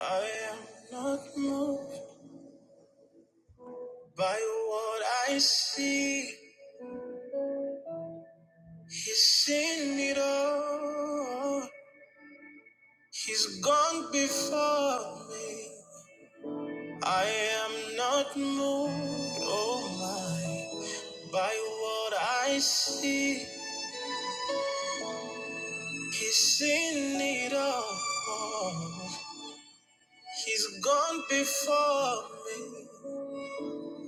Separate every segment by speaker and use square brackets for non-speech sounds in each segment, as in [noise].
Speaker 1: I am not moved by what I see. He's seen it all. He's gone before me. I am not moved, oh my, by what I see. He's seen it all. He's gone before me.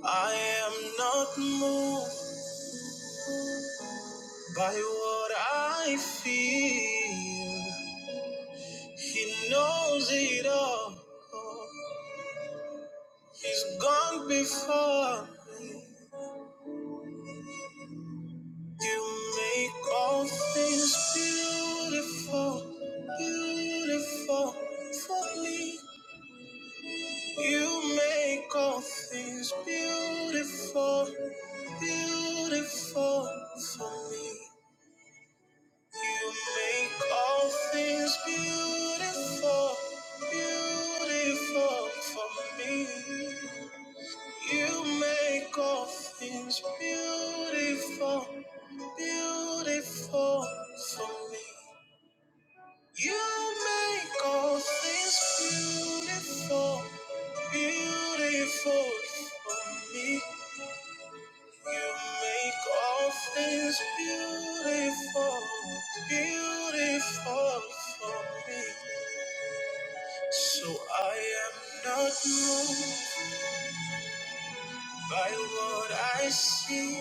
Speaker 1: I am not moved by what I feel. He knows it all. He's gone before. You make all things beautiful, beautiful for me. You make all things beautiful, beautiful for me. You make all things beautiful, beautiful for me. You make all things beautiful, beautiful for me. You make all things beautiful, beautiful for me. You make all things beautiful, beautiful for me. So I am not moved by what I see.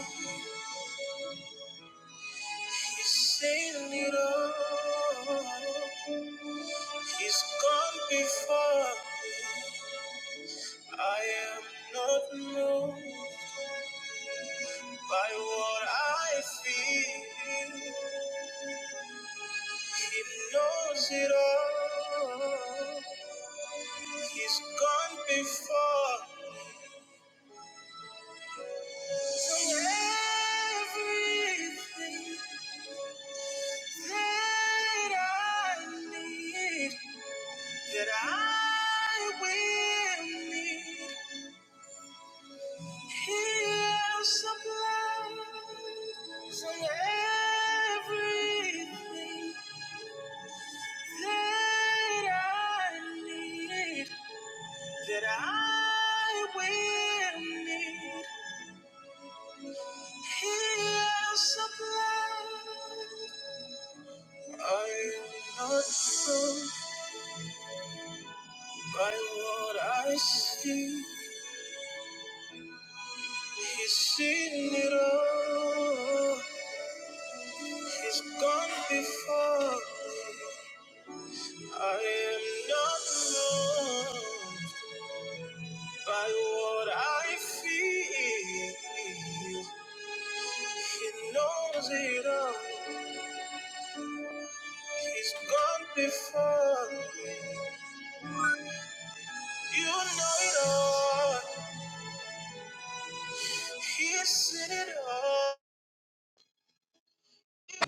Speaker 1: He's seen it all. He's gone before. I am not moved by what I feel. He knows it all. He's gone before. So everything that I need, that I will need. He'll supply everything that I need, that I will need. He'll supply. I am not fooled by what I see. He's seen it all. He's gone before. me. I am not moved by what I feel. He knows it all. He's gone before me. You know it all. He's seen it all.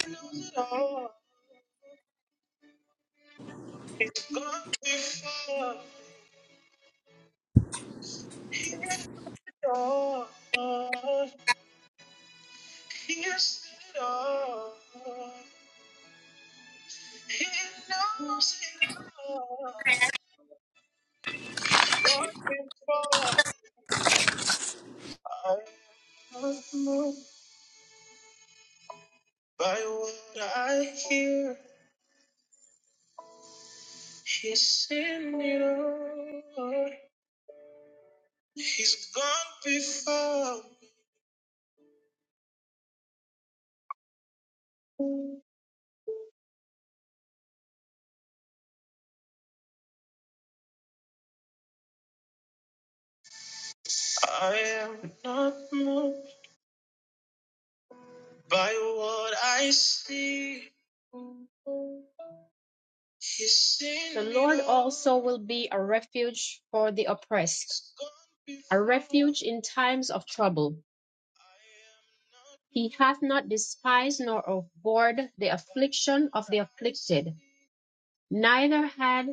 Speaker 1: He knows it all. He's gone before. He knows it all. He's seen it all. He knows it all. She's looking for I know by what I hear. He's seen it all. He's gone before. I am not moved by what I see. He's seen the it Lord it all. also will be a refuge for the oppressed, a refuge in times of trouble. He hath not despised nor abhorred the affliction of the afflicted, neither had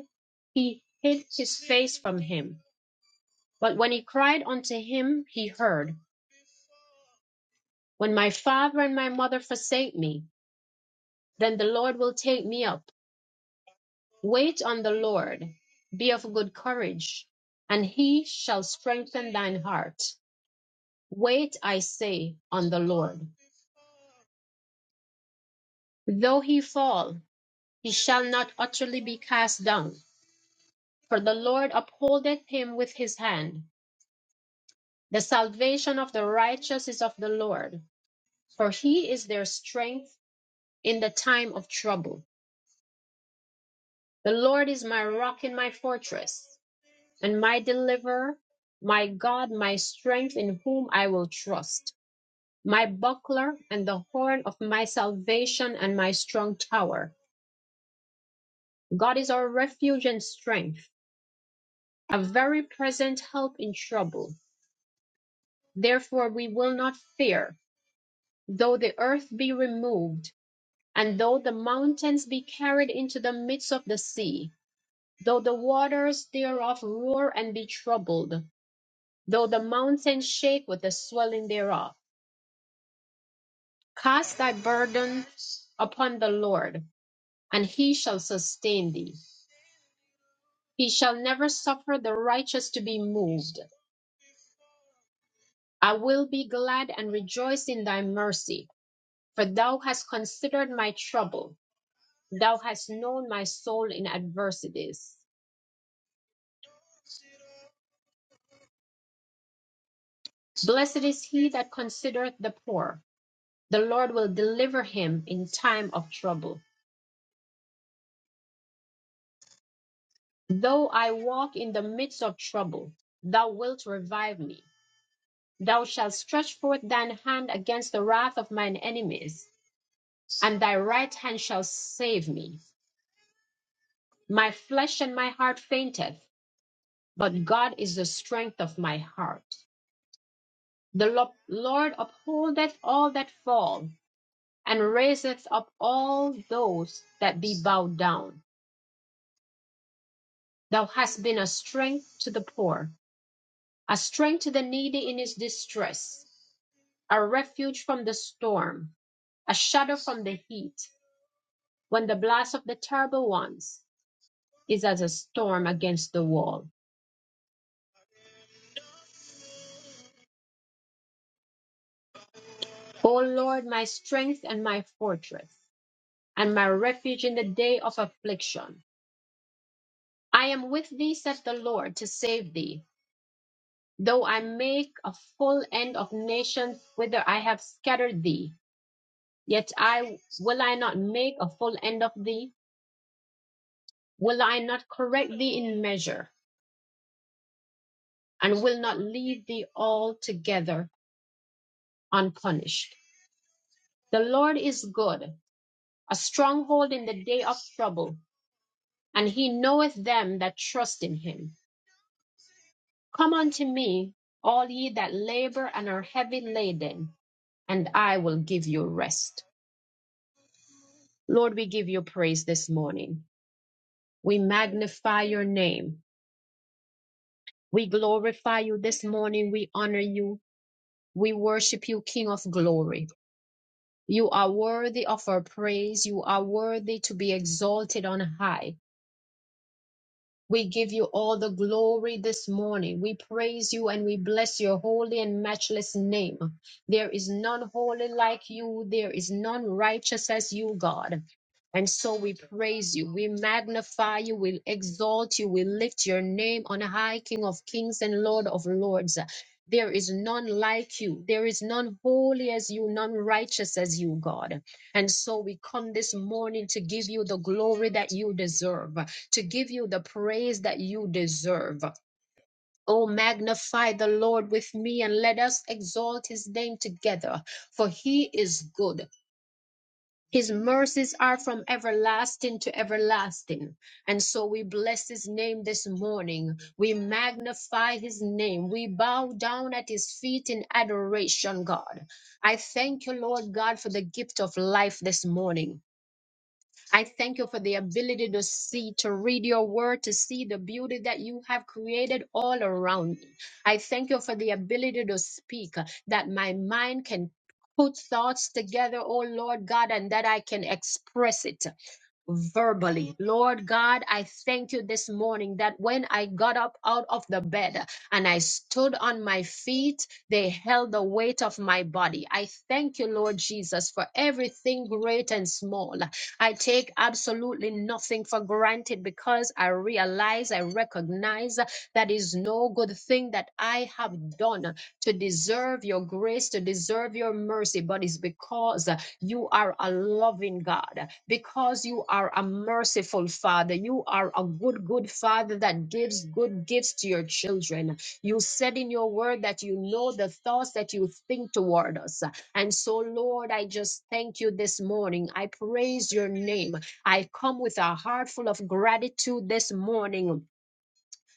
Speaker 1: he hid his face from him. But when he cried unto him, he heard. When my father and my mother forsake me, then the Lord will take me up. Wait on the Lord, be of good courage, and he shall strengthen thine heart. Wait, I say, on the Lord. Though he fall, he shall not utterly be cast down For the Lord upholdeth him with his hand. The salvation of the righteous is of the Lord, for he is their strength in the time of trouble. The Lord is my rock and my fortress, and my deliverer, my God, my strength, in whom I will trust, my buckler and the horn of my salvation and my strong tower. God is our refuge and strength, a very present help in trouble. Therefore, we will not fear Though the earth be removed, and though the mountains be carried into the midst of the sea, though the waters thereof roar and be troubled, though the mountains shake with the swelling thereof, cast thy burdens upon the Lord, and he shall sustain thee. He shall never suffer the righteous to be moved. I will be glad and rejoice in thy mercy, for thou hast considered my trouble. Thou hast known my soul in adversities. Blessed is he that considereth the poor. The Lord will deliver him in time of trouble. Though I walk in the midst of trouble, thou wilt revive me. Thou shalt stretch forth thine hand against the wrath of mine enemies, and thy right hand shall save me. My flesh and my heart fainteth, but God is the strength of my heart. The Lo- Lord upholdeth all that fall, and raiseth up all those that be bowed down. Thou hast been a strength to the poor, a strength to the needy in his distress, a refuge from the storm, a shadow from the heat, when the blast of the terrible ones is as a storm against the wall. O Lord, my strength and my fortress, and my refuge in the day of affliction. I am with thee, saith the Lord, to save thee. Though I make a full end of nations whither I have scattered thee, Yet I will I not make a full end of thee? Will I not correct thee in measure, and will not leave thee altogether unpunished? The Lord is good, a stronghold in the day of trouble, and he knoweth them that trust in him. Come unto me, all ye that labor and are heavy laden, and I will give you rest. Lord, we give you praise this morning. We magnify your name. We glorify you this morning. We honor you. We worship you, King of glory. You are worthy of our praise. You are worthy to be exalted on high. We give you all the glory this morning. We praise you and we bless your holy and matchless name. There is none holy like you. There is none righteous as you, God. And so we praise you. We magnify you. We exalt you. We lift your name on high, King of kings and Lord of lords. There is none like you. There is none holy as you, none righteous as you, God. And so we come this morning to give you the glory that you deserve, to give you the praise that you deserve. Oh, magnify the Lord with me and let us exalt his name together, for he is good. His mercies are from everlasting to everlasting. And so we bless his name this morning. We magnify his name. We bow down at his feet in adoration, God. I thank you, Lord God, for the gift of life this morning. I thank you for the ability to see, to read your word, to see the beauty that you have created all around me. I thank you for the ability to speak, uh, that my mind can put thoughts together, oh Lord God, and that I can express it verbally. Lord God, I thank you this morning that when I got up out of the bed and I stood on my feet, they held the weight of my body. I thank you, Lord Jesus, for everything great and small. I take absolutely nothing for granted because I realize, I recognize that is no good thing that I have done to deserve your grace, to deserve your mercy, but it's because you are a loving God, because you are a merciful Father. You are a good, good Father that gives good gifts to your children. You said in your word that you know the thoughts that you think toward us. And so, Lord, I just thank you this morning. I praise your name. I come with a heart full of gratitude this morning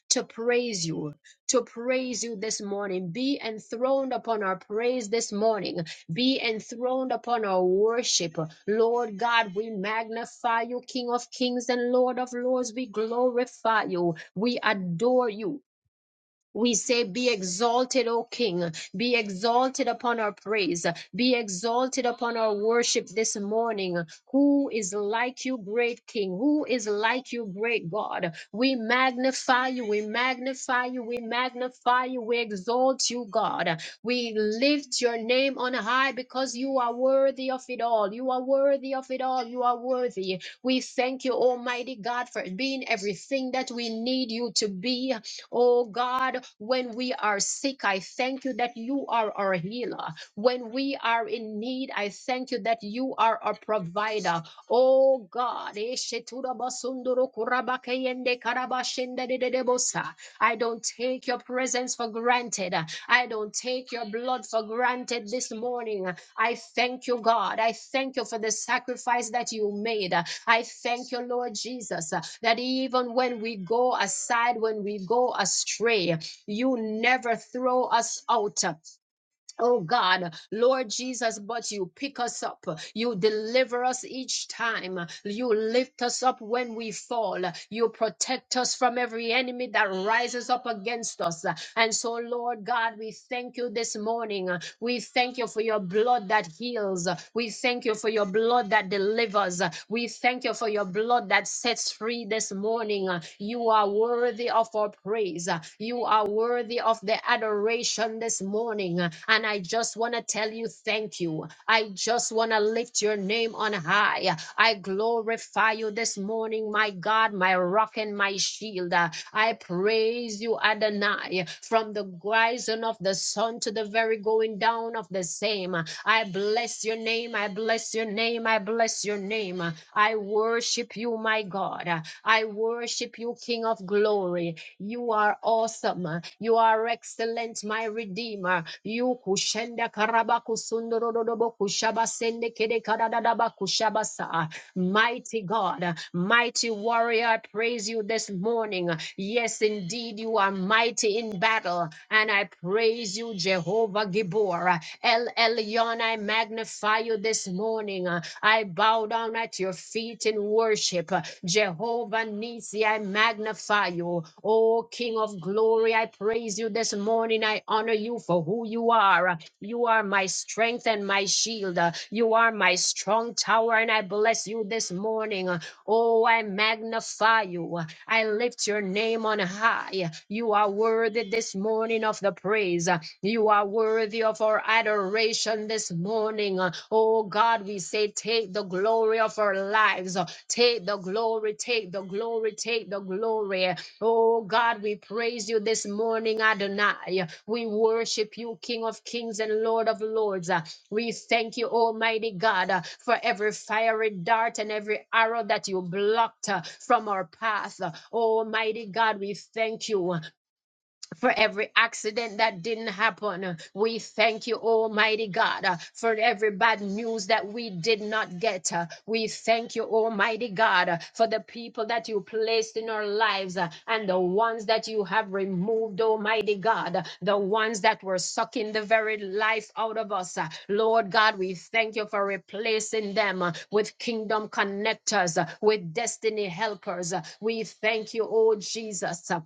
Speaker 1: to praise you, to praise you this morning. Be enthroned upon our praise this morning. Be enthroned upon our worship. Lord God, we magnify you, King of kings and Lord of lords. We glorify you. We adore you. We say, Be exalted, O King. Be exalted upon our praise. Be exalted upon our worship this morning. Who is like you, great King? Who is like you, great God? We magnify you. We magnify you. We magnify you. We exalt you, God. We lift your name on high because you are worthy of it all. You are worthy of it all. You are worthy. We thank you, Almighty God, for being everything that we need you to be. Oh God, when we are sick, I thank you that you are our healer. When we are in need, I thank you that you are our provider. Oh God, Eshetura basunduru kurabakeyende karabashende dededebosa. I don't take your presence for granted. I don't take your blood for granted this morning. I thank you, God. I thank you for the sacrifice that you made. I thank you, Lord Jesus, uh, that even when we go aside, when we go astray, you never throw us out. Oh God, Lord Jesus, but you pick us up. You deliver us each time. You lift us up when we fall. You protect us from every enemy that rises up against us. And so, Lord God, we thank you this morning. We thank you for your blood that heals. We thank you for your blood that delivers. We thank you for your blood that sets free this morning morning. Uh, You are worthy of our praise. Uh, You are worthy of the adoration this morning. Uh, And I just want to tell you thank you. I just want to lift your name on high. Uh, I glorify you this morning, my God, my rock and my shield. Uh, I praise you, Adonai, from the rising of the sun to the very going down of the same. I bless your name. I bless your name. I bless your name. I worship you, my God. I worship you, King of glory. You are awesome. You are excellent, my Redeemer. You kushenda karabaku sundorodobo kushaba kede kadadadaba kushabasa. Mighty God, mighty warrior, I praise you this morning. Yes, indeed, you are mighty in battle, and I praise you, Jehovah Gibor. El Elyon, I magnify you this morning. I bow down at your feet in worship. Jehovah Nisi, I magnify you. Oh, King of glory, I praise you this morning. I honor you for who you are. You are my strength and my shield. Uh, You are my strong tower, and I bless you this morning. Uh, Oh, I magnify you. Uh, I lift your name on high. Uh, You are worthy this morning of the praise. Uh, You are worthy of our adoration this morning. Uh, Oh, God, we say, take the glory of our lives. Uh, Take the glory, take the glory, take the glory. Oh God, we praise you this morning, Adonai. We worship you, King of kings and Lord of lords. Uh, We thank you, Almighty God, uh, for every fiery dart and every arrow that you blocked uh, from our path. Uh, Almighty God, we thank you for every accident that didn't happen. We thank you, Almighty God, uh, for every bad news that we did not get. uh, We thank you, Almighty God, uh, for the people that you placed in our lives uh, and the ones that you have removed, Almighty God, uh, the ones that were sucking the very life out of us. uh, Lord God, we thank you for replacing them uh, with kingdom connectors, uh, with destiny helpers. uh, We thank you, oh Jesus. uh,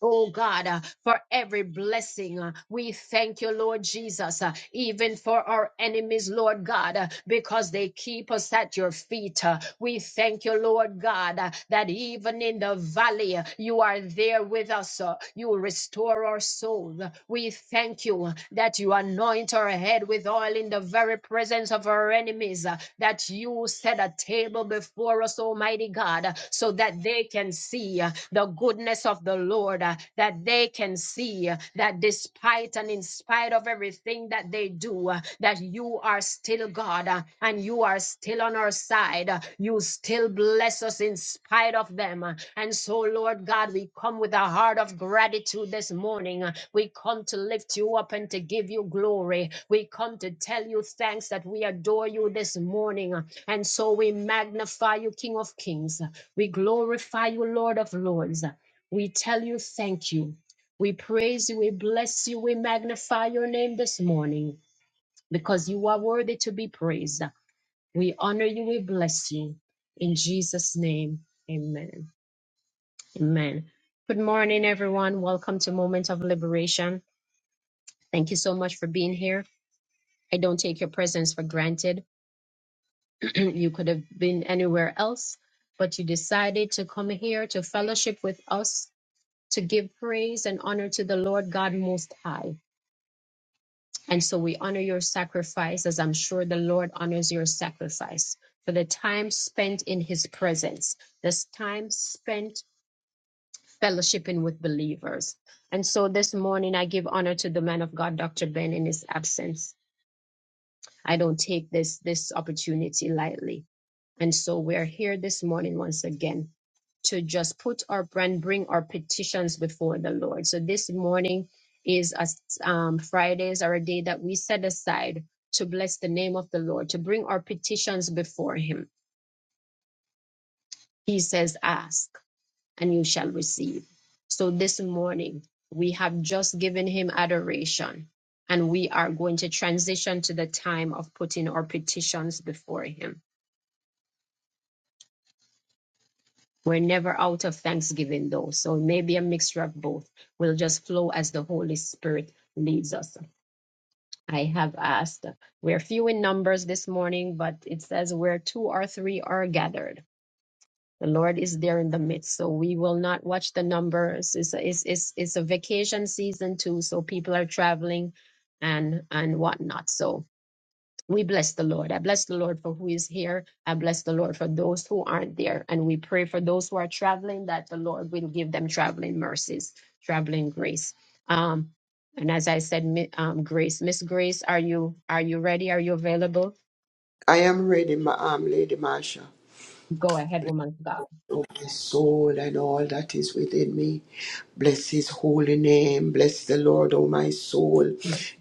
Speaker 1: Oh God, uh, for every blessing, uh, we thank you, Lord Jesus, uh, even for our enemies, Lord God, uh, because they keep us at your feet. uh, we thank you, Lord God, uh, that even in the valley, uh, you are there with us. uh, you restore our souls. We thank you uh, that you anoint our head with oil in the very presence of our enemies, uh, that you set a table before us, Almighty God, uh, so that they can see uh, the goodness of the Lord, uh, that they can see uh, that despite and in spite of everything that they do, uh, that you are still God uh, and you are still on our side. uh, You still bless us in spite of them. uh, And so, Lord God, we come with a heart of gratitude this morning. uh, We come to lift you up and to give you glory. We come to tell you thanks that we adore you this morning. uh, And so we magnify you, King of Kings. We glorify you, Lord of Lords. We tell you thank you. We praise you. We bless you. We magnify your name this morning because you are worthy to be praised. We honor you. We bless you. In Jesus' name, amen. Amen. Good morning, everyone. Welcome to Moment of Liberation. Thank you so much for being here. I don't take your presence for granted. [clears throat] you could have been anywhere else, but you decided to come here to fellowship with us to give praise and honor to the Lord God Most High. And so we honor your sacrifice as I'm sure the Lord honors your sacrifice for the time spent in his presence, this time spent fellowshipping with believers. And so this morning I give honor to the man of God, Dr. Ben, in his absence. I don't take this this opportunity lightly. And so we're here this morning once again to just put our brand, bring our petitions before the Lord. So this morning is a um, Friday is our day that we set aside to bless the name of the Lord, to bring our petitions before Him. He says, "Ask, and you shall receive." So this morning we have just given Him adoration, and we are going to transition to the time of putting our petitions before Him. We're never out of thanksgiving, though. So maybe a mixture of both. will just flow as the Holy Spirit leads us. I have asked. We're few in numbers this morning, but it says where two or three are gathered. The Lord is there in the midst. So we will not watch the numbers. It's a, it's, it's, it's a vacation season too. So people are traveling and, and whatnot. So we bless the Lord. I bless the Lord for who is here. I bless the Lord for those who aren't there. And we pray for those who are traveling that the Lord will give them traveling mercies, traveling grace. Um, and as I said, Mi- um, Grace, Miss Grace, are you are you ready? Are you available?
Speaker 2: I am ready, my arm, Lady Marcia.
Speaker 1: Go ahead, woman of God.
Speaker 2: Oh, my soul and all that is within me. Bless his holy name. Bless the Lord, O my soul,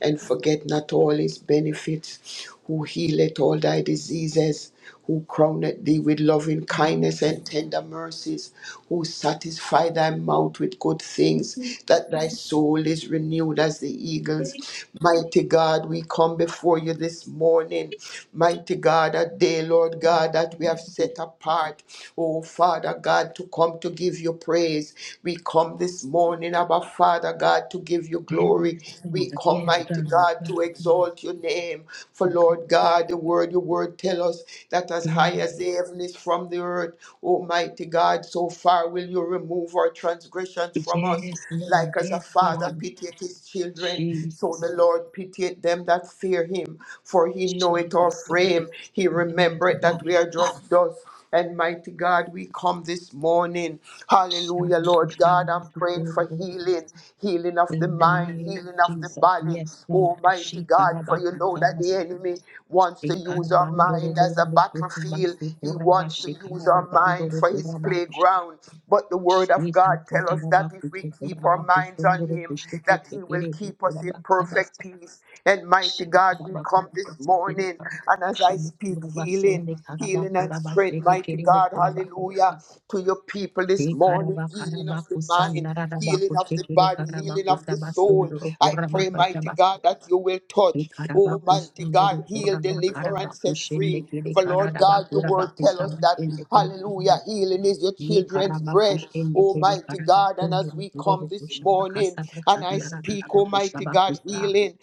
Speaker 2: and forget not all his benefits, who healeth all thy diseases, who crowneth thee with loving kindness and tender mercies, who satisfy thy mouth with good
Speaker 1: Yes,
Speaker 2: things, that thy soul is renewed as the eagles. Mighty God, we come before you this morning. Mighty God, a day, Lord God. God, that we have set apart, oh Father God, to come to give you praise. We come this morning, Abba Father God, to give you glory. We
Speaker 1: Lord.
Speaker 2: come,
Speaker 1: Yes,
Speaker 2: mighty
Speaker 1: God.
Speaker 2: God, to
Speaker 1: Yes,
Speaker 2: exalt your name. For
Speaker 1: God.
Speaker 2: Lord God, the word, your word tell us that as high as
Speaker 1: Yes,
Speaker 2: the heaven is from the earth, Almighty God, so far will you remove our transgressions from us.
Speaker 1: yes,
Speaker 2: Like
Speaker 1: Lord.
Speaker 2: as a
Speaker 1: Yes,
Speaker 2: father
Speaker 1: God.
Speaker 2: pitieth his children, so the
Speaker 1: Jesus.
Speaker 2: Lord pitieth them that fear him. For he know it all, frame. He remembered that we are just dust. And mighty God, we come this morning. Hallelujah, Lord God. I'm praying for healing, healing of the mind,
Speaker 1: name of
Speaker 2: healing of the
Speaker 1: Jesus.
Speaker 2: body.
Speaker 1: Yes, Lord.
Speaker 2: Oh, mighty God, for you know that the
Speaker 1: Ikarabakutabas-
Speaker 2: enemy wants to use our mind as a battlefield.
Speaker 1: Ikarabandoroborobokutabasu
Speaker 2: He wants to
Speaker 1: korabashi
Speaker 2: use our mind for his playground. But the word of God tells us that if we keep our minds on him, that he will keep us in perfect
Speaker 1: karababandoroborobakusha.
Speaker 2: peace. And
Speaker 1: Shitatatarabakutokorabakusondorokushiketekerebikurabasabasa.
Speaker 2: mighty God, we come this morning, and as I speak healing, healing and strength, mighty God, hallelujah,
Speaker 1: Shikarabakurabakusikerekarabakurabasendekarabakurabasekekerebokurabakubasa.
Speaker 2: to your people this morning, healing of the mind, healing of the body, healing of the soul. I pray, mighty
Speaker 1: Shikarabakarabakusandararabakushekerekarabakutabasundorukurabakashabasa.
Speaker 2: God, that you will touch, oh mighty
Speaker 1: Ikarabakusunduru
Speaker 2: God, heal,
Speaker 1: kuraba
Speaker 2: deliver, and set free.
Speaker 1: karabakushende kede
Speaker 2: For Lord
Speaker 1: karaba
Speaker 2: God, your word tell us that,
Speaker 1: kurabakusabatende kede karaba
Speaker 2: hallelujah, healing is your
Speaker 1: ye
Speaker 2: children's bread,
Speaker 1: karabakushende kede
Speaker 2: Almighty God. And as
Speaker 1: karabakunduru
Speaker 2: we
Speaker 1: kururu
Speaker 2: come this
Speaker 1: kushaba
Speaker 2: morning and I speak, Almighty God,
Speaker 1: kasabatandarabarabakushabakusa
Speaker 2: healing,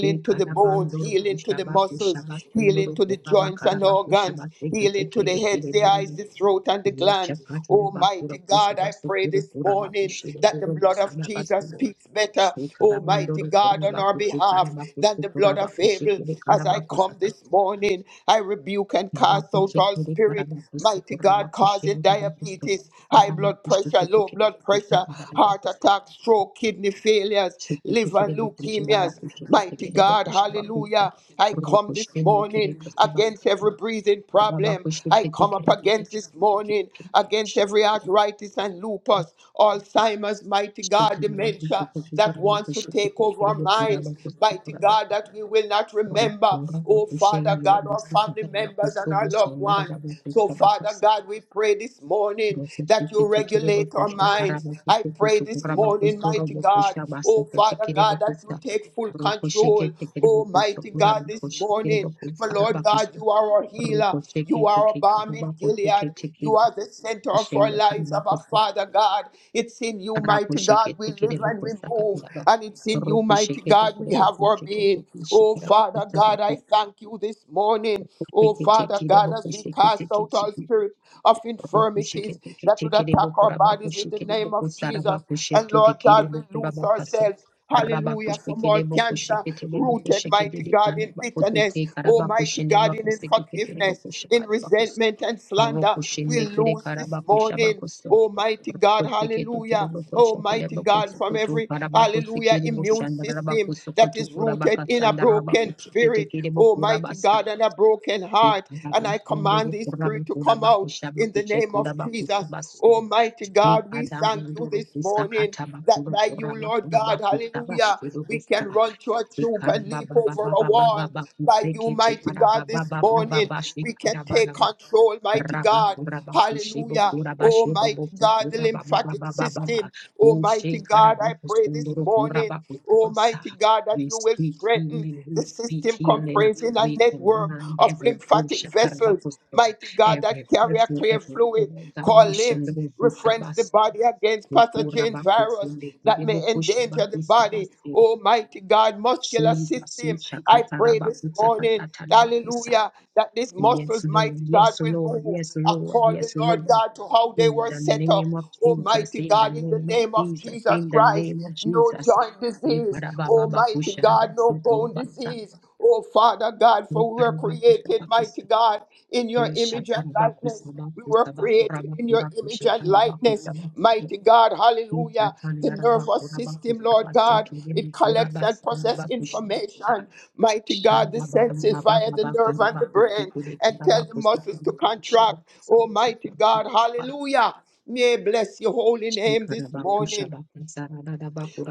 Speaker 1: ye
Speaker 2: to the bones,
Speaker 1: karabanduru
Speaker 2: healing to the muscles,
Speaker 1: kushabakushaba sunduru
Speaker 2: healing to the
Speaker 1: kuraba
Speaker 2: joints and
Speaker 1: karabakushaba
Speaker 2: organs,
Speaker 1: sekete
Speaker 2: healing to
Speaker 1: kede
Speaker 2: the
Speaker 1: kede
Speaker 2: heads, the eyes, the throat, and the
Speaker 1: Ye
Speaker 2: glands.
Speaker 1: chakatara bakura
Speaker 2: Almighty
Speaker 1: pusa
Speaker 2: God, I
Speaker 1: basu
Speaker 2: pray
Speaker 1: kuru
Speaker 2: this
Speaker 1: kura baku
Speaker 2: morning
Speaker 1: shire
Speaker 2: that the
Speaker 1: doro
Speaker 2: blood of
Speaker 1: busana basu
Speaker 2: Jesus
Speaker 1: bo.
Speaker 2: speaks better,
Speaker 1: Shri
Speaker 2: Almighty
Speaker 1: karabandoro
Speaker 2: God,
Speaker 1: kura
Speaker 2: on our
Speaker 1: baku te
Speaker 2: behalf
Speaker 1: karabaku
Speaker 2: than
Speaker 1: te
Speaker 2: the
Speaker 1: kura
Speaker 2: blood of
Speaker 1: baku
Speaker 2: Abel.
Speaker 1: shikere
Speaker 2: As I
Speaker 1: karabaku
Speaker 2: come this
Speaker 1: sabatu.
Speaker 2: morning, I rebuke and cast
Speaker 1: Rabaku
Speaker 2: out all
Speaker 1: shikere
Speaker 2: spirit,
Speaker 1: karabaku sto
Speaker 2: mighty
Speaker 1: kura
Speaker 2: God,
Speaker 1: baku
Speaker 2: causing
Speaker 1: shire rabaku sto.
Speaker 2: diabetes, high blood
Speaker 1: Rabaku
Speaker 2: pressure,
Speaker 1: shikere
Speaker 2: low
Speaker 1: kere
Speaker 2: blood
Speaker 1: kusa
Speaker 2: pressure,
Speaker 1: kadara
Speaker 2: heart
Speaker 1: baku sto.
Speaker 2: attack, stroke, kidney failures,
Speaker 1: Shikere kere
Speaker 2: liver
Speaker 1: baku shira
Speaker 2: leukemias.
Speaker 1: baku shikere
Speaker 2: Mighty
Speaker 1: kere
Speaker 2: God,
Speaker 1: baku shabaku sto.
Speaker 2: hallelujah. I
Speaker 1: Ruku
Speaker 2: come this
Speaker 1: shikere kere
Speaker 2: morning
Speaker 1: kusa
Speaker 2: against every breathing
Speaker 1: Rabaku
Speaker 2: problem. I
Speaker 1: shikere
Speaker 2: come up
Speaker 1: kere baku
Speaker 2: against this
Speaker 1: shikere kere.
Speaker 2: morning
Speaker 1: kere.
Speaker 2: against every arthritis and lupus, Alzheimer's, mighty God, dementia that wants to take over our minds. Mighty God, that we will not remember. Oh, Father God. Father God, our family members and our loved ones. So, Father
Speaker 1: Roko
Speaker 2: God, we pray this morning that you regulate our minds. I pray this morning, mighty God, oh Father God, that you take full
Speaker 1: sheke
Speaker 2: control,
Speaker 1: teke
Speaker 2: oh mighty God, this morning. For Lord God, you are our healer, you are our balm in
Speaker 1: karabako teke
Speaker 2: Gilead,
Speaker 1: teke
Speaker 2: you are the center of our
Speaker 1: ashende
Speaker 2: lives,
Speaker 1: karabako
Speaker 2: our Father God. It's in you,
Speaker 1: Rako
Speaker 2: mighty God,
Speaker 1: sheke
Speaker 2: we
Speaker 1: teke de
Speaker 2: live and
Speaker 1: boko
Speaker 2: we
Speaker 1: saka
Speaker 2: move,
Speaker 1: raba.
Speaker 2: and it's in you,
Speaker 1: Roko
Speaker 2: mighty
Speaker 1: sheke
Speaker 2: God,
Speaker 1: teke de
Speaker 2: we have
Speaker 1: boko
Speaker 2: our
Speaker 1: sheke
Speaker 2: being.
Speaker 1: teke sheke
Speaker 2: Oh,
Speaker 1: raba.
Speaker 2: Father
Speaker 1: Eta
Speaker 2: God, I
Speaker 1: bako
Speaker 2: thank you this morning. Oh,
Speaker 1: teke
Speaker 2: Father
Speaker 1: teke de
Speaker 2: God,
Speaker 1: boko
Speaker 2: as we
Speaker 1: sheke
Speaker 2: cast
Speaker 1: teke
Speaker 2: out all
Speaker 1: teke.
Speaker 2: spirit of
Speaker 1: Roko sheke
Speaker 2: infirmities
Speaker 1: teke
Speaker 2: that would
Speaker 1: teke de
Speaker 2: attack
Speaker 1: boko
Speaker 2: our
Speaker 1: raba ko
Speaker 2: bodies in the
Speaker 1: sheke de
Speaker 2: name
Speaker 1: boko
Speaker 2: of
Speaker 1: sara
Speaker 2: Jesus.
Speaker 1: bako
Speaker 2: And
Speaker 1: sheke
Speaker 2: Lord
Speaker 1: teke de
Speaker 2: God, we
Speaker 1: boko
Speaker 2: lose
Speaker 1: raba kase.
Speaker 2: ourselves.
Speaker 1: Raba ko
Speaker 2: Hallelujah, from
Speaker 1: sheke
Speaker 2: all
Speaker 1: de boko
Speaker 2: cancer,
Speaker 1: sheke teke de boko
Speaker 2: rooted,
Speaker 1: sheke de
Speaker 2: mighty
Speaker 1: de
Speaker 2: God,
Speaker 1: kana
Speaker 2: in
Speaker 1: bako
Speaker 2: bitterness,
Speaker 1: teke
Speaker 2: oh,
Speaker 1: karaba ko
Speaker 2: mighty
Speaker 1: shende
Speaker 2: God,
Speaker 1: bako
Speaker 2: in
Speaker 1: seke teke de
Speaker 2: unforgiveness,
Speaker 1: boko sheka
Speaker 2: in
Speaker 1: raba kose.
Speaker 2: resentment and slander.
Speaker 1: Roko
Speaker 2: We
Speaker 1: shende kere
Speaker 2: lose
Speaker 1: karaba
Speaker 2: this
Speaker 1: ko shaba
Speaker 2: morning. Almighty God,
Speaker 1: Kosekete kere
Speaker 2: hallelujah.
Speaker 1: boko shakere
Speaker 2: Almighty
Speaker 1: boko
Speaker 2: God, from
Speaker 1: sokoto
Speaker 2: every,
Speaker 1: karaba
Speaker 2: hallelujah,
Speaker 1: kosekere
Speaker 2: immune
Speaker 1: boshandara bako
Speaker 2: system that
Speaker 1: sokoto
Speaker 2: is
Speaker 1: kuraba
Speaker 2: rooted in a
Speaker 1: kasandara bako
Speaker 2: broken
Speaker 1: shakete
Speaker 2: spirit,
Speaker 1: kere boko
Speaker 2: Almighty
Speaker 1: rabasta.
Speaker 2: God, and a broken
Speaker 1: E
Speaker 2: heart.
Speaker 1: karaba
Speaker 2: And I
Speaker 1: sendoro
Speaker 2: command this
Speaker 1: kuraba
Speaker 2: spirit to come
Speaker 1: kuraba
Speaker 2: out
Speaker 1: kushaba
Speaker 2: in the
Speaker 1: kushe
Speaker 2: name of
Speaker 1: kuraba
Speaker 2: Jesus.
Speaker 1: kusabasu.
Speaker 2: Almighty
Speaker 1: E
Speaker 2: God, we thank you
Speaker 1: kadamandoro
Speaker 2: this morning
Speaker 1: kusakata
Speaker 2: that
Speaker 1: bakuro
Speaker 2: by you,
Speaker 1: kuraba
Speaker 2: Lord
Speaker 1: karaba
Speaker 2: God, hallelujah,
Speaker 1: kusabashuru
Speaker 2: we
Speaker 1: busta.
Speaker 2: can run to a
Speaker 1: E
Speaker 2: troop and
Speaker 1: karaba
Speaker 2: leap
Speaker 1: baba
Speaker 2: over a
Speaker 1: baba baba
Speaker 2: wall.
Speaker 1: baba
Speaker 2: By you,
Speaker 1: kusekete
Speaker 2: mighty
Speaker 1: karaba
Speaker 2: God,
Speaker 1: baba
Speaker 2: this
Speaker 1: baba
Speaker 2: morning,
Speaker 1: baba
Speaker 2: we can take
Speaker 1: shikaraba
Speaker 2: control, mighty
Speaker 1: Rabba
Speaker 2: God.
Speaker 1: kuraba kushibo
Speaker 2: Hallelujah.
Speaker 1: kuraba shibo
Speaker 2: Almighty God, the
Speaker 1: kuraba
Speaker 2: lymphatic
Speaker 1: baba baba
Speaker 2: system.
Speaker 1: kushi
Speaker 2: Almighty God,
Speaker 1: karaba
Speaker 2: I pray this
Speaker 1: kuskunduru
Speaker 2: morning.
Speaker 1: kuraba kurabasa.
Speaker 2: Almighty God, that
Speaker 1: We
Speaker 2: you will
Speaker 1: speak
Speaker 2: strengthen
Speaker 1: healing, we
Speaker 2: the
Speaker 1: speak
Speaker 2: system
Speaker 1: healing.
Speaker 2: comprising a
Speaker 1: We
Speaker 2: network
Speaker 1: command
Speaker 2: of
Speaker 1: every bush,
Speaker 2: lymphatic vessels.
Speaker 1: tarabakusto,
Speaker 2: Mighty God, that
Speaker 1: every
Speaker 2: carry a
Speaker 1: person,
Speaker 2: clear
Speaker 1: every
Speaker 2: fluid called
Speaker 1: organization,
Speaker 2: limbs, reference the
Speaker 1: kusabas,
Speaker 2: body against pathogens, virus
Speaker 1: kurabakusinde,
Speaker 2: that may endanger the body.
Speaker 1: kudebukushabakusabasi.
Speaker 2: Almighty God, muscular
Speaker 1: Jesus, we
Speaker 2: system him. I pray this morning,
Speaker 1: shakatarabakusakatarabakusa.
Speaker 2: hallelujah, that these
Speaker 1: Yes,
Speaker 2: muscles,
Speaker 1: Lord,
Speaker 2: mighty God,
Speaker 1: yes,
Speaker 2: will
Speaker 1: Lord,
Speaker 2: move
Speaker 1: yes, Lord,
Speaker 2: according,
Speaker 1: yes, Lord.
Speaker 2: Lord God, to how they
Speaker 1: In
Speaker 2: were
Speaker 1: the
Speaker 2: set up.
Speaker 1: name of Jesus,
Speaker 2: Almighty
Speaker 1: in the
Speaker 2: God, in the
Speaker 1: name of
Speaker 2: name of
Speaker 1: Jesus,
Speaker 2: Jesus
Speaker 1: in the
Speaker 2: Christ,
Speaker 1: name of
Speaker 2: no
Speaker 1: Jesus.
Speaker 2: joint
Speaker 1: Eh,
Speaker 2: disease. Almighty God, no bone
Speaker 1: karabababakusharabasukulabasa,
Speaker 2: disease. Oh, Father God,
Speaker 1: eh,
Speaker 2: for we were created, mighty
Speaker 1: karabakusabakusa,
Speaker 2: God, in your
Speaker 1: eh,
Speaker 2: image and likeness. We were created in your image and likeness,
Speaker 1: shatarabakusabakusabakurabakurabakushikarabakusabasa,
Speaker 2: mighty God.
Speaker 1: eh,
Speaker 2: Hallelujah. The nervous system, Lord God, it collects and processes
Speaker 1: tatandarabakurabakurabakusabasekerebekurabasabakushamsa,
Speaker 2: information, mighty God. The senses via the nerve and the brain, and tell the muscles to contract. Almighty God,
Speaker 1: shababababababakarabakusikulekarabakusikulabakurabakusabasu.
Speaker 2: hallelujah. May I bless your holy
Speaker 1: Jesus,
Speaker 2: name this morning.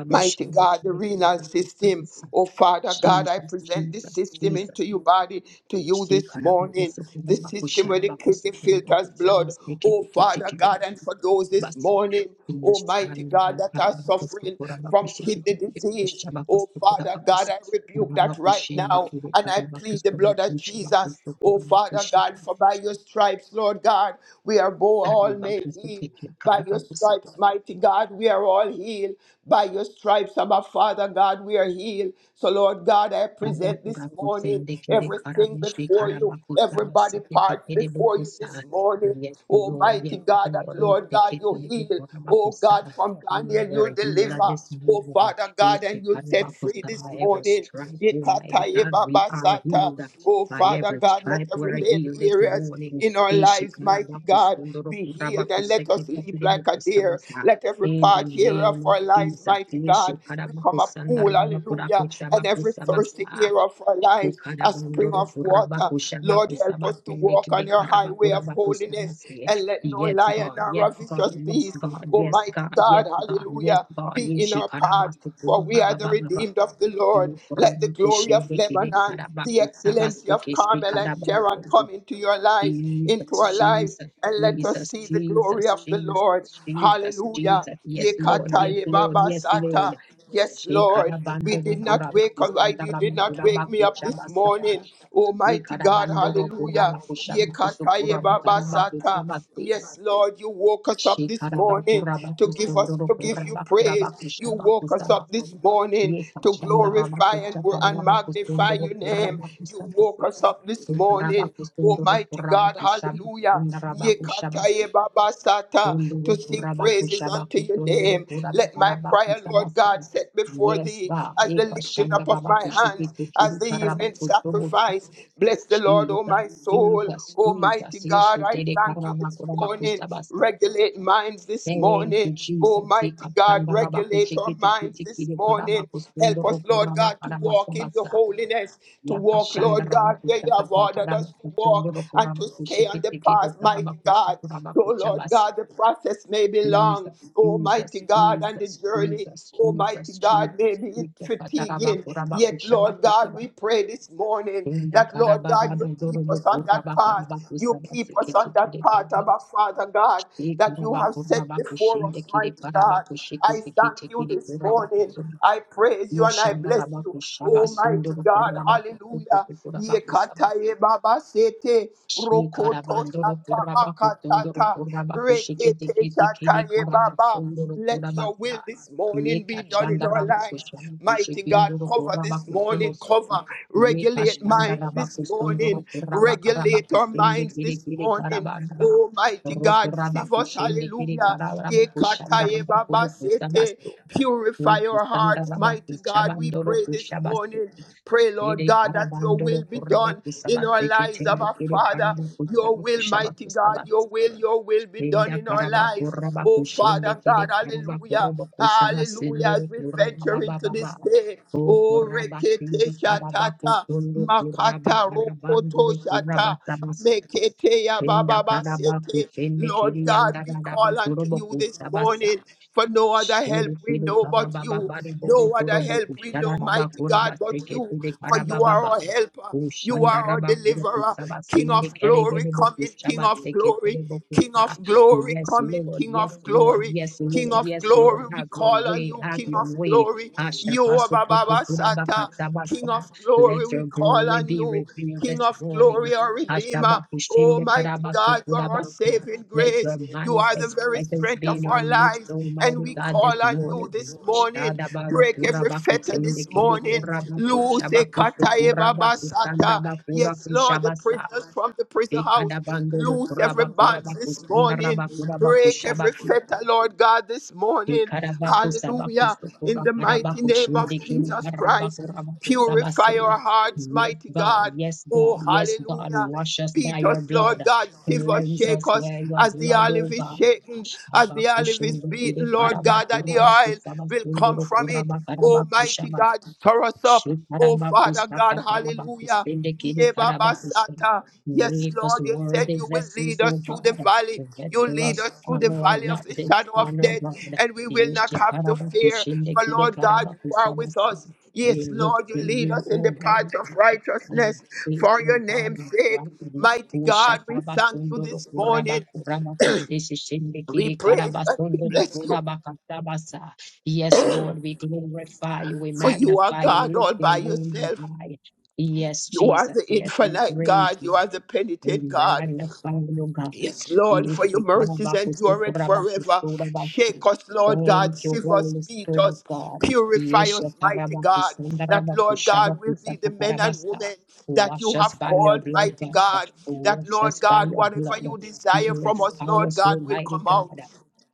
Speaker 2: Mighty God, the renal system. Oh, Father God, I present this
Speaker 1: Jesus,
Speaker 2: system into
Speaker 1: Jesus.
Speaker 2: your body to you
Speaker 1: She
Speaker 2: this morning.
Speaker 1: carabacusa,
Speaker 2: The system
Speaker 1: carabacusa,
Speaker 2: where the
Speaker 1: carabacusa,
Speaker 2: kidney filters
Speaker 1: carabacusa,
Speaker 2: blood.
Speaker 1: basket,
Speaker 2: Oh,
Speaker 1: ticket,
Speaker 2: Father
Speaker 1: ticket,
Speaker 2: God, and for those this
Speaker 1: bus.
Speaker 2: morning, Almighty God,
Speaker 1: Inshallah,
Speaker 2: that are
Speaker 1: carabacusa,
Speaker 2: suffering from
Speaker 1: carabacusa,
Speaker 2: kidney
Speaker 1: ticket,
Speaker 2: disease.
Speaker 1: shabacusa,
Speaker 2: Oh, Father God,
Speaker 1: carabacusa,
Speaker 2: I rebuke that right
Speaker 1: carabacushin,
Speaker 2: now
Speaker 1: ticket,
Speaker 2: and I plead
Speaker 1: carabacusa,
Speaker 2: the blood of
Speaker 1: carabacusa,
Speaker 2: Jesus.
Speaker 1: carabacusa,
Speaker 2: Oh, Father God, for by your stripes, Lord God, we are bo- all
Speaker 1: carabacusa,
Speaker 2: made
Speaker 1: carabacusa,
Speaker 2: heal.
Speaker 1: ticket,
Speaker 2: By your stripes,
Speaker 1: carabacusa,
Speaker 2: mighty God, we are all healed. By your stripes, our Father God, we are healed. So, Lord God, I present
Speaker 1: Rabakura
Speaker 2: this morning
Speaker 1: kusende
Speaker 2: everything before you, everybody part before you this morning.
Speaker 1: Yes, Lord,
Speaker 2: Almighty
Speaker 1: yes,
Speaker 2: God, that
Speaker 1: Lord, oh,
Speaker 2: Lord God,
Speaker 1: teke
Speaker 2: you
Speaker 1: kede
Speaker 2: heal.
Speaker 1: bukura
Speaker 2: Oh
Speaker 1: bakusa.
Speaker 2: God, from
Speaker 1: You are
Speaker 2: Daniel, you
Speaker 1: worthy, you
Speaker 2: deliver.
Speaker 1: love this
Speaker 2: Oh
Speaker 1: morning.
Speaker 2: Father God,
Speaker 1: Ete
Speaker 2: and you set free
Speaker 1: karabakusa,
Speaker 2: this
Speaker 1: By every
Speaker 2: morning.
Speaker 1: stripe, Almighty
Speaker 2: Yekataye
Speaker 1: God, we are
Speaker 2: babasata.
Speaker 1: healed.
Speaker 2: Oh
Speaker 1: By
Speaker 2: Father
Speaker 1: every
Speaker 2: God, let
Speaker 1: stripe, we
Speaker 2: every
Speaker 1: are
Speaker 2: lame
Speaker 1: healed this
Speaker 2: areas
Speaker 1: morning.
Speaker 2: in our
Speaker 1: Eshe
Speaker 2: lives, mighty
Speaker 1: karabakusa,
Speaker 2: God.
Speaker 1: ndoro
Speaker 2: Be healed and let us leap like a deer. Let every
Speaker 1: in the
Speaker 2: part here of
Speaker 1: name of
Speaker 2: our lives,
Speaker 1: Jesus,
Speaker 2: mighty God,
Speaker 1: Nishi
Speaker 2: become a pool, hallelujah. And every thirsty
Speaker 1: Karabakusandarabakurakushabakusabasa.
Speaker 2: ear of our lives, a spring
Speaker 1: Ukarabandoro
Speaker 2: of water. Lord, help us to
Speaker 1: kurabakushabakusabasende
Speaker 2: walk on your highway of holiness
Speaker 1: kirikarabakurabakuzabase.
Speaker 2: and let no
Speaker 1: Yes,
Speaker 2: lion
Speaker 1: God,
Speaker 2: nor
Speaker 1: yes,
Speaker 2: a
Speaker 1: God,
Speaker 2: vicious
Speaker 1: yes,
Speaker 2: beast,
Speaker 1: God, yes,
Speaker 2: almighty
Speaker 1: God, yes,
Speaker 2: God,
Speaker 1: God, yes,
Speaker 2: hallelujah,
Speaker 1: God.
Speaker 2: be in
Speaker 1: Nishi
Speaker 2: our path for we are the
Speaker 1: Karabakurababababa.
Speaker 2: redeemed of the Lord. Let the glory of
Speaker 1: Kurabakushende
Speaker 2: Lebanon, the excellency
Speaker 1: kirikarabakusabase
Speaker 2: of Carmel and Sharon
Speaker 1: kishikarabasu.
Speaker 2: come into your lives,
Speaker 1: Jesus,
Speaker 2: into our lives,
Speaker 1: Jesus,
Speaker 2: and let us
Speaker 1: Jesus,
Speaker 2: see the
Speaker 1: Jesus,
Speaker 2: glory of the
Speaker 1: Jesus,
Speaker 2: Lord.
Speaker 1: Jesus,
Speaker 2: Hallelujah.
Speaker 1: Jesus. Yes, Lord,
Speaker 2: Yekata
Speaker 1: yes,
Speaker 2: ye
Speaker 1: Lord,
Speaker 2: baba
Speaker 1: yes, Lord.
Speaker 2: sata. Yes, Lord,
Speaker 1: Shekarabande
Speaker 2: we did not wake up. I, you did not wake me up this
Speaker 1: Kurabakusandaramakurabakujabasaba.
Speaker 2: morning. Almighty God,
Speaker 1: Ikarabandoro
Speaker 2: hallelujah.
Speaker 1: Kurabakushabakusu
Speaker 2: Yekata ye baba sata.
Speaker 1: Kurabakarabakusabasi.
Speaker 2: Yes, Lord, you woke us up this morning to give us
Speaker 1: Shekarabakurabakustendoro
Speaker 2: to give you praise. You woke us up this
Speaker 1: Kurabakurabakushabakusabasi.
Speaker 2: morning to glorify and, and magnify
Speaker 1: Yekachandarabakuchakarabakusundoro
Speaker 2: your name. You woke us up this morning,
Speaker 1: Karabakusunduru
Speaker 2: Almighty God,
Speaker 1: Kurabakushaba
Speaker 2: hallelujah.
Speaker 1: Kundarabakushabas
Speaker 2: Yekataye baba sata, To
Speaker 1: Kunduru
Speaker 2: sing praises unto your
Speaker 1: Kurabakushabakusunduru
Speaker 2: name. Let my prayer, Lord
Speaker 1: Kurabakurabakusabas.
Speaker 2: God, set before
Speaker 1: Yes,
Speaker 2: thee
Speaker 1: God.
Speaker 2: as the
Speaker 1: Eka
Speaker 2: lifting up of my hands,
Speaker 1: Shandarabakushikiti
Speaker 2: as
Speaker 1: Kiri
Speaker 2: the evening
Speaker 1: Karabakusubusa.
Speaker 2: sacrifice. Bless the Lord, O
Speaker 1: Jesus,
Speaker 2: my soul.
Speaker 1: Jesus, Jesus.
Speaker 2: Almighty God, I
Speaker 1: Ishitiri
Speaker 2: thank you this morning.
Speaker 1: Karabakurabakusabasa.
Speaker 2: Regulate minds this
Speaker 1: Thank you,
Speaker 2: morning.
Speaker 1: Jesus.
Speaker 2: Almighty
Speaker 1: Eka
Speaker 2: God, regulate our
Speaker 1: Shandarabakushikiti
Speaker 2: minds this
Speaker 1: Kiri
Speaker 2: morning. Help us,
Speaker 1: Karabakusunduru
Speaker 2: Lord God, to walk in your
Speaker 1: Kurabakarabasabasa.
Speaker 2: holiness, to walk,
Speaker 1: Lapashanda
Speaker 2: Lord God, where you
Speaker 1: Rabakucha
Speaker 2: have
Speaker 1: Kapata
Speaker 2: ordered us to walk
Speaker 1: Rabakuchundoro
Speaker 2: and to stay on the
Speaker 1: Kurabakushikitiki
Speaker 2: path, mighty
Speaker 1: Rabakusu
Speaker 2: God. Oh, Lord
Speaker 1: Kurabakuchabas.
Speaker 2: God, the process may be long,
Speaker 1: Jesus,
Speaker 2: Almighty
Speaker 1: Jesus,
Speaker 2: God, and the
Speaker 1: Jesus,
Speaker 2: journey
Speaker 1: Jesus,
Speaker 2: Almighty
Speaker 1: Jesus,
Speaker 2: God, may
Speaker 1: Jesus,
Speaker 2: be
Speaker 1: Jesus,
Speaker 2: fatiguing,
Speaker 1: Patarabaku
Speaker 2: yet, Lord God, God, we
Speaker 1: Rabakushabakutabasa.
Speaker 2: pray this morning
Speaker 1: Inda
Speaker 2: that, Lord
Speaker 1: Karababa
Speaker 2: God, you keep
Speaker 1: Dodorobo
Speaker 2: us on that
Speaker 1: Kurabaka
Speaker 2: path. You keep us on
Speaker 1: Rabakusabasikitiki
Speaker 2: that path, our
Speaker 1: Rabas.
Speaker 2: Father God,
Speaker 1: E
Speaker 2: that you have
Speaker 1: Karabaku
Speaker 2: set before us,
Speaker 1: Rabakushindiki
Speaker 2: mighty God. I thank you
Speaker 1: Karabakushikitiki
Speaker 2: this morning.
Speaker 1: Kurabakusu.
Speaker 2: I praise you and I
Speaker 1: Moshanda
Speaker 2: bless you. Almighty
Speaker 1: Rabakushabasundoro
Speaker 2: God,
Speaker 1: Kurabakusu
Speaker 2: hallelujah.
Speaker 1: Kurabakusabas.
Speaker 2: Yekataye baba sete, rokoto
Speaker 1: Shikarabandoro
Speaker 2: shata
Speaker 1: kuraba kutundoro
Speaker 2: makatata,
Speaker 1: kuraba kushikete
Speaker 2: rekete
Speaker 1: kete kede
Speaker 2: shataye
Speaker 1: karaba
Speaker 2: baba.
Speaker 1: sondoro
Speaker 2: Let
Speaker 1: kuraba
Speaker 2: your
Speaker 1: sa.
Speaker 2: will this
Speaker 1: Ye
Speaker 2: morning be done in
Speaker 1: kashanda
Speaker 2: our
Speaker 1: raba
Speaker 2: lives.
Speaker 1: kushama
Speaker 2: Mighty God,
Speaker 1: kushikindoro
Speaker 2: cover
Speaker 1: kuraba
Speaker 2: this
Speaker 1: kusumo
Speaker 2: morning,
Speaker 1: su.
Speaker 2: cover,
Speaker 1: Ye
Speaker 2: regulate
Speaker 1: kashanda
Speaker 2: minds
Speaker 1: raba
Speaker 2: this
Speaker 1: kustundoro
Speaker 2: morning,
Speaker 1: kuraba karaba
Speaker 2: regulate our
Speaker 1: kusende
Speaker 2: minds
Speaker 1: kiri
Speaker 2: this
Speaker 1: kede karaba
Speaker 2: morning.
Speaker 1: raba.
Speaker 2: Oh, mighty
Speaker 1: Ro
Speaker 2: God,
Speaker 1: kuraba
Speaker 2: save us,
Speaker 1: kiri kede
Speaker 2: hallelujah.
Speaker 1: karaba kushanda
Speaker 2: Yekataye
Speaker 1: raba kuru
Speaker 2: babasete.
Speaker 1: kusabasu.
Speaker 2: Purify our
Speaker 1: Kusanda
Speaker 2: hearts,
Speaker 1: raba
Speaker 2: mighty God. We
Speaker 1: kushabandoro
Speaker 2: pray this
Speaker 1: kushabasu.
Speaker 2: morning. Pray, Lord
Speaker 1: Kede
Speaker 2: God, that your
Speaker 1: karabandoro
Speaker 2: will be
Speaker 1: koraba
Speaker 2: done
Speaker 1: kusaba
Speaker 2: in our lives,
Speaker 1: seketende
Speaker 2: our
Speaker 1: kede
Speaker 2: Father.
Speaker 1: karaba
Speaker 2: Your
Speaker 1: kusaba
Speaker 2: will,
Speaker 1: kushaba
Speaker 2: mighty God,
Speaker 1: kusaba
Speaker 2: your your will, your will be done
Speaker 1: enda
Speaker 2: in our
Speaker 1: karaba
Speaker 2: lives.
Speaker 1: koraba
Speaker 2: Oh,
Speaker 1: kushende
Speaker 2: Father
Speaker 1: kede
Speaker 2: God,
Speaker 1: karaba
Speaker 2: hallelujah.
Speaker 1: korobo kusaba
Speaker 2: Hallelujah. As
Speaker 1: sendoro
Speaker 2: we
Speaker 1: koraba
Speaker 2: venture
Speaker 1: baba
Speaker 2: into
Speaker 1: baba
Speaker 2: this day, oh,
Speaker 1: koraba sende
Speaker 2: Rekete
Speaker 1: karaba
Speaker 2: Shatata,
Speaker 1: kusondo koraba
Speaker 2: Makata Rokoto
Speaker 1: karabandoro koraba
Speaker 2: Shata,
Speaker 1: saba
Speaker 2: Mekete
Speaker 1: enda
Speaker 2: Yababa
Speaker 1: karaba
Speaker 2: Sete.
Speaker 1: kushende
Speaker 2: Lord
Speaker 1: kede
Speaker 2: God,
Speaker 1: yanda
Speaker 2: we
Speaker 1: karaba
Speaker 2: call unto
Speaker 1: korobo
Speaker 2: you this
Speaker 1: kusaba
Speaker 2: morning. For no
Speaker 1: Yes,
Speaker 2: other help
Speaker 1: Lord,
Speaker 2: we
Speaker 1: yes,
Speaker 2: know
Speaker 1: Lord,
Speaker 2: but you. No other help we know, mighty God, but you. For you are our helper. You are our deliverer. King of glory, come in, King of glory. King of glory, come in, King of glory.
Speaker 1: yes,
Speaker 2: King
Speaker 1: Lord,
Speaker 2: of
Speaker 1: yes, Lord,
Speaker 2: glory, we
Speaker 1: have your
Speaker 2: call on
Speaker 1: way,
Speaker 2: you,
Speaker 1: have
Speaker 2: King
Speaker 1: your
Speaker 2: of
Speaker 1: way.
Speaker 2: glory. You are Baba Sata. King
Speaker 1: Ashapasukutukurabakasabasa.
Speaker 2: of glory,
Speaker 1: Let
Speaker 2: we
Speaker 1: your
Speaker 2: call
Speaker 1: glory
Speaker 2: on
Speaker 1: be
Speaker 2: you.
Speaker 1: revealed
Speaker 2: King
Speaker 1: this
Speaker 2: of
Speaker 1: morning.
Speaker 2: glory, our Redeemer. Almighty God, you are our
Speaker 1: Ashabapushindekarabasokurabasa.
Speaker 2: saving
Speaker 1: Let your
Speaker 2: grace. You are the
Speaker 1: manifest
Speaker 2: very
Speaker 1: presence
Speaker 2: strength
Speaker 1: be in
Speaker 2: of
Speaker 1: our
Speaker 2: our
Speaker 1: midst,
Speaker 2: lives. And
Speaker 1: Almighty
Speaker 2: we
Speaker 1: God, this
Speaker 2: call on you
Speaker 1: morning.
Speaker 2: this morning.
Speaker 1: Shadabara
Speaker 2: Break every
Speaker 1: kurabaku
Speaker 2: fetter this
Speaker 1: sendekere
Speaker 2: morning.
Speaker 1: kurabaku
Speaker 2: Loose a
Speaker 1: shabaku
Speaker 2: kataye
Speaker 1: sukurabaku
Speaker 2: babasata.
Speaker 1: sandabakuraku
Speaker 2: Yes, Lord, the
Speaker 1: shabasa.
Speaker 2: prisoners from the prison house.
Speaker 1: Ekadabandolo
Speaker 2: Loose every
Speaker 1: kurabaku
Speaker 2: bond
Speaker 1: rabaku
Speaker 2: this morning.
Speaker 1: sundarabaku rabaku
Speaker 2: Break every
Speaker 1: shabaku.
Speaker 2: fetter, Lord God, this morning.
Speaker 1: Ikarabaku sabaku
Speaker 2: Hallelujah. In
Speaker 1: sukura
Speaker 2: the mighty
Speaker 1: karabaku
Speaker 2: name of
Speaker 1: shindi kiri
Speaker 2: Jesus Christ.
Speaker 1: karabaku rabaku sabasi.
Speaker 2: Purify our hearts,
Speaker 1: Yes,
Speaker 2: mighty
Speaker 1: God,
Speaker 2: God.
Speaker 1: yes, God,
Speaker 2: Oh,
Speaker 1: yes, God,
Speaker 2: hallelujah.
Speaker 1: wash us by
Speaker 2: Beat
Speaker 1: your
Speaker 2: us, Lord
Speaker 1: blood.
Speaker 2: God. Shiver,
Speaker 1: Cleanse
Speaker 2: shake
Speaker 1: us
Speaker 2: us
Speaker 1: by your
Speaker 2: as the
Speaker 1: blood, O
Speaker 2: olive is
Speaker 1: God.
Speaker 2: shaken, as the
Speaker 1: Shabaku
Speaker 2: olive is
Speaker 1: shindi kiri
Speaker 2: beaten, Lord God,
Speaker 1: karabaku
Speaker 2: that the
Speaker 1: rabaku
Speaker 2: oil will come
Speaker 1: sabasunduru
Speaker 2: from it.
Speaker 1: kurabaku
Speaker 2: Oh,
Speaker 1: rabaku
Speaker 2: mighty God,
Speaker 1: shabasi.
Speaker 2: stir us up. Oh,
Speaker 1: Shikarabaku
Speaker 2: Father God,
Speaker 1: sakatarabaku
Speaker 2: hallelujah.
Speaker 1: shindi kiri karabaku shabasi.
Speaker 2: Yebabasata. Yes,
Speaker 1: Make us
Speaker 2: Lord, you said
Speaker 1: worthy
Speaker 2: you will lead
Speaker 1: vessels,
Speaker 2: us
Speaker 1: O
Speaker 2: through the
Speaker 1: God.
Speaker 2: valley. You lead
Speaker 1: Vessels
Speaker 2: us through the
Speaker 1: honor and
Speaker 2: valley of
Speaker 1: not
Speaker 2: the shadow of
Speaker 1: dishonor,
Speaker 2: death,
Speaker 1: God.
Speaker 2: and we will not
Speaker 1: Yeshe
Speaker 2: have to
Speaker 1: karaba
Speaker 2: fear.
Speaker 1: kushinde
Speaker 2: For
Speaker 1: kide
Speaker 2: Lord God,
Speaker 1: karaba
Speaker 2: you are with
Speaker 1: kusamase.
Speaker 2: us.
Speaker 1: We
Speaker 2: Yes,
Speaker 1: look
Speaker 2: Lord, you
Speaker 1: to
Speaker 2: lead
Speaker 1: you,
Speaker 2: us in the path
Speaker 1: Almighty
Speaker 2: of
Speaker 1: God, and
Speaker 2: righteousness
Speaker 1: face
Speaker 2: for your
Speaker 1: you, God,
Speaker 2: name's
Speaker 1: in
Speaker 2: sake.
Speaker 1: right and left.
Speaker 2: Mighty God, we
Speaker 1: Ushataba
Speaker 2: thank you
Speaker 1: sundoro
Speaker 2: this morning.
Speaker 1: kuraba kuraba kusese shinde
Speaker 2: We
Speaker 1: kide
Speaker 2: praise
Speaker 1: karaba
Speaker 2: and we
Speaker 1: sundoro
Speaker 2: bless you,
Speaker 1: kuraba kasabasa. Yes, Lord, we glorify you, we
Speaker 2: for you are
Speaker 1: magnify you, we
Speaker 2: God
Speaker 1: lift
Speaker 2: all
Speaker 1: your
Speaker 2: by
Speaker 1: name
Speaker 2: yourself.
Speaker 1: high. Yes,
Speaker 2: You are
Speaker 1: Jesus.
Speaker 2: the
Speaker 1: Yes, we
Speaker 2: infinite
Speaker 1: praise
Speaker 2: God.
Speaker 1: you.
Speaker 2: You are the penitent
Speaker 1: I'm
Speaker 2: God.
Speaker 1: Magnify your God.
Speaker 2: Yes, Lord, for
Speaker 1: Yes,
Speaker 2: your mercies
Speaker 1: Shekarabakusu,
Speaker 2: endure it forever.
Speaker 1: Korabakusu, Rabakusu.
Speaker 2: Shake us, Lord God,
Speaker 1: Thank you,
Speaker 2: save us,
Speaker 1: Holy
Speaker 2: beat
Speaker 1: Spirit of
Speaker 2: us,
Speaker 1: God.
Speaker 2: purify
Speaker 1: Yes,
Speaker 2: us, mighty God.
Speaker 1: Shekarabakusu,
Speaker 2: That, Lord God, will
Speaker 1: Ndarabakushabakusa,
Speaker 2: be the men and
Speaker 1: Kakarabasa.
Speaker 2: women that
Speaker 1: Wash
Speaker 2: you
Speaker 1: us
Speaker 2: have
Speaker 1: by your
Speaker 2: called,
Speaker 1: blood,
Speaker 2: mighty
Speaker 1: God.
Speaker 2: God. That,
Speaker 1: Wash us
Speaker 2: Lord
Speaker 1: by
Speaker 2: God,
Speaker 1: your
Speaker 2: whatever
Speaker 1: blood.
Speaker 2: you desire from us,
Speaker 1: Purify
Speaker 2: Lord
Speaker 1: us,
Speaker 2: God, will
Speaker 1: Almighty
Speaker 2: come out.
Speaker 1: God.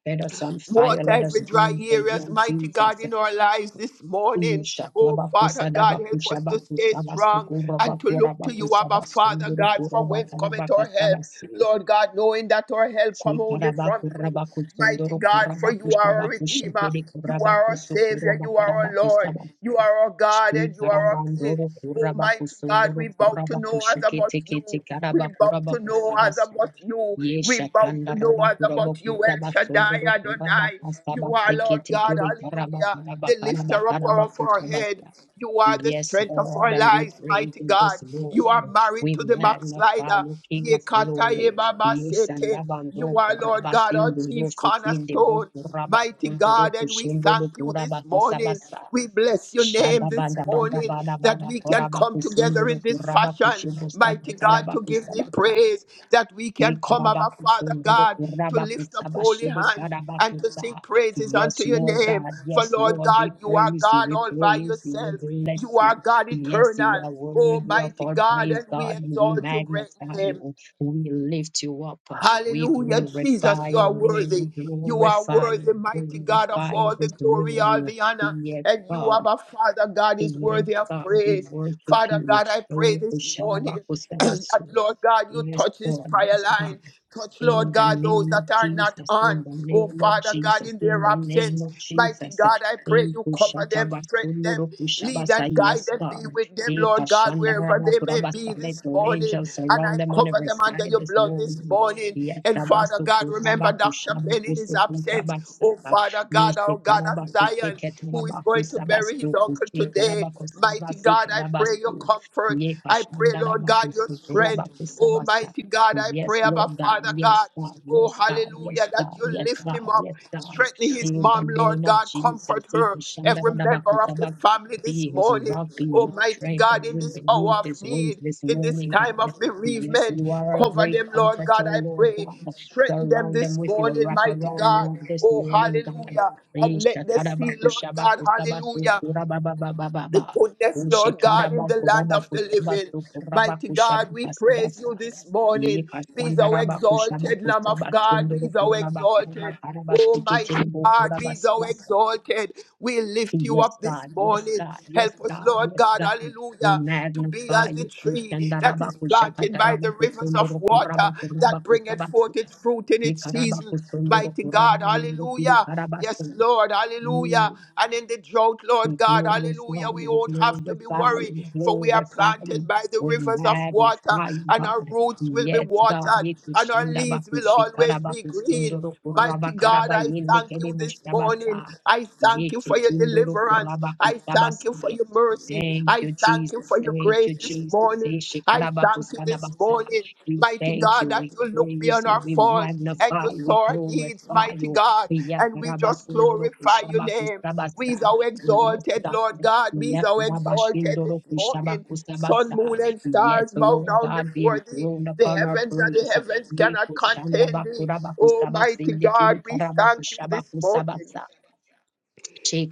Speaker 1: Let us on fire.
Speaker 2: Water
Speaker 1: Let us
Speaker 2: every dry
Speaker 1: burn for
Speaker 2: areas,
Speaker 1: you,
Speaker 2: mighty God,
Speaker 1: Jesus.
Speaker 2: in our lives this morning.
Speaker 1: Yusha
Speaker 2: Oh, Father
Speaker 1: Labakusa
Speaker 2: God, help
Speaker 1: Dabakusha
Speaker 2: us to stay
Speaker 1: Bakusa
Speaker 2: strong
Speaker 1: Basukura
Speaker 2: and to
Speaker 1: Bakura
Speaker 2: look to you,
Speaker 1: Bakusa
Speaker 2: Abba, Father
Speaker 1: Basunduru
Speaker 2: God, from
Speaker 1: Kuraba
Speaker 2: whence cometh
Speaker 1: Karabaka
Speaker 2: our help.
Speaker 1: Sabasi.
Speaker 2: Lord God, knowing that our help come only from
Speaker 1: Shikarabaku
Speaker 2: you,
Speaker 1: Rabaku
Speaker 2: mighty
Speaker 1: Sunduru
Speaker 2: God, for you
Speaker 1: Kurabakusha
Speaker 2: are our
Speaker 1: Bakusha
Speaker 2: Redeemer,
Speaker 1: Kiri
Speaker 2: you are
Speaker 1: Kurabaku
Speaker 2: our
Speaker 1: Sukura
Speaker 2: Savior, you are our Lord, you are our God, and you are our King.
Speaker 1: Shikarabandoro
Speaker 2: Almighty God,
Speaker 1: kurabakusundoro
Speaker 2: we bow to no other but
Speaker 1: kurabakushiketekete
Speaker 2: you. We bow to no other
Speaker 1: karabakurabakusabasu.
Speaker 2: but you. We
Speaker 1: Yesha
Speaker 2: bow
Speaker 1: tanda
Speaker 2: to no other but you. El Shaddai
Speaker 1: rabakurabakusabasundoro
Speaker 2: Adonai. You are Lord God.
Speaker 1: kurabakasabaseketekere
Speaker 2: Hallelujah. The lifter up of our head.
Speaker 1: karabakarabakarabakusabasa.
Speaker 2: You are the
Speaker 1: Yes,
Speaker 2: strength of
Speaker 1: Lord,
Speaker 2: our
Speaker 1: and we
Speaker 2: lives,
Speaker 1: praise
Speaker 2: mighty
Speaker 1: you this
Speaker 2: God. You are
Speaker 1: morning.
Speaker 2: married
Speaker 1: We
Speaker 2: to the
Speaker 1: magnify
Speaker 2: backslider.
Speaker 1: you, King of
Speaker 2: Yekata
Speaker 1: Glory.
Speaker 2: yebaba
Speaker 1: Yes, and
Speaker 2: sete.
Speaker 1: abando
Speaker 2: You are, Lord God, our
Speaker 1: kurabasindu no
Speaker 2: chief
Speaker 1: sekinde bu
Speaker 2: cornerstone, mighty
Speaker 1: kurabasundoro
Speaker 2: God, and we
Speaker 1: kushendo lo
Speaker 2: thank you this morning.
Speaker 1: kurabakasabasa.
Speaker 2: We bless your name
Speaker 1: Shada
Speaker 2: this
Speaker 1: bada bada
Speaker 2: morning
Speaker 1: bada
Speaker 2: that
Speaker 1: bada
Speaker 2: we can
Speaker 1: korabaku
Speaker 2: come together in
Speaker 1: sunduru
Speaker 2: this
Speaker 1: kurabaku
Speaker 2: fashion,
Speaker 1: shibusta
Speaker 2: mighty God, to
Speaker 1: katarabaku
Speaker 2: give thee
Speaker 1: sabata.
Speaker 2: praise, that we
Speaker 1: E
Speaker 2: can come, our
Speaker 1: karabaku
Speaker 2: Father
Speaker 1: sunduru
Speaker 2: God, to
Speaker 1: kurabaku
Speaker 2: lift up holy
Speaker 1: sabashede
Speaker 2: hands and
Speaker 1: karabaku
Speaker 2: to sing
Speaker 1: sa.
Speaker 2: praises unto
Speaker 1: Yes,
Speaker 2: your
Speaker 1: Lord
Speaker 2: name.
Speaker 1: God.
Speaker 2: For
Speaker 1: Yes,
Speaker 2: Lord
Speaker 1: Lord.
Speaker 2: God,
Speaker 1: We
Speaker 2: you are
Speaker 1: praise you.
Speaker 2: God
Speaker 1: We
Speaker 2: all by
Speaker 1: praise you. We
Speaker 2: yourself.
Speaker 1: bless
Speaker 2: You are
Speaker 1: you.
Speaker 2: God
Speaker 1: Yes, you
Speaker 2: eternal,
Speaker 1: are worthy of
Speaker 2: Almighty
Speaker 1: our
Speaker 2: God,
Speaker 1: praise,
Speaker 2: and we
Speaker 1: God. And we
Speaker 2: exalt your great
Speaker 1: magnify
Speaker 2: name.
Speaker 1: you. We lift you up. We
Speaker 2: Hallelujah, Jesus,
Speaker 1: glorify
Speaker 2: you are
Speaker 1: your name. We
Speaker 2: worthy. You are
Speaker 1: glorify you.
Speaker 2: worthy, mighty God, of
Speaker 1: Glorify you
Speaker 2: all the
Speaker 1: this
Speaker 2: glory, all
Speaker 1: morning.
Speaker 2: the honor.
Speaker 1: Yes,
Speaker 2: And you,
Speaker 1: God.
Speaker 2: Abba Father God, is
Speaker 1: Yes,
Speaker 2: worthy of
Speaker 1: God, we
Speaker 2: praise.
Speaker 1: worship
Speaker 2: Father
Speaker 1: you.
Speaker 2: God, I pray
Speaker 1: Oh,
Speaker 2: this morning [clears throat] that,
Speaker 1: Shabakosemasu.
Speaker 2: Lord God, you
Speaker 1: Yes,
Speaker 2: touch this
Speaker 1: Lord,
Speaker 2: prayer
Speaker 1: yes, God.
Speaker 2: line. Touch, Lord
Speaker 1: In the
Speaker 2: God, those
Speaker 1: name of
Speaker 2: that are not
Speaker 1: Jesus,
Speaker 2: on.
Speaker 1: in the
Speaker 2: Oh,
Speaker 1: name of
Speaker 2: Father God,
Speaker 1: Jesus,
Speaker 2: in
Speaker 1: in
Speaker 2: their
Speaker 1: the name
Speaker 2: absence.
Speaker 1: of
Speaker 2: Mighty
Speaker 1: Jesus.
Speaker 2: God, I pray
Speaker 1: In
Speaker 2: you cover them, strengthen them, lead and
Speaker 1: Kushatabasundurukushabasa,
Speaker 2: guide
Speaker 1: Yes,
Speaker 2: them, be
Speaker 1: God.
Speaker 2: with them,
Speaker 1: In
Speaker 2: Lord God, wherever they may be
Speaker 1: Kashandarabakurabasa, Let
Speaker 2: this
Speaker 1: your
Speaker 2: morning.
Speaker 1: angels
Speaker 2: And I
Speaker 1: surround them on
Speaker 2: cover
Speaker 1: every
Speaker 2: them under
Speaker 1: side
Speaker 2: your
Speaker 1: this
Speaker 2: blood this
Speaker 1: morning.
Speaker 2: morning.
Speaker 1: Yes,
Speaker 2: And Father
Speaker 1: Tabasu
Speaker 2: God, remember Dr. Ben in his absence. Oh,
Speaker 1: Kurabakushabakusukutabasa.
Speaker 2: Father God,
Speaker 1: Yeshe
Speaker 2: our God of
Speaker 1: karabaku
Speaker 2: Zion,
Speaker 1: sheke
Speaker 2: who is
Speaker 1: tarabaku
Speaker 2: going to bury his
Speaker 1: sabasu
Speaker 2: uncle
Speaker 1: kushe
Speaker 2: today.
Speaker 1: karabaku
Speaker 2: Mighty
Speaker 1: sabasi
Speaker 2: God, I pray your
Speaker 1: karabasu.
Speaker 2: comfort.
Speaker 1: Ye
Speaker 2: I pray,
Speaker 1: kashanda
Speaker 2: Lord
Speaker 1: rabaku
Speaker 2: God, your
Speaker 1: se
Speaker 2: strength.
Speaker 1: tarabaku
Speaker 2: Almighty
Speaker 1: sabasa.
Speaker 2: mighty God. I
Speaker 1: Yes,
Speaker 2: pray
Speaker 1: Lord
Speaker 2: about
Speaker 1: God.
Speaker 2: Father God.
Speaker 1: Yes, God.
Speaker 2: Oh,
Speaker 1: Yes, God.
Speaker 2: hallelujah,
Speaker 1: Yes,
Speaker 2: that
Speaker 1: God.
Speaker 2: you
Speaker 1: Yes,
Speaker 2: lift him
Speaker 1: God.
Speaker 2: up,
Speaker 1: Yes, God.
Speaker 2: strengthen his
Speaker 1: In the
Speaker 2: mom,
Speaker 1: name
Speaker 2: Lord
Speaker 1: of
Speaker 2: God,
Speaker 1: Jesus.
Speaker 2: comfort
Speaker 1: Ye
Speaker 2: her,
Speaker 1: kashanda
Speaker 2: every member of the
Speaker 1: sabak.
Speaker 2: family this
Speaker 1: Be his
Speaker 2: morning.
Speaker 1: rock, be his
Speaker 2: Almighty
Speaker 1: strength, and
Speaker 2: God, in
Speaker 1: we
Speaker 2: this hour
Speaker 1: beneath
Speaker 2: of
Speaker 1: his wings
Speaker 2: need,
Speaker 1: this
Speaker 2: in this
Speaker 1: morning,
Speaker 2: time
Speaker 1: God.
Speaker 2: of
Speaker 1: Yes,
Speaker 2: bereavement.
Speaker 1: you are a
Speaker 2: Cover
Speaker 1: great
Speaker 2: them, Lord
Speaker 1: comforter,
Speaker 2: God, I
Speaker 1: Lord
Speaker 2: pray.
Speaker 1: God.
Speaker 2: Strengthen them
Speaker 1: Surround them
Speaker 2: this
Speaker 1: with your
Speaker 2: morning, mighty
Speaker 1: wraparound
Speaker 2: God.
Speaker 1: love this
Speaker 2: Oh,
Speaker 1: morning, God.
Speaker 2: hallelujah. And let them see, Lord God, hallelujah the
Speaker 1: Rishakarabakushabakusabakukurabababababa.
Speaker 2: goodness, Lord God, in the land of the living. Mighty God, we praise
Speaker 1: Ushekarabakurabakurabakusabasukurabakasabasa.
Speaker 2: you this morning. Be thou exalted, Lamb of God, be thou exalted. Oh, mighty God, be thou
Speaker 1: Yikashandarabakushabakusabasundurukurabakarabakarabasiketenbukurabasabasa.
Speaker 2: exalted. We lift you
Speaker 1: Yes,
Speaker 2: up this
Speaker 1: God, yes,
Speaker 2: morning.
Speaker 1: God, yes,
Speaker 2: Help us,
Speaker 1: God,
Speaker 2: Lord
Speaker 1: yes,
Speaker 2: God,
Speaker 1: God. We
Speaker 2: hallelujah, to be
Speaker 1: magnify
Speaker 2: as the
Speaker 1: you.
Speaker 2: tree that is planted by the rivers of water that bringeth
Speaker 1: Ushandarabakushakatarabakusundurukurabakurabakurabakusabasu.
Speaker 2: forth its fruit in its season. Mighty God, hallelujah. Yes,
Speaker 1: Yikarabakusundurukurabayendekirikarabasa.
Speaker 2: Lord, hallelujah. And in the drought, Lord
Speaker 1: We
Speaker 2: God, hallelujah,
Speaker 1: glorify
Speaker 2: we
Speaker 1: you, we
Speaker 2: won't have to be
Speaker 1: glorify you,
Speaker 2: worried,
Speaker 1: we
Speaker 2: for we are
Speaker 1: glorify you,
Speaker 2: planted by the
Speaker 1: we
Speaker 2: rivers of water,
Speaker 1: magnify you,
Speaker 2: and our
Speaker 1: God.
Speaker 2: roots will be
Speaker 1: Yes, God,
Speaker 2: watered,
Speaker 1: it
Speaker 2: and
Speaker 1: is
Speaker 2: our leaves will
Speaker 1: Shindabakushi
Speaker 2: always be green.
Speaker 1: Karabakustunduru Kuraba
Speaker 2: Mighty God,
Speaker 1: Karaba
Speaker 2: I
Speaker 1: Yindi
Speaker 2: thank you this morning.
Speaker 1: Kedemushabasa.
Speaker 2: I thank you for your
Speaker 1: Yechinduru
Speaker 2: deliverance. I thank you for
Speaker 1: Kurabakustabasi.
Speaker 2: your mercy.
Speaker 1: Thank
Speaker 2: I
Speaker 1: you,
Speaker 2: thank you
Speaker 1: Jesus.
Speaker 2: for your
Speaker 1: Thank
Speaker 2: grace
Speaker 1: you,
Speaker 2: this
Speaker 1: Jesus.
Speaker 2: morning. I thank you this
Speaker 1: Yeshikarabakustanabasa.
Speaker 2: morning,
Speaker 1: We
Speaker 2: mighty
Speaker 1: thank
Speaker 2: God,
Speaker 1: you,
Speaker 2: that
Speaker 1: we
Speaker 2: you look
Speaker 1: praise
Speaker 2: beyond
Speaker 1: you,
Speaker 2: our
Speaker 1: we
Speaker 2: faults and you
Speaker 1: magnify, you, we
Speaker 2: saw our needs,
Speaker 1: glorify
Speaker 2: mighty
Speaker 1: you.
Speaker 2: God. And we just glorify your name. Be
Speaker 1: Yekarabasundurukushabakustabasa.
Speaker 2: thou
Speaker 1: Yes,
Speaker 2: exalted,
Speaker 1: God.
Speaker 2: Lord God. Be
Speaker 1: Yes,
Speaker 2: thou exalted
Speaker 1: Rabashindoro
Speaker 2: this morning. Sun,
Speaker 1: Kushabakusabasa.
Speaker 2: moon, and
Speaker 1: Yes,
Speaker 2: stars bow
Speaker 1: Lord
Speaker 2: down
Speaker 1: God, be
Speaker 2: before thee.
Speaker 1: enthroned
Speaker 2: The
Speaker 1: upon our
Speaker 2: heavens and the
Speaker 1: praise.
Speaker 2: heavens cannot contain thee. Almighty God, we thank you this morning.
Speaker 1: Yekushandabakurabakuzabasindikirikarabakuzhabakusabasa.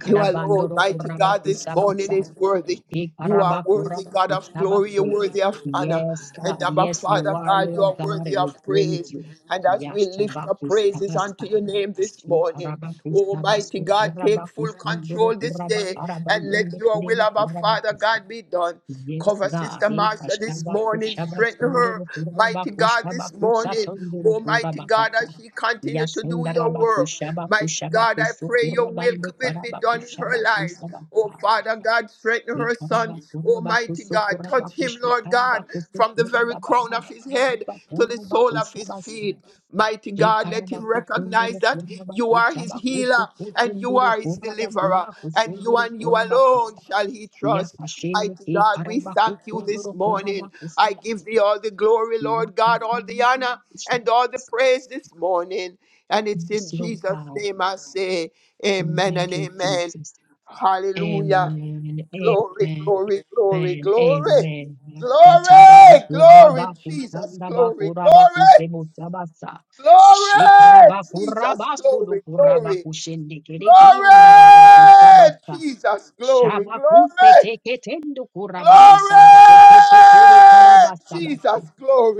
Speaker 2: You alone, mighty God, this morning
Speaker 1: kurabakusabasa.
Speaker 2: is worthy. You are worthy, God of glory. You're
Speaker 1: Ikarabakurabakutabatse.
Speaker 2: worthy of honor.
Speaker 1: Yes,
Speaker 2: And
Speaker 1: God.
Speaker 2: Abba,
Speaker 1: Yes, you
Speaker 2: Father
Speaker 1: are,
Speaker 2: God, you
Speaker 1: Lord
Speaker 2: are
Speaker 1: God,
Speaker 2: worthy
Speaker 1: and we
Speaker 2: of
Speaker 1: praise
Speaker 2: praise.
Speaker 1: you.
Speaker 2: And as we lift up praises unto
Speaker 1: Yashtabakustabasa.
Speaker 2: your name this morning, Almighty
Speaker 1: Shikarabakustabasu,
Speaker 2: God, take full
Speaker 1: kurabakustunduru,
Speaker 2: control this day and let
Speaker 1: kurabakarabayende,
Speaker 2: your will,
Speaker 1: kurebe,
Speaker 2: Abba, Father
Speaker 1: kurabakusa.
Speaker 2: God, be done.
Speaker 1: Yes,
Speaker 2: Cover
Speaker 1: God.
Speaker 2: Sister Marsha this morning. Strengthen her, mighty God, this morning. Almighty God,
Speaker 1: Ikashabakushabasundurukurabakushabakusatundurukurabakusa.
Speaker 2: as she continue to do your work. Mighty God, I pray your will will be done in her life.
Speaker 1: Yasundarabakushabakushabakusukurabandekarabakushabakusabasa.
Speaker 2: Oh, Father God, strengthen
Speaker 1: Yes,
Speaker 2: her son. Almighty God, touch him, Lord God, from the very crown of his head to the sole of his feet. Mighty God, let him recognize that you are his healer and you are his deliverer, and you and you alone shall he trust. Mighty God, we thank you this morning. I give thee all the glory, Lord God, all the honor and all the praise this morning. And it's in
Speaker 1: Lord
Speaker 2: Jesus'
Speaker 1: God.
Speaker 2: name I say, Amen and
Speaker 1: Thank you,
Speaker 2: Amen.
Speaker 1: Jesus.
Speaker 2: Hallelujah.
Speaker 1: Amen.
Speaker 2: Glory,
Speaker 1: Amen.
Speaker 2: glory, glory,
Speaker 1: Amen.
Speaker 2: glory,
Speaker 1: Amen.
Speaker 2: glory, glory,
Speaker 1: Yatabarukuraba
Speaker 2: Jesus,
Speaker 1: kusandaba
Speaker 2: glory,
Speaker 1: kuraba
Speaker 2: glory,
Speaker 1: kusebo sabasa.
Speaker 2: glory,
Speaker 1: Shikaraba
Speaker 2: Jesus,
Speaker 1: kuraba sulu
Speaker 2: glory,
Speaker 1: kuraba
Speaker 2: glory,
Speaker 1: kushendekere kiyandaraba
Speaker 2: glory,
Speaker 1: kusabasa.
Speaker 2: Jesus, glory,
Speaker 1: Shabakuse
Speaker 2: glory,
Speaker 1: teketendu kuraba
Speaker 2: Glory!
Speaker 1: kusabase ketekere karaba
Speaker 2: Jesus,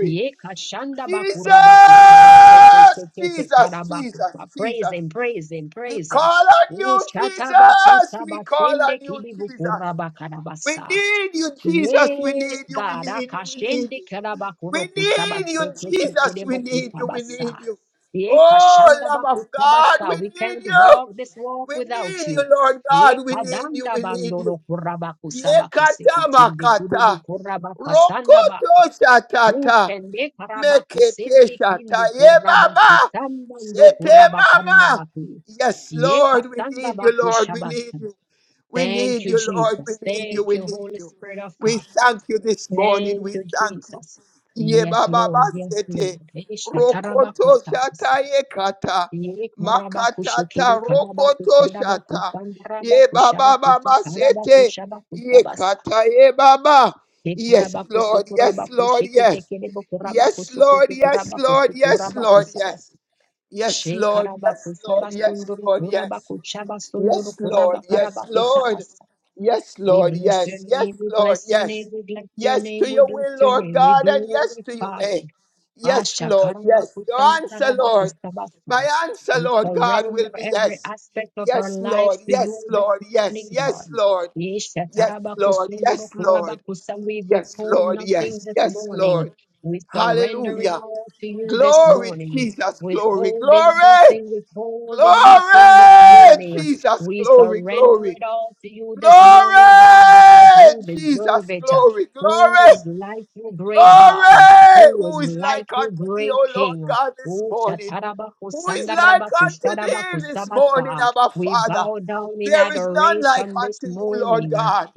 Speaker 1: Yatabarukurabakutsandabakurabakuzebozabasa.
Speaker 2: Jesus,
Speaker 1: Shikarabakurabasulukurabakuşendekerekiandarabakusabasa.
Speaker 2: Jesus,
Speaker 1: karaba
Speaker 2: Jesus,
Speaker 1: kusa. Praise
Speaker 2: Jesus.
Speaker 1: him, praise him,
Speaker 2: We
Speaker 1: praise him.
Speaker 2: call on you,
Speaker 1: Ushata
Speaker 2: Jesus. We call on you, Jesus. We
Speaker 1: Ushatabakusabasendekilibukurabakarabasaa.
Speaker 2: need you, Jesus. We
Speaker 1: Yes,
Speaker 2: need you. We
Speaker 1: God.
Speaker 2: need you. We need
Speaker 1: Akashende
Speaker 2: you. We
Speaker 1: kerabakuro
Speaker 2: need you,
Speaker 1: kusabase kete
Speaker 2: Jesus. We
Speaker 1: kerebo
Speaker 2: need you. We
Speaker 1: kusabasa.
Speaker 2: need you.
Speaker 1: Ye
Speaker 2: Oh,
Speaker 1: kashanda
Speaker 2: Lamb of God, we
Speaker 1: bakusabasa. We
Speaker 2: need
Speaker 1: can't
Speaker 2: you.
Speaker 1: walk this walk
Speaker 2: We
Speaker 1: without
Speaker 2: need you,
Speaker 1: you.
Speaker 2: Lord
Speaker 1: Ye
Speaker 2: God. We need you.
Speaker 1: kadanda
Speaker 2: We need you.
Speaker 1: bandoro kuraba kusaba
Speaker 2: Yekata
Speaker 1: kusekitinde kirebo
Speaker 2: makata.
Speaker 1: kuraba kasanda ba.
Speaker 2: Rokoto shatata.
Speaker 1: Usende karaba
Speaker 2: Mekete
Speaker 1: kusende
Speaker 2: shata.
Speaker 1: kindu
Speaker 2: Ye
Speaker 1: kuraba
Speaker 2: mama.
Speaker 1: kusamba ndo
Speaker 2: Sete
Speaker 1: kuraba kanda
Speaker 2: mama.
Speaker 1: baku.
Speaker 2: Yes,
Speaker 1: Ye
Speaker 2: Lord, we
Speaker 1: kasanda
Speaker 2: need you, Lord. We need
Speaker 1: bakushabasa.
Speaker 2: you. We
Speaker 1: Thank
Speaker 2: need
Speaker 1: you,
Speaker 2: you, Lord. We
Speaker 1: Jesus.
Speaker 2: need you.
Speaker 1: Thank
Speaker 2: We
Speaker 1: you,
Speaker 2: need
Speaker 1: Holy
Speaker 2: you.
Speaker 1: Spirit of
Speaker 2: We
Speaker 1: God.
Speaker 2: thank you this morning. We
Speaker 1: Thank you,
Speaker 2: thank you.
Speaker 1: Jesus.
Speaker 2: Ye
Speaker 1: Yes,
Speaker 2: baba
Speaker 1: Lord. Yes,
Speaker 2: basete.
Speaker 1: Lord. Esha
Speaker 2: Rokoto
Speaker 1: tarabakustabas.
Speaker 2: shata ye kata.
Speaker 1: Ye karabakushikiri
Speaker 2: Makatata rokoto shata. Ye baba
Speaker 1: karabakusandabakusandarabakushabakusa
Speaker 2: baba sete. Ye
Speaker 1: karabakushabakustabasa.
Speaker 2: kata ye baba.
Speaker 1: Ye
Speaker 2: Yes, Lord. Yes, Lord. Yes.
Speaker 1: karabakusukurabakushikitekerebo
Speaker 2: Yes, Lord. Yes, Lord. Yes, Lord.
Speaker 1: kurabakusukutukurabakusukurabakusabas.
Speaker 2: Yes. Yes,
Speaker 1: She
Speaker 2: Lord. Yes, Lord. Yes,
Speaker 1: karabakusabasunduru
Speaker 2: Lord. Yes.
Speaker 1: kurabakuchabasunduru
Speaker 2: Yes, Lord. Yes, Lord.
Speaker 1: kurabakarabakusabasa.
Speaker 2: Yes,
Speaker 1: We
Speaker 2: Lord.
Speaker 1: bless your
Speaker 2: Yes. Yes,
Speaker 1: name, we
Speaker 2: Lord.
Speaker 1: bless your name,
Speaker 2: Yes.
Speaker 1: we bless your
Speaker 2: Yes
Speaker 1: name,
Speaker 2: to
Speaker 1: we
Speaker 2: your
Speaker 1: bless
Speaker 2: will,
Speaker 1: your
Speaker 2: Lord
Speaker 1: name, we
Speaker 2: God, and yes to your
Speaker 1: glorify
Speaker 2: way. Yes,
Speaker 1: Asha
Speaker 2: Lord. Yes. Your answer, Lord. My
Speaker 1: Karabakusandarabakustavasu.
Speaker 2: answer,
Speaker 1: We
Speaker 2: Lord God,
Speaker 1: surrender
Speaker 2: will be
Speaker 1: every
Speaker 2: yes.
Speaker 1: aspect of our
Speaker 2: Yes, Lord.
Speaker 1: lives to you
Speaker 2: Yes,
Speaker 1: this
Speaker 2: Lord.
Speaker 1: morning,
Speaker 2: Yes. Yes,
Speaker 1: Lord.
Speaker 2: Lord.
Speaker 1: Yesha
Speaker 2: Yes, Lord. Yes, Lord.
Speaker 1: Tarabakusundorokurabakusa. We
Speaker 2: Yes,
Speaker 1: withhold
Speaker 2: Lord.
Speaker 1: nothing
Speaker 2: Yes.
Speaker 1: this
Speaker 2: Yes,
Speaker 1: morning.
Speaker 2: Lord.
Speaker 1: We surrender it
Speaker 2: Hallelujah.
Speaker 1: all to you this
Speaker 2: Glory,
Speaker 1: morning.
Speaker 2: Jesus. Glory.
Speaker 1: Withholding
Speaker 2: Glory.
Speaker 1: nothing, withholding nothing this
Speaker 2: Glory.
Speaker 1: morning.
Speaker 2: Jesus.
Speaker 1: We
Speaker 2: Glory.
Speaker 1: surrender
Speaker 2: Glory.
Speaker 1: it all to you this
Speaker 2: Glory!
Speaker 1: morning, God, because you deserve
Speaker 2: Jesus,
Speaker 1: it.
Speaker 2: glory,
Speaker 1: Who is
Speaker 2: glory,
Speaker 1: like you, great God?
Speaker 2: glory!
Speaker 1: who
Speaker 2: Who
Speaker 1: is
Speaker 2: is
Speaker 1: like
Speaker 2: like
Speaker 1: you,
Speaker 2: unto thee,
Speaker 1: great
Speaker 2: O Lord
Speaker 1: King.
Speaker 2: God, this
Speaker 1: Oh,
Speaker 2: morning?
Speaker 1: Shatarabaku
Speaker 2: Who is like
Speaker 1: Sandarabaku
Speaker 2: unto thee
Speaker 1: Shadabaku
Speaker 2: this morning,
Speaker 1: Sabasa.
Speaker 2: Abba
Speaker 1: We
Speaker 2: Father?
Speaker 1: bow down in
Speaker 2: There is none like
Speaker 1: adoration this
Speaker 2: unto you, Lord
Speaker 1: morning.
Speaker 2: God.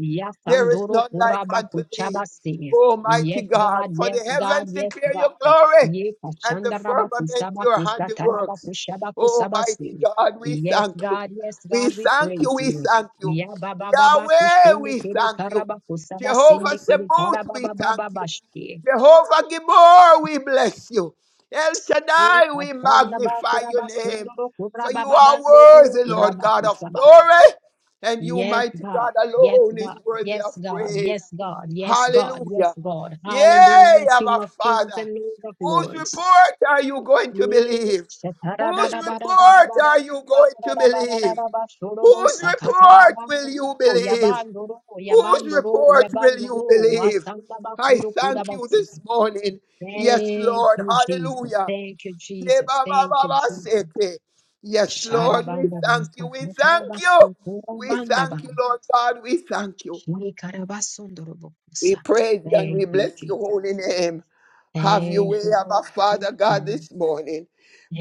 Speaker 2: There is
Speaker 1: Yasandoro
Speaker 2: none like unto
Speaker 1: Kurabaku
Speaker 2: thee,
Speaker 1: Chabasi.
Speaker 2: Almighty
Speaker 1: Yes,
Speaker 2: God.
Speaker 1: God,
Speaker 2: For
Speaker 1: yes,
Speaker 2: the
Speaker 1: God,
Speaker 2: heavens
Speaker 1: yes,
Speaker 2: declare
Speaker 1: God.
Speaker 2: your glory
Speaker 1: Ye
Speaker 2: and the
Speaker 1: Kashandarabaku
Speaker 2: firmament your
Speaker 1: Sabaku
Speaker 2: handiworks.
Speaker 1: Satarabaku Shabaku
Speaker 2: Almighty
Speaker 1: Sabasi.
Speaker 2: God, we
Speaker 1: Yes,
Speaker 2: thank you.
Speaker 1: God, yes,
Speaker 2: We
Speaker 1: God, we
Speaker 2: thank you.
Speaker 1: praise
Speaker 2: We
Speaker 1: you.
Speaker 2: thank you.
Speaker 1: Ya baba baba
Speaker 2: Yahweh,
Speaker 1: kushinde
Speaker 2: we
Speaker 1: kede
Speaker 2: thank you.
Speaker 1: karabaku
Speaker 2: Jehovah
Speaker 1: sabasinde kede
Speaker 2: Sabaoth, we
Speaker 1: karababa
Speaker 2: thank
Speaker 1: baba
Speaker 2: you.
Speaker 1: Bashki.
Speaker 2: Jehovah Gibor, we bless you. El
Speaker 1: Yes,
Speaker 2: Shaddai,
Speaker 1: God.
Speaker 2: we magnify your name. For you are worthy, Lord God of glory, and you,
Speaker 1: Yes,
Speaker 2: mighty
Speaker 1: God.
Speaker 2: God, alone is worthy
Speaker 1: Yes,
Speaker 2: of
Speaker 1: God.
Speaker 2: praise.
Speaker 1: Yes, God. Yes, God.
Speaker 2: Hallelujah.
Speaker 1: Yes, God.
Speaker 2: Yay,
Speaker 1: Hallelujah. King
Speaker 2: our
Speaker 1: of kings
Speaker 2: Father.
Speaker 1: and Lord of
Speaker 2: Whose
Speaker 1: lords.
Speaker 2: report are you going to believe? Whose report are you going to believe? Whose report will you believe?
Speaker 1: Yabandoro,
Speaker 2: Whose
Speaker 1: yabandoro,
Speaker 2: report will you
Speaker 1: yabandoro,
Speaker 2: believe?
Speaker 1: asamba
Speaker 2: I
Speaker 1: kuro kura
Speaker 2: thank you
Speaker 1: basi.
Speaker 2: this morning. Yes,
Speaker 1: Thank
Speaker 2: Lord.
Speaker 1: you, Jesus.
Speaker 2: Hallelujah.
Speaker 1: Thank you,
Speaker 2: Yeah,
Speaker 1: Jesus. Thank you, Jesus.
Speaker 2: Yes, Lord, we
Speaker 1: Sharabanda
Speaker 2: thank you.
Speaker 1: basa
Speaker 2: We thank you.
Speaker 1: katarabasu
Speaker 2: We
Speaker 1: kurabanda ba.
Speaker 2: thank you, Lord God. We thank you.
Speaker 1: Shri
Speaker 2: We
Speaker 1: karabasundorobokusa.
Speaker 2: praise you and
Speaker 1: Thank
Speaker 2: we
Speaker 1: you,
Speaker 2: bless your
Speaker 1: Jesus.
Speaker 2: holy name. Have your
Speaker 1: Thank
Speaker 2: way,
Speaker 1: you, Holy
Speaker 2: Abba
Speaker 1: Spirit
Speaker 2: Father
Speaker 1: of
Speaker 2: God,
Speaker 1: God.
Speaker 2: this morning.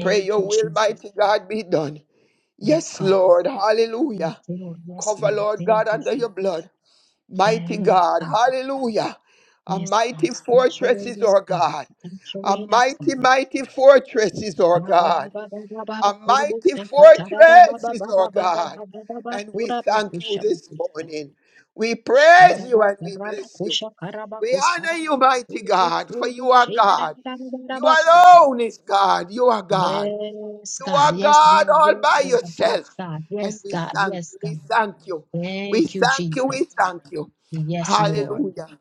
Speaker 2: Pray
Speaker 1: you,
Speaker 2: your will,
Speaker 1: Jesus.
Speaker 2: mighty God, be done.
Speaker 1: Yes,
Speaker 2: Yes,
Speaker 1: God.
Speaker 2: Lord.
Speaker 1: Yes,
Speaker 2: Hallelujah.
Speaker 1: Lord. Yes,
Speaker 2: Cover,
Speaker 1: Lord.
Speaker 2: Lord
Speaker 1: Thank
Speaker 2: God,
Speaker 1: you,
Speaker 2: under your
Speaker 1: Jesus.
Speaker 2: blood. Mighty
Speaker 1: Yes,
Speaker 2: God,
Speaker 1: God.
Speaker 2: hallelujah. A
Speaker 1: Yes, God.
Speaker 2: mighty fortress
Speaker 1: Saturate
Speaker 2: is
Speaker 1: us,
Speaker 2: our
Speaker 1: God.
Speaker 2: God. A
Speaker 1: Saturate us,
Speaker 2: mighty,
Speaker 1: God.
Speaker 2: mighty fortress is our
Speaker 1: Ba, ba, ba,
Speaker 2: God.
Speaker 1: ba, ba, ba, ba, ba,
Speaker 2: A
Speaker 1: kurubu,
Speaker 2: mighty
Speaker 1: sa, ka, ta, ra, da, ba,
Speaker 2: fortress
Speaker 1: ba,
Speaker 2: is
Speaker 1: ba, ba,
Speaker 2: our
Speaker 1: ba, ba,
Speaker 2: God.
Speaker 1: ba, ba, ba, ba,
Speaker 2: And we
Speaker 1: kura, ba,
Speaker 2: thank you
Speaker 1: kusha, ba,
Speaker 2: this
Speaker 1: kusa.
Speaker 2: morning. We
Speaker 1: Yes, God. Yes, God. Yes, God. Yes, God.
Speaker 2: praise you and we bless you. We honor you, mighty God, for you are God. You alone is God. You are God. You are God all by yourself. And
Speaker 1: Yes,
Speaker 2: we
Speaker 1: God.
Speaker 2: thank
Speaker 1: Yes,
Speaker 2: you. We
Speaker 1: God.
Speaker 2: thank you. We
Speaker 1: Thank you,
Speaker 2: thank you.
Speaker 1: Jesus.
Speaker 2: We thank you.
Speaker 1: Yes, Lord.
Speaker 2: Hallelujah.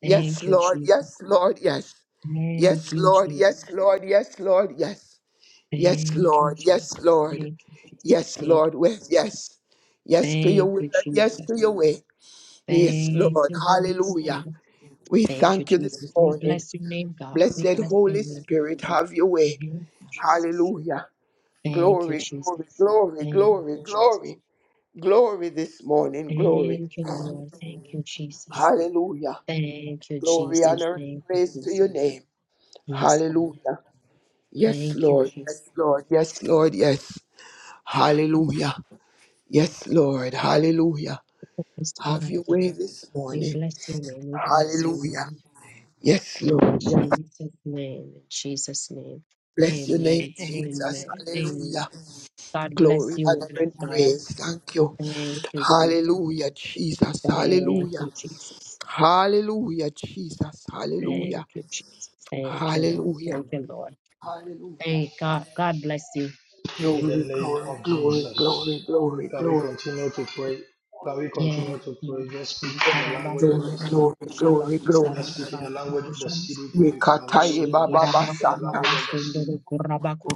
Speaker 2: Yes,
Speaker 1: Thank you,
Speaker 2: Lord. Yes,
Speaker 1: Jesus.
Speaker 2: Lord. Yes.
Speaker 1: Thank
Speaker 2: Yes,
Speaker 1: you,
Speaker 2: Lord.
Speaker 1: Jesus.
Speaker 2: Yes, Lord. Yes, Lord. Yes. Yes,
Speaker 1: Thank you,
Speaker 2: Lord.
Speaker 1: Jesus.
Speaker 2: Yes, Lord.
Speaker 1: Thank you, Jesus.
Speaker 2: Yes,
Speaker 1: Thank you.
Speaker 2: Lord. With yes. Yes to your
Speaker 1: Thank
Speaker 2: will
Speaker 1: you,
Speaker 2: and yes to
Speaker 1: Jesus.
Speaker 2: your way. Yes,
Speaker 1: Thank
Speaker 2: Lord.
Speaker 1: you, Holy
Speaker 2: Hallelujah.
Speaker 1: Spirit.
Speaker 2: We
Speaker 1: Thank you,
Speaker 2: thank you this
Speaker 1: Jesus. We
Speaker 2: morning.
Speaker 1: bless your name, God. We
Speaker 2: Blessed
Speaker 1: bless your
Speaker 2: Holy
Speaker 1: name.
Speaker 2: Spirit, have your way.
Speaker 1: Thank you, Jesus.
Speaker 2: Hallelujah.
Speaker 1: Thank you,
Speaker 2: Glory, glory,
Speaker 1: Jesus.
Speaker 2: glory,
Speaker 1: Thank
Speaker 2: glory,
Speaker 1: you, Jesus.
Speaker 2: glory, glory this morning. Glory.
Speaker 1: Thank you, Lord. Thank you, Jesus.
Speaker 2: Hallelujah.
Speaker 1: Thank you,
Speaker 2: Glory,
Speaker 1: Jesus.
Speaker 2: honor, and
Speaker 1: Thank you,
Speaker 2: praise to your
Speaker 1: Jesus.
Speaker 2: name.
Speaker 1: Yes, God.
Speaker 2: Hallelujah. Yes,
Speaker 1: Thank you,
Speaker 2: Lord.
Speaker 1: Jesus.
Speaker 2: Yes, Lord. Yes, Lord. Yes.
Speaker 1: Thank
Speaker 2: Hallelujah. Yes, Lord. Hallelujah.
Speaker 1: you, the Spirit
Speaker 2: Have
Speaker 1: of
Speaker 2: your
Speaker 1: God.
Speaker 2: way this
Speaker 1: We
Speaker 2: morning.
Speaker 1: bless your name. We bless your
Speaker 2: Hallelujah.
Speaker 1: name.
Speaker 2: Yes,
Speaker 1: In
Speaker 2: Lord. Yes.
Speaker 1: Jesus' name. In Jesus' name.
Speaker 2: Bless your name,
Speaker 1: Amen.
Speaker 2: Jesus.
Speaker 1: Amen. Amen.
Speaker 2: Hallelujah.
Speaker 1: God
Speaker 2: Glory,
Speaker 1: bless you,
Speaker 2: honor,
Speaker 1: woman of
Speaker 2: and
Speaker 1: God.
Speaker 2: praise. Thank you.
Speaker 1: Thank you, Jesus.
Speaker 2: Hallelujah, Jesus.
Speaker 1: Thank
Speaker 2: Hallelujah.
Speaker 1: you, Jesus.
Speaker 2: Hallelujah, Jesus. Hallelujah.
Speaker 1: Thank you, Jesus. Thank you, Lord.
Speaker 2: Hallelujah.
Speaker 1: Thank you, Lord.
Speaker 2: Hallelujah.
Speaker 1: Hey, God, God bless you.
Speaker 3: in the
Speaker 2: Glory,
Speaker 3: name
Speaker 2: glory,
Speaker 3: of
Speaker 2: glory, glory,
Speaker 3: Jesus.
Speaker 2: glory,
Speaker 3: Can we
Speaker 2: glory,
Speaker 3: continue to pray? Can we
Speaker 1: Yeah.
Speaker 3: continue to pray?
Speaker 1: Lord.
Speaker 3: Just speak
Speaker 1: She
Speaker 3: in the language
Speaker 1: karabasu
Speaker 3: of the Spirit.
Speaker 2: glory, glory,
Speaker 1: rabakushaba
Speaker 2: glory, glory.
Speaker 3: Just speak in the language of the
Speaker 1: kusarabakurabakushaba.
Speaker 3: Spirit. If you can unmute,
Speaker 2: Yekataye
Speaker 1: She
Speaker 3: just
Speaker 2: baba
Speaker 3: speak in the
Speaker 2: basata.
Speaker 3: language of
Speaker 1: karabakurabasu
Speaker 3: the Spirit.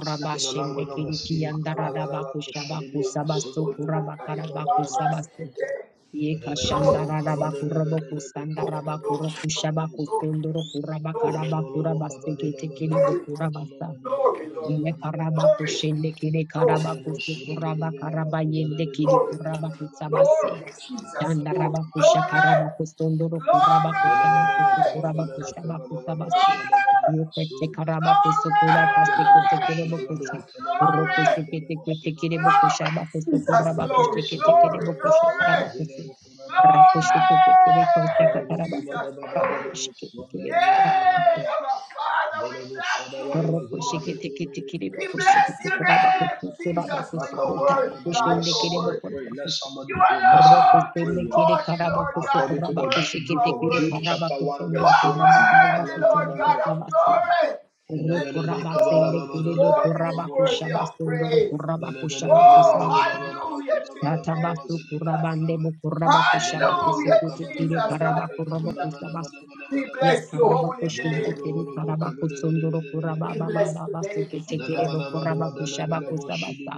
Speaker 3: Speak in the language of the Spirit. Malabalaba
Speaker 1: kirikiyandaradabakushaba
Speaker 3: kushadibiyama
Speaker 1: kusabasu
Speaker 2: Glory,
Speaker 3: sundarebe katalabayaba.
Speaker 1: kurabakarabakusabasu. Ye
Speaker 3: Bedelebelobo kabalebebelebe
Speaker 2: glory, glory,
Speaker 1: kashandararabakurobokusandarabakurokushaba
Speaker 3: kabadababadalabayoza.
Speaker 2: glory,
Speaker 3: Bedelebolobo
Speaker 1: kusondorokurabakarabakurabase
Speaker 3: kabadebabadalebe
Speaker 1: ketekerebokurabasa.
Speaker 2: glory, Lord
Speaker 1: Ye
Speaker 2: God.
Speaker 3: kotolobadibabadozabadibabaya.
Speaker 1: karabaku
Speaker 2: Glory,
Speaker 1: shende kide
Speaker 2: glory.
Speaker 1: karabaku
Speaker 3: Mandelebo
Speaker 1: sukuraba
Speaker 3: shilebelebela
Speaker 1: karaba yende kide
Speaker 2: Glory,
Speaker 1: kurabaku
Speaker 3: bakuzelebelebelebelebele
Speaker 1: sabase.
Speaker 2: glory,
Speaker 3: baduzelebelebelebele
Speaker 2: Jesus,
Speaker 1: Chanda
Speaker 3: bakabadi
Speaker 2: glory,
Speaker 1: rabaku
Speaker 2: glory,
Speaker 3: babaduzaya.
Speaker 1: shakarabaku sondoro kurabaku
Speaker 2: glory,
Speaker 1: sabaku
Speaker 3: Mandelebelebe
Speaker 1: sukurabaku
Speaker 3: kababadaba
Speaker 2: Jesus,
Speaker 1: shabaku
Speaker 2: glory,
Speaker 3: kabadababadu
Speaker 1: sabase.
Speaker 2: glory,
Speaker 3: shadabadi
Speaker 1: Yute che
Speaker 3: yamasuda.
Speaker 1: karabaku sukura paste
Speaker 3: Yamandelebo
Speaker 1: kete
Speaker 2: glory,
Speaker 1: kide
Speaker 3: koshalabalu
Speaker 1: bukusha.
Speaker 2: Jesus,
Speaker 1: Roku
Speaker 3: atelebalabalu
Speaker 2: glory,
Speaker 1: sheke
Speaker 3: adelebo
Speaker 1: teke teke de
Speaker 3: sudabaya.
Speaker 1: bukusha
Speaker 2: glory,
Speaker 1: baku
Speaker 2: Jesus,
Speaker 1: sukurabaku
Speaker 3: Mandelebo
Speaker 2: glory,
Speaker 1: sheke teke de
Speaker 2: glory,
Speaker 3: sudabaya
Speaker 1: bukusha
Speaker 2: glory,
Speaker 3: kolaba
Speaker 1: karabaku su.
Speaker 3: zilebo kunabaya
Speaker 1: Raku
Speaker 2: glory,
Speaker 3: sadeba.
Speaker 1: sheke teke de kusha
Speaker 3: Mandelebo
Speaker 1: karabaku.
Speaker 2: Jesus,
Speaker 1: Rabaku
Speaker 2: glory.
Speaker 3: kubadababadabo
Speaker 1: sheke teke de
Speaker 3: swandelebo
Speaker 1: kurabaku.
Speaker 2: Yay,
Speaker 3: kuyabaya.
Speaker 2: our Father, we
Speaker 3: Mandelebo
Speaker 2: thank you
Speaker 3: shadabalu
Speaker 2: this
Speaker 1: Thank
Speaker 2: morning.
Speaker 3: azelebelebelebe
Speaker 2: We bless your name,
Speaker 3: katalabadu
Speaker 2: Jesus, for your word,
Speaker 3: Makabalabalabalaba.
Speaker 2: God,
Speaker 3: Let
Speaker 2: your
Speaker 3: somebody
Speaker 2: word.
Speaker 3: pray. Let somebody
Speaker 2: You
Speaker 3: pray. Let somebody
Speaker 2: alone
Speaker 3: pray.
Speaker 2: this morning, Lord God,
Speaker 3: According
Speaker 2: is
Speaker 3: to the
Speaker 2: worthy.
Speaker 3: book,
Speaker 2: You
Speaker 3: book
Speaker 2: are
Speaker 3: of Jude,
Speaker 2: worthy.
Speaker 3: chapter 1,
Speaker 2: You
Speaker 3: verse
Speaker 2: are
Speaker 3: 20.
Speaker 2: worthy, Lord God
Speaker 3: Makalabalabalaba.
Speaker 2: of
Speaker 1: you.
Speaker 2: glory. That you
Speaker 3: Belebelebe
Speaker 2: alone this
Speaker 3: kabalababadolebe
Speaker 2: morning is worthy
Speaker 3: koloboloboya.
Speaker 2: of praise. Oh,
Speaker 3: Mandelebelebelebelebedabadaba
Speaker 2: hallelujah to your name,
Speaker 3: kodabadabaduwa
Speaker 2: Jesus.
Speaker 3: zedebedabadaba. Mandelebolobo
Speaker 2: Hallelujah, Jesus.
Speaker 3: kabalababadolebe
Speaker 2: Hallelujah. We
Speaker 3: kabalabadabadabadabadaba.
Speaker 1: Ya
Speaker 2: bless your
Speaker 1: karaba
Speaker 2: holy
Speaker 1: koşun
Speaker 2: name.
Speaker 1: tekeri
Speaker 3: Mandelebolobo
Speaker 1: karaba kusunduru kuraba
Speaker 2: We
Speaker 3: kabelebelebelebelebelebe.
Speaker 1: baba
Speaker 2: bless your
Speaker 1: raba
Speaker 2: name,
Speaker 1: seke
Speaker 2: Jesus.
Speaker 1: tekeri bu kuraba
Speaker 3: Mandalabalabaduwa
Speaker 1: kushaba
Speaker 3: delebelebo
Speaker 1: kusabata.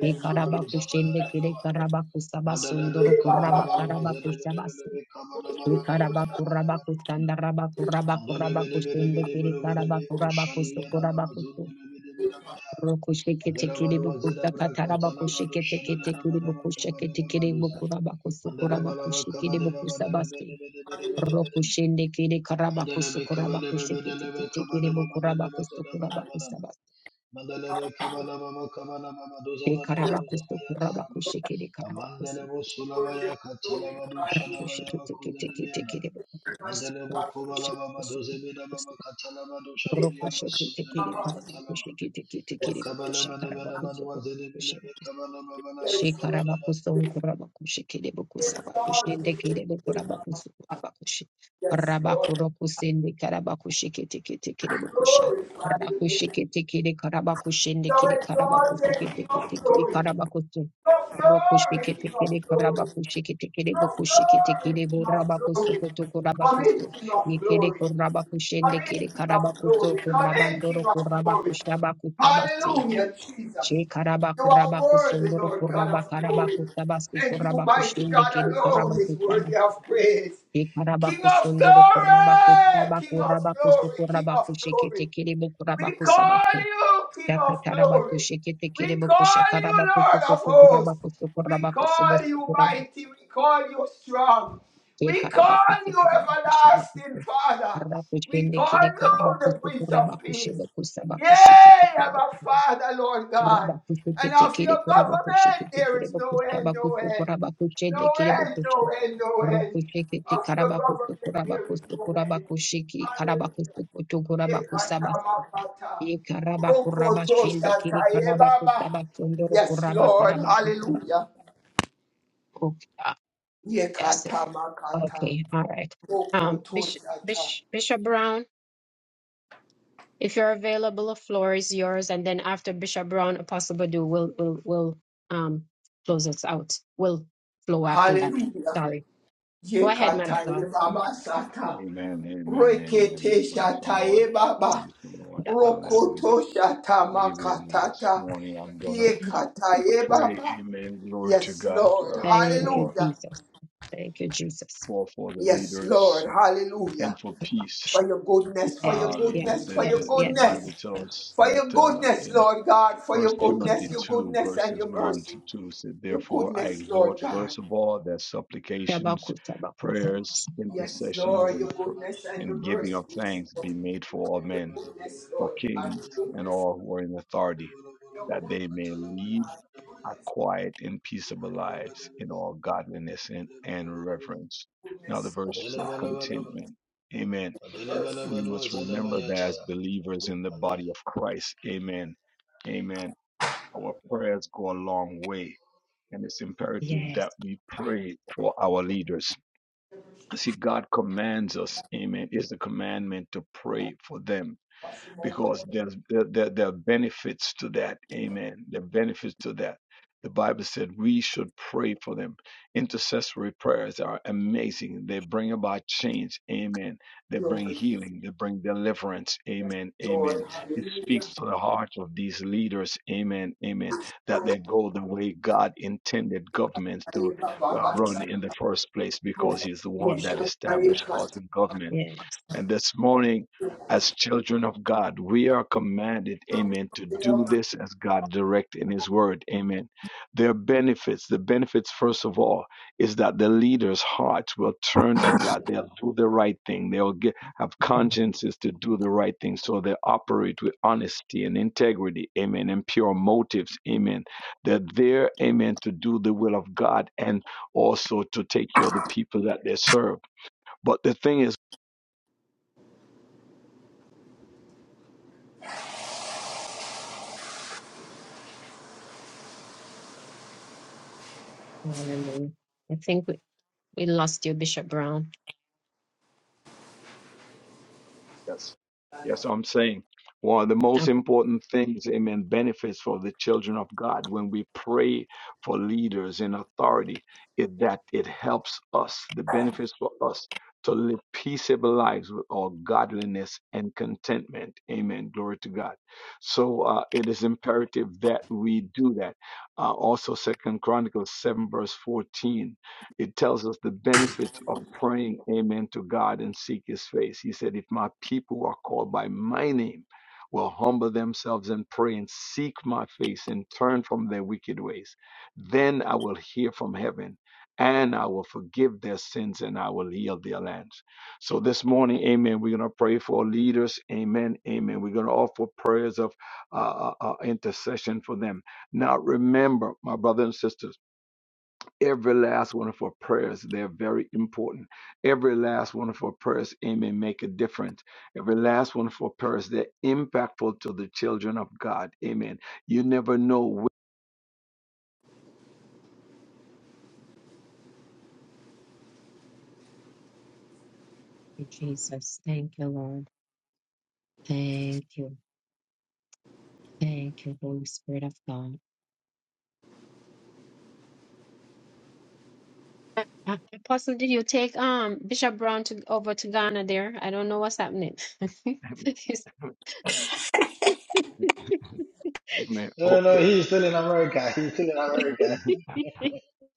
Speaker 2: Bless your name,
Speaker 1: karaba kuşun
Speaker 2: Jesus.
Speaker 3: zabayadadaba.
Speaker 1: tekeri karaba kusaba
Speaker 3: Mandalebe
Speaker 1: sunduru
Speaker 3: kabala
Speaker 1: kuraba
Speaker 3: balwa
Speaker 1: karaba
Speaker 3: zede bede
Speaker 1: kushaba
Speaker 3: bede
Speaker 1: se.
Speaker 3: be kabala bala
Speaker 1: Şi
Speaker 3: bala
Speaker 1: karaba
Speaker 3: bala bala
Speaker 1: kuraba
Speaker 3: bala bala.
Speaker 1: kusanda raba kuraba
Speaker 3: Mandale
Speaker 1: kuraba
Speaker 3: bede
Speaker 1: kuşun tekeri
Speaker 3: be
Speaker 1: karaba kuraba
Speaker 3: koshani
Speaker 1: kusu
Speaker 3: yada na
Speaker 1: kuraba
Speaker 3: mazunde
Speaker 1: kusu.
Speaker 3: bede bede bede baya.
Speaker 1: Roku şeke
Speaker 3: Adela
Speaker 1: tekeri bu kusa
Speaker 3: braka
Speaker 1: kataraba
Speaker 3: tala bado
Speaker 1: kuşeke
Speaker 3: shana
Speaker 1: teke
Speaker 3: na na
Speaker 1: tekeri
Speaker 3: na
Speaker 1: bu
Speaker 3: na
Speaker 1: kuşeke
Speaker 3: kabale na
Speaker 1: tekeri bu
Speaker 3: maduza.
Speaker 1: kuraba kusu
Speaker 3: Mandale
Speaker 1: kuraba
Speaker 3: bala bala
Speaker 1: kuşekeri
Speaker 3: kabale
Speaker 1: bu
Speaker 3: na mandale
Speaker 1: kusabası. Rokushende kere karabakusu
Speaker 3: be kabale be
Speaker 1: kurabakushe kete
Speaker 3: be
Speaker 1: kete
Speaker 3: kabale
Speaker 1: kere
Speaker 3: be
Speaker 1: bu
Speaker 3: mandale be
Speaker 1: kurabakusu
Speaker 3: zeda bada
Speaker 1: kurabakusa bas.
Speaker 3: be kabala bala kabala bala maduza
Speaker 1: E
Speaker 3: bada maduza
Speaker 1: karabakusu kurabakushe kere karabakusu
Speaker 3: Amandelebo Sulabaya Katalabadu
Speaker 1: rakushe
Speaker 3: Shadabaya
Speaker 1: kete kete kete
Speaker 3: Bakozedemiana.
Speaker 1: kere bu kurabakusu
Speaker 3: Mandelebo
Speaker 1: kurabakusha
Speaker 3: Kobalaba
Speaker 1: kusu
Speaker 3: Madozebeda
Speaker 1: kurabakusu.
Speaker 3: Baba Katalabadu Shabalia
Speaker 1: Rokushe kete kere
Speaker 3: Masundelebe Katalaba.
Speaker 1: karabakushe kete kete kere bu
Speaker 3: Makabala
Speaker 1: kusha
Speaker 3: Manabana
Speaker 1: karabakusu
Speaker 3: Madwa Zedebele
Speaker 1: kurabakushe.
Speaker 3: Kabala Babala
Speaker 2: Bless you,
Speaker 3: Kabala
Speaker 1: Shikarabakuso kurabakushi
Speaker 2: Yes,
Speaker 1: kiribukusabakushinde kiribukurabakusu kurabakushi.
Speaker 2: Lord.
Speaker 1: Rabakurokusinde karabakushi kitikiti kiribukusha.
Speaker 2: Glorify your name.
Speaker 1: Rakushi kitikiri karabakushinde
Speaker 2: So
Speaker 1: kiri karabakushi
Speaker 2: exalted, King of
Speaker 1: kitikiti kiri
Speaker 2: glory.
Speaker 1: karabakusu.
Speaker 2: So
Speaker 1: Rokushi
Speaker 2: glory, King
Speaker 1: kitikiri
Speaker 2: of glory.
Speaker 1: karabakushi kitikiri
Speaker 2: of
Speaker 1: bukushi
Speaker 2: glory,
Speaker 1: kitikiri
Speaker 2: King of
Speaker 1: burabakusu
Speaker 2: glory. Come in,
Speaker 1: kutukurabakusu.
Speaker 2: King of
Speaker 1: Nikiri
Speaker 2: glory. Come
Speaker 1: kurabakushinde
Speaker 2: in,
Speaker 1: kiri
Speaker 2: King of
Speaker 1: karabakusu
Speaker 2: glory. Come in,
Speaker 1: kurabandoro
Speaker 2: King of glory.
Speaker 1: kurabakushabakusabasi.
Speaker 2: Hallelujah,
Speaker 1: She
Speaker 2: Jesus.
Speaker 1: karaba
Speaker 2: You are
Speaker 1: kuraba
Speaker 2: worthy,
Speaker 1: kusunduru
Speaker 2: Lord God
Speaker 1: kuraba
Speaker 2: of
Speaker 1: karaba
Speaker 2: glory.
Speaker 1: kutabasi
Speaker 2: And you,
Speaker 1: kuraba
Speaker 2: mighty
Speaker 1: kushinde
Speaker 2: God
Speaker 1: kiri karaba
Speaker 2: alone, is worthy
Speaker 1: kutabasi.
Speaker 2: of praise.
Speaker 1: She karaba
Speaker 2: King of
Speaker 1: kusunduru kuraba
Speaker 2: glory,
Speaker 1: kutaba
Speaker 2: King of
Speaker 1: kuraba kusu
Speaker 2: glory, King
Speaker 1: kuraba
Speaker 2: of
Speaker 1: kushikite
Speaker 2: glory.
Speaker 1: kiri bukuraba
Speaker 2: We call
Speaker 1: kusabasi.
Speaker 2: you King
Speaker 1: Shaka
Speaker 2: of
Speaker 1: taraba
Speaker 2: Glory.
Speaker 1: kushikite kiri
Speaker 2: We
Speaker 1: bukusha
Speaker 2: call you
Speaker 1: karaba kusu
Speaker 2: Lord of
Speaker 1: kutu kuraba
Speaker 2: Hosts.
Speaker 1: kusu
Speaker 2: We
Speaker 1: kuraba kusu
Speaker 2: call you
Speaker 1: kuraba.
Speaker 2: Mighty. We call you Strong.
Speaker 1: She
Speaker 2: We
Speaker 1: karaba
Speaker 2: call
Speaker 1: kusu
Speaker 2: you
Speaker 1: kuraba kushaba kusu.
Speaker 2: Everlasting Father.
Speaker 1: Karaba
Speaker 2: We
Speaker 1: kushinde
Speaker 2: call
Speaker 1: kiri
Speaker 2: you
Speaker 1: karaba
Speaker 2: the
Speaker 1: kusu
Speaker 2: Prince
Speaker 1: kuraba
Speaker 2: of Peace.
Speaker 1: kushibu kusaba kushikite
Speaker 2: Yea, our
Speaker 1: kiri
Speaker 2: Father, Lord God.
Speaker 1: Rabakushiki
Speaker 2: And of
Speaker 1: tikiri
Speaker 2: your
Speaker 1: kurabakushiki
Speaker 2: government there
Speaker 1: tikiri
Speaker 2: is no
Speaker 1: bakusha
Speaker 2: end, no
Speaker 1: bakusu
Speaker 2: end.
Speaker 1: kurabakushi
Speaker 2: No
Speaker 1: lekiri
Speaker 2: end, no
Speaker 1: bakushi.
Speaker 2: end, no end.
Speaker 1: Rakushiki
Speaker 2: Of your
Speaker 1: tikarabakusu
Speaker 2: government there is
Speaker 1: kurabakusu
Speaker 2: no end.
Speaker 1: kurabakushiki
Speaker 2: Hallelujah.
Speaker 1: karabakusu kutu
Speaker 2: Yes,
Speaker 1: kurabakusabasu. Ikarabakurabashin lekiri karabakusabasunduru
Speaker 2: Lord.
Speaker 1: kurabakarabakusabaku.
Speaker 2: Hallelujah.
Speaker 1: Uh, That's it.
Speaker 2: Yekatamakata.
Speaker 1: Okay, all right. Um, Bishop,
Speaker 2: Rokotosata.
Speaker 1: Bishop, Bishop Brown? If you're available, the floor is yours. And then after Bishop Brown, Apostle Badu will will will um close us out. Will flow after that.
Speaker 2: Hallelujah.
Speaker 1: Sorry. Go ahead, man of God.
Speaker 2: Yekataye baba sata.
Speaker 4: Amen, amen, amen. We
Speaker 2: Rekete
Speaker 4: praise the Lord.
Speaker 2: shataye
Speaker 4: We
Speaker 2: baba.
Speaker 4: Praise the Lord. Hallelujah.
Speaker 2: Rokoto
Speaker 4: Amen. This
Speaker 2: shatamakatata.
Speaker 4: morning I'm gonna
Speaker 2: Yekataye
Speaker 4: pray.
Speaker 2: baba.
Speaker 4: Amen. Glory to
Speaker 2: Yes,
Speaker 4: God
Speaker 2: Lord.
Speaker 4: uh,
Speaker 1: Thank you,
Speaker 4: for
Speaker 2: Hallelujah.
Speaker 1: Jesus. Thank you, Jesus.
Speaker 4: for for the
Speaker 2: Yes,
Speaker 4: leaders
Speaker 2: Lord.
Speaker 4: and
Speaker 2: Hallelujah.
Speaker 4: for peace.
Speaker 2: for your goodness, for your
Speaker 1: Yes,
Speaker 4: Uh, the,
Speaker 1: yes,
Speaker 2: goodness, for
Speaker 4: the
Speaker 2: your
Speaker 1: yes,
Speaker 4: the the
Speaker 1: yes,
Speaker 2: goodness,
Speaker 1: yes,
Speaker 4: Bible
Speaker 1: yes.
Speaker 4: tells us
Speaker 2: for your
Speaker 4: that uh,
Speaker 2: goodness,
Speaker 4: in
Speaker 2: Lord God, for your
Speaker 4: First
Speaker 1: Okay.
Speaker 2: goodness,
Speaker 4: Timothy
Speaker 2: your
Speaker 4: two
Speaker 2: goodness and
Speaker 4: verses
Speaker 2: your
Speaker 4: one
Speaker 2: mercy,
Speaker 4: to two said,
Speaker 2: your
Speaker 4: "Therefore I
Speaker 2: goodness, Lord
Speaker 4: exhort
Speaker 2: God.
Speaker 4: first of all that supplications, prayers,
Speaker 2: Yes,
Speaker 4: intercessions,
Speaker 2: Lord,
Speaker 4: and
Speaker 2: your
Speaker 4: pr-
Speaker 2: goodness and
Speaker 4: and
Speaker 2: your
Speaker 4: giving
Speaker 2: mercy,
Speaker 4: of thanks
Speaker 2: Lord.
Speaker 4: be made for all men."
Speaker 2: Goodness,
Speaker 4: for
Speaker 2: Lord God,
Speaker 4: kings and all who are in authority, that they may lead a quiet and peaceable lives in all godliness and, and reverence. Now, the verse said contentment. Amen.
Speaker 3: no,
Speaker 4: We must remember that as believers in the body of Christ. Amen. Amen. Our prayers go a long way, and it's imperative
Speaker 1: Yes,
Speaker 4: that we pray for our leaders. See, God commands us, amen, is the commandment to pray for them because there's there, there, there are benefits to that amen there are benefits to that the bible said we should pray for them intercessory prayers are amazing they bring about change amen they bring
Speaker 2: Lord,
Speaker 4: healing they bring deliverance amen
Speaker 2: Lord.
Speaker 4: amen it speaks to the heart of these leaders amen amen that they go the way god intended governments to uh, run in the first place because he's the one
Speaker 1: yes,
Speaker 4: that established
Speaker 2: Hallelujah.
Speaker 4: laws and government
Speaker 1: yes.
Speaker 4: and this morning, as children of God, we are commanded, amen, to do this as God direct in His Word, amen. There are benefits. The benefits, first of all, is that the leaders' hearts will turn to God. They'll do the right thing. They'll get, have consciences to do the right thing. So they operate with honesty and integrity, amen, and pure motives, amen. They're there, amen, to do the will of God and also to take care of the people that they serve. But the thing is,
Speaker 1: Hallelujah. I think we, we lost you, Bishop Brown.
Speaker 4: Yes. Yes, I'm saying one of the most important things, amen, benefits for the children of God when we pray for leaders in authority is that it helps us, the benefits for us to live peaceable lives with all godliness and contentment. Amen. Glory to God. So uh, it is imperative that we do that. Uh, also, Second Chronicles 7, verse 14. It tells us the benefits of praying amen to God and seek his face. He said, If my people who are called by my name, will humble themselves and pray and seek my face and turn from their wicked ways, then I will hear from heaven and I will forgive their sins and I will heal their lands. So this morning, amen, we're going to pray for leaders. Amen. Amen. We're going to offer prayers of uh, uh, uh, intercession for them. Now, remember, my brothers and sisters. Every last one of our prayers, they're very important. Every last one of our prayers, amen, make a difference. Every last one of our prayers, they're impactful to the children of God. Amen. You never know.
Speaker 1: you, Jesus. Thank you, Lord. Thank you. Thank you, Holy Spirit of God. Uh, uh, Apostle, did you take um Bishop Brown to over to Ghana there? I don't know what's happening. [laughs]
Speaker 4: When, [laughs] amen.
Speaker 3: no, no,
Speaker 4: Okay.
Speaker 3: he's still in America. He's still in America.
Speaker 4: Amen.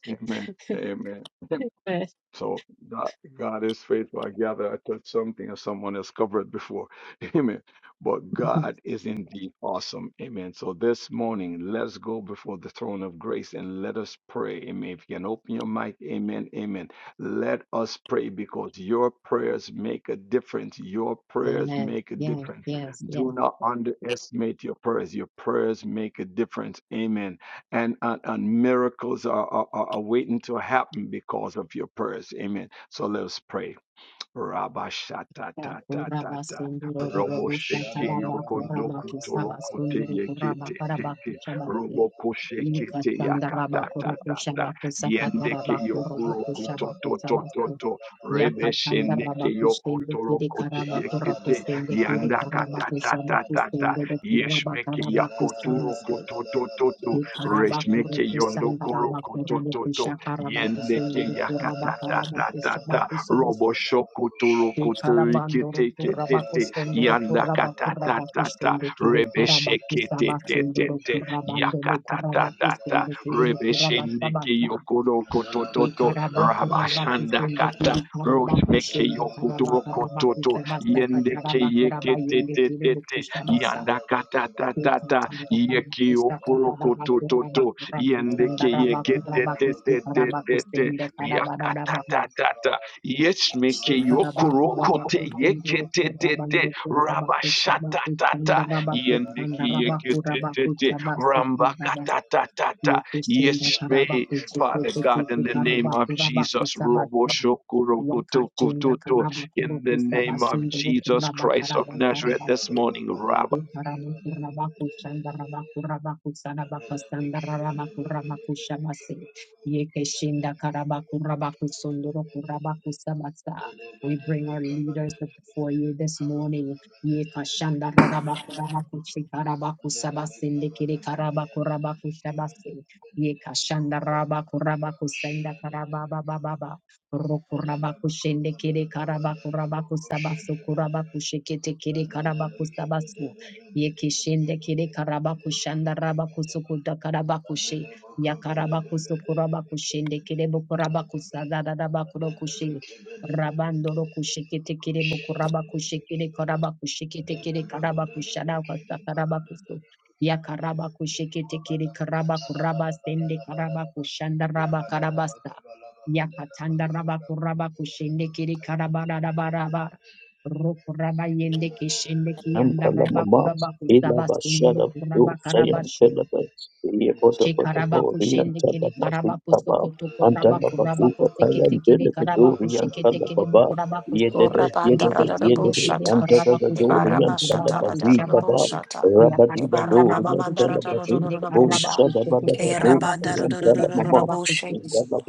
Speaker 4: Amen. Amen.
Speaker 1: Yes.
Speaker 4: So God, God is faithful. I gather I touched something or someone has covered before. [laughs] Amen. But God is indeed awesome. Amen. So this morning, let's go before the throne of grace and let us pray. Amen. If you can open your mic, amen, amen. Let us pray because your prayers make a difference. Your prayers make a
Speaker 1: yes,
Speaker 4: difference.
Speaker 1: yes, yes.
Speaker 4: Do not underestimate your prayers. Your prayers make a difference. Amen and and, and miracles are, are, are are waiting to happen because of your prayers amen so let us pray Rabashatatata.
Speaker 3: Yabba
Speaker 4: Robosheke yokondokotorokote yeketetete. Robokoshekete yakatatata. Yendeke
Speaker 1: yes.
Speaker 4: yokorokototototo.
Speaker 1: Yakatanda
Speaker 4: Rebesheneke
Speaker 1: Rabakustende Kiri
Speaker 4: yokotorokote
Speaker 1: Karabato
Speaker 4: yekete.
Speaker 1: Rakustende Kiri Karabakusama
Speaker 4: Yandakatatatata.
Speaker 1: Kustende the
Speaker 4: Yeshmeke
Speaker 1: Kirabakarabakusamaste,
Speaker 4: yakotorokototototo. Reshmeke
Speaker 1: Ikarabakurukusanda
Speaker 4: yondokorokotototo.
Speaker 1: Rabakurukusha
Speaker 4: Yendeke
Speaker 1: Karabakusende
Speaker 4: yakatatatata.
Speaker 1: Kurabakarabakusamakusamus,
Speaker 4: Robo shokotoro kotori
Speaker 1: Ikarabandoro
Speaker 4: kete
Speaker 3: Thank
Speaker 4: kete te.
Speaker 1: Kurabakusondoro
Speaker 4: Yanda kata ta ta ta.
Speaker 1: Kurabakurabakusende Kiri
Speaker 4: Rebe
Speaker 1: Karabakusama
Speaker 4: shekete te te
Speaker 1: Sundoro
Speaker 4: te.
Speaker 1: Kurabando
Speaker 4: Yakata ta ta ta.
Speaker 1: Kurabakustende Kiri
Speaker 4: Rebe
Speaker 3: you.
Speaker 4: shendeke
Speaker 1: Kurabakabasa.
Speaker 4: yokoro
Speaker 1: Thank
Speaker 4: kototo. Rabashanda kata.
Speaker 3: Badalabakabadabadalabakabada-
Speaker 4: Roshmeke yokotoro kototo. Yendeke yekete
Speaker 3: badalabakabadabadalabakabadabadalaba.
Speaker 4: te te te. Yanda kata ta ta ta. Yeke yokoro
Speaker 3: Yabadadabakabadabadalabakabadabadalaba.
Speaker 4: kototo.
Speaker 3: Yabadababadalabakabadabadalabadalaba.
Speaker 4: Yendeke yekete te te te te te. Yakata ta ta ta
Speaker 3: Yabada-
Speaker 4: Yesmeke yokorokote yeketetete
Speaker 3: yabadababadalabakabadabadalabadalaba.
Speaker 4: rabashatatata
Speaker 3: Mandela
Speaker 4: yendeke yeketetete rambakatatatata. Yesme, Father God, in the name of Jesus, Robo
Speaker 1: you. Yakachinda
Speaker 4: roboshokurokotokototo,
Speaker 1: karaba
Speaker 4: in the
Speaker 1: kurukusa
Speaker 4: name of
Speaker 1: basunduru
Speaker 4: Jesus
Speaker 1: kuraba
Speaker 4: Christ of
Speaker 1: karaba
Speaker 4: Nazareth this
Speaker 1: karabase.
Speaker 4: morning, rabba.
Speaker 1: We bring our
Speaker 3: Mandela
Speaker 1: leaders before you this morning. Yekashandarabakurabakurabakushabasi. Yekishinde kire karabakushanda rabakusukuda karabakushe. Yakarabakusukurabakushinde kire bukurabakusadarabakurokushe. Rabandoro kushikite kire bukurabakushe kire karabakushikite kire karabakushada wasakarabakusu. Yakarabakushikite kire karabakurabasende karabakushanda rabakarabasa. Yakatanda rabaku rabaku shende kiri karabara rabaraba.
Speaker 3: Yabada
Speaker 1: Roku raba yende kishende kiyanda rabaku
Speaker 5: Antalamamas,
Speaker 1: rabaku sabas
Speaker 5: Ilaba
Speaker 1: kunduru
Speaker 5: Shadab,
Speaker 1: kuraba
Speaker 5: Usayan Telebes, Yevotopotoporian
Speaker 1: Shekarabakushende kere
Speaker 5: Talamas,
Speaker 1: karabakusto
Speaker 5: Tabaf,
Speaker 1: koto korabaku
Speaker 5: Antalabazuka
Speaker 1: rabakuste kete
Speaker 5: Tayan
Speaker 1: kere karabakushe
Speaker 5: Delebedorian
Speaker 1: kete kere
Speaker 5: Talababa,
Speaker 1: bokurabakusto.
Speaker 5: Yedede,
Speaker 6: Urabanda
Speaker 1: Yeke
Speaker 5: Yedede,
Speaker 1: shende
Speaker 5: Yedede,
Speaker 1: kere
Speaker 6: Rabushata,
Speaker 1: karabakusto
Speaker 6: Ibara
Speaker 1: ndobo
Speaker 5: Antaladorian
Speaker 6: Mashata
Speaker 5: Talabazi
Speaker 1: kurabakushabasto.
Speaker 5: Kaba,
Speaker 6: Rabushata,
Speaker 5: Rabadiba
Speaker 1: Yakashanda
Speaker 6: Ibara Mama
Speaker 5: Dorian
Speaker 1: rabakuste
Speaker 6: Mandara
Speaker 1: kete
Speaker 5: Talabazi,
Speaker 1: nde
Speaker 5: Abu
Speaker 6: Rabusha,
Speaker 1: karabakuste kete
Speaker 5: Shadabadabado,
Speaker 6: Kerabanda
Speaker 1: karabakuste
Speaker 5: Sayan
Speaker 1: kete
Speaker 5: Talamama,
Speaker 1: karabakusto.
Speaker 6: Rabushi,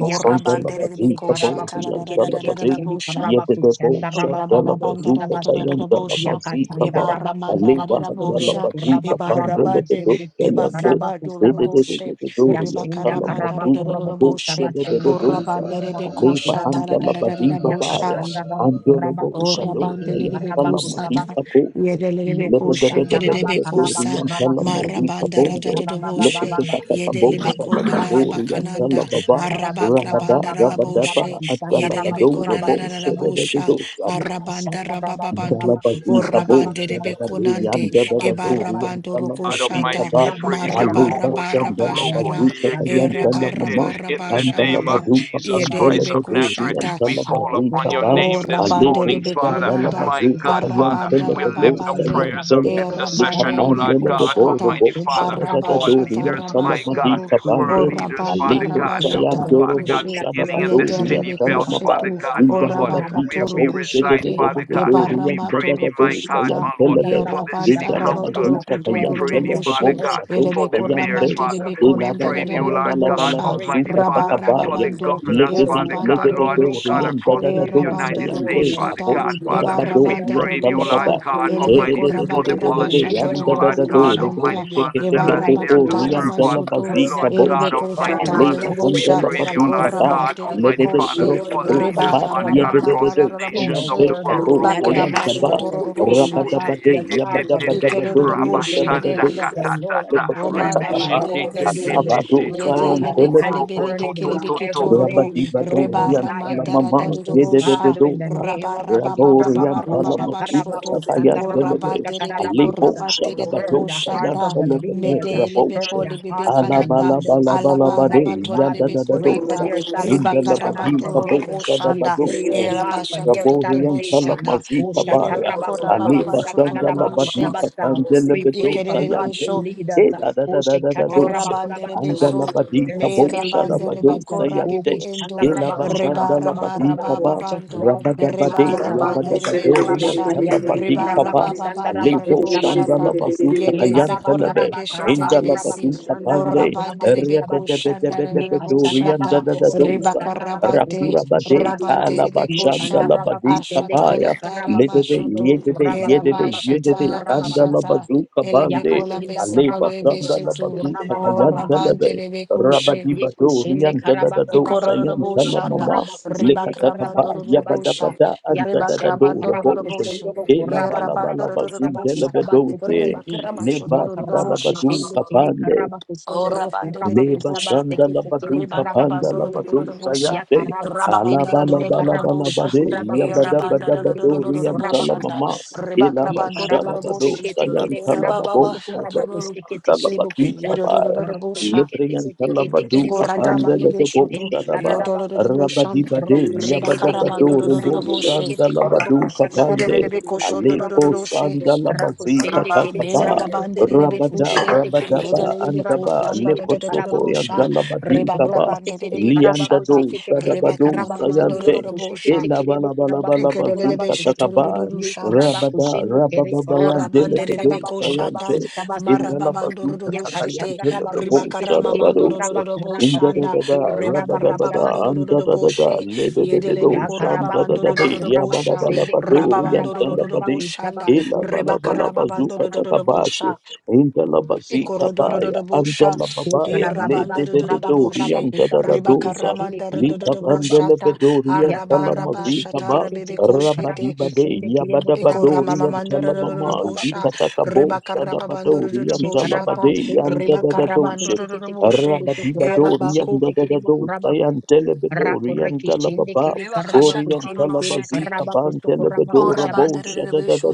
Speaker 6: Urabande de
Speaker 1: kere
Speaker 6: Bikosha,
Speaker 1: karabakuste
Speaker 5: Kaborian
Speaker 1: kete kete
Speaker 5: Talabadi,
Speaker 1: kere
Speaker 6: Taladabusha,
Speaker 5: Yedede Bo
Speaker 1: karabakushanda rabakurobo
Speaker 6: Urababanda
Speaker 5: Shadalabazuka
Speaker 1: kusabasa
Speaker 5: Tayan
Speaker 6: Rabusha,
Speaker 1: Yakatanda
Speaker 5: Dalabazikaba.
Speaker 1: raba
Speaker 6: Ibara
Speaker 1: kuraba
Speaker 6: Mandala
Speaker 5: Aleba handa
Speaker 1: kusondoro
Speaker 6: Rabusha,
Speaker 5: laba
Speaker 1: kuraba
Speaker 5: duka pande
Speaker 1: karaba
Speaker 6: Ibara
Speaker 5: lebe
Speaker 6: Bade,
Speaker 1: kusende
Speaker 5: duka
Speaker 1: kiri
Speaker 5: yante.
Speaker 1: karaba
Speaker 6: Ibakabadu
Speaker 5: Dede
Speaker 1: kusabasu.
Speaker 5: dede
Speaker 6: Rabushi,
Speaker 5: dede doro
Speaker 1: Yashinda
Speaker 5: yantala
Speaker 6: Ribakaramanda
Speaker 1: karaba
Speaker 5: mazuta
Speaker 1: kurobo
Speaker 5: kabo
Speaker 6: Rabushi,
Speaker 5: shede dede
Speaker 1: kusabasende
Speaker 3: Makabada
Speaker 1: kiri
Speaker 5: dosa.
Speaker 3: baba da
Speaker 6: Urabande
Speaker 1: kiyamba
Speaker 3: da
Speaker 6: de
Speaker 3: ba
Speaker 1: raba
Speaker 3: da
Speaker 5: Aleba
Speaker 3: ba,
Speaker 6: Bikosha,
Speaker 5: handa
Speaker 1: kurabasa.
Speaker 5: laba
Speaker 3: shabada
Speaker 5: diba
Speaker 3: baba da
Speaker 6: Taladabusha.
Speaker 3: da
Speaker 5: baya.
Speaker 3: da
Speaker 1: Yakasanda
Speaker 3: da ba da
Speaker 1: raba
Speaker 3: ba
Speaker 5: Andolo
Speaker 1: kuraba
Speaker 5: bo
Speaker 6: O
Speaker 1: kushende
Speaker 3: da ba, da da
Speaker 5: shadosa
Speaker 1: kiri
Speaker 3: da
Speaker 6: rabandele
Speaker 3: ba da ba da ba
Speaker 6: de
Speaker 1: karaba
Speaker 5: yantala
Speaker 3: da
Speaker 6: bekosa ta
Speaker 5: mazita
Speaker 1: kusabasu.
Speaker 6: rabandelebekosata,
Speaker 5: kose.
Speaker 1: Iyo
Speaker 5: Lebe
Speaker 6: yedelebekoshe,
Speaker 5: debe
Speaker 1: kushanda
Speaker 5: debe
Speaker 1: raba
Speaker 5: debe
Speaker 1: karaba
Speaker 5: doro
Speaker 3: ba
Speaker 6: kedebekosa,
Speaker 3: da ba
Speaker 1: kuraba
Speaker 3: da
Speaker 5: yantala
Speaker 3: ba.
Speaker 1: kusekete
Speaker 5: mazita
Speaker 6: marabanda
Speaker 1: kiri
Speaker 5: bondo.
Speaker 3: Makaba
Speaker 1: karaba baba
Speaker 5: Leke
Speaker 6: radadadoboshe,
Speaker 1: baba.
Speaker 5: kika kaka bo
Speaker 1: Kurobo
Speaker 5: shada
Speaker 6: yedelebekonda
Speaker 1: kuraba
Speaker 5: badori
Speaker 1: kusende
Speaker 5: yantala
Speaker 6: lalabakananda,
Speaker 1: kiri
Speaker 5: baba.
Speaker 1: kataraba baba baba
Speaker 5: Rabada
Speaker 6: arabakrabanda
Speaker 1: baba
Speaker 5: rabada ba
Speaker 1: kuraba
Speaker 6: lalaboshe,
Speaker 1: kusanda
Speaker 5: adala
Speaker 1: raba
Speaker 5: badoro
Speaker 6: yedelebekona
Speaker 1: kuraba
Speaker 5: bo shede dede
Speaker 6: lalalabosha,
Speaker 5: dosa.
Speaker 1: Yes,
Speaker 6: arabanda rabababando, o
Speaker 5: Dalabazika bo
Speaker 6: rabandelebe
Speaker 5: shadabade yanda dada doru
Speaker 6: ebarabando
Speaker 5: yanda
Speaker 4: God
Speaker 5: lamazika
Speaker 4: Almighty,
Speaker 6: rokoshata,
Speaker 5: ba
Speaker 4: we praise you.
Speaker 5: ale
Speaker 4: Robo
Speaker 5: bashan
Speaker 4: Shokoro
Speaker 6: marabarabarabashara,
Speaker 5: dalabazuka
Speaker 4: Kotiye
Speaker 5: kayan
Speaker 4: Ketete.
Speaker 5: dalamama
Speaker 4: In the
Speaker 5: yanda
Speaker 4: name of
Speaker 6: erabarabarabashababa,
Speaker 5: labazuka
Speaker 4: Jesus
Speaker 5: pandela
Speaker 4: Christ
Speaker 6: yedelebe
Speaker 5: de
Speaker 4: of
Speaker 5: doru
Speaker 4: Nazareth,
Speaker 5: yanda
Speaker 4: we call
Speaker 1: Rakatama
Speaker 4: upon
Speaker 5: lamazika
Speaker 4: your
Speaker 1: Kurama
Speaker 5: ba
Speaker 6: O
Speaker 4: name
Speaker 1: Kushiki
Speaker 4: this
Speaker 5: ale
Speaker 6: rabande
Speaker 1: Tiki
Speaker 6: de
Speaker 4: morning,
Speaker 5: boshan
Speaker 1: Tiki
Speaker 4: Father.
Speaker 6: bekonanda,
Speaker 1: Parama
Speaker 4: My
Speaker 5: dalabazuka
Speaker 4: God,
Speaker 5: kayan
Speaker 4: Father,
Speaker 1: Kusamaki.
Speaker 6: arabanda
Speaker 5: tele
Speaker 4: we
Speaker 5: de
Speaker 4: lift up
Speaker 5: bosa
Speaker 6: rababande,
Speaker 5: yan
Speaker 4: prayers
Speaker 1: Yashandarama
Speaker 4: of
Speaker 5: tele
Speaker 6: e
Speaker 1: Kuro
Speaker 5: lika
Speaker 1: Kushaba
Speaker 6: rabande
Speaker 4: intercession, O
Speaker 6: de
Speaker 4: Lord
Speaker 5: pandela
Speaker 6: beko
Speaker 5: de
Speaker 4: God,
Speaker 1: Kusakurama
Speaker 5: boru
Speaker 6: shata,
Speaker 4: Almighty
Speaker 1: Kusenda
Speaker 5: bosha
Speaker 4: Father,
Speaker 5: dada
Speaker 1: Karama
Speaker 5: da
Speaker 4: for our
Speaker 5: doru
Speaker 6: arabashata
Speaker 4: leaders,
Speaker 5: yanda
Speaker 1: Kusakurama
Speaker 4: my
Speaker 1: Kusaha.
Speaker 4: God,
Speaker 6: rabasoto,
Speaker 5: lamazika
Speaker 4: world
Speaker 6: o
Speaker 1: Lord,
Speaker 5: pande
Speaker 1: we
Speaker 4: leaders,
Speaker 1: said we
Speaker 6: rabanda
Speaker 5: ale
Speaker 4: Father
Speaker 1: will
Speaker 4: God.
Speaker 5: bosa
Speaker 1: pray for
Speaker 5: yan
Speaker 6: rabashata
Speaker 4: Oh,
Speaker 1: the
Speaker 5: doru
Speaker 4: Father God,
Speaker 1: country
Speaker 6: rokushe,
Speaker 1: that
Speaker 5: bosha
Speaker 1: we
Speaker 4: beginning
Speaker 5: dada
Speaker 1: are
Speaker 4: in the
Speaker 6: yete
Speaker 5: doru
Speaker 1: in.
Speaker 3: Kabada
Speaker 4: city belt,
Speaker 6: ribekushe
Speaker 1: Because
Speaker 5: yanda
Speaker 1: we
Speaker 4: Father
Speaker 6: tu,
Speaker 1: will
Speaker 4: God,
Speaker 6: o
Speaker 4: my
Speaker 1: pray for
Speaker 4: Lord, where
Speaker 5: Indalabadika
Speaker 6: rabakato
Speaker 1: Rabakuchi,
Speaker 5: bo
Speaker 4: we
Speaker 5: shede
Speaker 4: reside,
Speaker 5: de
Speaker 6: rokushete,
Speaker 5: de de
Speaker 4: Father
Speaker 5: de
Speaker 6: e
Speaker 4: God.
Speaker 5: do
Speaker 4: We
Speaker 5: riyan da
Speaker 4: pray
Speaker 6: baramato
Speaker 5: da da
Speaker 4: thee,
Speaker 5: dadadado
Speaker 4: my
Speaker 1: prosperity,
Speaker 4: God,
Speaker 5: sayan
Speaker 6: rokushata,
Speaker 4: my Lord,
Speaker 6: e
Speaker 5: telebe.
Speaker 4: for the city
Speaker 6: rabanta rabato
Speaker 4: councils.
Speaker 5: Indalabazuta
Speaker 4: We
Speaker 6: rokutondo
Speaker 5: kayan
Speaker 4: pray thee,
Speaker 5: telebe bo
Speaker 4: Father
Speaker 6: roboshe,
Speaker 4: God,
Speaker 6: e
Speaker 5: shado
Speaker 4: for the
Speaker 6: lebeko
Speaker 1: the
Speaker 5: sayan
Speaker 4: mayors,
Speaker 5: tel
Speaker 6: ramante
Speaker 1: terms
Speaker 6: de
Speaker 4: Father.
Speaker 1: of
Speaker 4: We
Speaker 5: ilaba
Speaker 6: bekonanda
Speaker 5: la
Speaker 6: da
Speaker 4: pray
Speaker 6: da
Speaker 5: ba
Speaker 4: thee,
Speaker 1: prosperity.
Speaker 4: O
Speaker 6: da da da
Speaker 4: Lord
Speaker 1: So
Speaker 4: God,
Speaker 1: bring
Speaker 4: Almighty
Speaker 5: Ilabalabalabalabalabazuka
Speaker 1: our
Speaker 4: Father,
Speaker 1: local
Speaker 4: for
Speaker 5: takabaya.
Speaker 4: the
Speaker 1: leaders
Speaker 6: rabarababando, e
Speaker 4: governors,
Speaker 1: before
Speaker 5: Legede
Speaker 4: Father
Speaker 1: you.
Speaker 6: rabanda
Speaker 4: God,
Speaker 1: We
Speaker 4: Lord, O
Speaker 1: bring our
Speaker 6: rodorosha,
Speaker 4: God,
Speaker 5: legededoria
Speaker 4: across
Speaker 1: state
Speaker 4: these
Speaker 5: dadadado
Speaker 1: leaders
Speaker 6: Erabanda
Speaker 4: United
Speaker 5: sayan
Speaker 1: before
Speaker 5: de
Speaker 4: States,
Speaker 1: you.
Speaker 4: Father
Speaker 5: kabo
Speaker 6: Rokoshata,
Speaker 4: God,
Speaker 1: We bring
Speaker 4: Father.
Speaker 1: the
Speaker 4: We
Speaker 6: Ebarabanda
Speaker 1: federal
Speaker 5: shadabadoria
Speaker 4: pray thee, O
Speaker 1: leaders
Speaker 4: Lord
Speaker 5: talababa.
Speaker 6: Rokosha,
Speaker 1: before
Speaker 4: God,
Speaker 1: you.
Speaker 5: shede
Speaker 4: Almighty,
Speaker 6: Elebeko
Speaker 5: de
Speaker 1: We
Speaker 5: de de
Speaker 4: for
Speaker 5: de
Speaker 4: the
Speaker 1: bring
Speaker 5: de de
Speaker 1: every
Speaker 5: de
Speaker 6: Rabakarabashata
Speaker 5: yan
Speaker 1: leader
Speaker 4: politicians,
Speaker 1: in
Speaker 4: O
Speaker 5: da
Speaker 4: Lord
Speaker 6: Raboko
Speaker 4: God,
Speaker 5: yandadadado
Speaker 1: Washington
Speaker 5: robo
Speaker 1: before
Speaker 4: Almighty
Speaker 6: Shanta,
Speaker 1: you.
Speaker 4: Father, that
Speaker 5: sheketeke
Speaker 4: are
Speaker 1: Mighty
Speaker 5: toko
Speaker 4: there to
Speaker 6: Ebarabakata
Speaker 1: God, that
Speaker 4: serve,
Speaker 1: you will
Speaker 4: Father.
Speaker 6: Rabasuto,
Speaker 1: stir
Speaker 5: riandalabazika
Speaker 4: Lord
Speaker 1: them
Speaker 5: bo
Speaker 1: up,
Speaker 4: God,
Speaker 5: she.
Speaker 6: Elebeko
Speaker 1: that you
Speaker 4: Almighty
Speaker 6: Shata
Speaker 1: will
Speaker 7: Rabba
Speaker 4: Father.
Speaker 5: Aleba
Speaker 1: change
Speaker 4: We
Speaker 1: the
Speaker 6: Rabosha,
Speaker 4: pray thee, O
Speaker 1: Kurama
Speaker 4: Lord
Speaker 5: handalabaduka
Speaker 1: Kusumi
Speaker 4: God,
Speaker 6: Orabande
Speaker 1: heart.
Speaker 4: Almighty
Speaker 5: Legede
Speaker 4: Father
Speaker 6: Rebekoshe,
Speaker 5: bro
Speaker 1: Lord
Speaker 4: for
Speaker 5: kato
Speaker 1: God, you
Speaker 4: leaders,
Speaker 5: kapa
Speaker 4: Father
Speaker 1: said
Speaker 4: God,
Speaker 6: Rebaramama
Speaker 4: across
Speaker 5: yedededo
Speaker 4: the
Speaker 1: in
Speaker 4: nations
Speaker 5: sayam
Speaker 1: your
Speaker 4: of
Speaker 6: Raboshe,
Speaker 4: the
Speaker 5: te
Speaker 1: word uh,
Speaker 4: world.
Speaker 5: kato
Speaker 1: that
Speaker 4: Robo
Speaker 1: the
Speaker 5: sayam
Speaker 6: Ribakramas
Speaker 1: hands
Speaker 4: shoko
Speaker 5: taba
Speaker 1: of the
Speaker 4: roko
Speaker 6: Kotoro
Speaker 4: toro
Speaker 1: king,
Speaker 4: kote
Speaker 6: Shata,
Speaker 1: the
Speaker 5: rabadabade
Speaker 4: yeke te
Speaker 1: heart of
Speaker 4: te
Speaker 1: the
Speaker 4: te.
Speaker 5: yabadabadabado
Speaker 1: king
Speaker 4: Rabba
Speaker 1: is in the
Speaker 6: Ikeraboshe,
Speaker 5: riyadadadado
Speaker 4: shanda
Speaker 1: hand of
Speaker 5: sa
Speaker 1: the
Speaker 4: kata
Speaker 1: Lord, uh,
Speaker 4: tata.
Speaker 5: lekoto
Speaker 1: and
Speaker 6: Oma
Speaker 5: pata
Speaker 4: Rebe
Speaker 1: like
Speaker 5: kapa
Speaker 6: rabandere
Speaker 4: sheke
Speaker 1: water
Speaker 4: te
Speaker 1: you
Speaker 4: te
Speaker 1: will
Speaker 6: besi
Speaker 4: te
Speaker 5: alabado
Speaker 4: te.
Speaker 1: stir it
Speaker 5: sayam
Speaker 1: uh,
Speaker 6: yedele
Speaker 4: Robo koro
Speaker 1: and
Speaker 6: bekale
Speaker 4: roko
Speaker 6: bele
Speaker 1: turn it
Speaker 4: toto to
Speaker 6: bekele beke
Speaker 1: whichever way
Speaker 6: torobo
Speaker 5: Rabadi
Speaker 1: you so
Speaker 6: reba
Speaker 1: desire.
Speaker 6: ramandara
Speaker 1: And
Speaker 5: Rabadibadoriantalamama,
Speaker 1: so,
Speaker 6: darudobo sha
Speaker 1: Father, in the
Speaker 5: yededededosa,
Speaker 1: name
Speaker 6: raba
Speaker 1: of
Speaker 6: raba baba
Speaker 1: Jesus,
Speaker 6: baba roba baba
Speaker 5: raboriantalamasuta
Speaker 6: shoto o
Speaker 5: tatayantelebe,
Speaker 6: rabandere beko
Speaker 1: Ushakarabakusandarabakushakararabakusa,
Speaker 5: alebosa
Speaker 6: rabandere
Speaker 1: turn
Speaker 6: beko
Speaker 1: the
Speaker 5: dabadosa
Speaker 1: hearts of
Speaker 6: shata
Speaker 1: the
Speaker 5: yantelebe,
Speaker 1: leaders, uh,
Speaker 6: medele
Speaker 1: turn
Speaker 5: raboshe,
Speaker 6: beko
Speaker 1: the
Speaker 6: lebe
Speaker 1: hearts of the
Speaker 6: bekananda
Speaker 1: leaders.
Speaker 6: alaba
Speaker 5: alabalabalabalabade,
Speaker 6: alaba
Speaker 1: Almighty
Speaker 6: tore
Speaker 1: God,
Speaker 6: de
Speaker 1: we
Speaker 6: beko
Speaker 1: pray for
Speaker 6: nanda
Speaker 5: yadadadadosa,
Speaker 1: their
Speaker 6: riba
Speaker 1: salvation
Speaker 6: karaba
Speaker 1: on
Speaker 5: indalabadi
Speaker 6: toro
Speaker 1: today.
Speaker 6: roko
Speaker 5: kabosa
Speaker 1: We
Speaker 6: shanda
Speaker 1: pray,
Speaker 5: dabadosa,
Speaker 1: oh
Speaker 6: elaba
Speaker 1: God, for their
Speaker 6: shato
Speaker 5: Rabori
Speaker 6: dodobo
Speaker 5: and
Speaker 1: salvation.
Speaker 6: shanda
Speaker 5: Talamazika
Speaker 6: yedele
Speaker 5: Baya,
Speaker 6: beko raba baba
Speaker 5: Aliba
Speaker 6: shoto
Speaker 5: Sandala
Speaker 6: dudushe
Speaker 5: Baduka
Speaker 1: Oshatarabakurabakutakanadabakutabasa.
Speaker 5: Pandele
Speaker 1: We
Speaker 5: Bedo
Speaker 1: pray for
Speaker 6: ikerele
Speaker 1: godly
Speaker 5: Sayante,
Speaker 6: besho
Speaker 1: leaders.
Speaker 5: Eda da da da da da
Speaker 6: Ora
Speaker 5: dose,
Speaker 6: bandere
Speaker 1: Oshekatarabakurabasa.
Speaker 5: Andala
Speaker 6: beso,
Speaker 5: Badika
Speaker 6: me
Speaker 1: Spirit-filled
Speaker 5: Bosha da
Speaker 6: rabande
Speaker 1: believers.
Speaker 6: beko
Speaker 5: badosa
Speaker 6: rabibi
Speaker 5: yante,
Speaker 6: endo,
Speaker 5: Ela
Speaker 6: rebara
Speaker 5: Bashandala
Speaker 1: Okushandarabakusandarabakusa.
Speaker 5: Badika
Speaker 6: marababa
Speaker 5: Ba,
Speaker 1: To
Speaker 6: bando,
Speaker 1: cross their
Speaker 5: Rabadabade,
Speaker 1: paths.
Speaker 6: rebara bandere beko
Speaker 5: Rabadabadori and
Speaker 6: sha,
Speaker 5: Talabadika
Speaker 6: rebara
Speaker 5: Ba,
Speaker 6: baba bandere
Speaker 5: Alebo
Speaker 6: rebo
Speaker 1: Oshandarabakayandekurabakusandarabakushabasu.
Speaker 5: Shandala
Speaker 6: shata,
Speaker 5: Bazuta
Speaker 6: yedele
Speaker 1: Ekaraba
Speaker 6: beko
Speaker 5: Kayantelebe,
Speaker 1: karaba
Speaker 6: rabeke
Speaker 1: karaba
Speaker 6: shetere
Speaker 5: Indala
Speaker 1: kuraba
Speaker 6: besi,
Speaker 5: Baduka
Speaker 1: kusanda
Speaker 5: Pande,
Speaker 6: ora
Speaker 1: raba kuraba
Speaker 6: bandere beko
Speaker 1: kusabasi.
Speaker 6: shandara
Speaker 1: Ye
Speaker 6: rebo
Speaker 5: Rebedebedebedori
Speaker 1: kashanda
Speaker 5: and da
Speaker 6: shata,
Speaker 1: raba
Speaker 5: da da
Speaker 1: kuraba
Speaker 5: dose,
Speaker 6: rebaka
Speaker 1: kusanda raba
Speaker 6: rabande,
Speaker 1: kuraba
Speaker 5: Rakura Bade,
Speaker 1: kusabasa.
Speaker 5: Kala
Speaker 6: rabandere beko
Speaker 1: Ye
Speaker 5: Bashanda
Speaker 1: kanda
Speaker 6: sha,
Speaker 1: raba
Speaker 5: Labadi
Speaker 1: kusende kere
Speaker 5: Kapaya,
Speaker 6: ashatala dara
Speaker 1: karaba
Speaker 5: Lidede,
Speaker 1: kusondo ro
Speaker 6: mashoto,
Speaker 5: Yedede,
Speaker 1: kuraba kuraba
Speaker 5: Yedede, Yedede,
Speaker 1: kusanda
Speaker 6: elabashatara
Speaker 1: raba
Speaker 5: Kanda
Speaker 6: bashata,
Speaker 1: kurabasi.
Speaker 5: Labazuka
Speaker 1: Ya
Speaker 5: Bande,
Speaker 6: elebekola
Speaker 1: kashenda
Speaker 5: Ale
Speaker 6: besekolo
Speaker 1: karaba
Speaker 5: Bashanda
Speaker 1: kusondo
Speaker 6: ebeshetu,
Speaker 5: Labazuka
Speaker 1: kuraba
Speaker 6: O
Speaker 1: baba.
Speaker 6: Orabante
Speaker 5: Kayantelebe,
Speaker 6: de Becushe,
Speaker 5: Rabadi
Speaker 1: Ye
Speaker 5: Bado,
Speaker 1: kushende Yekoshende karabaku
Speaker 5: Rianjadado,
Speaker 1: rabaku sondoro
Speaker 5: Sayantala
Speaker 6: Icororoboshanda,
Speaker 5: Mama,
Speaker 1: kurabaku shende
Speaker 6: Ribacramando
Speaker 5: Likatatapa,
Speaker 1: karabaku sabasu.
Speaker 6: Robosha,
Speaker 5: Yabadabada,
Speaker 1: Yakashende
Speaker 5: Anjadado,
Speaker 6: Ribacramando
Speaker 1: karabaku
Speaker 5: Rabosha,
Speaker 6: Robosha,
Speaker 1: sondoro
Speaker 5: Ela
Speaker 1: kurabaku
Speaker 6: Erabando
Speaker 5: Balabala
Speaker 1: rabaku
Speaker 5: Bazun
Speaker 1: shabaku
Speaker 6: Robosha,
Speaker 5: Delebe
Speaker 1: sabasu
Speaker 5: Dose,
Speaker 1: ketekili.
Speaker 6: Ribacramasho
Speaker 5: Nebas
Speaker 1: Yakarabaku
Speaker 6: Robosha,
Speaker 5: Dalabadu
Speaker 1: kushende kere
Speaker 5: Kapande,
Speaker 1: karaba kusondoro
Speaker 6: Orabande de
Speaker 1: karabaku sondoro kurabaku
Speaker 5: Leba
Speaker 1: sabasu
Speaker 6: Becushata,
Speaker 5: shanda la badu
Speaker 1: ketekele karabaku
Speaker 5: kapanda
Speaker 6: Ribacramando
Speaker 5: la
Speaker 1: sobusu.
Speaker 5: badu
Speaker 6: Robosha,
Speaker 5: sayante.
Speaker 1: Yakarabaku
Speaker 5: Ala
Speaker 6: Rababanda
Speaker 1: kushende
Speaker 5: bala
Speaker 1: kere
Speaker 5: bala
Speaker 1: karaba
Speaker 5: bala
Speaker 6: Robosha,
Speaker 5: bade.
Speaker 1: kusukuraba
Speaker 5: Ya bada
Speaker 1: kushikete
Speaker 6: Erabanda
Speaker 5: bada
Speaker 1: kete
Speaker 5: badu
Speaker 1: kere
Speaker 5: rianta la
Speaker 1: karabaku sukurabaku sheketekele kurabaku
Speaker 6: Roboshanda,
Speaker 5: mama.
Speaker 1: sabasa.
Speaker 5: Ila
Speaker 6: Ribacramando
Speaker 5: bashada
Speaker 1: Yekarabaku
Speaker 5: badu
Speaker 6: Roboshi,
Speaker 1: seketekele
Speaker 5: sayanta la
Speaker 1: karabaku
Speaker 6: Erababa
Speaker 5: babu.
Speaker 1: sukurabaku
Speaker 6: Shatoro,
Speaker 1: sheketekele
Speaker 5: Dalabadi
Speaker 6: Sierra
Speaker 5: Kabaya,
Speaker 1: Roku
Speaker 6: Robosha.
Speaker 1: shekete
Speaker 5: Librian
Speaker 1: kete kete kere
Speaker 5: Talabadu
Speaker 1: bo kuraba
Speaker 5: Kapanda
Speaker 1: kose
Speaker 5: Lebo
Speaker 6: Ikoradarerebosoto,
Speaker 1: ketende
Speaker 5: Shadaba,
Speaker 1: karara ba kose.
Speaker 5: Rabadi
Speaker 6: yodorororoboshanda,
Speaker 5: Bade,
Speaker 1: Roku shekete kere bo
Speaker 5: Yabadabado
Speaker 1: kuraba
Speaker 5: Rubo
Speaker 1: kose
Speaker 6: rebakarabandorodoroboshe,
Speaker 1: kete kere bo
Speaker 5: Shandalabadu
Speaker 1: kushakara ba
Speaker 5: Kapande,
Speaker 1: kose koto kuraba
Speaker 5: Alepo
Speaker 1: kose.
Speaker 6: ikerererebekoshodorororoshe,
Speaker 1: Raku
Speaker 5: Sandalabazi
Speaker 1: sende kere karaba
Speaker 5: Katakaba,
Speaker 1: kose ndo roku
Speaker 5: Rabada
Speaker 6: merabandererebekushe,
Speaker 1: shekete kere bo
Speaker 5: Rabadaba
Speaker 1: kose kuraba
Speaker 5: Andaba,
Speaker 1: kose kete
Speaker 5: Leko
Speaker 1: karaba
Speaker 5: Soto
Speaker 1: kose.
Speaker 6: yedererebekoshandadadadadabosha,
Speaker 5: Yandalabadi Kaba,
Speaker 1: Roku shekete karaba
Speaker 6: rebakarabandererebekushata,
Speaker 1: kose
Speaker 5: Liandado
Speaker 1: kete kete
Speaker 5: Sadabado
Speaker 1: karaba kose ndo
Speaker 5: Sayante,
Speaker 1: roku
Speaker 6: rebakaramamandorororobosha,
Speaker 1: shekete kere bo kuraba kose
Speaker 5: Elabalabalabazu
Speaker 1: kuraba kose.
Speaker 5: Katakaba,
Speaker 1: Yu
Speaker 6: ikerererebeshetororororosha,
Speaker 1: kuraba kose
Speaker 5: Rabada
Speaker 1: ndo kere kuraba
Speaker 6: Ora
Speaker 5: Rabababayan
Speaker 1: kose
Speaker 6: bandere
Speaker 5: Delete
Speaker 6: de
Speaker 1: andaraba
Speaker 6: beko
Speaker 1: kuraba
Speaker 6: shata
Speaker 5: Sayante,
Speaker 1: kose
Speaker 5: in
Speaker 6: maraba
Speaker 5: Indala
Speaker 6: bandoro do
Speaker 5: bazuka
Speaker 6: do shete
Speaker 1: Yakashanda
Speaker 5: takayantela da
Speaker 1: Rabaku
Speaker 6: ribakara
Speaker 1: Sekete
Speaker 5: bochara
Speaker 1: Kiri
Speaker 6: mamandoro do
Speaker 5: barose.
Speaker 6: do do
Speaker 1: Karabaku
Speaker 6: bo
Speaker 1: Rapa
Speaker 5: Indada
Speaker 6: shanda
Speaker 5: da
Speaker 1: Sende Kiri
Speaker 5: da
Speaker 1: Karabaku
Speaker 5: rabada
Speaker 6: ribakara
Speaker 5: bada
Speaker 6: bandoro
Speaker 1: Sabasi.
Speaker 5: andada da da
Speaker 6: she
Speaker 5: lede de de
Speaker 6: yedele
Speaker 5: do
Speaker 6: beko raba
Speaker 5: shanda
Speaker 1: Yakarabaku
Speaker 5: da da
Speaker 6: bandoro do do
Speaker 5: de
Speaker 1: Rabaku
Speaker 6: do bo
Speaker 1: Rabaku
Speaker 5: yabada
Speaker 6: sha
Speaker 5: bala
Speaker 1: Sende Kiri
Speaker 6: raba
Speaker 5: badori
Speaker 6: bandoro do
Speaker 1: Karabaku
Speaker 5: yantala
Speaker 6: do do bo
Speaker 5: bade.
Speaker 1: Rabaku
Speaker 6: shanda
Speaker 1: Sabaku
Speaker 5: Ela
Speaker 1: Sunduru
Speaker 5: bala bala
Speaker 6: ribakara
Speaker 1: Kurabaku
Speaker 5: bazuka
Speaker 6: bandoro do do
Speaker 1: Sabasi.
Speaker 6: do bo
Speaker 5: takabashi.
Speaker 6: sha
Speaker 5: Indala
Speaker 6: ikoro
Speaker 5: bazika
Speaker 6: do do
Speaker 5: baya andala
Speaker 1: Tu
Speaker 6: e
Speaker 5: babaya
Speaker 6: rabanda
Speaker 5: lede
Speaker 6: do
Speaker 1: Karababaku
Speaker 5: de de
Speaker 1: Rabaku
Speaker 5: do
Speaker 6: she
Speaker 1: Rabaku
Speaker 5: yanda da da
Speaker 1: Sabasi Kete
Speaker 6: ribakara
Speaker 5: dosa.
Speaker 1: Kiri
Speaker 6: mandara do do
Speaker 5: Lika
Speaker 6: do
Speaker 1: Karabaku
Speaker 6: bo
Speaker 5: pandele
Speaker 1: Rabaku Si.
Speaker 5: bedori yantala
Speaker 1: Yakarabaku
Speaker 5: mazika
Speaker 1: Sekete Kete Kiri
Speaker 6: shete
Speaker 1: Karabaku
Speaker 5: Rabadibade
Speaker 1: Sende Kiri Mukurabaku
Speaker 5: Yabadabadori and
Speaker 1: Sekete Kiri
Speaker 5: Talamama
Speaker 1: Mukusabaku
Speaker 6: Ekoramamamandorororobosha,
Speaker 5: Zikatakabo Shadabadori and
Speaker 1: Shekaraba
Speaker 6: rebakarababandorororoboshata,
Speaker 5: Talabade
Speaker 1: kusende
Speaker 5: and
Speaker 1: kere karaba
Speaker 5: Dadadoshe
Speaker 1: kushikete kere
Speaker 6: rebakarabandorororoboshe,
Speaker 1: bokuso kuraba
Speaker 5: Rabadibadori and
Speaker 6: erabaku,
Speaker 1: kushikete kere bokuraba
Speaker 5: Dadadosai and
Speaker 1: kuso.
Speaker 5: Telebedori
Speaker 1: Rakore
Speaker 5: and
Speaker 1: kishende
Speaker 5: Talababa
Speaker 1: kere karaba
Speaker 5: Ori and
Speaker 1: kushende kere
Speaker 6: rebakashatorororoshete,
Speaker 5: Talabazika
Speaker 1: karaba
Speaker 5: Ban
Speaker 1: kuso kuraba
Speaker 5: Telebedora Bo
Speaker 1: kushabasi.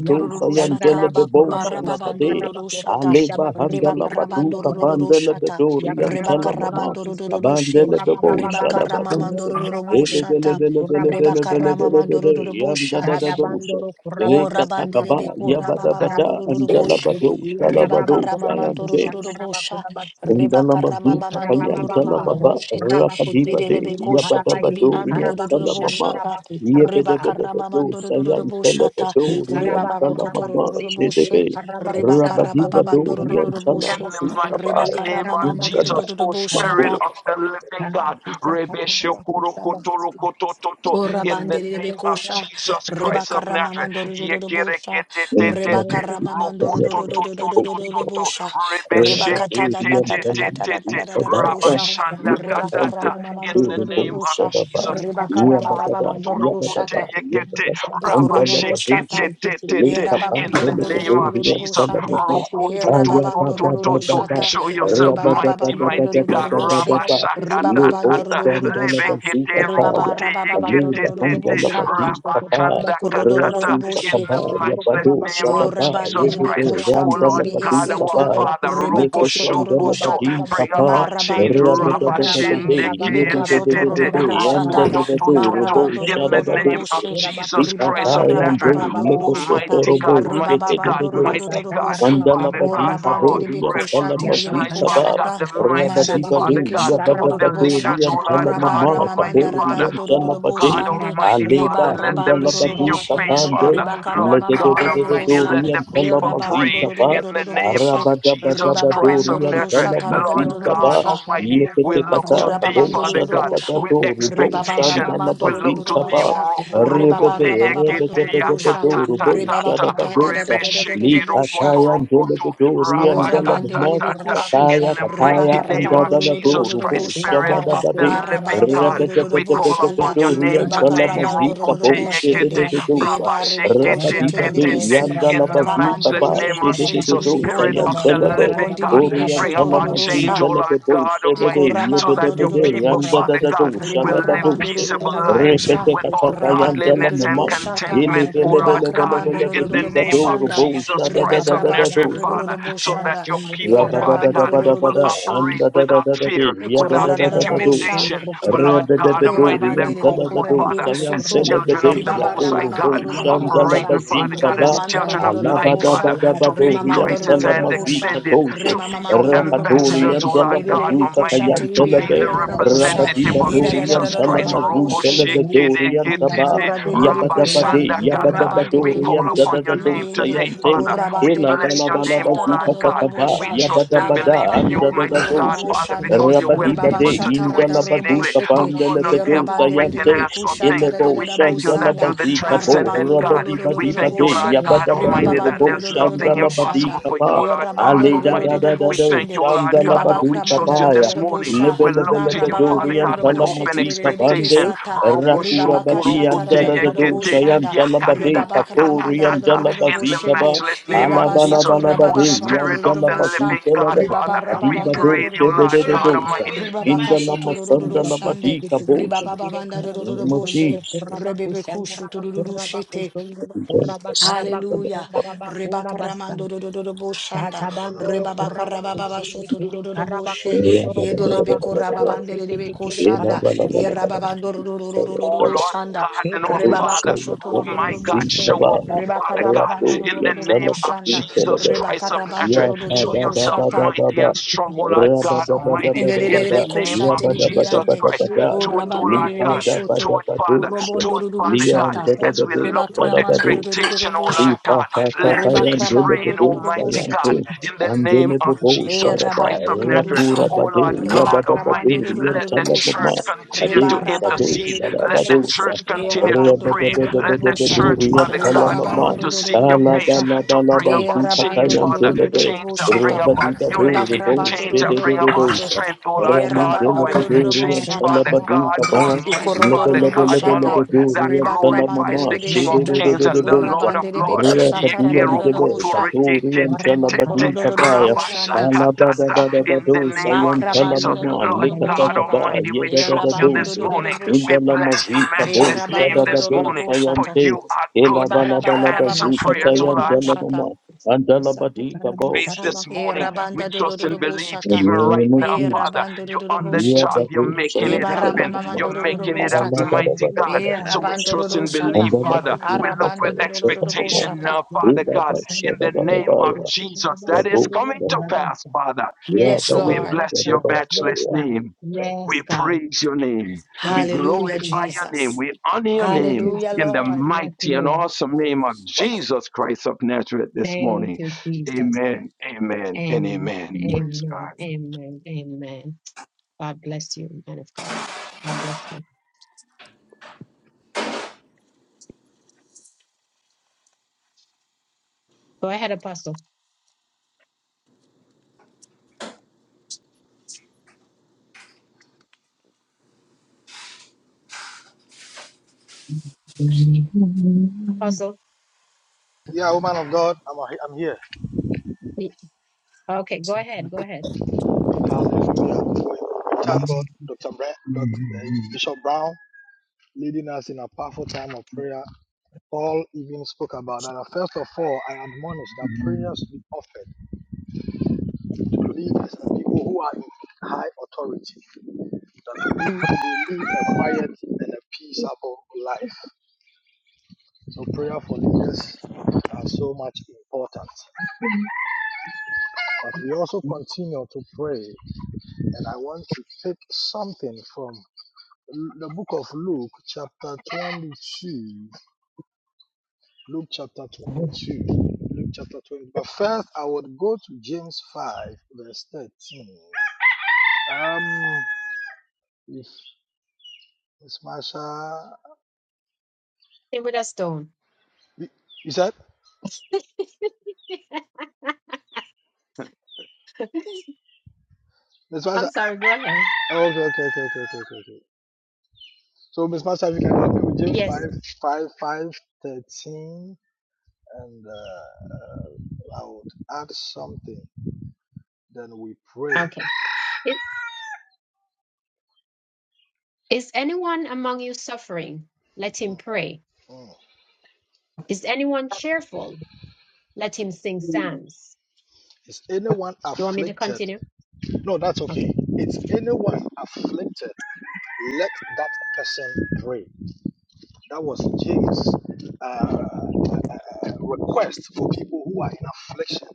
Speaker 1: Yaka
Speaker 5: and
Speaker 1: shanda raba
Speaker 5: Telebebo
Speaker 1: kuraba kusanda
Speaker 5: Shalabade
Speaker 1: raba koro
Speaker 6: marababandorororoshata,
Speaker 1: kushaba
Speaker 5: Aleba
Speaker 1: kushikete kere
Speaker 5: Handalabaduka
Speaker 1: bokuraba kuso.
Speaker 6: rebakarabandorororoshata,
Speaker 5: Bandelebedori
Speaker 1: Yaka
Speaker 5: and
Speaker 1: raba kuraba
Speaker 5: Talamama
Speaker 1: kusende
Speaker 6: rebakarabandorororoshe,
Speaker 1: kuraba
Speaker 5: Kabandelebebo
Speaker 1: baba baba baba.
Speaker 5: Shadabadose
Speaker 1: Kuraba
Speaker 5: Ele
Speaker 1: sende
Speaker 6: rebakaramamandorororoboshata,
Speaker 5: Ele
Speaker 1: kere
Speaker 5: bele bele bele
Speaker 1: kuraba
Speaker 5: bele bele
Speaker 1: kushabasi.
Speaker 5: bele bele Yanda
Speaker 6: rebakaramamandorororobosha,
Speaker 5: da da
Speaker 1: Dada
Speaker 5: doğuşa.
Speaker 1: bandoro
Speaker 6: O
Speaker 5: Ele
Speaker 1: kuraba kusanda
Speaker 5: katakaba
Speaker 6: rabanderebe
Speaker 1: raba
Speaker 6: ko
Speaker 5: Ya
Speaker 1: kuraba
Speaker 5: bada
Speaker 1: karaba
Speaker 5: bada
Speaker 6: rabababandororo
Speaker 5: andala
Speaker 1: kusende
Speaker 6: boshe.
Speaker 1: kere
Speaker 5: badousa la
Speaker 1: kiyanda
Speaker 6: Reba
Speaker 1: raba
Speaker 5: badousa
Speaker 6: karama
Speaker 1: kuraba
Speaker 5: yante.
Speaker 1: kushanda
Speaker 6: mandororo
Speaker 1: raba
Speaker 6: bosha.
Speaker 1: kuraba su.
Speaker 6: Reba
Speaker 5: Andala
Speaker 6: karama
Speaker 1: E
Speaker 5: mazu
Speaker 1: karaba
Speaker 5: takaya
Speaker 1: baba ba
Speaker 5: andala
Speaker 6: mandororo
Speaker 5: baba
Speaker 1: ru
Speaker 6: boshe te.
Speaker 1: kuraba
Speaker 5: rakadiba
Speaker 1: kusende
Speaker 5: de
Speaker 6: Idelebe
Speaker 1: kere
Speaker 6: ko
Speaker 5: Ya bada
Speaker 6: shati
Speaker 1: karaba
Speaker 6: dibi
Speaker 5: bado
Speaker 1: yende karaba
Speaker 6: andororo
Speaker 5: yantala
Speaker 1: kushanda
Speaker 6: bosha
Speaker 5: mama.
Speaker 6: ta.
Speaker 1: raba
Speaker 5: Ye
Speaker 1: kusaba
Speaker 6: Reba
Speaker 5: bede
Speaker 1: sa.
Speaker 5: bede
Speaker 6: karama
Speaker 5: bedousa
Speaker 6: mandororo bosha
Speaker 5: yantala
Speaker 6: ta.
Speaker 1: E
Speaker 5: bado
Speaker 6: Reba
Speaker 1: karaba
Speaker 6: baba
Speaker 5: yantala
Speaker 1: kuraba
Speaker 5: mama
Speaker 6: kotororo
Speaker 1: kusende kere
Speaker 6: boshe.
Speaker 5: şedebe.
Speaker 1: karaba
Speaker 6: Reba
Speaker 1: kusaba
Speaker 6: karama
Speaker 5: Rabadiba
Speaker 1: sondoro
Speaker 5: do
Speaker 1: kuraba
Speaker 6: babandororo
Speaker 5: yantala
Speaker 4: In
Speaker 1: kuraba
Speaker 6: boshe.
Speaker 4: the
Speaker 5: masu
Speaker 1: kusende
Speaker 6: Reba
Speaker 4: matchless
Speaker 1: kere
Speaker 5: kabaya.
Speaker 4: name
Speaker 6: karama
Speaker 1: karaba
Speaker 4: of
Speaker 1: baba.
Speaker 5: Indana
Speaker 4: Jesus,
Speaker 6: mandororo
Speaker 4: O
Speaker 6: bosha
Speaker 4: Spirit of
Speaker 5: makura.
Speaker 4: the Living
Speaker 1: Karaba
Speaker 4: God,
Speaker 1: kusaba
Speaker 4: Rebe
Speaker 1: karaba
Speaker 4: Shokoro
Speaker 1: kusaba
Speaker 4: Kotoro
Speaker 1: su.
Speaker 4: Kototo,
Speaker 6: Ora
Speaker 1: Dada
Speaker 4: in the
Speaker 6: bandere de
Speaker 4: name
Speaker 1: bandoro
Speaker 4: of
Speaker 1: kuraba
Speaker 6: bekosha,
Speaker 4: Jesus
Speaker 1: kusaba
Speaker 6: reba
Speaker 4: Christ of
Speaker 6: karama
Speaker 4: Nazareth,
Speaker 6: mandoro
Speaker 1: su.
Speaker 6: do do do
Speaker 4: Yekere
Speaker 6: bosha,
Speaker 4: Kete Te Te
Speaker 5: Indana
Speaker 6: reba
Speaker 4: Te,
Speaker 1: Rada
Speaker 6: karama
Speaker 4: Roko
Speaker 6: mandoro do
Speaker 4: To
Speaker 6: do do
Speaker 4: To
Speaker 6: do
Speaker 4: To
Speaker 6: do do do
Speaker 4: To
Speaker 6: do
Speaker 4: To
Speaker 5: Rabadi
Speaker 6: do
Speaker 4: To,
Speaker 6: bosha,
Speaker 4: Rebe
Speaker 6: reba
Speaker 4: Sheke
Speaker 6: kata da
Speaker 4: Te
Speaker 6: da
Speaker 5: Rabadurian
Speaker 6: da
Speaker 4: Te
Speaker 6: da da
Speaker 4: Te
Speaker 6: da da
Speaker 5: Penelope
Speaker 6: da da da da da
Speaker 5: Abaya,
Speaker 6: bosha, reba
Speaker 5: Yukapanjan,
Speaker 6: karama
Speaker 4: in
Speaker 6: mandoro
Speaker 4: the
Speaker 6: do do do
Speaker 4: name
Speaker 5: Urubu
Speaker 4: of
Speaker 6: bosha,
Speaker 5: Sadaba,
Speaker 4: Jesus,
Speaker 6: reba karama
Speaker 4: Kokotoro
Speaker 6: baba
Speaker 5: Yabadaba,
Speaker 6: mandoro
Speaker 4: Kotoro Kote
Speaker 6: do
Speaker 5: Yabadaba,
Speaker 4: Yekete,
Speaker 5: Yabadaba,
Speaker 6: Ikorobobo shata.
Speaker 5: Andalabadusha,
Speaker 4: Rabashiketetetete. In
Speaker 6: Erababando
Speaker 5: Lekapanjan,
Speaker 4: the
Speaker 5: the
Speaker 4: name of
Speaker 5: Durian
Speaker 6: rodododododobo
Speaker 4: Jesus.
Speaker 6: shate.
Speaker 5: Penelope,
Speaker 6: Erababando
Speaker 5: Ayababa,
Speaker 6: rododo
Speaker 5: Baba,
Speaker 4: Rokotototototo.
Speaker 6: shata.
Speaker 4: Show yourself mighty,
Speaker 6: Ribababando
Speaker 4: mighty God.
Speaker 6: rododododobo she.
Speaker 5: Rabadabadabadabadabadaba,
Speaker 6: Ribababanda
Speaker 5: Lebo
Speaker 4: Rabashakatatata.
Speaker 6: rododododo sha.
Speaker 5: Standalabazuka
Speaker 4: Levekete
Speaker 5: Taya,
Speaker 6: Ribabarababando
Speaker 5: Aleba
Speaker 1: Rabakusi kete
Speaker 6: rodododobo
Speaker 4: rokoteyeketetete.
Speaker 1: kerebo
Speaker 6: sha.
Speaker 5: Handalabadi
Speaker 1: kusha kete
Speaker 5: Papa,
Speaker 1: rabakusi
Speaker 5: Rasu
Speaker 4: Rabakandakatata.
Speaker 6: Ikorodododobo
Speaker 1: kurabakushi
Speaker 4: In
Speaker 6: she.
Speaker 1: kete
Speaker 4: the
Speaker 5: Takaba,
Speaker 1: kerebo
Speaker 4: matchless
Speaker 5: Yabado
Speaker 4: name
Speaker 1: kurabakusi.
Speaker 4: of
Speaker 6: O
Speaker 5: Shadaba,
Speaker 4: Jesus
Speaker 1: Rak
Speaker 5: Rebe,
Speaker 4: Christ.
Speaker 6: rabanderebeko
Speaker 4: Oh Lord
Speaker 1: rabakusi
Speaker 6: shatilibi
Speaker 1: nde
Speaker 5: Randalabadu
Speaker 4: God,
Speaker 1: kere
Speaker 4: our
Speaker 6: eseto
Speaker 5: Papa,
Speaker 4: Father.
Speaker 1: karabakusi
Speaker 6: rebako
Speaker 1: kete kerebo
Speaker 5: Lekosan
Speaker 6: shotoro do
Speaker 4: Roboshokoto.
Speaker 6: shata
Speaker 1: kurabakusa
Speaker 5: Delabadi
Speaker 4: Bring
Speaker 1: batsa.
Speaker 5: Kapa
Speaker 4: about change.
Speaker 6: marabando
Speaker 1: Che karabak
Speaker 6: dolododoboshi
Speaker 5: Rabadadadadade
Speaker 1: rabak
Speaker 6: ibeke
Speaker 1: rabakus
Speaker 4: Rabashindiketetete
Speaker 6: shotoro do
Speaker 1: kanda
Speaker 5: Yedadadadadade
Speaker 6: do do
Speaker 1: rabak
Speaker 6: shata
Speaker 1: rabakus
Speaker 5: Yandadadade
Speaker 1: kanda
Speaker 4: robototototo,
Speaker 5: Robo
Speaker 6: marabando
Speaker 4: in the
Speaker 1: rabakurokusa
Speaker 4: name
Speaker 5: Shadabadus
Speaker 1: batsa
Speaker 4: of
Speaker 6: dolodododoboshi
Speaker 1: kurabakus.
Speaker 4: Jesus Christ
Speaker 6: ribababa
Speaker 4: of
Speaker 5: Lipataya
Speaker 1: Ya
Speaker 5: and De
Speaker 4: Nazareth.
Speaker 6: rabababando do do
Speaker 1: karabakusi kete
Speaker 6: shata
Speaker 5: Lekosoto
Speaker 4: Almighty
Speaker 1: kere
Speaker 4: God,
Speaker 5: Robo
Speaker 4: mighty
Speaker 1: kerebo
Speaker 4: God,
Speaker 6: ribababando
Speaker 1: kurabaka
Speaker 5: Shetadadosa
Speaker 4: mighty God,
Speaker 1: kanda
Speaker 6: rodododoboshi
Speaker 4: Father
Speaker 6: o
Speaker 5: Andalabadi
Speaker 4: God, my
Speaker 1: rabakurabakusa
Speaker 4: Lord,
Speaker 1: batsa.
Speaker 5: Kabori and
Speaker 6: rabanderebeko
Speaker 1: Ya
Speaker 5: Talamazi
Speaker 4: revolutionize,
Speaker 6: shatelebeko
Speaker 1: katanda
Speaker 4: Father
Speaker 5: Kaba
Speaker 4: God,
Speaker 6: shata
Speaker 4: the
Speaker 1: rabakusa
Speaker 4: mindset,
Speaker 6: madidibi
Speaker 4: Father
Speaker 5: Rabadibade
Speaker 6: eke
Speaker 4: God,
Speaker 1: katarabakurukusa
Speaker 4: of the
Speaker 6: shotorododobosha
Speaker 4: leaders,
Speaker 5: Yabadabadori
Speaker 4: oh
Speaker 5: and
Speaker 4: Lord
Speaker 1: rabakurabakurabakusa
Speaker 4: God,
Speaker 5: Talamama
Speaker 1: batsa.
Speaker 4: Almighty
Speaker 6: rabaramamanda
Speaker 5: Kabori
Speaker 4: Father,
Speaker 6: radala
Speaker 5: and
Speaker 4: oh
Speaker 1: Thank
Speaker 4: God,
Speaker 5: Talabade
Speaker 1: you.
Speaker 6: dodododoboshande
Speaker 4: Almighty
Speaker 6: eba
Speaker 4: Father,
Speaker 5: Aleba
Speaker 4: let them
Speaker 6: rabando do
Speaker 4: seek your
Speaker 5: Handalabadu
Speaker 6: do
Speaker 4: face,
Speaker 5: Kapande
Speaker 4: Father, Lord
Speaker 6: Ribakarama
Speaker 4: God Almighty,
Speaker 6: mandororosha.
Speaker 4: let
Speaker 5: Ledededededori
Speaker 4: the
Speaker 5: and
Speaker 4: people
Speaker 5: Talamazi
Speaker 4: pray
Speaker 5: Kabab.
Speaker 4: in the name of
Speaker 6: Erababandorororoboshe.
Speaker 4: Jesus Christ of
Speaker 5: Arabadabadabadorian
Speaker 6: Ribababandororosha
Speaker 4: Nazareth. Lord
Speaker 5: Kalamazinta
Speaker 4: God
Speaker 5: Ba
Speaker 6: taradororobosha.
Speaker 4: Almighty, we look
Speaker 5: Yetekata
Speaker 4: to thee, Father
Speaker 5: Abosha
Speaker 4: God,
Speaker 6: Ikorababandororoboshe.
Speaker 4: with
Speaker 5: Dabadado Rubo
Speaker 6: Ribababama
Speaker 4: expectation.
Speaker 5: Shantala
Speaker 4: We look to
Speaker 5: Bazinta
Speaker 4: thee,
Speaker 5: Ba
Speaker 6: mandorororobosha.
Speaker 4: Oro- Oro- Kote-
Speaker 5: Rebebe
Speaker 4: Yekete-
Speaker 6: Ribabarababandororosha.
Speaker 5: Rebedebedebedo Rubo
Speaker 4: Yakatatatata,
Speaker 6: Ribabakata
Speaker 5: Shadabadosa
Speaker 4: Rebe- Shekiro-
Speaker 6: dadadadadadadabosha.
Speaker 5: Likataya and
Speaker 6: O
Speaker 5: Delebedorian
Speaker 6: rabande
Speaker 5: Dalabma
Speaker 6: de bekushi,
Speaker 5: Kataya
Speaker 4: in the
Speaker 5: Kataya
Speaker 4: mighty
Speaker 6: rebaka
Speaker 5: and
Speaker 4: name
Speaker 6: rabando
Speaker 4: of
Speaker 6: do do do do
Speaker 5: Dadalago
Speaker 4: Jesus
Speaker 6: do do
Speaker 4: Christ,
Speaker 5: Rubo
Speaker 4: Spirit
Speaker 6: boshata,
Speaker 4: of the
Speaker 5: Shabadabade
Speaker 4: Living
Speaker 6: marabanda do do
Speaker 4: God.
Speaker 6: do do do
Speaker 4: We call
Speaker 6: boshanda,
Speaker 4: upon your name
Speaker 5: Rebedebedebedorian
Speaker 6: ribaka
Speaker 4: today,
Speaker 6: rabando do
Speaker 5: Kalamazita
Speaker 6: do do
Speaker 4: Rokote
Speaker 5: Bosha
Speaker 6: boshende,
Speaker 4: Yekete,
Speaker 5: Dedosa,
Speaker 4: Rabba
Speaker 6: eba remekoshe
Speaker 4: Shekete,
Speaker 6: te de
Speaker 5: Rabadibade,
Speaker 1: Yakabando,
Speaker 6: besi,
Speaker 4: in
Speaker 1: Kuraba
Speaker 5: Yandala
Speaker 4: the
Speaker 1: Baba
Speaker 6: rabande
Speaker 5: Bazuka
Speaker 4: matchless
Speaker 1: Baba
Speaker 5: Ba,
Speaker 4: matchless
Speaker 6: de
Speaker 1: Kuste,
Speaker 4: name of
Speaker 6: bekushi
Speaker 1: Karaba
Speaker 6: te
Speaker 4: Jesus,
Speaker 6: de bi
Speaker 5: Shededo,
Speaker 1: Kuste,
Speaker 4: Spirit
Speaker 6: ondo,
Speaker 5: Sayan
Speaker 4: of
Speaker 1: Kuraba,
Speaker 4: the
Speaker 5: Telebe,
Speaker 1: Karaba
Speaker 4: living
Speaker 6: robondi
Speaker 1: Baba,
Speaker 6: de
Speaker 4: God.
Speaker 6: bi
Speaker 1: Karaba,
Speaker 6: esho
Speaker 4: Bring
Speaker 6: to
Speaker 5: Orientala
Speaker 6: do
Speaker 4: about
Speaker 6: do
Speaker 1: Karaba,
Speaker 6: do
Speaker 5: Mazun
Speaker 4: change,
Speaker 6: sha.
Speaker 4: O
Speaker 1: Kuraba,
Speaker 4: Lord
Speaker 5: Telebebo,
Speaker 4: God
Speaker 5: Shedede,
Speaker 4: Almighty, so that
Speaker 6: Ikoramamando do
Speaker 4: your
Speaker 6: do do
Speaker 1: Lego,
Speaker 6: do
Speaker 5: Yebedebede,
Speaker 4: people,
Speaker 1: Kuraba
Speaker 6: bosha.
Speaker 4: Father
Speaker 1: Kuste,
Speaker 4: God,
Speaker 5: Yandadado,
Speaker 4: will
Speaker 1: Kuraba,
Speaker 4: live
Speaker 1: Kuraba
Speaker 6: Ribakrabando do
Speaker 5: Shalabadose,
Speaker 1: Kuste,
Speaker 6: do do
Speaker 4: peaceable
Speaker 6: do
Speaker 1: Karaba,
Speaker 6: do
Speaker 4: lives
Speaker 1: Kuste,
Speaker 6: bosha.
Speaker 5: Rekete
Speaker 1: Kuste,
Speaker 4: with all
Speaker 5: Kataka
Speaker 1: Kuste,
Speaker 6: Rabando do
Speaker 1: Kuste,
Speaker 5: Yandala
Speaker 6: do
Speaker 4: godliness
Speaker 6: do
Speaker 4: and
Speaker 5: Mama,
Speaker 6: boshata, ta.
Speaker 4: contentment,
Speaker 1: Kuraba,
Speaker 4: O
Speaker 1: Kuraba
Speaker 4: Lord God,
Speaker 6: Ribakramando
Speaker 1: Kuste,
Speaker 6: do
Speaker 4: in
Speaker 6: do
Speaker 1: Kiri,
Speaker 6: do
Speaker 4: the
Speaker 6: do
Speaker 5: Elebelebelebelebelebedi
Speaker 4: name
Speaker 1: Karaba,
Speaker 4: of
Speaker 5: Bado,
Speaker 6: boshanda.
Speaker 5: Rubo,
Speaker 1: Kuraba
Speaker 4: Jesus
Speaker 1: Kuste,
Speaker 4: Christ of
Speaker 1: Karaba,
Speaker 4: Nazareth,
Speaker 6: Ribakrabashko
Speaker 5: Shadadadadado,
Speaker 6: do do do
Speaker 1: Kuraba
Speaker 6: do
Speaker 4: Father,
Speaker 1: Kuste,
Speaker 4: so that
Speaker 6: boshanda.
Speaker 4: your
Speaker 1: Sunduru,
Speaker 4: people,
Speaker 1: Kuraba
Speaker 4: Father
Speaker 6: Erabando
Speaker 4: God,
Speaker 1: Kuste,
Speaker 6: do do do do
Speaker 4: will
Speaker 6: do
Speaker 5: Rabadabadabadabada,
Speaker 6: shi.
Speaker 4: operate without fear,
Speaker 5: andadadadadadi,
Speaker 4: without
Speaker 6: Ikorada da da
Speaker 1: Karaba Kuste,
Speaker 5: yadadadadadadoos,
Speaker 6: da
Speaker 4: intimidation,
Speaker 1: Sunduru,
Speaker 4: but Lord
Speaker 1: Kuraba
Speaker 4: God
Speaker 1: Kuste,
Speaker 6: O
Speaker 4: Almighty,
Speaker 5: rebedebedori,
Speaker 4: they'll
Speaker 6: rabandele be
Speaker 4: go
Speaker 1: Kiri,
Speaker 4: forth,
Speaker 6: kura
Speaker 1: Karaba
Speaker 5: antadadadoos,
Speaker 6: bibi
Speaker 4: Father,
Speaker 1: Kuste,
Speaker 4: as
Speaker 6: esoto
Speaker 1: Kuraba
Speaker 4: children of
Speaker 5: ayantelebede,
Speaker 4: the
Speaker 1: Kuste,
Speaker 4: Most.
Speaker 6: ribaba
Speaker 4: Most High
Speaker 5: yakurubo,
Speaker 4: God,
Speaker 6: ramamando do
Speaker 1: Ya
Speaker 6: do do do do
Speaker 1: karaba
Speaker 6: sha
Speaker 4: operating, Father
Speaker 1: kusende
Speaker 5: bazika
Speaker 4: God, as
Speaker 5: ba,
Speaker 1: kiri
Speaker 6: remamanda do
Speaker 4: children
Speaker 1: karaba
Speaker 6: do
Speaker 4: of
Speaker 6: do do do
Speaker 4: light,
Speaker 6: bo
Speaker 1: kusende re
Speaker 6: sha
Speaker 4: Father, to
Speaker 1: karaba
Speaker 4: be
Speaker 5: alabadabadabadori,
Speaker 1: kusende
Speaker 6: remamanda do do
Speaker 4: Christ's
Speaker 6: do
Speaker 1: kiri
Speaker 6: do
Speaker 4: hand
Speaker 6: bo
Speaker 1: karaba.
Speaker 6: sha
Speaker 5: antalamazika
Speaker 4: extended,
Speaker 5: toshe,
Speaker 4: to be your
Speaker 6: remamamando do
Speaker 1: Ya
Speaker 6: do do bo
Speaker 1: karaba
Speaker 5: rakatori,
Speaker 6: she
Speaker 4: ambassadors, O
Speaker 1: ndoro
Speaker 4: Lord God
Speaker 6: yebele
Speaker 1: karaba
Speaker 6: be
Speaker 5: andalabazuta
Speaker 4: Almighty,
Speaker 6: kosha
Speaker 1: kusaba
Speaker 6: teri
Speaker 4: to
Speaker 6: bi
Speaker 4: be
Speaker 1: sende re
Speaker 6: anda
Speaker 4: the
Speaker 5: kayantelebe,
Speaker 6: do do do
Speaker 1: kura
Speaker 6: bo sha
Speaker 1: karaba
Speaker 4: representative of
Speaker 1: karaba
Speaker 6: ira da
Speaker 5: rabadibadori,
Speaker 6: da
Speaker 1: baba
Speaker 6: da
Speaker 4: Jesus
Speaker 6: do
Speaker 1: baba
Speaker 6: do do
Speaker 4: Christ.
Speaker 6: do
Speaker 1: baba.
Speaker 6: do bo
Speaker 4: Robo
Speaker 6: shende
Speaker 1: Usta
Speaker 5: antalamazuntelebedori,
Speaker 1: kanda
Speaker 5: antaba,
Speaker 4: shekedeketete,
Speaker 1: raba kura
Speaker 6: Ikoraderebe
Speaker 4: Rabba
Speaker 1: kusende
Speaker 6: kosha,
Speaker 1: re
Speaker 5: yabadabade,
Speaker 1: karaba
Speaker 4: Shandakata.
Speaker 1: kusende
Speaker 4: We
Speaker 6: rabanderebe
Speaker 5: yabadabadori,
Speaker 4: call
Speaker 1: kiri kiri
Speaker 4: upon
Speaker 6: kosha
Speaker 4: your
Speaker 1: kiri
Speaker 4: name
Speaker 5: antadadadoos,
Speaker 6: telibiende,
Speaker 1: kiri
Speaker 4: today,
Speaker 1: kiri
Speaker 5: ayante,
Speaker 4: Father.
Speaker 1: karaba
Speaker 4: We
Speaker 1: sti.
Speaker 6: rabanderebe
Speaker 4: bless your
Speaker 6: kosha
Speaker 4: name, O
Speaker 1: Ya
Speaker 4: Lord God.
Speaker 5: Elabalabalabazukataka
Speaker 1: karaba
Speaker 4: We
Speaker 6: taradododobosha,
Speaker 1: kusana
Speaker 4: trust
Speaker 1: sti
Speaker 4: and
Speaker 5: yabadabada
Speaker 1: kiri.
Speaker 4: believe in you, mighty
Speaker 1: Ya
Speaker 4: God,
Speaker 5: andadadadoshe
Speaker 1: karaba
Speaker 4: Father,
Speaker 6: arababandorododododoboshanda,
Speaker 1: ya
Speaker 4: because you're well
Speaker 1: sta ya
Speaker 5: rabadibade
Speaker 4: able
Speaker 6: rebabasha
Speaker 4: to
Speaker 1: sta.
Speaker 4: do exceedingly glory
Speaker 5: indalabaduka
Speaker 6: taradadoroboshete,
Speaker 1: Karaba
Speaker 6: e
Speaker 4: abundantly
Speaker 1: kusende
Speaker 4: of
Speaker 1: kiri karaba kusende
Speaker 5: pandelebedosa
Speaker 1: kiri
Speaker 4: we can
Speaker 6: rabanderebe
Speaker 5: yante
Speaker 4: ask or
Speaker 6: kusha
Speaker 4: think.
Speaker 5: elebo
Speaker 4: We thank you that you're
Speaker 6: taradadadabosanda,
Speaker 4: the
Speaker 5: shandalabazika bo
Speaker 4: transcendent God. We thank you,
Speaker 5: rabadibadibade
Speaker 1: karaba
Speaker 4: Lord
Speaker 6: arabandorododododoboshe,
Speaker 1: kura
Speaker 4: God
Speaker 1: karaba
Speaker 4: Almighty, that
Speaker 5: yabadabadorobo
Speaker 1: kusende
Speaker 4: there's nothing
Speaker 1: karaba
Speaker 4: impossible
Speaker 1: kusende.
Speaker 6: ribababandorodododobosanda.
Speaker 5: shandalabadika
Speaker 4: for you,
Speaker 5: pa
Speaker 4: Lord God
Speaker 6: Yorabando
Speaker 4: Almighty. We
Speaker 5: aledadadadado
Speaker 4: thank you,
Speaker 6: Bushende,
Speaker 4: Lord God,
Speaker 6: Ribaba
Speaker 4: Lord, we
Speaker 5: shandalabaduka
Speaker 6: Kramanda
Speaker 4: trust you
Speaker 5: paya
Speaker 4: this
Speaker 1: Kurabasta
Speaker 4: morning.
Speaker 6: Busha,
Speaker 4: We look to you,
Speaker 6: Marababando
Speaker 4: Father God, with hope
Speaker 6: Bushe
Speaker 4: and
Speaker 5: lebelebelebedoriantalamazika
Speaker 6: Telebeke
Speaker 5: pande
Speaker 4: expectation.
Speaker 6: Sata,
Speaker 4: Robo
Speaker 6: Ribaba
Speaker 5: rakurabadi
Speaker 6: Kashatara
Speaker 4: shukurokute
Speaker 5: andadadadosha
Speaker 4: yekete,
Speaker 6: Bushanda,
Speaker 4: yakanda
Speaker 5: yantalabade
Speaker 6: Ribaba Kramanda
Speaker 4: katatata, In the
Speaker 5: ba.
Speaker 6: Bushende,
Speaker 4: matchless name of Jesus,
Speaker 6: Irabasatu
Speaker 4: O
Speaker 5: Alabalabalabade,
Speaker 6: Rabababando
Speaker 4: Spirit of the
Speaker 6: Busha,
Speaker 4: living God,
Speaker 5: yandalabakuntelebe,
Speaker 4: Father,
Speaker 6: Ribaba
Speaker 4: we
Speaker 6: Rababando
Speaker 4: pray,
Speaker 5: adibado,
Speaker 4: to you, Lord God
Speaker 6: Bushende,
Speaker 5: shebedededosa,
Speaker 4: Almighty.
Speaker 6: Ribaba Kashotoro Dododo Shande, Ribaba
Speaker 5: indalamasandalabadikaboshe.
Speaker 6: Babanda
Speaker 5: In the name of
Speaker 6: Bushe,
Speaker 5: Jesus.
Speaker 6: Rebebe Kushu Tududu Shete, Hallelujah. Rebakaramando do do do do boshanda.
Speaker 1: Tatabandoro Kurabaku
Speaker 6: Rebabakarababa
Speaker 1: Shindi
Speaker 6: shoto do do
Speaker 1: Kiri
Speaker 6: do do
Speaker 1: Karabaku
Speaker 6: boshe.
Speaker 1: Sundoro
Speaker 6: Yedolebe
Speaker 1: Kurabaku
Speaker 6: korababande de
Speaker 1: Sabasiki
Speaker 6: debe
Speaker 1: Tikiri
Speaker 6: koshanda.
Speaker 1: Karabaku
Speaker 3: Thank
Speaker 1: Sabasta
Speaker 6: Yerababando do do do do do do
Speaker 4: Oh
Speaker 6: do do
Speaker 4: Lord
Speaker 6: shanda.
Speaker 4: God and our
Speaker 6: Rebabaka
Speaker 1: Karabaku
Speaker 4: Father,
Speaker 6: shoto do
Speaker 4: oh
Speaker 6: do do
Speaker 4: my
Speaker 6: do
Speaker 4: God,
Speaker 6: boshe.
Speaker 4: show up, oh Father God,
Speaker 6: Rebakarababando do
Speaker 4: in
Speaker 6: do do
Speaker 4: the
Speaker 6: do do
Speaker 4: name
Speaker 1: Thank
Speaker 4: of
Speaker 6: boshanda.
Speaker 4: Jesus Christ of
Speaker 6: Rebakarabando
Speaker 4: Nazareth.
Speaker 6: do do do
Speaker 4: Show
Speaker 6: do
Speaker 4: yourself
Speaker 6: boshata.
Speaker 4: mighty
Speaker 5: Yakaba
Speaker 4: and strong, oh Lord God Almighty, in the
Speaker 6: Erererebe
Speaker 5: Rabadabadabadabada,
Speaker 4: name of
Speaker 6: koshate
Speaker 4: Jesus
Speaker 6: ririande,
Speaker 4: Christ.
Speaker 5: yabadabadabadabada,
Speaker 4: Do it, oh
Speaker 6: korabande
Speaker 4: Lord
Speaker 6: rerebe
Speaker 4: God. Do
Speaker 6: shoto,
Speaker 4: it,
Speaker 3: you.
Speaker 4: Father.
Speaker 5: libadabadabadus,
Speaker 4: Do
Speaker 6: robondo
Speaker 4: it,
Speaker 6: rururu
Speaker 4: Father
Speaker 3: Thank
Speaker 6: shata,
Speaker 4: God, as we
Speaker 5: liandadadadus,
Speaker 4: look with
Speaker 6: rebakramando
Speaker 5: dadabadus,
Speaker 4: expectation, oh
Speaker 6: rururu
Speaker 4: Lord
Speaker 6: shata,
Speaker 4: God. Let peace
Speaker 6: rebakrabando
Speaker 4: reign,
Speaker 5: lipatakayandelebedus,
Speaker 6: rururu
Speaker 4: Almighty God,
Speaker 6: sheti,
Speaker 5: ayante,
Speaker 4: in the name of
Speaker 5: andelebebos,
Speaker 6: me
Speaker 4: Jesus
Speaker 5: dadaba,
Speaker 4: Christ
Speaker 6: rabando
Speaker 4: of
Speaker 6: do do do
Speaker 4: Nazareth.
Speaker 6: sha,
Speaker 4: Oh
Speaker 5: rakurabade,
Speaker 4: Lord
Speaker 6: reba
Speaker 4: God
Speaker 5: yabadabade,
Speaker 4: Almighty,
Speaker 6: rabando do do do
Speaker 4: let
Speaker 6: do do
Speaker 4: the
Speaker 6: bo sha,
Speaker 4: church
Speaker 5: yantalabama,
Speaker 4: continue to
Speaker 6: reba
Speaker 5: ade,
Speaker 6: rabande
Speaker 5: sadus,
Speaker 6: de de
Speaker 4: intercede.
Speaker 6: be ko
Speaker 4: Let the
Speaker 6: sha,
Speaker 5: dadabadus,
Speaker 4: church
Speaker 6: e
Speaker 4: continue to
Speaker 6: rabando do do
Speaker 4: pray.
Speaker 6: do do do
Speaker 4: Let
Speaker 6: bo
Speaker 4: the
Speaker 6: sha,
Speaker 4: church,
Speaker 5: rebedebedebedebeduri,
Speaker 4: Father
Speaker 6: reba
Speaker 4: God, my Lord,
Speaker 5: yantalamama,
Speaker 6: babando do
Speaker 4: to
Speaker 6: do do
Speaker 4: seek
Speaker 6: do do
Speaker 4: your
Speaker 6: bo
Speaker 4: face,
Speaker 6: sha,
Speaker 4: to bring
Speaker 5: alabalabalaba,
Speaker 6: me
Speaker 4: about
Speaker 6: rabando
Speaker 4: change,
Speaker 6: do do do
Speaker 4: Father.
Speaker 6: do do
Speaker 5: zupatayandelebe,
Speaker 6: do
Speaker 4: Change
Speaker 6: bo
Speaker 4: that
Speaker 6: sha
Speaker 4: bring
Speaker 6: ta,
Speaker 4: about
Speaker 5: Rabadida
Speaker 6: reba
Speaker 5: Doro
Speaker 4: unity.
Speaker 5: Bo
Speaker 6: rabando do
Speaker 4: Change
Speaker 6: do
Speaker 4: that
Speaker 6: do do
Speaker 4: bring
Speaker 6: bo
Speaker 4: about
Speaker 6: she,
Speaker 5: Shedosa
Speaker 4: strength, oh
Speaker 1: you.
Speaker 4: Lord
Speaker 6: e
Speaker 4: God
Speaker 6: rabando
Speaker 5: Ramandela
Speaker 6: do
Speaker 4: Almighty.
Speaker 6: do do do
Speaker 5: Bedori
Speaker 6: bo
Speaker 5: and
Speaker 4: Change,
Speaker 6: sha
Speaker 1: Yakashenda
Speaker 6: ta,
Speaker 4: Father
Speaker 1: karaba
Speaker 4: God,
Speaker 5: Talabaduka
Speaker 1: kure
Speaker 6: e
Speaker 5: Bash
Speaker 4: Almighty
Speaker 6: koro
Speaker 1: kushendere
Speaker 6: do do
Speaker 4: Father
Speaker 6: do bo
Speaker 1: kuraba
Speaker 4: God,
Speaker 6: sha
Speaker 4: my
Speaker 1: kuraba
Speaker 6: ta,
Speaker 4: Lord, that
Speaker 1: kusema
Speaker 5: Lebelebelebelebedori and
Speaker 6: reba
Speaker 1: kusuku.
Speaker 6: rabande
Speaker 4: glorifies
Speaker 6: de
Speaker 4: the
Speaker 5: Talamama
Speaker 6: de be
Speaker 4: King
Speaker 6: she
Speaker 4: of
Speaker 6: tu,
Speaker 1: Yakaraba
Speaker 4: Kings and
Speaker 6: o
Speaker 4: the
Speaker 1: kushende
Speaker 5: Shedebedebosa
Speaker 4: Lord of
Speaker 1: kiri
Speaker 6: rabande de be
Speaker 1: karaba
Speaker 4: Lords.
Speaker 6: ko sha
Speaker 1: kuraba
Speaker 6: ta ra
Speaker 4: Yeke
Speaker 5: Rebadu
Speaker 6: ra ra
Speaker 5: and
Speaker 6: ra
Speaker 1: kusema
Speaker 6: ra
Speaker 4: roko
Speaker 5: Dele
Speaker 6: bo
Speaker 1: su.
Speaker 4: tore
Speaker 6: sha,
Speaker 4: ke te
Speaker 5: Katori and
Speaker 4: te
Speaker 1: Yaraba
Speaker 4: te
Speaker 6: e
Speaker 4: te,
Speaker 6: koro
Speaker 5: Talabadika
Speaker 6: do
Speaker 1: karaba
Speaker 6: do do do
Speaker 1: kusha
Speaker 5: kabaya.
Speaker 6: bo
Speaker 4: raba
Speaker 1: karaba
Speaker 3: you.
Speaker 6: shanda.
Speaker 1: kusuku
Speaker 5: Alabada
Speaker 4: shakatata.
Speaker 1: saba
Speaker 5: Bada
Speaker 1: kusuku.
Speaker 4: In the
Speaker 5: Badosa
Speaker 4: name of
Speaker 5: and
Speaker 4: Jesus,
Speaker 6: Makrabanda do do
Speaker 5: Talamama
Speaker 6: do do
Speaker 1: In
Speaker 4: Lord
Speaker 6: do
Speaker 1: the
Speaker 4: God
Speaker 1: name
Speaker 5: Lekataka
Speaker 6: boshata.
Speaker 1: of
Speaker 5: Ba
Speaker 4: Almighty, we
Speaker 1: Jesus.
Speaker 5: Yeda
Speaker 4: trust you
Speaker 6: Irabando
Speaker 1: Yes,
Speaker 6: do
Speaker 4: this
Speaker 6: do
Speaker 5: Dosa
Speaker 6: do do
Speaker 1: Baba.
Speaker 4: morning. We
Speaker 6: boshata.
Speaker 5: Indalama
Speaker 4: bless your
Speaker 5: Vika
Speaker 1: Karaba
Speaker 5: Bo
Speaker 4: matchless name
Speaker 6: Mirabando
Speaker 1: kusaba.
Speaker 6: do
Speaker 4: this
Speaker 6: do do do
Speaker 5: Shadabadosa
Speaker 4: morning, for
Speaker 6: boshata.
Speaker 4: you
Speaker 5: Yante
Speaker 4: are good.
Speaker 6: Ibaraba
Speaker 4: You
Speaker 6: ba ba
Speaker 5: Elabalabalaba
Speaker 6: ba
Speaker 4: answer
Speaker 6: ba
Speaker 5: Zuka
Speaker 6: shoto
Speaker 4: prayers,
Speaker 6: do
Speaker 1: Yakaraba
Speaker 4: O
Speaker 6: do do
Speaker 5: Tayan
Speaker 6: do
Speaker 4: Lord
Speaker 1: andaba
Speaker 6: shata.
Speaker 5: Talamama
Speaker 1: kuraba
Speaker 5: and
Speaker 1: kusaba kusaba
Speaker 5: Alabadika
Speaker 1: karaba
Speaker 4: face
Speaker 5: Bosh
Speaker 1: karaba
Speaker 4: this morning.
Speaker 1: kushaba.
Speaker 4: We
Speaker 6: Irabanda do do
Speaker 4: trust
Speaker 6: do
Speaker 4: and
Speaker 6: do
Speaker 4: believe
Speaker 5: in
Speaker 6: boshata.
Speaker 5: the
Speaker 4: even
Speaker 1: Yes,
Speaker 4: right
Speaker 5: name of
Speaker 4: now,
Speaker 5: Jesus.
Speaker 4: Father.
Speaker 6: Mirabando do
Speaker 4: You're
Speaker 6: do do
Speaker 4: on the
Speaker 5: Yeah,
Speaker 4: job.
Speaker 6: boshete.
Speaker 5: but
Speaker 4: You're
Speaker 5: do
Speaker 1: God.
Speaker 5: say
Speaker 4: making it
Speaker 5: and tell them,
Speaker 6: Kibarama
Speaker 4: happen.
Speaker 5: Mama.
Speaker 4: You're
Speaker 6: do
Speaker 1: Yes,
Speaker 6: do do
Speaker 1: God.
Speaker 4: making
Speaker 5: I
Speaker 4: it
Speaker 5: love
Speaker 4: up,
Speaker 1: Yes,
Speaker 6: boshata.
Speaker 5: that, that,
Speaker 1: God.
Speaker 4: mighty
Speaker 5: that,
Speaker 4: God.
Speaker 1: Yes,
Speaker 5: that,
Speaker 4: So
Speaker 1: God.
Speaker 4: we
Speaker 1: Yes,
Speaker 6: Mirabando
Speaker 5: that.
Speaker 6: do
Speaker 4: trust
Speaker 6: do
Speaker 4: and
Speaker 1: God.
Speaker 5: And
Speaker 4: believe,
Speaker 6: shata.
Speaker 1: Yes,
Speaker 5: then I
Speaker 1: God.
Speaker 4: Father.
Speaker 5: can
Speaker 1: Yes,
Speaker 5: do
Speaker 4: We
Speaker 1: God.
Speaker 5: that,
Speaker 4: look
Speaker 5: I
Speaker 6: Arabando
Speaker 4: with
Speaker 5: am
Speaker 6: do do do
Speaker 5: there,
Speaker 6: do do
Speaker 5: Mama.
Speaker 4: expectation
Speaker 6: boshata.
Speaker 4: now,
Speaker 5: Yeah,
Speaker 4: Father God,
Speaker 5: but say
Speaker 4: in
Speaker 5: that,
Speaker 4: the
Speaker 5: that, that,
Speaker 4: name of
Speaker 5: that, yeah.
Speaker 4: Jesus.
Speaker 5: Yeah,
Speaker 4: That is
Speaker 5: boo,
Speaker 4: coming
Speaker 5: yeah,
Speaker 4: to
Speaker 5: but, uh,
Speaker 4: pass, Father.
Speaker 1: Yes,
Speaker 5: yeah,
Speaker 6: Yes,
Speaker 4: So
Speaker 5: but,
Speaker 4: we
Speaker 1: God.
Speaker 5: uh,
Speaker 6: Lord.
Speaker 1: Yes,
Speaker 5: yeah,
Speaker 4: bless
Speaker 5: but,
Speaker 4: your
Speaker 1: God.
Speaker 5: uh,
Speaker 1: Yes,
Speaker 4: matchless
Speaker 1: God.
Speaker 4: name. We
Speaker 1: Yes, God.
Speaker 4: praise your name. We
Speaker 1: Thank you,
Speaker 6: Hallelujah,
Speaker 4: glorify your
Speaker 1: Jesus.
Speaker 4: name.
Speaker 6: Jesus.
Speaker 4: We honor your
Speaker 5: yeah,
Speaker 1: Thank
Speaker 4: name
Speaker 1: you,
Speaker 6: Hallelujah,
Speaker 4: in the
Speaker 1: Jesus.
Speaker 6: Lord.
Speaker 1: Yes,
Speaker 4: mighty and
Speaker 1: Lord.
Speaker 4: awesome name of Jesus Christ of Nazareth this morning.
Speaker 1: Thank you, Jesus.
Speaker 4: Amen. Amen. And
Speaker 1: Amen.
Speaker 4: amen. Praise God.
Speaker 1: Amen. Amen. Amen. God bless you, man of God. God bless you. Go ahead, Apostle.
Speaker 5: but,
Speaker 1: Apostle.
Speaker 3: Yeah, woman of God, I'm, a, I'm here.
Speaker 1: y- Okay, go ahead. Go ahead.
Speaker 3: Hallelujah. We, we
Speaker 5: uh,
Speaker 3: thank God, Dr. Brad, Dr. uh,
Speaker 5: yeah.
Speaker 3: Bishop Brown, leading us in a powerful time of prayer. Paul even spoke about that. First of all, I admonish that prayers be offered to leaders and people who are in high authority, that they will live a quiet and a peaceable life. So prayer for leaders are so much important. But we also continue to pray, and I want to take something from the book of Luke, chapter 22. Luke chapter 22. Luke chapter 20. But first, I would go to James 5, verse 13. Um, if Miss Marsha,
Speaker 1: Hit with a stone.
Speaker 3: you you said?
Speaker 1: [laughs]
Speaker 3: Miss
Speaker 1: I'm
Speaker 3: Marsha,
Speaker 1: sorry. Go ahead.
Speaker 3: oh, okay, okay, okay, okay, okay, okay. okay. So, Miss Marsha, if you can help me with James 5,
Speaker 1: Yes.
Speaker 3: 5, 5, 13, and uh, uh, I would add something. Then we pray.
Speaker 1: Okay. Is anyone among you suffering? Let him
Speaker 3: Mm,
Speaker 1: pray.
Speaker 3: mm.
Speaker 1: Is anyone cheerful? Let him sing psalms.
Speaker 3: Is anyone
Speaker 1: You want me to
Speaker 3: afflicted?
Speaker 1: continue?
Speaker 3: No, that's
Speaker 1: Okay.
Speaker 3: okay. It's anyone afflicted, let that person pray. That was James' uh, uh, uh, request for people who are in affliction,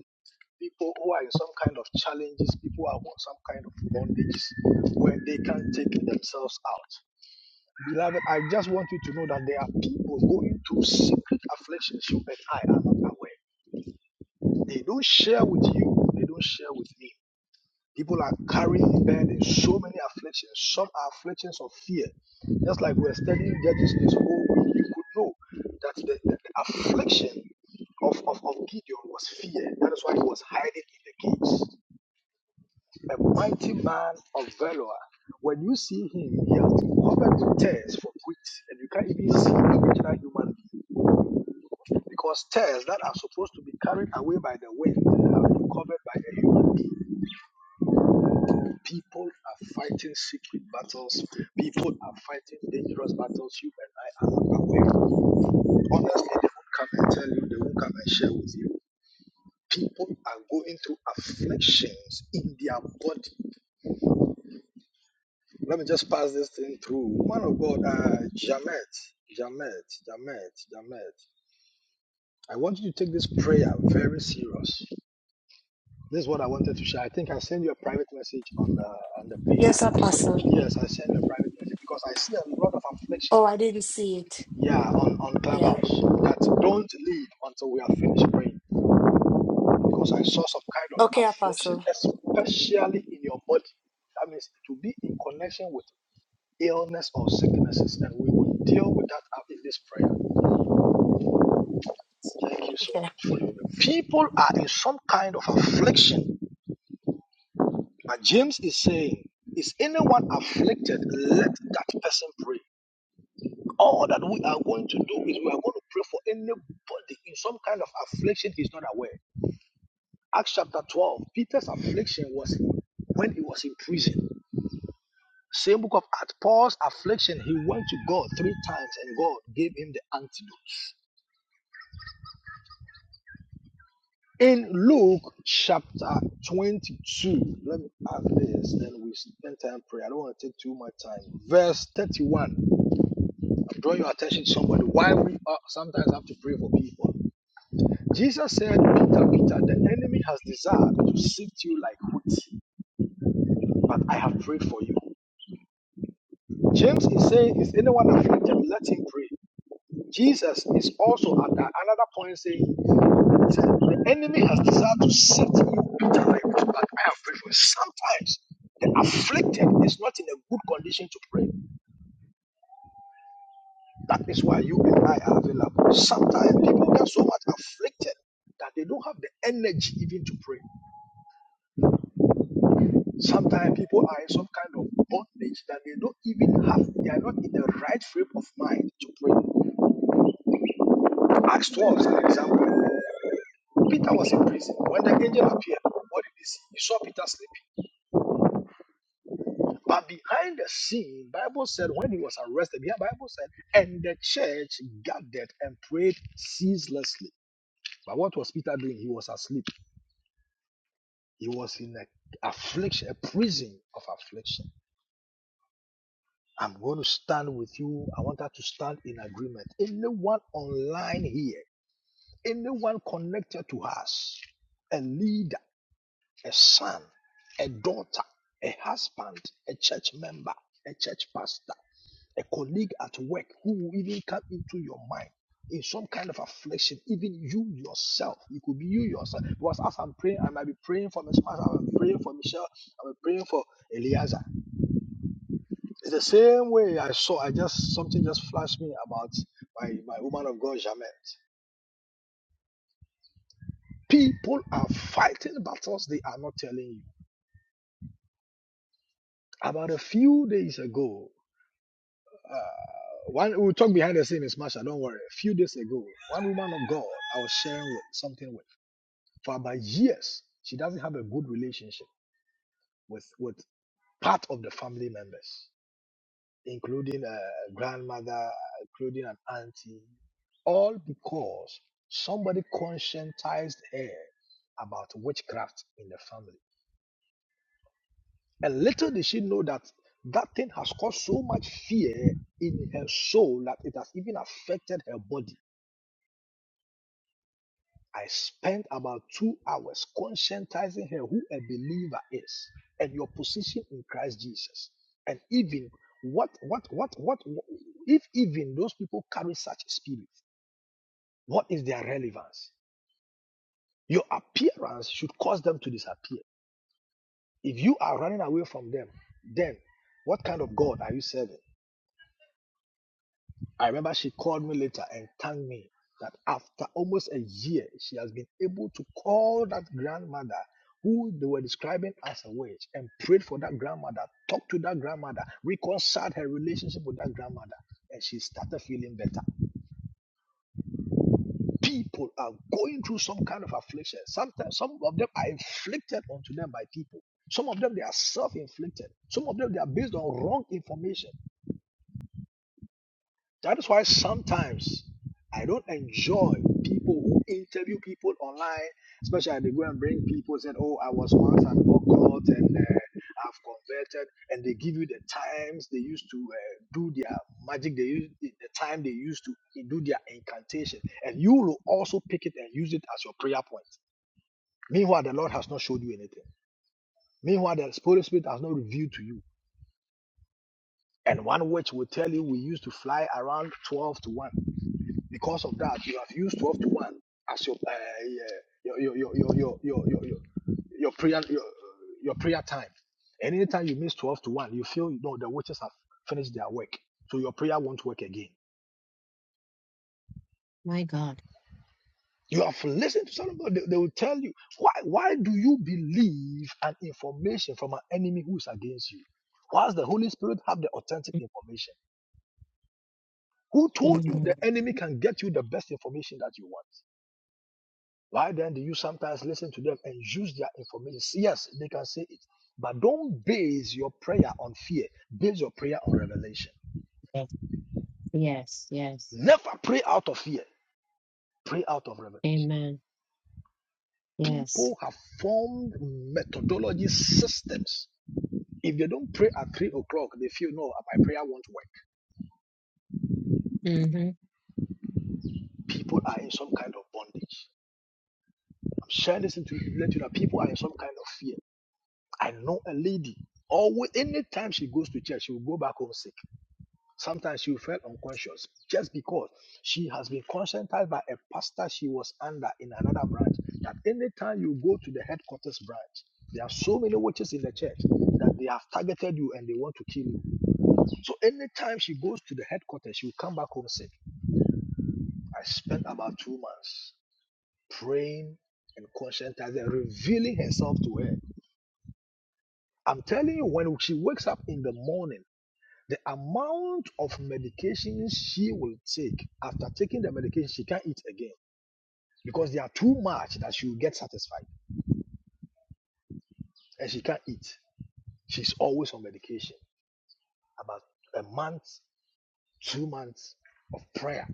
Speaker 3: people who are in some kind of challenges, people who are in some kind of bondages where they can't take themselves out. Beloved, I just want you to know that there are people going through secret afflictions you and I are not aware. They don't share with you, they don't share with me. People are carrying burdens, so many afflictions. Some are afflictions of fear. Just like we're studying Judges this whole week, you could know that the, the, the affliction of, of, of Gideon was fear. That is why he was hiding in the caves. A mighty man of valor. When you see him, he has been covered with tears for weeks, and you can't even see the original human being because tears that are supposed to be carried away by the wind have been covered by a human being. People are fighting secret battles. People are fighting dangerous battles you and I are not aware of. Honestly, they won't come and tell you, they won't come and share with you. People are going through afflictions in their body. Let me just pass this thing through. Man of God, uh, Jamet, Jamet, Jamet, Jamet. I want you to take this prayer very serious. This is what I wanted to share. I think I sent you a private message on the on the
Speaker 6: Yes, Apostle.
Speaker 3: page. Yes, I sent you a private message because I see a lot of affliction
Speaker 6: Oh, I didn't see it.
Speaker 3: Yeah, on, on
Speaker 6: Yeah.
Speaker 3: Clubhouse. That don't leave until we are finished praying. Because I saw some kind of
Speaker 6: Okay,
Speaker 3: affliction,
Speaker 6: Apostle.
Speaker 3: especially in your body. That means it will be in connection with illness or sicknesses, and we will deal with that up in this prayer. Thank you so
Speaker 6: Okay.
Speaker 3: much for your prayer. People are in some kind of affliction. But James is saying, Is anyone afflicted? Let that person pray. All that we are going to do is we are going to pray for anybody in some kind of affliction he's not aware. Acts chapter 12, Peter's affliction was when he was in prison. Same book of Acts, Paul's affliction, he went to God three times and God gave him the antidotes. In Luke chapter 22, let me add this, then we spend time prayer. I don't want to take too much time. Verse 31, I'm drawing your attention to somebody. Why we are, sometimes have to pray for people. Jesus said, Peter, Peter, the enemy has desired to sift you like wheat, but I have prayed for you. James is saying, Is anyone afflicted? Let him pray. Jesus is also at another point saying, The enemy has desired to set you bitter like this, but I have prayed for you. Sometimes the afflicted is not in a good condition to pray. That is why you and I are available. Sometimes people get so much afflicted that they don't have the energy even to pray. Sometimes people are in some kind of bondage that they don't even have, they are not in the right frame of mind to pray. Acts 12 is an example. Peter was in prison. When the angel appeared, what did he see? He saw Peter sleeping. But behind the scene, Bible said when he was arrested, the Bible said, and the church gathered and prayed ceaselessly. But what was Peter doing? He was asleep. He was in a affliction, a prison of affliction. I'm going to stand with you. I want us to stand in agreement. Anyone online here, anyone connected to us, a leader. a son, a daughter, a husband, a church member, a church pastor, a colleague at work who will even come into your mind in some kind of affliction, even you yourself. It could be you yourself. Because as I'm praying, I might be praying for my spouse, I might be praying for Michelle, I might be praying for Eliezer. It's the same way I saw, I just something just flashed me about my, my woman of God, Jamet. People are fighting battles they are not telling you. About a few days ago, One we'll talk behind the scene is Masha, don't worry. A few days ago, one woman of God I was sharing with something with for about years, she doesn't have a good relationship with with part of the family members, including a grandmother, including an auntie, all because somebody conscientized her about witchcraft in the family. And little did she know that that thing has caused so much fear in her soul that it has even affected her body I spent about two hours conscientizing her who a believer is and your position in Christ Jesus. And even what, what, what, what, if even those people carry such spirit, what is their relevance? Your appearance should cause them to disappear. If you are running away from them, then what kind of God are you serving? I remember she called me later and thanked me that after almost a year, she has been able to call that grandmother who they were describing as a witch and prayed for that grandmother, talked to that grandmother, reconciled her relationship with that grandmother, and she started feeling better. People are going through some kind of affliction. Sometimes some of them are inflicted onto them by people. Some of them they are self-inflicted. Some of them they are based on wrong information. That is why sometimes I don't enjoy people who interview people online, especially they go and bring people said, "Oh, I was once an occult and uh, I've converted," and they give you the times they used to uh, do their magic, they use the time they used to do their incantation, and you will also pick it and use it as your prayer point. Meanwhile, the Lord has not showed you anything. Meanwhile, the Holy Spirit has not revealed to you. And one witch will tell you we used to fly around twelve to one. Because of that, you have used 12 to 1 as your, uh, yeah, your, your, your, your, your, your, your, your prayer, your, your prayer time. And anytime you miss 12 to 1, you feel, you know, the witches have finished their work. So your prayer won't work again.
Speaker 1: My God.
Speaker 3: You have listened to somebody, they, they will tell you, why, why do you believe an information from an enemy who is against you? Whilst the Holy Spirit have the authentic information. Who told you the
Speaker 1: Mhm.
Speaker 3: enemy can get you the best information that you want? Why then do you sometimes listen to them and use their information? Yes, they can say it, but don't base your prayer on fear. Base your prayer on revelation.
Speaker 1: Yes, yes. yes.
Speaker 3: Never pray out of fear. Pray out of revelation.
Speaker 1: Amen. Yes.
Speaker 3: People have formed methodology systems. If they don't pray at three o'clock, they feel no, my prayer won't work.
Speaker 1: Mm-hmm.
Speaker 3: People are in some kind of bondage. I'm sharing this to let you know people are in some kind of fear. I know a lady. Always, anytime she goes to church, she will go back home sick. Sometimes she felt unconscious just because she has been conscientized by a pastor she was under in another branch that anytime you go to the headquarters branch, there are so many witches in the church that they have targeted you and they want to kill you. So anytime she goes to the headquarters, she will come back home sick. I spent about two months praying and conscientizing, revealing herself to her. I'm telling you, when she wakes up in the morning, The amount of medication she will take after taking the medication, she can't eat again because they are too much that she will get satisfied and she can't eat. She's always on medication. About a month, two months of prayer,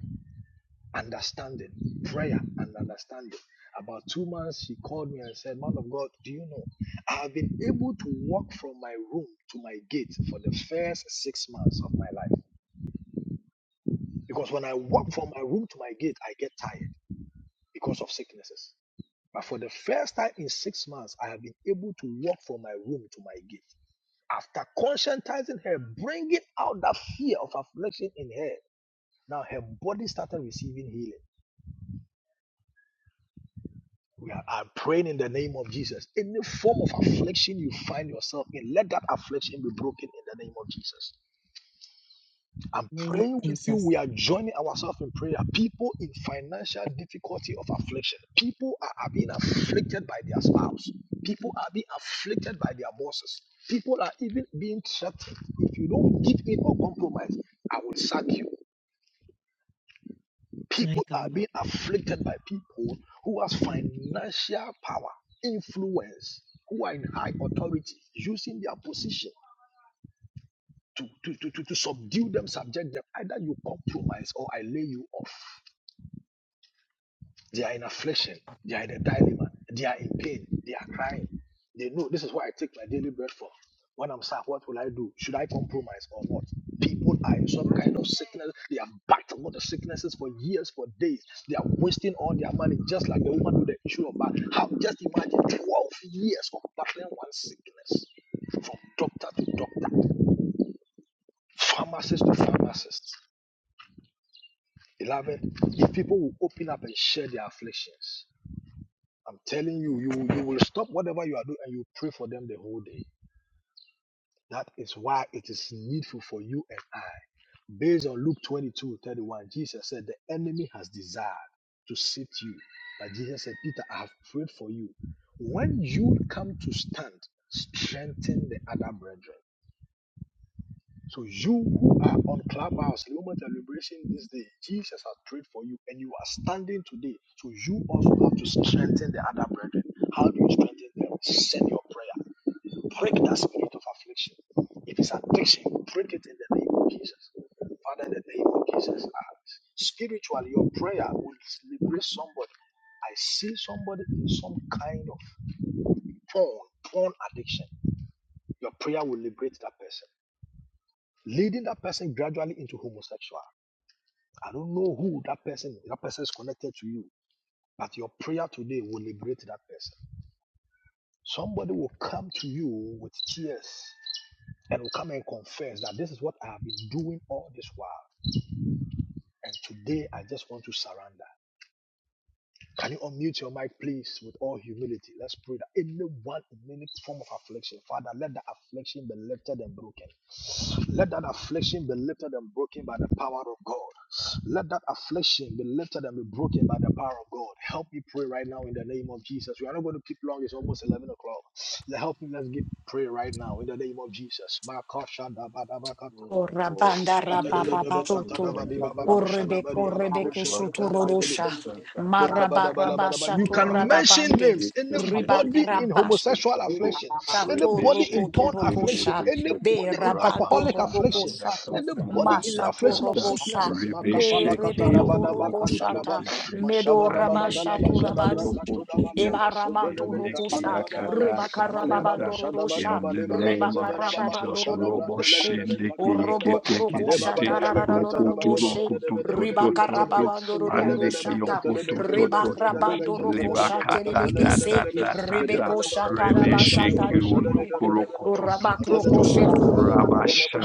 Speaker 3: understanding, prayer and understanding. About two months, she called me and said, Man of God, do you know? I have been able to walk from my room to my gate for the first six months of my life. Because when I walk from my room to my gate, I get tired. because of sicknesses. But for the first time in six months, I have been able to walk from my room to my gate. After conscientizing her, bringing out that fear of affliction in her, now her body started receiving healing. We are I'm praying in the name of Jesus. Any form of affliction you find yourself in, let that affliction be broken in the name of Jesus. I'm
Speaker 1: Name of
Speaker 3: praying with you.
Speaker 1: Jesus.
Speaker 3: We are joining ourselves in prayer. People in financial difficulty of affliction. People are, are being afflicted by their spouse. People are being afflicted by their bosses. People are even being threatened. If you don't give in or compromise, I will sack you.
Speaker 1: My
Speaker 3: People are
Speaker 1: God.
Speaker 3: being afflicted by people who has financial power, influence, who are in high authority, using their position to, to, to, to, to subdue them, subject them. Either you compromise or I lay you off. They are in affliction. They are in a dilemma. They are in pain. They are crying. They know this is what I take my daily bread for. When I'm sad, what will I do? Should I compromise or what? People are in some kind of sickness. They have battled with the sicknesses for years, for days. They are wasting all their money, just like the woman with the issue of blood. How just imagine 12 years of battling one sickness from doctor to doctor, pharmacist to pharmacist. Beloved, if people will open up and share their afflictions, I'm telling you, you you will stop whatever you are doing and you pray for them the whole day. That is why it is needful for you and I. Based on Luke 22 31, Jesus said, The enemy has desired to seat you. But Jesus said, Peter, I have prayed for you. When you come to stand, strengthen the other brethren. So you who are on Clubhouse, Moment and Liberation this day, Jesus has prayed for you and you are standing today. So you also have to strengthen the other brethren. How do you strengthen them? Send your prayer. Break that spirit of affliction. If it's addiction, break it in the name of Jesus. Father, in the name of Jesus, ah, spiritually, your prayer will liberate somebody. I see somebody in some kind of porn, porn addiction. Your prayer will liberate that person leading that person gradually into homosexual. I don't know who that person is. That person is connected to you, but your prayer today will liberate that person. Somebody will come to you with tears and will come and confess that this is what I have been doing all this while. And today I just want to surrender. Can you unmute your mic, please, with all humility? Let's pray that anyone in any form of affliction, Father, let that affliction be lifted and broken. Let that affliction be lifted and broken by the power of God. Let that affliction be lifted and be broken by the power of God. Help me pray right now in the name of Jesus. We are not going to keep long. It's almost 11 o'clock. Let- Help me. Let's get pray right now in the name of Jesus.
Speaker 4: [laughs] Oh,
Speaker 6: O
Speaker 4: Lord.
Speaker 6: rabanda
Speaker 4: Praise
Speaker 6: rababa
Speaker 4: the
Speaker 6: soto.
Speaker 4: Lord. Yes, yes,
Speaker 6: O
Speaker 4: oh,
Speaker 6: rebeko
Speaker 4: oh, oh,
Speaker 6: rebeko soto
Speaker 4: Raka, ta,
Speaker 3: [laughs]
Speaker 4: ta,
Speaker 6: rorosha.
Speaker 4: ta, ta, ta, ta. ta.
Speaker 3: Lekabadabalabalaba.
Speaker 6: Marabarabasha
Speaker 3: You
Speaker 6: to
Speaker 3: can
Speaker 4: Raba,
Speaker 3: mention
Speaker 4: shake
Speaker 6: rababande.
Speaker 3: names.
Speaker 4: it, it, it, it,
Speaker 3: Anybody
Speaker 4: do,
Speaker 3: in
Speaker 4: do,
Speaker 6: Ribakarabasha
Speaker 4: do,
Speaker 3: homosexual
Speaker 4: do, do.
Speaker 3: affliction,
Speaker 6: to
Speaker 4: Rebe,
Speaker 3: anybody in
Speaker 6: roko
Speaker 4: shake
Speaker 6: to
Speaker 3: porn
Speaker 4: it, it, it,
Speaker 3: affliction,
Speaker 6: rokosha.
Speaker 4: it, it.
Speaker 3: anybody
Speaker 6: Be
Speaker 3: in
Speaker 4: Raba,
Speaker 6: rabando
Speaker 3: alcoholic
Speaker 4: shaka,
Speaker 6: roboko
Speaker 3: affliction,
Speaker 4: mga,
Speaker 6: shato.
Speaker 4: ta, ta,
Speaker 3: anybody
Speaker 4: ta,
Speaker 3: in
Speaker 6: Masha
Speaker 4: ta,
Speaker 6: to
Speaker 4: ta,
Speaker 3: affliction of
Speaker 4: ta.
Speaker 6: robosha.
Speaker 3: sicknesses.
Speaker 4: Rebe,
Speaker 6: Be
Speaker 4: shake it,
Speaker 6: rebeko
Speaker 4: yoko,
Speaker 6: roko
Speaker 4: roko, to,
Speaker 3: Makapalakatadabadabakatadaba.
Speaker 6: shata.
Speaker 4: to, to.
Speaker 6: Medo rabasha
Speaker 4: Aneke,
Speaker 3: Mashabadababadalaba.
Speaker 6: to
Speaker 4: yoko,
Speaker 6: rabat.
Speaker 4: roko, to, to.
Speaker 3: Jadabrakatodabaliaba.
Speaker 4: Eneke,
Speaker 6: Ebaramanturukusha,
Speaker 4: yaka,
Speaker 3: Sodedebekatalabadabaya.
Speaker 4: ta, ta, ta, ta.
Speaker 3: Malebaba
Speaker 6: Rebakarababandorosha,
Speaker 4: In the
Speaker 3: shadabakabalebaba
Speaker 4: name of
Speaker 3: dozeberababa
Speaker 4: Jesus, Robo
Speaker 6: Rebakarababandoroboshe,
Speaker 4: Shindiki
Speaker 3: koshadabrandelelelebekatalabadaba.
Speaker 4: Kete
Speaker 6: Orobokrokusha,
Speaker 3: Malebaba
Speaker 4: Kete, Rokoto
Speaker 3: delebekatalabadebaba
Speaker 6: Tararaboshe,
Speaker 4: Rokoto Toto
Speaker 3: delebelebelebeketele.
Speaker 4: Toto
Speaker 3: Kabala
Speaker 4: Andiki
Speaker 6: Ribakarababandoroshata,
Speaker 4: Okoto Toto Toto Leba
Speaker 6: Rebakrabandorokosha,
Speaker 4: Kata
Speaker 6: Terebekese,
Speaker 4: Tata Tata Tata
Speaker 6: Rebekosha,
Speaker 4: Rebe
Speaker 6: Tarabasata,
Speaker 4: Sheki Ondo Korokoto Toto Toto
Speaker 6: Orabakrokoshe,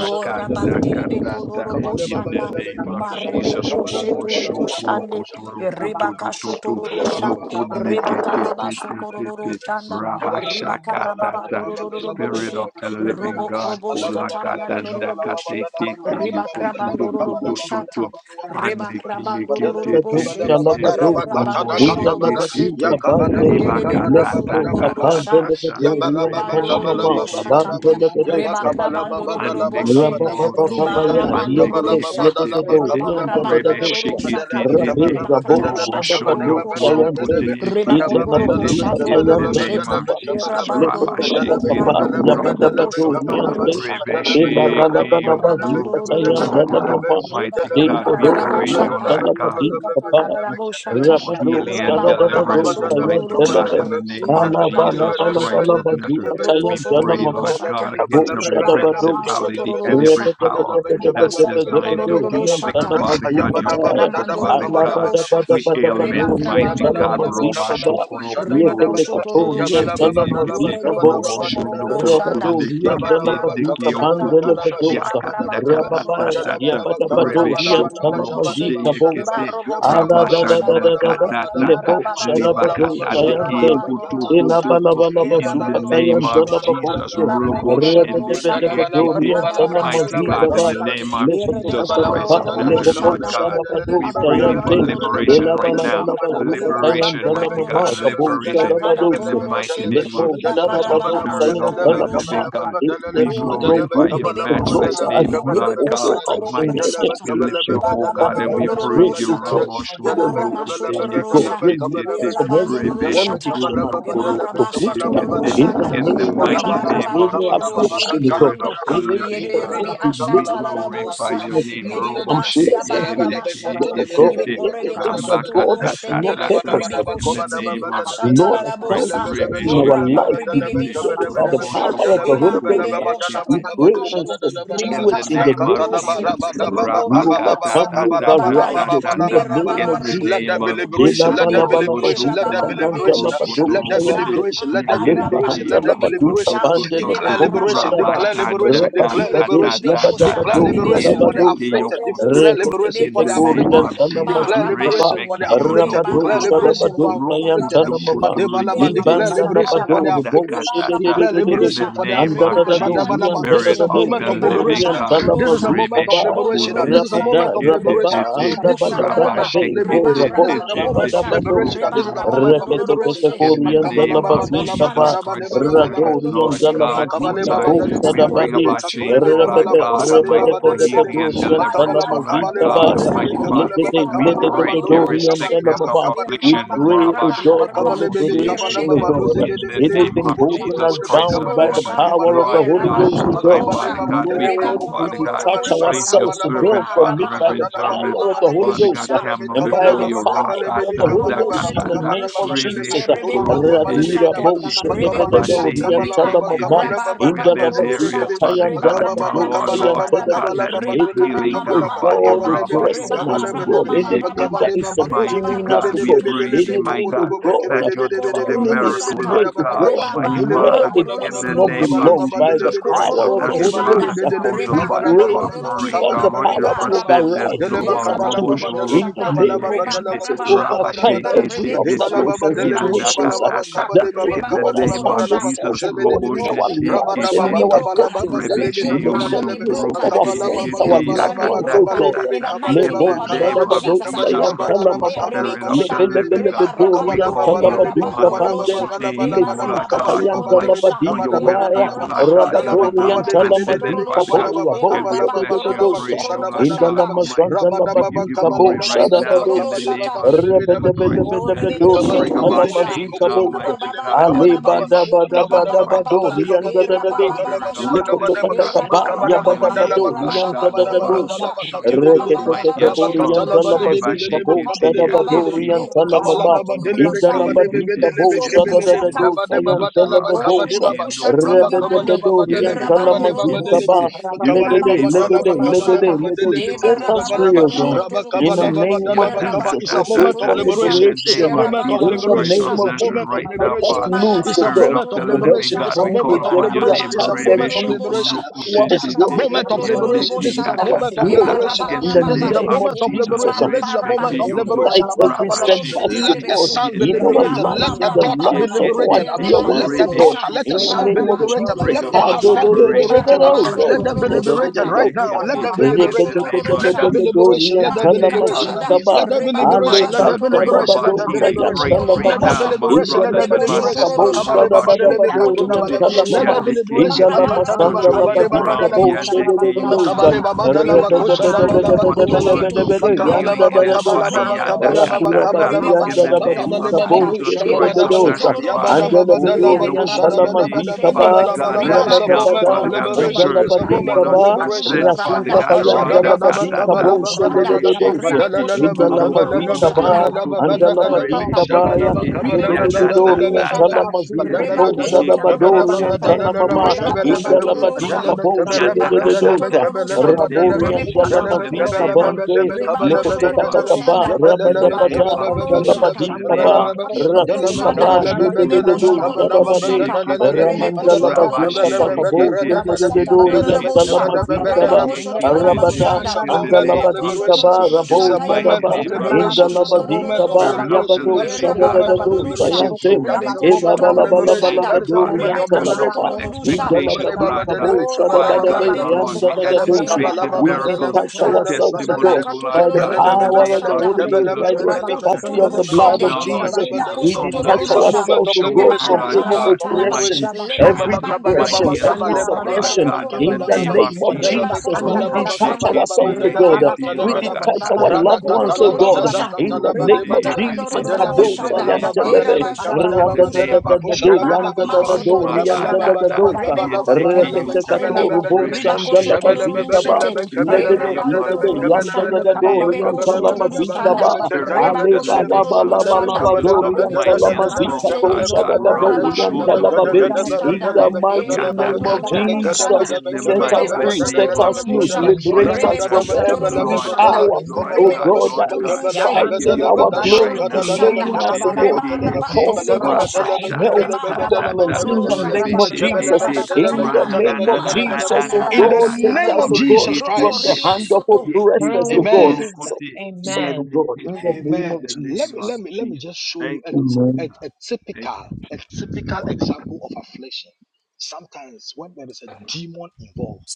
Speaker 6: O rabandelebe
Speaker 4: Katata
Speaker 6: kororo
Speaker 4: in the
Speaker 6: boshata
Speaker 4: name of
Speaker 6: marebe
Speaker 4: Jesus,
Speaker 6: koshe
Speaker 4: Robo
Speaker 6: turukushande
Speaker 4: Shokurokoto Rokoto
Speaker 6: rebaka
Speaker 4: Toto
Speaker 6: shotororosha
Speaker 4: Rokodneki
Speaker 6: rebaka laba
Speaker 4: Kete Tete
Speaker 6: sotororoshanda rebaka rababa
Speaker 4: Rabashakata
Speaker 6: dorororo
Speaker 4: Spirit
Speaker 6: boshe
Speaker 4: of the living
Speaker 6: robok
Speaker 4: God,
Speaker 6: robosh katarana dorororo
Speaker 4: Olakatanda
Speaker 6: boshe
Speaker 4: Katekete Yokoturu
Speaker 6: ribakrabandororo boshata
Speaker 4: Kutututu,
Speaker 6: rebakrabandororo
Speaker 3: Madelebe
Speaker 4: Andekiyekete,
Speaker 3: kabada
Speaker 6: boshe
Speaker 5: Badusa la
Speaker 3: babadara
Speaker 6: e
Speaker 1: Every
Speaker 5: badusa,
Speaker 3: bakatada
Speaker 4: Rubo
Speaker 5: inda
Speaker 6: rabandororo
Speaker 5: la
Speaker 3: katabada.
Speaker 6: boshe tu
Speaker 5: badusa
Speaker 4: Shekete,
Speaker 3: Yakabada
Speaker 5: bante,
Speaker 4: Liba
Speaker 6: yedelebe
Speaker 3: babakabada
Speaker 5: lekutu
Speaker 3: babadaba
Speaker 5: kapande
Speaker 6: kosotororosha
Speaker 3: kabadaba.
Speaker 5: le
Speaker 4: Katatatatata,
Speaker 6: e
Speaker 3: Yabala
Speaker 5: beduri
Speaker 4: Rebe
Speaker 5: antana
Speaker 3: babakabala
Speaker 6: rabandororo
Speaker 5: mama,
Speaker 4: Shendeki
Speaker 6: boshata
Speaker 5: kabande
Speaker 3: babadadaba.
Speaker 5: le
Speaker 6: Reba
Speaker 5: bedusa.
Speaker 3: Yabakabala
Speaker 4: Yokurukutekete,
Speaker 6: krabando
Speaker 3: babadala
Speaker 6: rororo boshe.
Speaker 3: bakabadababa.
Speaker 4: Andekiyodo,
Speaker 1: spirit
Speaker 6: Riba
Speaker 1: of
Speaker 5: Rababababaya,
Speaker 3: Madelebe
Speaker 1: fear,
Speaker 6: ramando
Speaker 3: kabala
Speaker 5: yedede,
Speaker 6: rorosha.
Speaker 1: every
Speaker 3: babadala
Speaker 5: yedede do,
Speaker 1: spirit of
Speaker 4: Pandekiyekete,
Speaker 6: Reba
Speaker 3: bakabala
Speaker 5: yan
Speaker 1: fear and
Speaker 5: yedede
Speaker 6: rabando
Speaker 4: Rebe
Speaker 5: do,
Speaker 1: justice,
Speaker 3: babadalebe.
Speaker 5: sa.
Speaker 6: roroshata.
Speaker 3: ba
Speaker 4: Shekete,
Speaker 1: so
Speaker 5: Rabbe,
Speaker 3: kabala
Speaker 1: thank
Speaker 6: Riba
Speaker 1: you
Speaker 5: rabo,
Speaker 1: for
Speaker 3: babadalebe
Speaker 4: Robo
Speaker 1: from
Speaker 5: shada
Speaker 6: katarabasho
Speaker 5: bado,
Speaker 1: moving
Speaker 6: toroko
Speaker 1: forward.
Speaker 5: sayan
Speaker 6: shantu.
Speaker 5: te.
Speaker 3: kabadababadalebe.
Speaker 1: and
Speaker 6: Reba
Speaker 1: Starting
Speaker 5: Idana
Speaker 1: the
Speaker 6: kotoroko
Speaker 1: work
Speaker 5: bazuka,
Speaker 4: in
Speaker 5: sayan
Speaker 4: the
Speaker 1: and
Speaker 6: shatorororoshe.
Speaker 4: name
Speaker 1: the
Speaker 4: of
Speaker 5: dana
Speaker 1: God
Speaker 4: Jesus,
Speaker 1: of faith,
Speaker 6: Rabando
Speaker 1: in
Speaker 4: Rabba
Speaker 1: the name of
Speaker 6: rororobosha.
Speaker 4: Shekin
Speaker 5: Lepotokataba,
Speaker 4: do
Speaker 1: Jesus, to
Speaker 6: Rebe
Speaker 1: move
Speaker 4: Kurokototo,
Speaker 6: kosho
Speaker 5: Yabadabado,
Speaker 1: God
Speaker 5: Riante,
Speaker 1: to
Speaker 4: Rebe
Speaker 1: move forward
Speaker 4: Sheki
Speaker 5: Elabalabala,
Speaker 1: because we have
Speaker 6: Orabandororo
Speaker 5: Zupatayam,
Speaker 6: shata,
Speaker 1: to
Speaker 4: Okurokotorokoto.
Speaker 1: take
Speaker 5: Dalamama,
Speaker 1: care of
Speaker 4: Mighty
Speaker 1: some of
Speaker 4: God, we
Speaker 5: Adebodo,
Speaker 6: rebakatarararabo
Speaker 1: the
Speaker 4: pray, dear
Speaker 6: shata,
Speaker 1: in
Speaker 4: Lord
Speaker 1: the name
Speaker 4: God
Speaker 1: of
Speaker 5: Riantalabadi,
Speaker 1: the living
Speaker 5: Papa,
Speaker 1: God.
Speaker 6: ekatatararabo
Speaker 1: Yes,
Speaker 6: shata,
Speaker 4: for
Speaker 1: around
Speaker 5: Rabado,
Speaker 1: the
Speaker 4: healing and
Speaker 1: things that
Speaker 6: rabarababa
Speaker 1: the
Speaker 4: deliverance,
Speaker 5: Stadadado,
Speaker 1: Baba is
Speaker 5: Sayam,
Speaker 4: Almighty
Speaker 6: shotororo
Speaker 1: talking
Speaker 6: sha,
Speaker 4: God,
Speaker 1: about is
Speaker 5: Telebe,
Speaker 4: in the
Speaker 1: about
Speaker 4: name of
Speaker 1: the things
Speaker 4: Jesus
Speaker 6: ebarabaraba
Speaker 4: Christ
Speaker 1: that
Speaker 6: shato,
Speaker 5: Alabalabalabala,
Speaker 1: are
Speaker 4: of Nazareth.
Speaker 1: made.
Speaker 6: oroko
Speaker 5: Zupatayam,
Speaker 4: We
Speaker 1: Yes,
Speaker 4: pray,
Speaker 6: shotororo
Speaker 1: that's
Speaker 5: Dalamama,
Speaker 4: Lord
Speaker 1: about
Speaker 6: shata,
Speaker 4: God,
Speaker 1: the things
Speaker 4: against
Speaker 5: Abu
Speaker 1: that
Speaker 4: every
Speaker 5: Shadabado,
Speaker 6: rebakrama
Speaker 1: every
Speaker 4: principality
Speaker 6: shotororo
Speaker 4: and
Speaker 1: being.
Speaker 6: sha,
Speaker 4: every
Speaker 1: Yes,
Speaker 4: power
Speaker 1: I'm not
Speaker 6: rebeko
Speaker 4: that's
Speaker 1: about the Baba
Speaker 4: designed
Speaker 1: is
Speaker 4: to
Speaker 5: Rebedebedebedebedebedo,
Speaker 6: shatororo
Speaker 1: talking about
Speaker 4: afflict,
Speaker 1: the
Speaker 6: shata,
Speaker 1: fact
Speaker 5: Riantalama,
Speaker 4: Father God,
Speaker 1: that we are in
Speaker 4: your
Speaker 5: Zupataya,
Speaker 4: people,
Speaker 3: Madala ba
Speaker 1: the
Speaker 4: Father
Speaker 1: name of
Speaker 3: kabala
Speaker 1: God.
Speaker 3: ba
Speaker 6: rebakramandororo
Speaker 4: God,
Speaker 3: da ba
Speaker 6: sha,
Speaker 3: ba
Speaker 4: we
Speaker 3: shada ba da
Speaker 4: ailment,
Speaker 3: ba
Speaker 5: Alabadabadabadabado,
Speaker 3: ya
Speaker 4: mighty
Speaker 3: ba
Speaker 6: Rebakrabando
Speaker 3: la ba
Speaker 4: God,
Speaker 5: Riantalama,
Speaker 3: la ba
Speaker 4: Roba
Speaker 3: kabala
Speaker 5: Zipaba,
Speaker 6: Roroboshitu,
Speaker 3: ba ba shada ba da ba
Speaker 4: Shokorokotoro
Speaker 1: We
Speaker 3: da
Speaker 6: Ribokosho
Speaker 3: ba
Speaker 6: Tororo
Speaker 4: Kote
Speaker 3: ya
Speaker 5: Yeketekatoria
Speaker 3: ba la ba
Speaker 6: Shete,
Speaker 3: ba
Speaker 4: Kete
Speaker 1: are
Speaker 3: da
Speaker 1: in
Speaker 3: la ba
Speaker 4: Kete,
Speaker 5: Salamazika
Speaker 1: the
Speaker 3: kabala ba
Speaker 1: great
Speaker 4: Robo
Speaker 3: ba
Speaker 6: Rebekosho
Speaker 5: Bosha,
Speaker 3: da da
Speaker 1: light.
Speaker 3: da
Speaker 6: Tororo
Speaker 3: da ba ba
Speaker 6: Shanda,
Speaker 4: Shonokorokunde
Speaker 5: Rabadoria
Speaker 3: ya ba la
Speaker 1: We
Speaker 3: ba
Speaker 1: are
Speaker 4: Kete
Speaker 3: ba
Speaker 1: about
Speaker 5: Dalabaduka
Speaker 4: Ndeke
Speaker 1: to
Speaker 3: kabala ba
Speaker 1: see
Speaker 3: ba
Speaker 6: Rabaroboshata,
Speaker 1: that
Speaker 3: da
Speaker 5: Bandele
Speaker 4: Okuto,
Speaker 3: la
Speaker 1: Baba.
Speaker 3: ba shada
Speaker 5: Bedosa,
Speaker 1: I'm
Speaker 3: ba
Speaker 1: not
Speaker 3: da ba
Speaker 4: Yakanda
Speaker 1: about
Speaker 3: da
Speaker 6: Rebakrabando
Speaker 1: the
Speaker 3: ba
Speaker 1: Baba is
Speaker 5: Rababaya,
Speaker 1: talking
Speaker 3: mandala
Speaker 6: Roroshe,
Speaker 1: about
Speaker 3: ba la
Speaker 4: Katatata,
Speaker 3: ba kabala
Speaker 1: that.
Speaker 4: Rebe
Speaker 3: ba la
Speaker 5: Yabadabadoria
Speaker 6: Ibakarama
Speaker 3: ba da
Speaker 1: I'm
Speaker 3: ba
Speaker 1: not
Speaker 3: shaba
Speaker 1: about
Speaker 3: da
Speaker 6: Tororoshe,
Speaker 1: the
Speaker 3: ba
Speaker 5: Salamazika
Speaker 3: ba
Speaker 1: Baba.
Speaker 4: Shokorokote
Speaker 3: ba
Speaker 5: Bosha,
Speaker 4: Kete.
Speaker 1: I'm not about the Baba. I'm
Speaker 3: ya ba
Speaker 6: Ibarobosha
Speaker 3: la ba
Speaker 5: Ada da
Speaker 3: ba
Speaker 5: da
Speaker 6: Tororosha,
Speaker 5: da
Speaker 1: not
Speaker 4: Rabashanda
Speaker 5: da
Speaker 3: kabala
Speaker 5: da
Speaker 3: ba ba
Speaker 5: da,
Speaker 3: ba
Speaker 1: about the
Speaker 4: katatata
Speaker 3: ba
Speaker 5: Lebo
Speaker 1: Baba.
Speaker 6: Irabarababa
Speaker 3: ya la
Speaker 6: Shoto,
Speaker 3: ba
Speaker 5: Shadabado
Speaker 3: ba
Speaker 4: libakata
Speaker 1: Break
Speaker 3: ba
Speaker 4: deke
Speaker 1: down,
Speaker 5: Sayante,
Speaker 3: ba
Speaker 1: break
Speaker 6: Irababando
Speaker 4: kutu
Speaker 1: down in
Speaker 4: tu
Speaker 3: ba
Speaker 1: the
Speaker 6: Rorosha,
Speaker 4: tu
Speaker 3: ba
Speaker 1: name
Speaker 4: tu.
Speaker 1: of Jesus.
Speaker 3: ya ba
Speaker 4: In
Speaker 3: la
Speaker 4: the
Speaker 5: Elabalabalabasuka
Speaker 3: ba
Speaker 6: Irabando
Speaker 3: ba do
Speaker 4: name
Speaker 1: Thank
Speaker 4: of
Speaker 3: shaba
Speaker 5: Tayandala
Speaker 3: da
Speaker 6: Roroshe,
Speaker 3: ba ba
Speaker 4: Jesus,
Speaker 3: da
Speaker 5: Babosha,
Speaker 3: da ba da ba da ba
Speaker 4: Roboshende
Speaker 3: mandala
Speaker 4: ke
Speaker 6: Ibakorodorodoroshata,
Speaker 3: ba la ba
Speaker 4: ekete.
Speaker 5: Rebedebedoria
Speaker 3: kobala
Speaker 6: Rabababa
Speaker 3: branda
Speaker 4: Mighty
Speaker 3: la ba
Speaker 5: Salamazika
Speaker 4: God, in
Speaker 5: Ba,
Speaker 4: the
Speaker 3: kabala
Speaker 6: Shotororoshi,
Speaker 3: ba
Speaker 4: name of Jesus
Speaker 5: Lekotokataka
Speaker 4: Christ of
Speaker 5: Ba,
Speaker 4: Nazareth,
Speaker 5: Lebo
Speaker 4: Lord
Speaker 6: Irebekorororoboshanda,
Speaker 4: God.
Speaker 5: Shadabado
Speaker 4: We pray thee for
Speaker 5: Sayante,
Speaker 4: liberation
Speaker 5: Emmanuel,
Speaker 4: right
Speaker 5: woman of
Speaker 6: Ribababababandorororororoboshe.
Speaker 4: now.
Speaker 5: God, I know,
Speaker 4: Liberation, mighty God,
Speaker 6: Erabandororororoshe.
Speaker 4: liberation
Speaker 6: Ibakana
Speaker 4: in the
Speaker 6: tororoshe.
Speaker 4: mighty name of Jesus, O
Speaker 6: Ibakarama
Speaker 4: Spirit of the living God. We
Speaker 6: Orebe
Speaker 4: glorify your
Speaker 6: korebebe
Speaker 4: matchless
Speaker 6: kusheti.
Speaker 4: name, O
Speaker 6: Ibe
Speaker 4: Lord
Speaker 5: oh
Speaker 4: God
Speaker 6: kosho
Speaker 5: God, I
Speaker 4: Almighty.
Speaker 5: can
Speaker 6: tororo
Speaker 5: their
Speaker 6: shata.
Speaker 4: We lift you
Speaker 5: future.
Speaker 4: up, O
Speaker 6: Ebara
Speaker 4: God,
Speaker 5: Father,
Speaker 6: mama
Speaker 4: and
Speaker 5: I
Speaker 4: we praise
Speaker 6: dororo
Speaker 5: pray,
Speaker 4: you.
Speaker 5: oh
Speaker 6: shata.
Speaker 5: God,
Speaker 6: Ebara
Speaker 5: release
Speaker 6: masho
Speaker 5: us, oh
Speaker 6: tororo
Speaker 5: God,
Speaker 6: sha.
Speaker 5: release us
Speaker 4: Ramoshukurukuteyeketete,
Speaker 5: from
Speaker 3: Adala
Speaker 6: Erabando
Speaker 5: every
Speaker 6: roro shata.
Speaker 5: bondage and attack of
Speaker 6: Ebara
Speaker 5: the
Speaker 6: basha
Speaker 5: wicked.
Speaker 4: Remeshokunukurukuteyekete.
Speaker 5: In the
Speaker 6: shanda.
Speaker 4: In the
Speaker 5: name of
Speaker 4: mighty
Speaker 1: you.
Speaker 6: Rebara
Speaker 5: Jesus,
Speaker 4: name
Speaker 5: in
Speaker 4: of
Speaker 5: the
Speaker 6: babando roro
Speaker 4: Jesus, O
Speaker 5: affliction,
Speaker 6: shiribi
Speaker 5: oh God,
Speaker 4: Spirit of
Speaker 6: ando.
Speaker 4: the
Speaker 5: in every
Speaker 4: Living
Speaker 1: Thank
Speaker 6: Yere
Speaker 4: God,
Speaker 5: person
Speaker 6: ribi
Speaker 5: to
Speaker 1: you.
Speaker 4: we
Speaker 6: ashata
Speaker 5: live,
Speaker 6: la
Speaker 4: glorify
Speaker 6: rabosa.
Speaker 4: your
Speaker 5: sickness,
Speaker 4: name.
Speaker 6: Medio basi abara
Speaker 5: unpleasantly.
Speaker 6: mashato.
Speaker 5: God,
Speaker 6: Ibe
Speaker 4: Roboshekeyeketete,
Speaker 6: korebe
Speaker 5: everything that God
Speaker 6: kasutururu
Speaker 5: has no
Speaker 6: shende.
Speaker 4: Rambakatatata.
Speaker 5: purpose.
Speaker 6: Ribiko
Speaker 4: In the
Speaker 6: shitilibi
Speaker 4: name of
Speaker 6: ashata
Speaker 5: Lord,
Speaker 6: la
Speaker 4: Jesus Christ,
Speaker 5: account
Speaker 6: rabosa.
Speaker 5: itself in our
Speaker 6: Moraba
Speaker 5: lives to be
Speaker 6: rebe
Speaker 4: Remeshokurukutekete,
Speaker 5: saved by the
Speaker 3: Mandela
Speaker 6: suturusha
Speaker 3: let
Speaker 5: power of the Holy
Speaker 6: ema rebe
Speaker 5: Ghost.
Speaker 6: kosha
Speaker 4: Roboshokoronkuteyekete
Speaker 5: We
Speaker 6: tibi
Speaker 5: pray and
Speaker 6: ando riba
Speaker 5: subdue
Speaker 4: in the
Speaker 5: it in
Speaker 6: kasha
Speaker 5: the
Speaker 4: name of
Speaker 5: name of
Speaker 6: tururose
Speaker 4: Jesus.
Speaker 5: Jesus.
Speaker 6: robo
Speaker 5: We
Speaker 6: ribi
Speaker 5: overcome, we
Speaker 6: asato
Speaker 5: override
Speaker 6: rababaya
Speaker 5: it in the
Speaker 4: Rabakatatatatatatata.
Speaker 6: mera
Speaker 5: name of
Speaker 6: baba
Speaker 4: In the
Speaker 6: rebe
Speaker 5: Jesus.
Speaker 3: there
Speaker 4: name
Speaker 3: be
Speaker 4: of
Speaker 6: kororo
Speaker 3: liberation,
Speaker 4: Jesus.
Speaker 3: let there
Speaker 6: bushande
Speaker 3: be liberation,
Speaker 6: ira
Speaker 3: let
Speaker 5: Elabalabalabazooka
Speaker 3: there
Speaker 6: baba
Speaker 3: be
Speaker 6: rebe
Speaker 3: liberation,
Speaker 6: koshe
Speaker 3: let there be
Speaker 6: turubusha
Speaker 4: Roboshokurokutorokutokute.
Speaker 5: chanyanjalabadooshayante.
Speaker 3: liberation, let there be
Speaker 6: abara
Speaker 3: liberation,
Speaker 6: bande
Speaker 3: let there be
Speaker 6: rebe
Speaker 3: liberation.
Speaker 6: kusha
Speaker 4: Ikendekiyokutututututu.
Speaker 3: Declare
Speaker 6: leba raba
Speaker 3: liberation,
Speaker 5: Alebahantalabadookabandelebeboshadaba.
Speaker 6: raba
Speaker 3: declare
Speaker 6: shotoro
Speaker 3: liberation, declare
Speaker 6: kushe
Speaker 5: Rabadibade,
Speaker 3: liberation,
Speaker 6: ibe kosha
Speaker 3: declare
Speaker 4: Rabashandakatatatata.
Speaker 6: terebe
Speaker 3: liberation for
Speaker 6: sutu
Speaker 3: the
Speaker 5: yabadabadoshadabadosa.
Speaker 3: afflicted,
Speaker 6: robo
Speaker 3: declare
Speaker 4: Indekiyokututu.
Speaker 6: sheterebe
Speaker 3: liberation for
Speaker 4: In
Speaker 1: Lord,
Speaker 3: the
Speaker 4: the name
Speaker 3: afflicted,
Speaker 6: kesata
Speaker 4: of
Speaker 1: Thank
Speaker 4: Jesus.
Speaker 3: declare
Speaker 5: Reketeketekoriantalamazukaba.
Speaker 3: liberation for
Speaker 6: marabantu
Speaker 3: the afflicted,
Speaker 6: reba
Speaker 5: Rabado
Speaker 3: declare
Speaker 4: Resmekiyonokututu.
Speaker 3: liberation
Speaker 6: rabandu
Speaker 5: Shadabado
Speaker 3: for
Speaker 4: Roku
Speaker 3: afflicted.
Speaker 4: no
Speaker 5: Sayantana
Speaker 6: Orabando,
Speaker 5: Mama
Speaker 3: Madebalaba,
Speaker 4: kotorikete,
Speaker 3: declare
Speaker 5: Libanda
Speaker 6: Merubuska
Speaker 3: liberation for
Speaker 6: Taraba,
Speaker 3: the
Speaker 5: Labado
Speaker 4: yakanda
Speaker 5: Bo
Speaker 3: afflicted.
Speaker 6: Reba
Speaker 5: Shede
Speaker 4: Yakandakatata
Speaker 3: Declare
Speaker 6: Rabando
Speaker 4: in the
Speaker 3: liberation
Speaker 6: Rusha,
Speaker 3: for the
Speaker 4: name of
Speaker 6: Reba
Speaker 3: afflicted.
Speaker 5: Andadado
Speaker 4: Jesus,
Speaker 6: Rabando
Speaker 3: Madebalaba,
Speaker 5: Rian
Speaker 3: This
Speaker 4: Spirit
Speaker 3: is a
Speaker 6: Roshe,
Speaker 4: of
Speaker 5: Dadade
Speaker 4: the
Speaker 3: moment of
Speaker 6: Reba
Speaker 4: Living
Speaker 3: liberation.
Speaker 5: Aborian
Speaker 6: Rabando
Speaker 4: God.
Speaker 3: This is a
Speaker 6: Rosha,
Speaker 3: moment
Speaker 5: Talamazuka
Speaker 3: of
Speaker 5: Ba
Speaker 6: Robondo
Speaker 3: liberation. This
Speaker 6: Rojo
Speaker 3: is a moment
Speaker 5: Rabada
Speaker 6: Sata,
Speaker 3: of
Speaker 5: Rababa
Speaker 3: liberation.
Speaker 6: Reba
Speaker 4: Remeshokunekeyeketete,
Speaker 6: Robo
Speaker 3: This is the
Speaker 5: Andabada
Speaker 3: moment
Speaker 6: Shataraba,
Speaker 3: of
Speaker 5: Badabe Bo
Speaker 6: Reba
Speaker 3: liberation. This
Speaker 5: Rabo
Speaker 3: is the
Speaker 6: Rabando
Speaker 3: moment
Speaker 4: Rabasheketete,
Speaker 5: Shabada
Speaker 3: of
Speaker 6: Rosha,
Speaker 3: liberation.
Speaker 5: Badosa
Speaker 3: This
Speaker 6: Reba
Speaker 3: is the moment
Speaker 6: Rabando
Speaker 3: of
Speaker 5: Rekete
Speaker 4: Rokundokototo.
Speaker 3: liberation.
Speaker 5: Kete
Speaker 6: Roboshe,
Speaker 4: In the
Speaker 6: Iba
Speaker 5: Korian
Speaker 4: name
Speaker 3: Makabalaba,
Speaker 4: of
Speaker 6: Korobo
Speaker 3: dalaba,
Speaker 5: Dalabazika
Speaker 4: Jesus
Speaker 5: Ba
Speaker 6: Boshanda,
Speaker 3: kadaba,
Speaker 4: Christ
Speaker 3: deba,
Speaker 4: of
Speaker 6: Reba
Speaker 3: dalaba.
Speaker 4: Nazareth,
Speaker 6: Korobo
Speaker 5: Radorian
Speaker 4: Lord
Speaker 6: Boshende,
Speaker 4: God
Speaker 3: Kabale
Speaker 4: Most
Speaker 5: Dalamazika
Speaker 3: baba
Speaker 4: High,
Speaker 6: Ribebe
Speaker 5: To
Speaker 3: delebe
Speaker 4: we
Speaker 6: Kosotoro
Speaker 4: bring
Speaker 3: katolebe
Speaker 5: Sadabade
Speaker 4: about
Speaker 6: Roshi,
Speaker 4: change,
Speaker 3: katolebe
Speaker 4: O Lord
Speaker 3: dabala
Speaker 6: Ribe
Speaker 5: Rebebe
Speaker 4: God
Speaker 3: kabale
Speaker 4: Almighty,
Speaker 6: Kosotoro
Speaker 3: baba
Speaker 4: for
Speaker 3: delebe
Speaker 5: Rebebe
Speaker 4: healing
Speaker 3: delebe
Speaker 6: Roshata,
Speaker 4: and
Speaker 5: Dorian
Speaker 3: makabala
Speaker 4: deliverance,
Speaker 6: Ayala
Speaker 4: O
Speaker 6: la la
Speaker 4: Lord
Speaker 6: la
Speaker 3: kabale
Speaker 6: la
Speaker 5: Talamazika
Speaker 6: la
Speaker 3: baba
Speaker 4: God
Speaker 5: Ba
Speaker 3: delebe
Speaker 4: Almighty
Speaker 6: Boshanda,
Speaker 5: we
Speaker 3: kabale
Speaker 4: Father.
Speaker 5: pray,
Speaker 3: baba
Speaker 6: Eba
Speaker 4: We
Speaker 3: kabale baba
Speaker 4: break
Speaker 6: Rababando
Speaker 3: dolebe
Speaker 4: every
Speaker 6: Roko
Speaker 3: kabale
Speaker 1: Yes,
Speaker 6: Shetu,
Speaker 4: sickness
Speaker 3: baba
Speaker 4: of
Speaker 6: Rebecca,
Speaker 3: kabale baba
Speaker 4: affliction.
Speaker 3: kotelebe
Speaker 4: Rabba
Speaker 5: O
Speaker 1: Lord
Speaker 6: Rabba,
Speaker 5: God, for
Speaker 3: makabale bebe kabale
Speaker 5: liberation, O
Speaker 4: shokorokote
Speaker 3: baba
Speaker 5: God.
Speaker 3: dozebe
Speaker 4: in the
Speaker 3: delebe delebe
Speaker 4: name
Speaker 5: Anything
Speaker 4: of
Speaker 3: kubodo
Speaker 5: holding
Speaker 3: kubodo
Speaker 5: us
Speaker 4: Jesus
Speaker 3: delebe
Speaker 4: Christ
Speaker 5: bound
Speaker 4: of
Speaker 3: kabale
Speaker 5: by the
Speaker 3: baba
Speaker 4: Nazareth,
Speaker 3: kubali
Speaker 5: power of
Speaker 3: baba
Speaker 5: the
Speaker 4: Lord
Speaker 5: Holy
Speaker 3: delebe
Speaker 4: God,
Speaker 5: Ghost, O
Speaker 4: Most High
Speaker 5: God.
Speaker 3: makabale
Speaker 4: Father
Speaker 3: baba
Speaker 4: God, we
Speaker 3: delebe
Speaker 5: Lord,
Speaker 4: come,
Speaker 5: we
Speaker 3: kubodo
Speaker 4: Father
Speaker 3: baba
Speaker 4: God,
Speaker 5: detach
Speaker 3: kabale baba
Speaker 4: place your
Speaker 5: ourselves,
Speaker 3: kabale
Speaker 5: O
Speaker 3: baba
Speaker 5: God,
Speaker 4: servant,
Speaker 5: from
Speaker 3: kabale
Speaker 4: Father
Speaker 5: it by
Speaker 3: baba
Speaker 5: the
Speaker 4: Reverend
Speaker 3: dala baba
Speaker 4: Jeremy,
Speaker 5: power of
Speaker 3: zaba
Speaker 5: the
Speaker 3: baba
Speaker 5: Holy
Speaker 4: Father God,
Speaker 5: Ghost uh,
Speaker 3: delebe
Speaker 4: Campbell
Speaker 5: and by
Speaker 3: kabale
Speaker 4: before
Speaker 5: the
Speaker 4: you,
Speaker 3: baba
Speaker 5: fire
Speaker 3: kabale
Speaker 1: God,
Speaker 5: of
Speaker 3: bebe
Speaker 1: in
Speaker 5: the
Speaker 1: the
Speaker 5: Holy
Speaker 3: kabale
Speaker 4: Rakatanda
Speaker 1: name
Speaker 5: Ghost
Speaker 3: baba
Speaker 5: in the
Speaker 4: Katata,
Speaker 3: kabale
Speaker 5: name of
Speaker 3: baba
Speaker 5: Jesus.
Speaker 4: Rebe
Speaker 3: delebe
Speaker 5: uh,
Speaker 3: kutolo
Speaker 4: Shokorokote
Speaker 3: baba delebe
Speaker 5: Radira bo
Speaker 4: Yekete,
Speaker 3: makabale bebe
Speaker 5: shedebededo
Speaker 4: Rabashi
Speaker 3: kabala baba
Speaker 5: riantalamaba,
Speaker 4: Nekekete,
Speaker 3: kabala baba
Speaker 4: where there's
Speaker 3: kabale bele
Speaker 5: indalabazuka
Speaker 4: areas,
Speaker 3: bebe
Speaker 4: Father God,
Speaker 3: makaba
Speaker 4: my
Speaker 3: baba
Speaker 6: Rabba,
Speaker 4: Lord,
Speaker 3: kabala
Speaker 4: Lord,
Speaker 3: baba
Speaker 4: oh
Speaker 5: tayandaladosayantelebehe,
Speaker 4: God,
Speaker 3: kabala
Speaker 4: that
Speaker 6: Rabba,
Speaker 3: baba
Speaker 4: needs
Speaker 6: Rebaka
Speaker 3: dole be
Speaker 4: healing
Speaker 6: Rama
Speaker 5: Anything
Speaker 4: in
Speaker 3: kabala
Speaker 5: of
Speaker 4: our
Speaker 6: mama
Speaker 3: baba
Speaker 4: body,
Speaker 5: God
Speaker 6: Rababa,
Speaker 3: kabale bele be
Speaker 5: oppressing us
Speaker 6: Rebaba
Speaker 3: kabale
Speaker 4: Rabashokorokote
Speaker 5: to
Speaker 3: bele
Speaker 6: Rama
Speaker 5: God,
Speaker 3: be
Speaker 6: mama
Speaker 1: of
Speaker 5: anything
Speaker 6: Rababa,
Speaker 5: that
Speaker 4: Yekete,
Speaker 3: makabale
Speaker 5: is
Speaker 3: baba
Speaker 1: Jesus.
Speaker 3: dole
Speaker 4: mighty
Speaker 3: be
Speaker 6: Rebaba
Speaker 5: subduing us to
Speaker 4: God,
Speaker 3: kebede
Speaker 4: we
Speaker 5: God,
Speaker 3: bebe
Speaker 6: Rabashutururu
Speaker 3: dele
Speaker 4: pray
Speaker 3: be
Speaker 4: thee,
Speaker 1: And
Speaker 4: my
Speaker 6: Sheto.
Speaker 5: anything
Speaker 3: kobolo
Speaker 4: God
Speaker 5: of
Speaker 3: baba
Speaker 1: I'm
Speaker 5: God
Speaker 1: saying,
Speaker 3: kebede
Speaker 4: that you
Speaker 1: most
Speaker 3: bebe bebe
Speaker 4: do
Speaker 6: Orokokoto
Speaker 3: be
Speaker 4: the
Speaker 1: every
Speaker 5: finding
Speaker 6: roko
Speaker 3: kabale
Speaker 1: spirit,
Speaker 5: its
Speaker 4: miracle,
Speaker 3: bebe bebe
Speaker 6: shata,
Speaker 4: Lord
Speaker 5: way
Speaker 3: baba
Speaker 5: to
Speaker 1: yeah,
Speaker 3: baba
Speaker 4: God,
Speaker 5: God
Speaker 4: Almighty
Speaker 6: rebaba
Speaker 3: madele be
Speaker 5: where
Speaker 4: Father,
Speaker 6: ramando
Speaker 5: it
Speaker 3: kobola
Speaker 4: in
Speaker 3: baba
Speaker 5: does
Speaker 4: the
Speaker 3: baba
Speaker 5: not
Speaker 4: name
Speaker 3: kabale
Speaker 6: rorororoboshe,
Speaker 4: of
Speaker 5: belong
Speaker 3: baba
Speaker 5: by
Speaker 3: dele
Speaker 5: the
Speaker 4: Jesus
Speaker 3: bebe
Speaker 6: ribeko
Speaker 3: be
Speaker 4: Christ of
Speaker 5: power of the
Speaker 6: sotoruru
Speaker 4: Nazareth,
Speaker 5: Holy
Speaker 3: makebale
Speaker 6: shanda,
Speaker 4: Father,
Speaker 5: Ghost.
Speaker 3: bebe
Speaker 5: uh,
Speaker 3: dele
Speaker 4: cause
Speaker 3: be
Speaker 4: the
Speaker 5: We
Speaker 6: reba
Speaker 3: kabala
Speaker 4: body to
Speaker 3: baba
Speaker 6: rabando
Speaker 5: pray,
Speaker 3: dala baba
Speaker 5: give
Speaker 4: operate
Speaker 6: roroshe,
Speaker 4: a
Speaker 5: us
Speaker 3: kabala
Speaker 5: the
Speaker 3: baba
Speaker 5: power
Speaker 6: reba
Speaker 5: to
Speaker 3: kabala baba
Speaker 4: 100%. There's
Speaker 6: rabando,
Speaker 5: override
Speaker 3: madele baba
Speaker 6: e
Speaker 5: this
Speaker 4: normal
Speaker 3: kabala
Speaker 4: robo
Speaker 6: rabando
Speaker 5: afternoon
Speaker 3: baba dele
Speaker 4: shoro
Speaker 3: be
Speaker 5: in the
Speaker 4: kote
Speaker 6: roroshata,
Speaker 3: kabala
Speaker 5: name
Speaker 3: baba
Speaker 5: of
Speaker 6: reba
Speaker 3: dala
Speaker 4: yekete,
Speaker 3: baba
Speaker 5: Jesus,
Speaker 6: karababa,
Speaker 3: kushada
Speaker 4: raba
Speaker 3: baba
Speaker 5: overcome
Speaker 3: baba
Speaker 6: reba
Speaker 5: every
Speaker 4: te te
Speaker 3: Debala
Speaker 4: te,
Speaker 6: rebekusha,
Speaker 5: obstacles
Speaker 3: baba
Speaker 5: and
Speaker 6: reba
Speaker 3: delebe
Speaker 4: yanda
Speaker 3: kabala
Speaker 5: situations uh,
Speaker 3: baba
Speaker 4: kata
Speaker 6: sotorokosha,
Speaker 3: kabale
Speaker 5: that
Speaker 4: tata.
Speaker 5: of
Speaker 3: baba
Speaker 4: In
Speaker 6: reba
Speaker 4: the
Speaker 5: God
Speaker 3: kabale
Speaker 5: has
Speaker 4: name
Speaker 3: baba
Speaker 5: found
Speaker 4: of
Speaker 6: kotororosha,
Speaker 3: dalaba
Speaker 5: itself
Speaker 4: Jesus,
Speaker 5: of
Speaker 3: koshebe
Speaker 5: God
Speaker 3: debe
Speaker 4: robo
Speaker 5: in
Speaker 3: debe.
Speaker 6: Oh,
Speaker 4: shete
Speaker 5: our
Speaker 6: let the
Speaker 3: Rabada
Speaker 5: lives
Speaker 4: ke
Speaker 5: and
Speaker 6: oppression
Speaker 4: te
Speaker 3: baba
Speaker 5: in
Speaker 6: be
Speaker 5: our
Speaker 4: te te,
Speaker 3: kabala
Speaker 6: broken.
Speaker 3: baba
Speaker 5: destinies
Speaker 6: Let
Speaker 4: rebe
Speaker 3: delebe
Speaker 6: the
Speaker 3: da
Speaker 4: she
Speaker 5: in the
Speaker 3: baba
Speaker 6: oppression
Speaker 4: uno
Speaker 6: be
Speaker 3: delebe.
Speaker 5: destinies
Speaker 4: koro
Speaker 6: broken.
Speaker 5: of our
Speaker 4: kote
Speaker 3: Kabala
Speaker 6: Let
Speaker 5: friends,
Speaker 3: baba
Speaker 6: the
Speaker 5: our
Speaker 4: yekete
Speaker 3: kabala
Speaker 5: loved
Speaker 6: affliction be
Speaker 3: baba
Speaker 5: ones,
Speaker 4: yakanda
Speaker 5: oh
Speaker 4: kata
Speaker 3: kabale
Speaker 6: broken.
Speaker 5: God.
Speaker 3: bebe
Speaker 6: In the
Speaker 4: tata.
Speaker 3: kabale
Speaker 6: mighty
Speaker 4: In
Speaker 5: Lebo
Speaker 3: baba
Speaker 6: name
Speaker 4: the
Speaker 6: of the
Speaker 4: name
Speaker 3: kabale
Speaker 6: Lord
Speaker 4: of
Speaker 3: bebe
Speaker 5: Shadabado
Speaker 6: Jesus.
Speaker 3: kabale
Speaker 4: Jesus
Speaker 6: Ara,
Speaker 3: baba
Speaker 4: Christ, O
Speaker 3: dalaba
Speaker 6: rebe,
Speaker 5: Sayantalababa.
Speaker 6: rebe,
Speaker 3: kabala
Speaker 4: Spirit of
Speaker 3: baba
Speaker 4: the
Speaker 6: kusha,
Speaker 3: delebe debe.
Speaker 4: Living God.
Speaker 6: reba,
Speaker 4: We
Speaker 3: Kabala
Speaker 5: Lebelebelebedorian
Speaker 6: rabando,
Speaker 4: call
Speaker 3: baba
Speaker 6: e
Speaker 3: delebe
Speaker 5: Talabaduka
Speaker 6: rabando,
Speaker 4: upon
Speaker 3: kubada
Speaker 4: your
Speaker 5: Pande,
Speaker 3: baba
Speaker 6: rolosha,
Speaker 3: dalaba
Speaker 6: e
Speaker 4: name,
Speaker 3: baba
Speaker 4: O
Speaker 3: dalaba
Speaker 5: Lesu
Speaker 4: Lord
Speaker 1: Lucas,
Speaker 6: barababa,
Speaker 4: God
Speaker 3: kabale
Speaker 5: Sakayan
Speaker 3: baba
Speaker 4: Almighty,
Speaker 3: delebe
Speaker 6: shotorolosha,
Speaker 4: for
Speaker 5: Talabadi
Speaker 4: your
Speaker 3: kabada
Speaker 6: e
Speaker 4: well
Speaker 3: baba
Speaker 5: Kabaya,
Speaker 3: dalaba.
Speaker 4: able, Lord
Speaker 6: rabaraba,
Speaker 4: God,
Speaker 6: e
Speaker 4: you're
Speaker 3: Madala baba
Speaker 4: the God who
Speaker 5: Rabadorian
Speaker 3: kubade
Speaker 6: rabaraba,
Speaker 3: bebe
Speaker 4: transcends and
Speaker 3: delebe
Speaker 5: Talamazika
Speaker 4: Father
Speaker 5: Po,
Speaker 3: kubada
Speaker 6: shotorolosha,
Speaker 4: God.
Speaker 3: baba
Speaker 6: e
Speaker 5: Rabo
Speaker 4: And we
Speaker 3: kabala
Speaker 4: bless
Speaker 3: baba
Speaker 6: barabando,
Speaker 4: you and
Speaker 3: dalaba
Speaker 6: roloshi,
Speaker 5: Shadadosa,
Speaker 4: praise you,
Speaker 3: kushada
Speaker 4: Lord
Speaker 5: in
Speaker 3: baba
Speaker 5: the
Speaker 4: God
Speaker 3: dalaba.
Speaker 6: torukushata.
Speaker 5: Lamazan
Speaker 4: Almighty.
Speaker 3: Rabada
Speaker 4: We give
Speaker 3: baba
Speaker 5: Talabadi
Speaker 4: you
Speaker 5: Kabo
Speaker 3: kabala
Speaker 4: glory
Speaker 3: baba
Speaker 4: right
Speaker 3: dalaba
Speaker 4: now in the
Speaker 5: Shadabadose,
Speaker 3: kabale
Speaker 4: name
Speaker 3: baba
Speaker 4: of
Speaker 3: delebe
Speaker 4: Jesus Christ of
Speaker 6: Oh,
Speaker 4: Nazareth.
Speaker 6: Rebeko
Speaker 3: Kabale
Speaker 5: Rebedebedebedorian
Speaker 4: Bring
Speaker 3: bebe
Speaker 4: about
Speaker 3: delebe
Speaker 6: Shetorusha,
Speaker 4: change
Speaker 5: Talamazika
Speaker 3: kobo
Speaker 4: now,
Speaker 3: dobo ba
Speaker 5: Bose,
Speaker 4: mighty
Speaker 3: delebe
Speaker 6: Ebarababa,
Speaker 4: God, in
Speaker 5: Ale
Speaker 3: kabale
Speaker 4: the
Speaker 3: baba.
Speaker 4: name
Speaker 5: bada
Speaker 4: of
Speaker 5: bada
Speaker 3: Mataba
Speaker 4: Jesus
Speaker 3: da
Speaker 6: Erababa,
Speaker 5: bada
Speaker 3: baba
Speaker 4: Christ of
Speaker 6: Rababa,
Speaker 3: kabale
Speaker 5: badori
Speaker 3: baba
Speaker 4: Nazareth.
Speaker 5: and da da
Speaker 3: delebe
Speaker 5: da
Speaker 4: O
Speaker 5: de
Speaker 3: katana
Speaker 6: Erababa
Speaker 4: Spirit
Speaker 3: bade
Speaker 4: of
Speaker 3: bada
Speaker 4: the
Speaker 6: Mashato,
Speaker 3: Bada
Speaker 4: living God, we
Speaker 5: Lekotokatakaba,
Speaker 4: call
Speaker 3: makabala
Speaker 4: upon your
Speaker 6: Erababa,
Speaker 3: baba dala
Speaker 4: name, O
Speaker 5: Yabadabado,
Speaker 3: bako
Speaker 4: Lord
Speaker 6: Erababa
Speaker 3: shaka
Speaker 4: God, our
Speaker 3: bada baba
Speaker 4: Father.
Speaker 5: Yantadadadosa,
Speaker 3: dala
Speaker 6: Bandorosha,
Speaker 3: baka
Speaker 4: Show
Speaker 3: tede
Speaker 4: yourself
Speaker 3: bede be
Speaker 6: Erababa
Speaker 4: mighty
Speaker 6: Rababa
Speaker 4: and
Speaker 3: rabaka
Speaker 4: strong.
Speaker 3: tala
Speaker 5: Reketeketekorianta
Speaker 3: bade
Speaker 6: Shotorosha,
Speaker 3: bebe
Speaker 5: Labazika
Speaker 3: dele be
Speaker 5: Bo,
Speaker 6: Rebaka
Speaker 4: Lebashekete,
Speaker 3: kabede bede
Speaker 6: Rababa,
Speaker 3: bede
Speaker 4: yakete,
Speaker 3: be
Speaker 5: Shadabadorian
Speaker 6: Meroko
Speaker 4: yokoro,
Speaker 3: makabala
Speaker 5: Talamama,
Speaker 3: baba
Speaker 4: kotoro,
Speaker 3: dele be
Speaker 4: kote,
Speaker 6: Shatorosha,
Speaker 3: kabade bebe
Speaker 4: ekete.
Speaker 5: Indalabadika
Speaker 3: dele be
Speaker 5: Bo,
Speaker 4: In the
Speaker 3: kebele bebe
Speaker 4: name
Speaker 6: Itoroko
Speaker 4: of
Speaker 5: Shadadadosa,
Speaker 3: dabade
Speaker 4: Jesus,
Speaker 3: baba dala baka
Speaker 6: Oh,
Speaker 5: Yantalabosha,
Speaker 3: baba
Speaker 6: Rebeku
Speaker 4: Rabashekendo
Speaker 6: Shati di
Speaker 3: rabaka
Speaker 4: Kurokoto,
Speaker 6: Ande,
Speaker 3: baba dele
Speaker 5: Rebedebedorian
Speaker 3: be
Speaker 4: Yendeke
Speaker 6: Erabando
Speaker 3: kabale baba
Speaker 5: Talamazika
Speaker 3: dele
Speaker 4: Yekete,
Speaker 6: Rorosha,
Speaker 3: be
Speaker 5: Ba,
Speaker 4: in the
Speaker 3: makabale
Speaker 5: Ledede,
Speaker 4: name
Speaker 6: Rebababa
Speaker 3: baba
Speaker 4: of
Speaker 3: dala
Speaker 6: Soto
Speaker 5: Ledede,
Speaker 3: baka
Speaker 4: Jesus,
Speaker 5: Ledede,
Speaker 6: Roroshaka,
Speaker 3: baba dele
Speaker 5: Ledede,
Speaker 3: be
Speaker 5: set
Speaker 4: Roboshondo
Speaker 3: katada
Speaker 5: us
Speaker 1: Thank
Speaker 3: bada
Speaker 5: free,
Speaker 3: ba
Speaker 6: Ebarababando
Speaker 5: O
Speaker 4: Kurokote
Speaker 5: God. In the
Speaker 6: Rodorobusha,
Speaker 4: Yekete,
Speaker 3: baba
Speaker 5: name
Speaker 3: dala
Speaker 5: of
Speaker 3: baka
Speaker 6: Eraba
Speaker 5: Jesus,
Speaker 3: it's a
Speaker 5: we pray
Speaker 3: moment of
Speaker 4: Yandakatatata,
Speaker 5: for
Speaker 6: Oshetorusha,
Speaker 4: in
Speaker 3: liberation
Speaker 4: the
Speaker 3: it's a
Speaker 4: name
Speaker 5: liberation.
Speaker 4: of
Speaker 3: moment of
Speaker 6: Erabando
Speaker 5: In
Speaker 4: Jesus
Speaker 5: the
Speaker 3: liberation
Speaker 4: Christ of
Speaker 5: name
Speaker 3: it's a
Speaker 5: of
Speaker 4: Nazareth,
Speaker 5: Jesus,
Speaker 3: moment of
Speaker 4: right
Speaker 5: set
Speaker 4: now,
Speaker 5: us
Speaker 3: liberation
Speaker 4: Father,
Speaker 5: loose,
Speaker 3: it's
Speaker 5: O
Speaker 3: a
Speaker 6: Emarababa
Speaker 5: God
Speaker 4: Spirit of
Speaker 3: moment of
Speaker 4: the
Speaker 5: from
Speaker 4: Living
Speaker 3: liberation.
Speaker 6: shotorororosha.
Speaker 5: every
Speaker 3: It's
Speaker 4: God,
Speaker 3: a
Speaker 4: we call
Speaker 3: moment
Speaker 5: bondage,
Speaker 3: of
Speaker 4: upon
Speaker 5: every
Speaker 4: your
Speaker 3: liberation.
Speaker 4: name,
Speaker 3: It's
Speaker 5: attack,
Speaker 3: a
Speaker 4: Rebe
Speaker 3: moment of
Speaker 5: every
Speaker 1: you.
Speaker 6: Ebarababandorororobosha.
Speaker 3: liberation.
Speaker 5: war
Speaker 4: Shokorokote,
Speaker 5: of
Speaker 3: This is the
Speaker 5: God
Speaker 1: That
Speaker 5: that
Speaker 3: moment of
Speaker 1: is
Speaker 5: is
Speaker 1: stirring
Speaker 3: liberation. This
Speaker 4: Yendeke
Speaker 3: is a
Speaker 6: Ebarabandorororoboshanda.
Speaker 5: for
Speaker 1: up
Speaker 5: our
Speaker 1: of
Speaker 3: moment of
Speaker 4: Yakatata,
Speaker 5: glory.
Speaker 1: stirring
Speaker 3: liberation.
Speaker 1: up
Speaker 4: in
Speaker 5: In the
Speaker 4: the
Speaker 3: This
Speaker 1: eternity.
Speaker 3: is
Speaker 6: Ebarabarababa.
Speaker 4: name
Speaker 1: That
Speaker 3: the
Speaker 5: name
Speaker 4: of
Speaker 5: of
Speaker 3: moment of
Speaker 4: Jesus.
Speaker 5: Jesus,
Speaker 3: liberation. This is a
Speaker 6: Ebarabababaraba.
Speaker 3: moment
Speaker 4: Respecte
Speaker 3: of
Speaker 4: yondo,
Speaker 3: liberation.
Speaker 5: Fight every
Speaker 3: Amakabalaba.
Speaker 5: setback, oh
Speaker 3: Let
Speaker 4: rabashekete,
Speaker 3: a
Speaker 5: God,
Speaker 6: Ebarabandororoshetelebesu.
Speaker 3: son be
Speaker 5: in our
Speaker 4: yendeke
Speaker 3: liberated.
Speaker 6: Ribaba
Speaker 3: Let
Speaker 5: lives, in
Speaker 3: a
Speaker 4: yokoto,
Speaker 6: mama
Speaker 5: the
Speaker 3: daughter be
Speaker 5: lives
Speaker 6: rabababa.
Speaker 5: of our
Speaker 3: liberated.
Speaker 4: yeketete,
Speaker 5: dear
Speaker 3: Let
Speaker 5: ones, oh
Speaker 3: a
Speaker 4: rebe
Speaker 5: God,
Speaker 3: daughter,
Speaker 6: Erabandororosha.
Speaker 3: let a
Speaker 5: in the
Speaker 3: son be
Speaker 5: name of
Speaker 4: shokunokoto.
Speaker 3: liberated and
Speaker 4: Bring
Speaker 5: Jesus.
Speaker 3: Let a
Speaker 5: Father,
Speaker 4: about
Speaker 3: husband
Speaker 6: Ebarabandorororobosha.
Speaker 1: has
Speaker 3: be
Speaker 1: been
Speaker 4: liberation,
Speaker 3: liberated.
Speaker 6: Ebaramama
Speaker 1: holding
Speaker 3: Let
Speaker 1: us
Speaker 3: them be
Speaker 4: rabashokorokote
Speaker 3: liberated
Speaker 1: down.
Speaker 6: shotororoboshata.
Speaker 3: right
Speaker 1: with
Speaker 3: now. Let
Speaker 4: yekete,
Speaker 3: them
Speaker 1: Karama
Speaker 3: be
Speaker 6: Rebakrama
Speaker 4: in
Speaker 1: Kutu
Speaker 4: the
Speaker 3: liberated.
Speaker 1: Kuraba
Speaker 4: name of
Speaker 3: Let there
Speaker 6: shotororosha.
Speaker 3: be
Speaker 4: Jesus.
Speaker 1: Kutabasa,
Speaker 3: liberation. Let
Speaker 4: In
Speaker 1: That's
Speaker 3: there
Speaker 4: the
Speaker 3: be
Speaker 6: Mate
Speaker 4: name of
Speaker 3: liberation.
Speaker 6: katarada,
Speaker 1: holding
Speaker 4: Jesus,
Speaker 3: Let
Speaker 1: us
Speaker 3: there
Speaker 1: the
Speaker 3: be
Speaker 6: reba
Speaker 4: oh
Speaker 1: Kuraba
Speaker 4: my
Speaker 3: liberation.
Speaker 6: kraba
Speaker 3: Let there
Speaker 4: God,
Speaker 1: Kuraba
Speaker 3: be
Speaker 4: bring
Speaker 6: shotorodo,
Speaker 3: liberation.
Speaker 4: about
Speaker 3: Let
Speaker 1: Kusabu
Speaker 3: there be
Speaker 1: down.
Speaker 4: healing,
Speaker 6: rebeko
Speaker 3: liberation.
Speaker 4: break free
Speaker 3: Let
Speaker 1: Yakaraba
Speaker 3: there be
Speaker 6: totolododusha,
Speaker 4: now, my
Speaker 1: Kustendi
Speaker 3: liberation. Let there
Speaker 4: brothers
Speaker 3: be
Speaker 6: rebeko
Speaker 4: and my
Speaker 1: Kuraba
Speaker 3: liberation.
Speaker 4: sisters.
Speaker 6: shotorodosha,
Speaker 1: Kusabasa,
Speaker 4: Rabba
Speaker 1: That
Speaker 6: rebako
Speaker 1: has
Speaker 3: katunda
Speaker 1: been
Speaker 3: bale.
Speaker 4: Shokurukote,
Speaker 3: Let there
Speaker 1: holding
Speaker 3: be
Speaker 6: tototolodoshata,
Speaker 4: Yaneke
Speaker 1: we
Speaker 3: liberation.
Speaker 1: command
Speaker 4: Kete,
Speaker 3: Makata daba
Speaker 4: Tocho
Speaker 6: marabarababa,
Speaker 4: Neil
Speaker 3: kabale baba
Speaker 4: Brown,
Speaker 3: delebe.
Speaker 6: rebebeko
Speaker 4: Yaneke
Speaker 3: Makabale
Speaker 6: shotorolodoshana,
Speaker 3: baba dalaba
Speaker 6: ribababa
Speaker 3: kosha
Speaker 4: Yokunukurukototo,
Speaker 3: dabala
Speaker 1: your
Speaker 4: for
Speaker 1: hold to
Speaker 3: la
Speaker 4: total
Speaker 3: ba
Speaker 4: and
Speaker 6: shotototododoshetu,
Speaker 1: loose
Speaker 4: complete
Speaker 1: now.
Speaker 3: Makabala
Speaker 4: healing in
Speaker 3: baba
Speaker 1: We
Speaker 4: his
Speaker 6: mediobobosha
Speaker 3: kabala
Speaker 4: body.
Speaker 3: baba
Speaker 1: command your
Speaker 3: kabala
Speaker 1: hold to
Speaker 6: tododoroboshi,
Speaker 3: baba
Speaker 1: break
Speaker 4: Yandakatata,
Speaker 3: kabala
Speaker 1: now
Speaker 3: baba.
Speaker 1: by
Speaker 4: In
Speaker 1: the
Speaker 4: the name
Speaker 1: blood.
Speaker 4: of
Speaker 3: Makabale
Speaker 5: Rakurabadiandalabadika
Speaker 3: baba
Speaker 6: rebekushutururushanda,
Speaker 3: do
Speaker 1: Loose
Speaker 4: Jesus
Speaker 1: them in the
Speaker 4: Christ
Speaker 3: shakabada
Speaker 6: ebaka
Speaker 4: of
Speaker 3: baba.
Speaker 1: name
Speaker 5: Boshebedebedosa,
Speaker 1: of
Speaker 4: Nazareth, Father.
Speaker 1: Jesus.
Speaker 3: Yabada
Speaker 6: shotorororoshe,
Speaker 3: baba
Speaker 1: Loose the
Speaker 3: dalaba
Speaker 5: Andalabedorian
Speaker 3: kosha da da da
Speaker 4: Okunokokiti,
Speaker 3: ba da ba
Speaker 5: Talamazika
Speaker 3: da
Speaker 6: yebekushutururushende,
Speaker 1: tarabakurabakustende
Speaker 3: ba
Speaker 4: Father
Speaker 5: Ba,
Speaker 3: la ba
Speaker 1: kere
Speaker 4: God,
Speaker 3: la ba.
Speaker 4: let
Speaker 3: It's
Speaker 4: his
Speaker 3: a
Speaker 6: ribabako
Speaker 4: health,
Speaker 3: moment of
Speaker 5: Rabadabada,
Speaker 4: Father God,
Speaker 6: shotorororoshe,
Speaker 3: liberation.
Speaker 4: return
Speaker 3: It's a
Speaker 1: karabakustandarabakurabakusta.
Speaker 3: moment
Speaker 5: Andalabadika
Speaker 6: Rebeko
Speaker 3: of
Speaker 4: 100%,
Speaker 5: Ba,
Speaker 1: Yeka
Speaker 3: liberation.
Speaker 6: Shotoruru
Speaker 4: Father
Speaker 5: Rasuta
Speaker 6: Shanda,
Speaker 4: God.
Speaker 1: chandarabakushkenda
Speaker 3: Makasha da da da
Speaker 6: Rebeko
Speaker 5: Kayandalabadika
Speaker 4: Randakatata,
Speaker 3: makabala
Speaker 6: Shotoruru
Speaker 3: baba
Speaker 6: Shanda,
Speaker 3: dalala.
Speaker 5: Boshebededose,
Speaker 3: Madala
Speaker 6: Rebeko
Speaker 4: Rebeshekiti,
Speaker 3: la la
Speaker 1: We
Speaker 4: Runo
Speaker 3: makabala
Speaker 1: command
Speaker 6: Shotoruru
Speaker 3: la
Speaker 5: Indalamazika
Speaker 1: everything
Speaker 5: Ba,
Speaker 6: Shanda,
Speaker 1: to
Speaker 3: makabala baba
Speaker 4: Kotototototo,
Speaker 1: line up with
Speaker 3: dalala.
Speaker 1: God
Speaker 5: Andalabadika
Speaker 1: to
Speaker 3: Madala la
Speaker 5: Baya,
Speaker 1: in
Speaker 4: Rebeshekiti,
Speaker 1: the
Speaker 3: makabala
Speaker 6: Rebeko
Speaker 1: mighty
Speaker 3: baba
Speaker 1: and
Speaker 3: dalala
Speaker 6: Shotoruru
Speaker 3: la
Speaker 1: matchless
Speaker 5: Ledededorian
Speaker 1: name
Speaker 4: Yanatatata,
Speaker 6: Shata,
Speaker 3: madala.
Speaker 1: of Jesus.
Speaker 3: Madala
Speaker 5: Talamazika
Speaker 3: baba
Speaker 6: Rebako
Speaker 3: dalala
Speaker 1: Osha
Speaker 6: Shotoruru
Speaker 3: makabala
Speaker 1: karaba
Speaker 3: baba
Speaker 5: Koshadabadorian
Speaker 6: Shata,
Speaker 4: Yenekiyekitititi,
Speaker 1: korobo
Speaker 3: dalala la
Speaker 5: Talamama,
Speaker 1: kusanda
Speaker 6: Rebako
Speaker 3: makabala
Speaker 1: karaba yende
Speaker 6: Shotoruru
Speaker 3: baba.
Speaker 6: Shata,
Speaker 5: Indalabadika
Speaker 1: karaba
Speaker 4: Urosmokototototo,
Speaker 3: Adelebe kabelebe
Speaker 1: kusabasa.
Speaker 6: Rebako
Speaker 3: bedelebe
Speaker 4: Yanakatata
Speaker 5: Boshebededosa,
Speaker 6: Shotoruru
Speaker 4: in
Speaker 3: kabelebe
Speaker 6: Shata,
Speaker 4: the name
Speaker 3: bedelebe
Speaker 4: of
Speaker 5: Raborian
Speaker 1: Re
Speaker 6: Rebeko
Speaker 4: Jesus,
Speaker 1: karaba
Speaker 3: Adelebe
Speaker 4: in
Speaker 6: Shotoruru
Speaker 4: the
Speaker 5: Dalamazika
Speaker 1: korobo
Speaker 4: name
Speaker 3: kabelebe
Speaker 6: Shata,
Speaker 4: of
Speaker 1: sende
Speaker 5: Bande,
Speaker 3: bedelebe
Speaker 1: kere
Speaker 4: Jesus, in
Speaker 6: Rebako
Speaker 1: karaba
Speaker 3: kabelebe
Speaker 4: the name
Speaker 5: lekotoka
Speaker 4: of
Speaker 6: Shotoruru
Speaker 1: kusendo
Speaker 3: bedelebe
Speaker 1: bo
Speaker 5: takaba
Speaker 4: Jesus,
Speaker 6: Shanda,
Speaker 1: koraba
Speaker 4: in the
Speaker 3: Yebelebe
Speaker 1: kusabaste.
Speaker 6: Rebaka
Speaker 4: name
Speaker 5: rabadabada
Speaker 4: of
Speaker 3: kabelebe
Speaker 6: Tororo
Speaker 1: Ye
Speaker 4: Jesus,
Speaker 3: bedelebe
Speaker 4: in
Speaker 6: Shata,
Speaker 5: andalabadi
Speaker 4: the
Speaker 1: kachanda
Speaker 4: name
Speaker 1: raba
Speaker 5: kaba
Speaker 4: of
Speaker 3: kabelebe
Speaker 1: korobo
Speaker 4: Jesus.
Speaker 5: rasu
Speaker 1: sende
Speaker 3: Adelebe
Speaker 1: kere
Speaker 6: Ribakatororushanda,
Speaker 4: Robo
Speaker 5: kaba
Speaker 3: kabelebe
Speaker 1: karaba
Speaker 4: shokoro
Speaker 3: bedelebe
Speaker 1: kusanda
Speaker 5: yededededo
Speaker 1: ba.
Speaker 4: kotoro kote
Speaker 3: kabelebe
Speaker 1: Koro
Speaker 5: shadabade
Speaker 6: Rebekoshotororusata,
Speaker 1: koraba
Speaker 3: bedelele
Speaker 1: sende
Speaker 4: yeketete
Speaker 1: kere
Speaker 3: Adelebe
Speaker 1: koraba
Speaker 5: ramandalabazu
Speaker 4: rabashe
Speaker 3: kabelebe
Speaker 6: Rebekoshotororusha,
Speaker 1: kusende kere
Speaker 5: katakabo
Speaker 4: nekete
Speaker 1: koraba
Speaker 3: bedelele
Speaker 5: sededededo
Speaker 1: kusanda
Speaker 4: yete
Speaker 1: ke.
Speaker 3: Adelebe
Speaker 6: Ribikusatadarabosha,
Speaker 4: ketoro
Speaker 3: kabelebe
Speaker 1: Raka
Speaker 5: riyantalamazi
Speaker 4: kote
Speaker 1: raka
Speaker 5: kaba
Speaker 3: bedelebe
Speaker 1: sende karaba
Speaker 3: kabelebe.
Speaker 4: yeketete
Speaker 5: rabada
Speaker 3: It's
Speaker 6: Rebakoshotororusanda,
Speaker 3: a
Speaker 1: kusanda
Speaker 4: in
Speaker 1: ba.
Speaker 4: the
Speaker 3: moment of
Speaker 4: name of
Speaker 5: andalabadi
Speaker 3: liberation.
Speaker 5: kaba
Speaker 4: Jesus, in
Speaker 3: It's
Speaker 5: rabo
Speaker 3: a
Speaker 4: the
Speaker 6: Rebakoshotororushatayama,
Speaker 4: mighty
Speaker 3: moment of
Speaker 1: Ne
Speaker 5: shadaba
Speaker 4: name of
Speaker 1: karaba
Speaker 3: liberation.
Speaker 4: Jesus,
Speaker 3: It's a
Speaker 1: kusondo bo
Speaker 5: indalabazi
Speaker 3: moment of
Speaker 5: kaba
Speaker 4: Spirit of
Speaker 6: Rebakoshotororusata,
Speaker 4: the
Speaker 3: liberation.
Speaker 5: yabado
Speaker 3: That
Speaker 1: kusende
Speaker 3: is a
Speaker 4: living
Speaker 1: kere
Speaker 4: God.
Speaker 3: moment of
Speaker 1: karaba
Speaker 5: shadadadado
Speaker 4: We
Speaker 3: liberation.
Speaker 4: give
Speaker 1: kusondo
Speaker 6: Erabandororusha,
Speaker 4: you
Speaker 1: bo
Speaker 5: sayante
Speaker 4: glory.
Speaker 3: That is
Speaker 4: We
Speaker 3: a
Speaker 4: give
Speaker 1: kusabasu
Speaker 4: you
Speaker 3: moment of
Speaker 1: koraba
Speaker 4: glory. We
Speaker 1: sende
Speaker 3: liberation.
Speaker 4: thank
Speaker 1: kere.
Speaker 6: Rebekoshotororusanda,
Speaker 3: That
Speaker 4: you,
Speaker 3: is a
Speaker 5: kelabalabalabalabado
Speaker 4: Father.
Speaker 3: moment
Speaker 1: Ya
Speaker 3: of
Speaker 4: We look
Speaker 1: karaba
Speaker 3: liberation.
Speaker 4: with
Speaker 5: riyantalamaba
Speaker 1: ndoro
Speaker 6: Rebekoshotororusha,
Speaker 1: koraba
Speaker 4: expectation,
Speaker 3: Kabale
Speaker 4: O
Speaker 5: indalabadi
Speaker 3: baba
Speaker 4: our
Speaker 1: kusabasu.
Speaker 4: God.
Speaker 5: kabo
Speaker 3: delebe
Speaker 6: O
Speaker 3: kabala
Speaker 4: Father
Speaker 3: baba
Speaker 6: rabandele
Speaker 4: God,
Speaker 5: shadabadabe
Speaker 1: Araba
Speaker 4: my
Speaker 3: delebe
Speaker 4: Lord,
Speaker 1: korobo
Speaker 4: we
Speaker 6: bekusha,
Speaker 3: mandelebe
Speaker 1: kusanda
Speaker 6: e
Speaker 5: yandadadadoshi
Speaker 1: raba
Speaker 4: anticipate
Speaker 3: kabala
Speaker 4: the
Speaker 1: koro
Speaker 6: rabando
Speaker 5: we
Speaker 3: baba
Speaker 1: kusobo
Speaker 4: miracles,
Speaker 3: delebe
Speaker 5: detach
Speaker 4: the
Speaker 6: lolorusha,
Speaker 1: kuraba
Speaker 3: kabala baba
Speaker 5: ourselves to God
Speaker 3: delebe
Speaker 1: kusabasi.
Speaker 4: testimonies,
Speaker 6: rebaka
Speaker 4: oh Lord
Speaker 5: by the
Speaker 1: Mwe
Speaker 4: God,
Speaker 3: jekelebe
Speaker 4: in the
Speaker 1: karaba
Speaker 5: power
Speaker 4: name
Speaker 5: of the
Speaker 4: of
Speaker 3: delebe
Speaker 6: totolororushanda,
Speaker 5: Holy
Speaker 1: kushende
Speaker 3: kabala
Speaker 5: Ghost,
Speaker 1: kere
Speaker 4: Jesus
Speaker 5: by the
Speaker 4: Christ
Speaker 1: karaba
Speaker 4: of
Speaker 3: delebe
Speaker 6: rebekushu
Speaker 5: efficacy
Speaker 4: Nazareth.
Speaker 5: of
Speaker 1: kusondoro
Speaker 5: the
Speaker 3: kabala
Speaker 5: blood
Speaker 4: Come
Speaker 1: kuraba
Speaker 5: of
Speaker 6: tururushende,
Speaker 4: now,
Speaker 3: shabada
Speaker 4: Lord
Speaker 5: Jesus.
Speaker 3: baba
Speaker 1: kusabasa.
Speaker 4: Jesus.
Speaker 5: We
Speaker 3: delebe
Speaker 6: rebakushu
Speaker 4: Come
Speaker 3: kaba.
Speaker 1: Ya
Speaker 5: detach
Speaker 4: now,
Speaker 3: It's a
Speaker 4: Father.
Speaker 1: karaba
Speaker 6: tururusha,
Speaker 3: moment
Speaker 5: ourselves,
Speaker 3: of
Speaker 5: oh
Speaker 4: Show
Speaker 1: kushende
Speaker 4: up,
Speaker 5: God,
Speaker 4: O
Speaker 6: reba
Speaker 3: liberation.
Speaker 1: kera
Speaker 5: from
Speaker 3: It's
Speaker 4: Lord
Speaker 3: a
Speaker 5: any
Speaker 1: karaba
Speaker 6: ramasha
Speaker 3: moment
Speaker 4: God
Speaker 3: of
Speaker 1: sondoro
Speaker 6: talaba,
Speaker 4: Almighty.
Speaker 5: oppression,
Speaker 3: liberation. Le
Speaker 4: Show
Speaker 1: kurabasa.
Speaker 6: leba
Speaker 5: every
Speaker 4: yourself
Speaker 6: rabando
Speaker 1: Mwe
Speaker 3: kabala baba
Speaker 5: depression,
Speaker 4: mighty and
Speaker 6: lolorusha,
Speaker 1: kasanda
Speaker 5: every
Speaker 3: kabale
Speaker 4: strong,
Speaker 1: raba
Speaker 4: O
Speaker 3: baba
Speaker 4: Lord
Speaker 1: koro
Speaker 5: suppression.
Speaker 3: delebe
Speaker 4: God, in
Speaker 1: kusende
Speaker 5: In
Speaker 4: the
Speaker 3: kabala
Speaker 5: the
Speaker 3: baba
Speaker 4: name
Speaker 1: kere.
Speaker 6: rebakotororusha,
Speaker 4: of
Speaker 5: name of
Speaker 4: Jesus.
Speaker 1: Roba
Speaker 3: mandelebe
Speaker 5: Jesus,
Speaker 1: kanda
Speaker 5: we
Speaker 3: kabala
Speaker 4: Romo
Speaker 3: baba
Speaker 1: karaka.
Speaker 5: detach
Speaker 6: rebakotororoshanda,
Speaker 3: kabala
Speaker 4: shekete
Speaker 3: baba
Speaker 5: ourselves,
Speaker 1: Mwe
Speaker 5: oh
Speaker 3: delebe
Speaker 5: God.
Speaker 1: karaba
Speaker 4: yekete
Speaker 6: Rebakoto
Speaker 5: We
Speaker 3: kotelebe
Speaker 1: sondoro
Speaker 6: Toloro,
Speaker 5: detach
Speaker 1: kuraba
Speaker 5: our
Speaker 4: rakatata.
Speaker 3: rada
Speaker 5: loved
Speaker 1: kushende
Speaker 6: Rebekoto
Speaker 5: ones,
Speaker 3: katala
Speaker 5: oh
Speaker 4: Romo
Speaker 1: kere
Speaker 3: bada
Speaker 5: God.
Speaker 1: kuraba
Speaker 6: Tolorusha,
Speaker 5: In
Speaker 1: kuste.
Speaker 5: the
Speaker 3: zakatala bade
Speaker 4: shunukurokote
Speaker 5: name of
Speaker 1: Ya
Speaker 6: Rebakatara
Speaker 4: yekete.
Speaker 5: Jesus,
Speaker 1: kasanda raba
Speaker 3: mandelebe
Speaker 4: In the
Speaker 5: Kadosa
Speaker 1: kuste
Speaker 6: Dororoboshanda,
Speaker 3: kabala
Speaker 4: name
Speaker 1: kuraba
Speaker 3: baba
Speaker 4: of
Speaker 1: kuste
Speaker 5: Yantelebe,
Speaker 3: delebe
Speaker 6: Erabasho
Speaker 4: Jesus.
Speaker 1: karaba
Speaker 3: kabala
Speaker 4: In the
Speaker 3: baba
Speaker 1: kuste.
Speaker 4: name
Speaker 6: Tororushe,
Speaker 3: delebe
Speaker 4: of
Speaker 1: Ya
Speaker 5: Radadadadadade,
Speaker 3: kushada
Speaker 4: Jesus.
Speaker 6: Reba
Speaker 1: karaba
Speaker 3: bada bada
Speaker 6: Ramasho
Speaker 4: Rosh
Speaker 1: kushende
Speaker 3: Shaka da da da ba,
Speaker 1: kere
Speaker 5: Yandadadadori,
Speaker 1: karaba
Speaker 6: Tororushanda,
Speaker 4: makatata.
Speaker 5: Yandadadadosa,
Speaker 3: kaba
Speaker 1: kusabasa
Speaker 6: Rebekushu
Speaker 1: every spirit
Speaker 4: Yeneke
Speaker 1: of
Speaker 6: Tururushende,
Speaker 5: Reketekatoru,
Speaker 1: affliction,
Speaker 6: Ribakosho
Speaker 1: every
Speaker 5: Boshandalabazika,
Speaker 4: Rebeshikete.
Speaker 1: spirit
Speaker 5: Ba,
Speaker 1: of
Speaker 6: Torurushete,
Speaker 4: In the
Speaker 5: Ledede,
Speaker 4: name
Speaker 1: infirmity,
Speaker 4: of
Speaker 6: Erabando
Speaker 5: ledede,
Speaker 1: Roku
Speaker 4: Jesus,
Speaker 5: yanda
Speaker 6: Dorobusha,
Speaker 5: da
Speaker 4: in
Speaker 1: shende
Speaker 4: the
Speaker 5: da
Speaker 4: name
Speaker 1: karabaku
Speaker 4: of
Speaker 5: dorian
Speaker 6: Rebeko
Speaker 1: sundu
Speaker 5: salama
Speaker 4: Jesus,
Speaker 1: roku
Speaker 6: Sotoruru
Speaker 5: zika
Speaker 1: shanda
Speaker 4: O
Speaker 6: Shanda,
Speaker 5: ba,
Speaker 1: rabaku
Speaker 4: Spirit
Speaker 1: shi.
Speaker 4: of
Speaker 5: ale
Speaker 4: the
Speaker 6: Rebako
Speaker 5: ba
Speaker 1: every
Speaker 5: la
Speaker 4: Living
Speaker 5: ba
Speaker 6: Sotoruru
Speaker 4: God,
Speaker 5: la ba
Speaker 1: spirit
Speaker 5: la
Speaker 1: of
Speaker 6: Shanda,
Speaker 4: show
Speaker 5: ba
Speaker 1: of
Speaker 4: yourself
Speaker 5: dorian
Speaker 6: Rebeko
Speaker 4: mighty
Speaker 1: affliction,
Speaker 5: salama
Speaker 4: and
Speaker 6: Sotoruru
Speaker 4: strong,
Speaker 5: zika
Speaker 1: rabaku
Speaker 4: O
Speaker 6: Shende,
Speaker 4: Lord
Speaker 1: sundu
Speaker 5: kosha da
Speaker 4: God.
Speaker 1: roku
Speaker 5: ba
Speaker 1: rabaku
Speaker 5: dorian
Speaker 6: Urababando
Speaker 1: shinda
Speaker 5: salama be.
Speaker 1: addiction
Speaker 6: Ruru
Speaker 1: every
Speaker 5: In
Speaker 6: Shanda,
Speaker 5: the
Speaker 4: Raboshonokurekitete,
Speaker 1: kind.
Speaker 5: mighty
Speaker 1: Yika
Speaker 5: name
Speaker 6: Erabando
Speaker 5: of
Speaker 1: shanda rabaku
Speaker 6: Ruru
Speaker 4: Yadakatata,
Speaker 5: Jesus,
Speaker 6: Shanda,
Speaker 1: rabaku
Speaker 4: In the
Speaker 1: sundu
Speaker 5: set
Speaker 1: roku
Speaker 5: us
Speaker 6: Rebeko
Speaker 4: matchless
Speaker 5: free,
Speaker 1: rabaku
Speaker 5: set
Speaker 4: name
Speaker 1: shi.
Speaker 4: of
Speaker 5: us
Speaker 6: Sotoruru
Speaker 5: loose,
Speaker 1: In the
Speaker 6: Bosha,
Speaker 4: Jesus
Speaker 5: liberate
Speaker 4: Christ
Speaker 1: name of
Speaker 4: of
Speaker 5: us
Speaker 6: Rebeko
Speaker 5: from
Speaker 4: Nazareth,
Speaker 1: Jesus, we
Speaker 6: Sotoruru
Speaker 5: every
Speaker 4: Lord
Speaker 1: command you
Speaker 6: Shanda,
Speaker 4: God,
Speaker 1: to
Speaker 5: power,
Speaker 4: Lord
Speaker 1: lose
Speaker 5: oh
Speaker 1: your
Speaker 4: God,
Speaker 6: Rebeko
Speaker 5: God,
Speaker 1: hold.
Speaker 4: Lord
Speaker 5: that
Speaker 4: God,
Speaker 5: is
Speaker 6: Sotoruru She,
Speaker 4: we give
Speaker 5: fighting
Speaker 4: you
Speaker 1: Yabandoro
Speaker 5: our
Speaker 4: glory
Speaker 6: Robondo
Speaker 4: right
Speaker 5: glory,
Speaker 1: kurabasteke
Speaker 6: Ruru
Speaker 4: now.
Speaker 1: shende
Speaker 6: Shanda,
Speaker 4: Robo
Speaker 5: delaying us,
Speaker 3: da
Speaker 5: oh
Speaker 3: da
Speaker 4: shende
Speaker 3: ba,
Speaker 5: God,
Speaker 1: karabaraba.
Speaker 6: Reba
Speaker 3: kada ba.
Speaker 5: and
Speaker 4: kiyete,
Speaker 6: Rabante
Speaker 5: causing us
Speaker 1: Rokorabako
Speaker 6: Rebekosha,
Speaker 5: uh,
Speaker 1: shende
Speaker 5: health
Speaker 4: rabashaka
Speaker 1: kiri
Speaker 6: Reba
Speaker 4: ta ta
Speaker 1: karabako
Speaker 6: Rabando
Speaker 4: ta.
Speaker 5: problems in
Speaker 1: tendoro
Speaker 5: the
Speaker 6: Rosha,
Speaker 5: name of
Speaker 1: korabako
Speaker 6: Rebebe
Speaker 5: Jesus.
Speaker 4: Rebeshitete,
Speaker 1: sandarabako
Speaker 5: In the
Speaker 1: roboste.
Speaker 6: Ashatayama,
Speaker 5: name of
Speaker 1: Yata
Speaker 6: Maria
Speaker 5: Jesus,
Speaker 6: Bana
Speaker 5: oh
Speaker 3: In the
Speaker 1: sandarabako
Speaker 6: Labo,
Speaker 5: God,
Speaker 4: radadadadadadadadada,
Speaker 5: take
Speaker 6: Sierra
Speaker 3: name
Speaker 5: us,
Speaker 3: of
Speaker 5: oh
Speaker 1: shikarabako
Speaker 6: Labo,
Speaker 5: God
Speaker 3: Jesus
Speaker 1: soboste.
Speaker 6: Robo
Speaker 5: from the
Speaker 4: rikitete,
Speaker 6: Ribia
Speaker 5: hand
Speaker 3: Christ.
Speaker 5: of
Speaker 6: Soto.
Speaker 5: oppressors to
Speaker 1: Thank you,
Speaker 5: God.
Speaker 3: Amen.
Speaker 1: Jesus.
Speaker 5: So,
Speaker 4: yekindukurukuti,
Speaker 5: so to
Speaker 1: Amen.
Speaker 5: God, in the
Speaker 6: Amen.
Speaker 4: yenitete,
Speaker 5: name
Speaker 3: Amen.
Speaker 4: In
Speaker 5: of
Speaker 1: Thank
Speaker 4: the
Speaker 3: Let
Speaker 4: name
Speaker 3: me
Speaker 4: of
Speaker 3: let
Speaker 5: Jesus.
Speaker 3: me let me
Speaker 4: Jesus.
Speaker 3: just show you
Speaker 4: Thank
Speaker 3: a,
Speaker 4: you, Lord
Speaker 5: Amen.
Speaker 3: a,
Speaker 4: God.
Speaker 3: a
Speaker 4: Thank
Speaker 3: typical
Speaker 4: you,
Speaker 3: a typical example of affliction. Sometimes when there is a demon involved,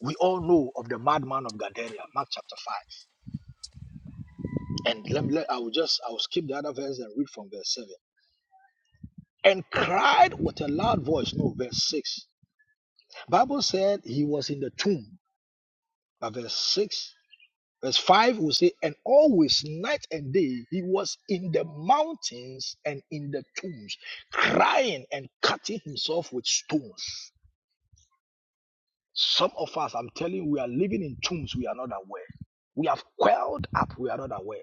Speaker 3: we all know of the madman of Gadara, Mark chapter five. And let me, let, I will just, I will skip the other verse and read from verse 7. And cried with a loud voice, no, verse 6. Bible said he was in the tomb. But verse 6, verse 5 will say, and always night and day he was in the mountains and in the tombs, crying and cutting himself with stones. Some of us, I'm telling you, we are living in tombs, we are not aware. We have quelled up, we are not aware.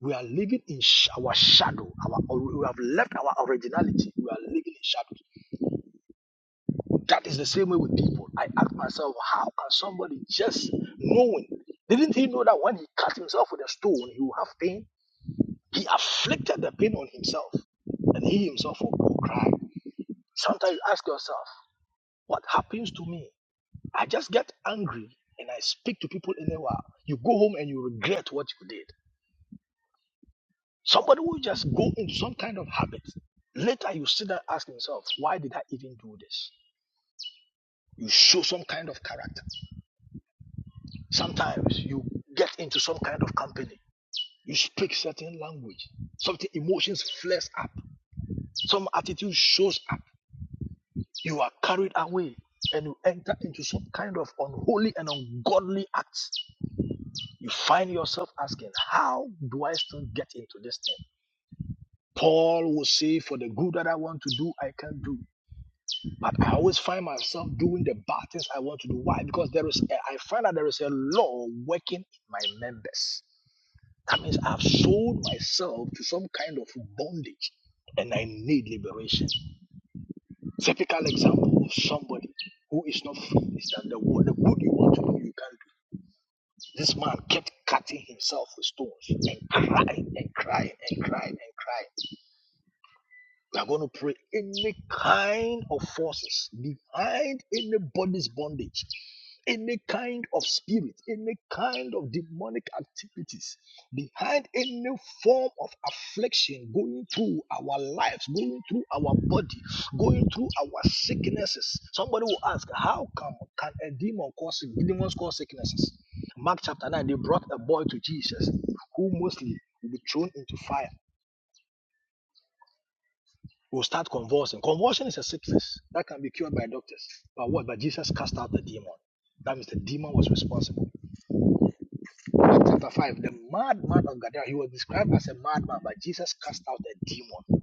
Speaker 3: We are living in sh- our shadow. Our, or- we have left our originality. We are living in shadow. That is the same way with people. I ask myself, how can somebody just knowing? Didn't he know that when he cut himself with a stone, he will have pain? He afflicted the pain on himself, and he himself will will cry. Sometimes you ask yourself, what happens to me? I just get angry and I speak to people anywhere. You go home and you regret what you did. Somebody will just go into some kind of habit. Later, you sit there and ask yourself, why did I even do this? You show some kind of character. Sometimes you get into some kind of company. You speak certain language. Something emotions flares up. Some attitude shows up. You are carried away and you enter into some kind of unholy and ungodly acts. You find yourself asking, How do I still get into this thing? Paul will say, For the good that I want to do, I can do. But I always find myself doing the bad things I want to do. Why? Because there is a, I find that there is a law working in my members. That means I've sold myself to some kind of bondage and I need liberation. Typical example of somebody who is not free is that the, wo- the good you want to do, you can't do. This man kept cutting himself with stones and crying and crying and crying and crying. We are going to pray any kind of forces behind anybody's bondage, any kind of spirit, any kind of demonic activities, behind any form of affliction going through our lives, going through our body, going through our sicknesses. Somebody will ask, How come can a demon cause demons cause sicknesses? Mark chapter 9, they brought a boy to Jesus who mostly will be thrown into fire will start convulsing. Convulsion is a sickness that can be cured by doctors. But what? But Jesus cast out the demon. That means the demon was responsible. Acts chapter 5, the madman of Gadara, he was described as a madman, but Jesus cast out the demon.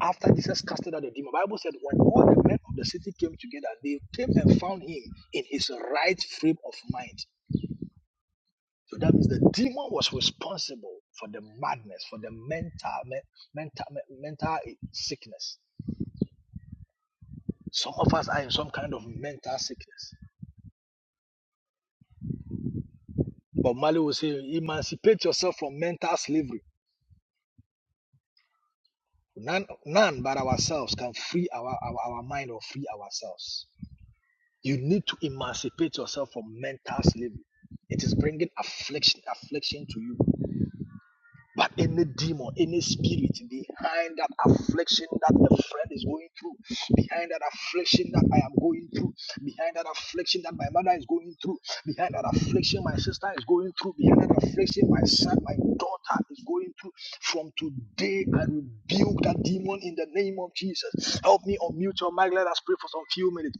Speaker 3: After Jesus casted out the demon, the Bible said when all the men of the city came together, they came and found him in his right frame of mind. So that means the demon was responsible for the madness, for the mental, men- mental, men- mental sickness. Some of us are in some kind of mental sickness. But Mali will say, emancipate yourself from mental slavery. None, none but ourselves can free our, our, our mind or free ourselves. You need to emancipate yourself from mental slavery. It is bringing affliction, affliction to you. But any demon, any spirit behind that affliction that a friend is going through, behind that affliction that I am going through, behind that affliction that my mother is going through, behind that affliction my sister is going through, behind that affliction my son, my daughter is going through. From today, I rebuke that demon in the name of Jesus. Help me unmute your mic. Let us pray for some few minutes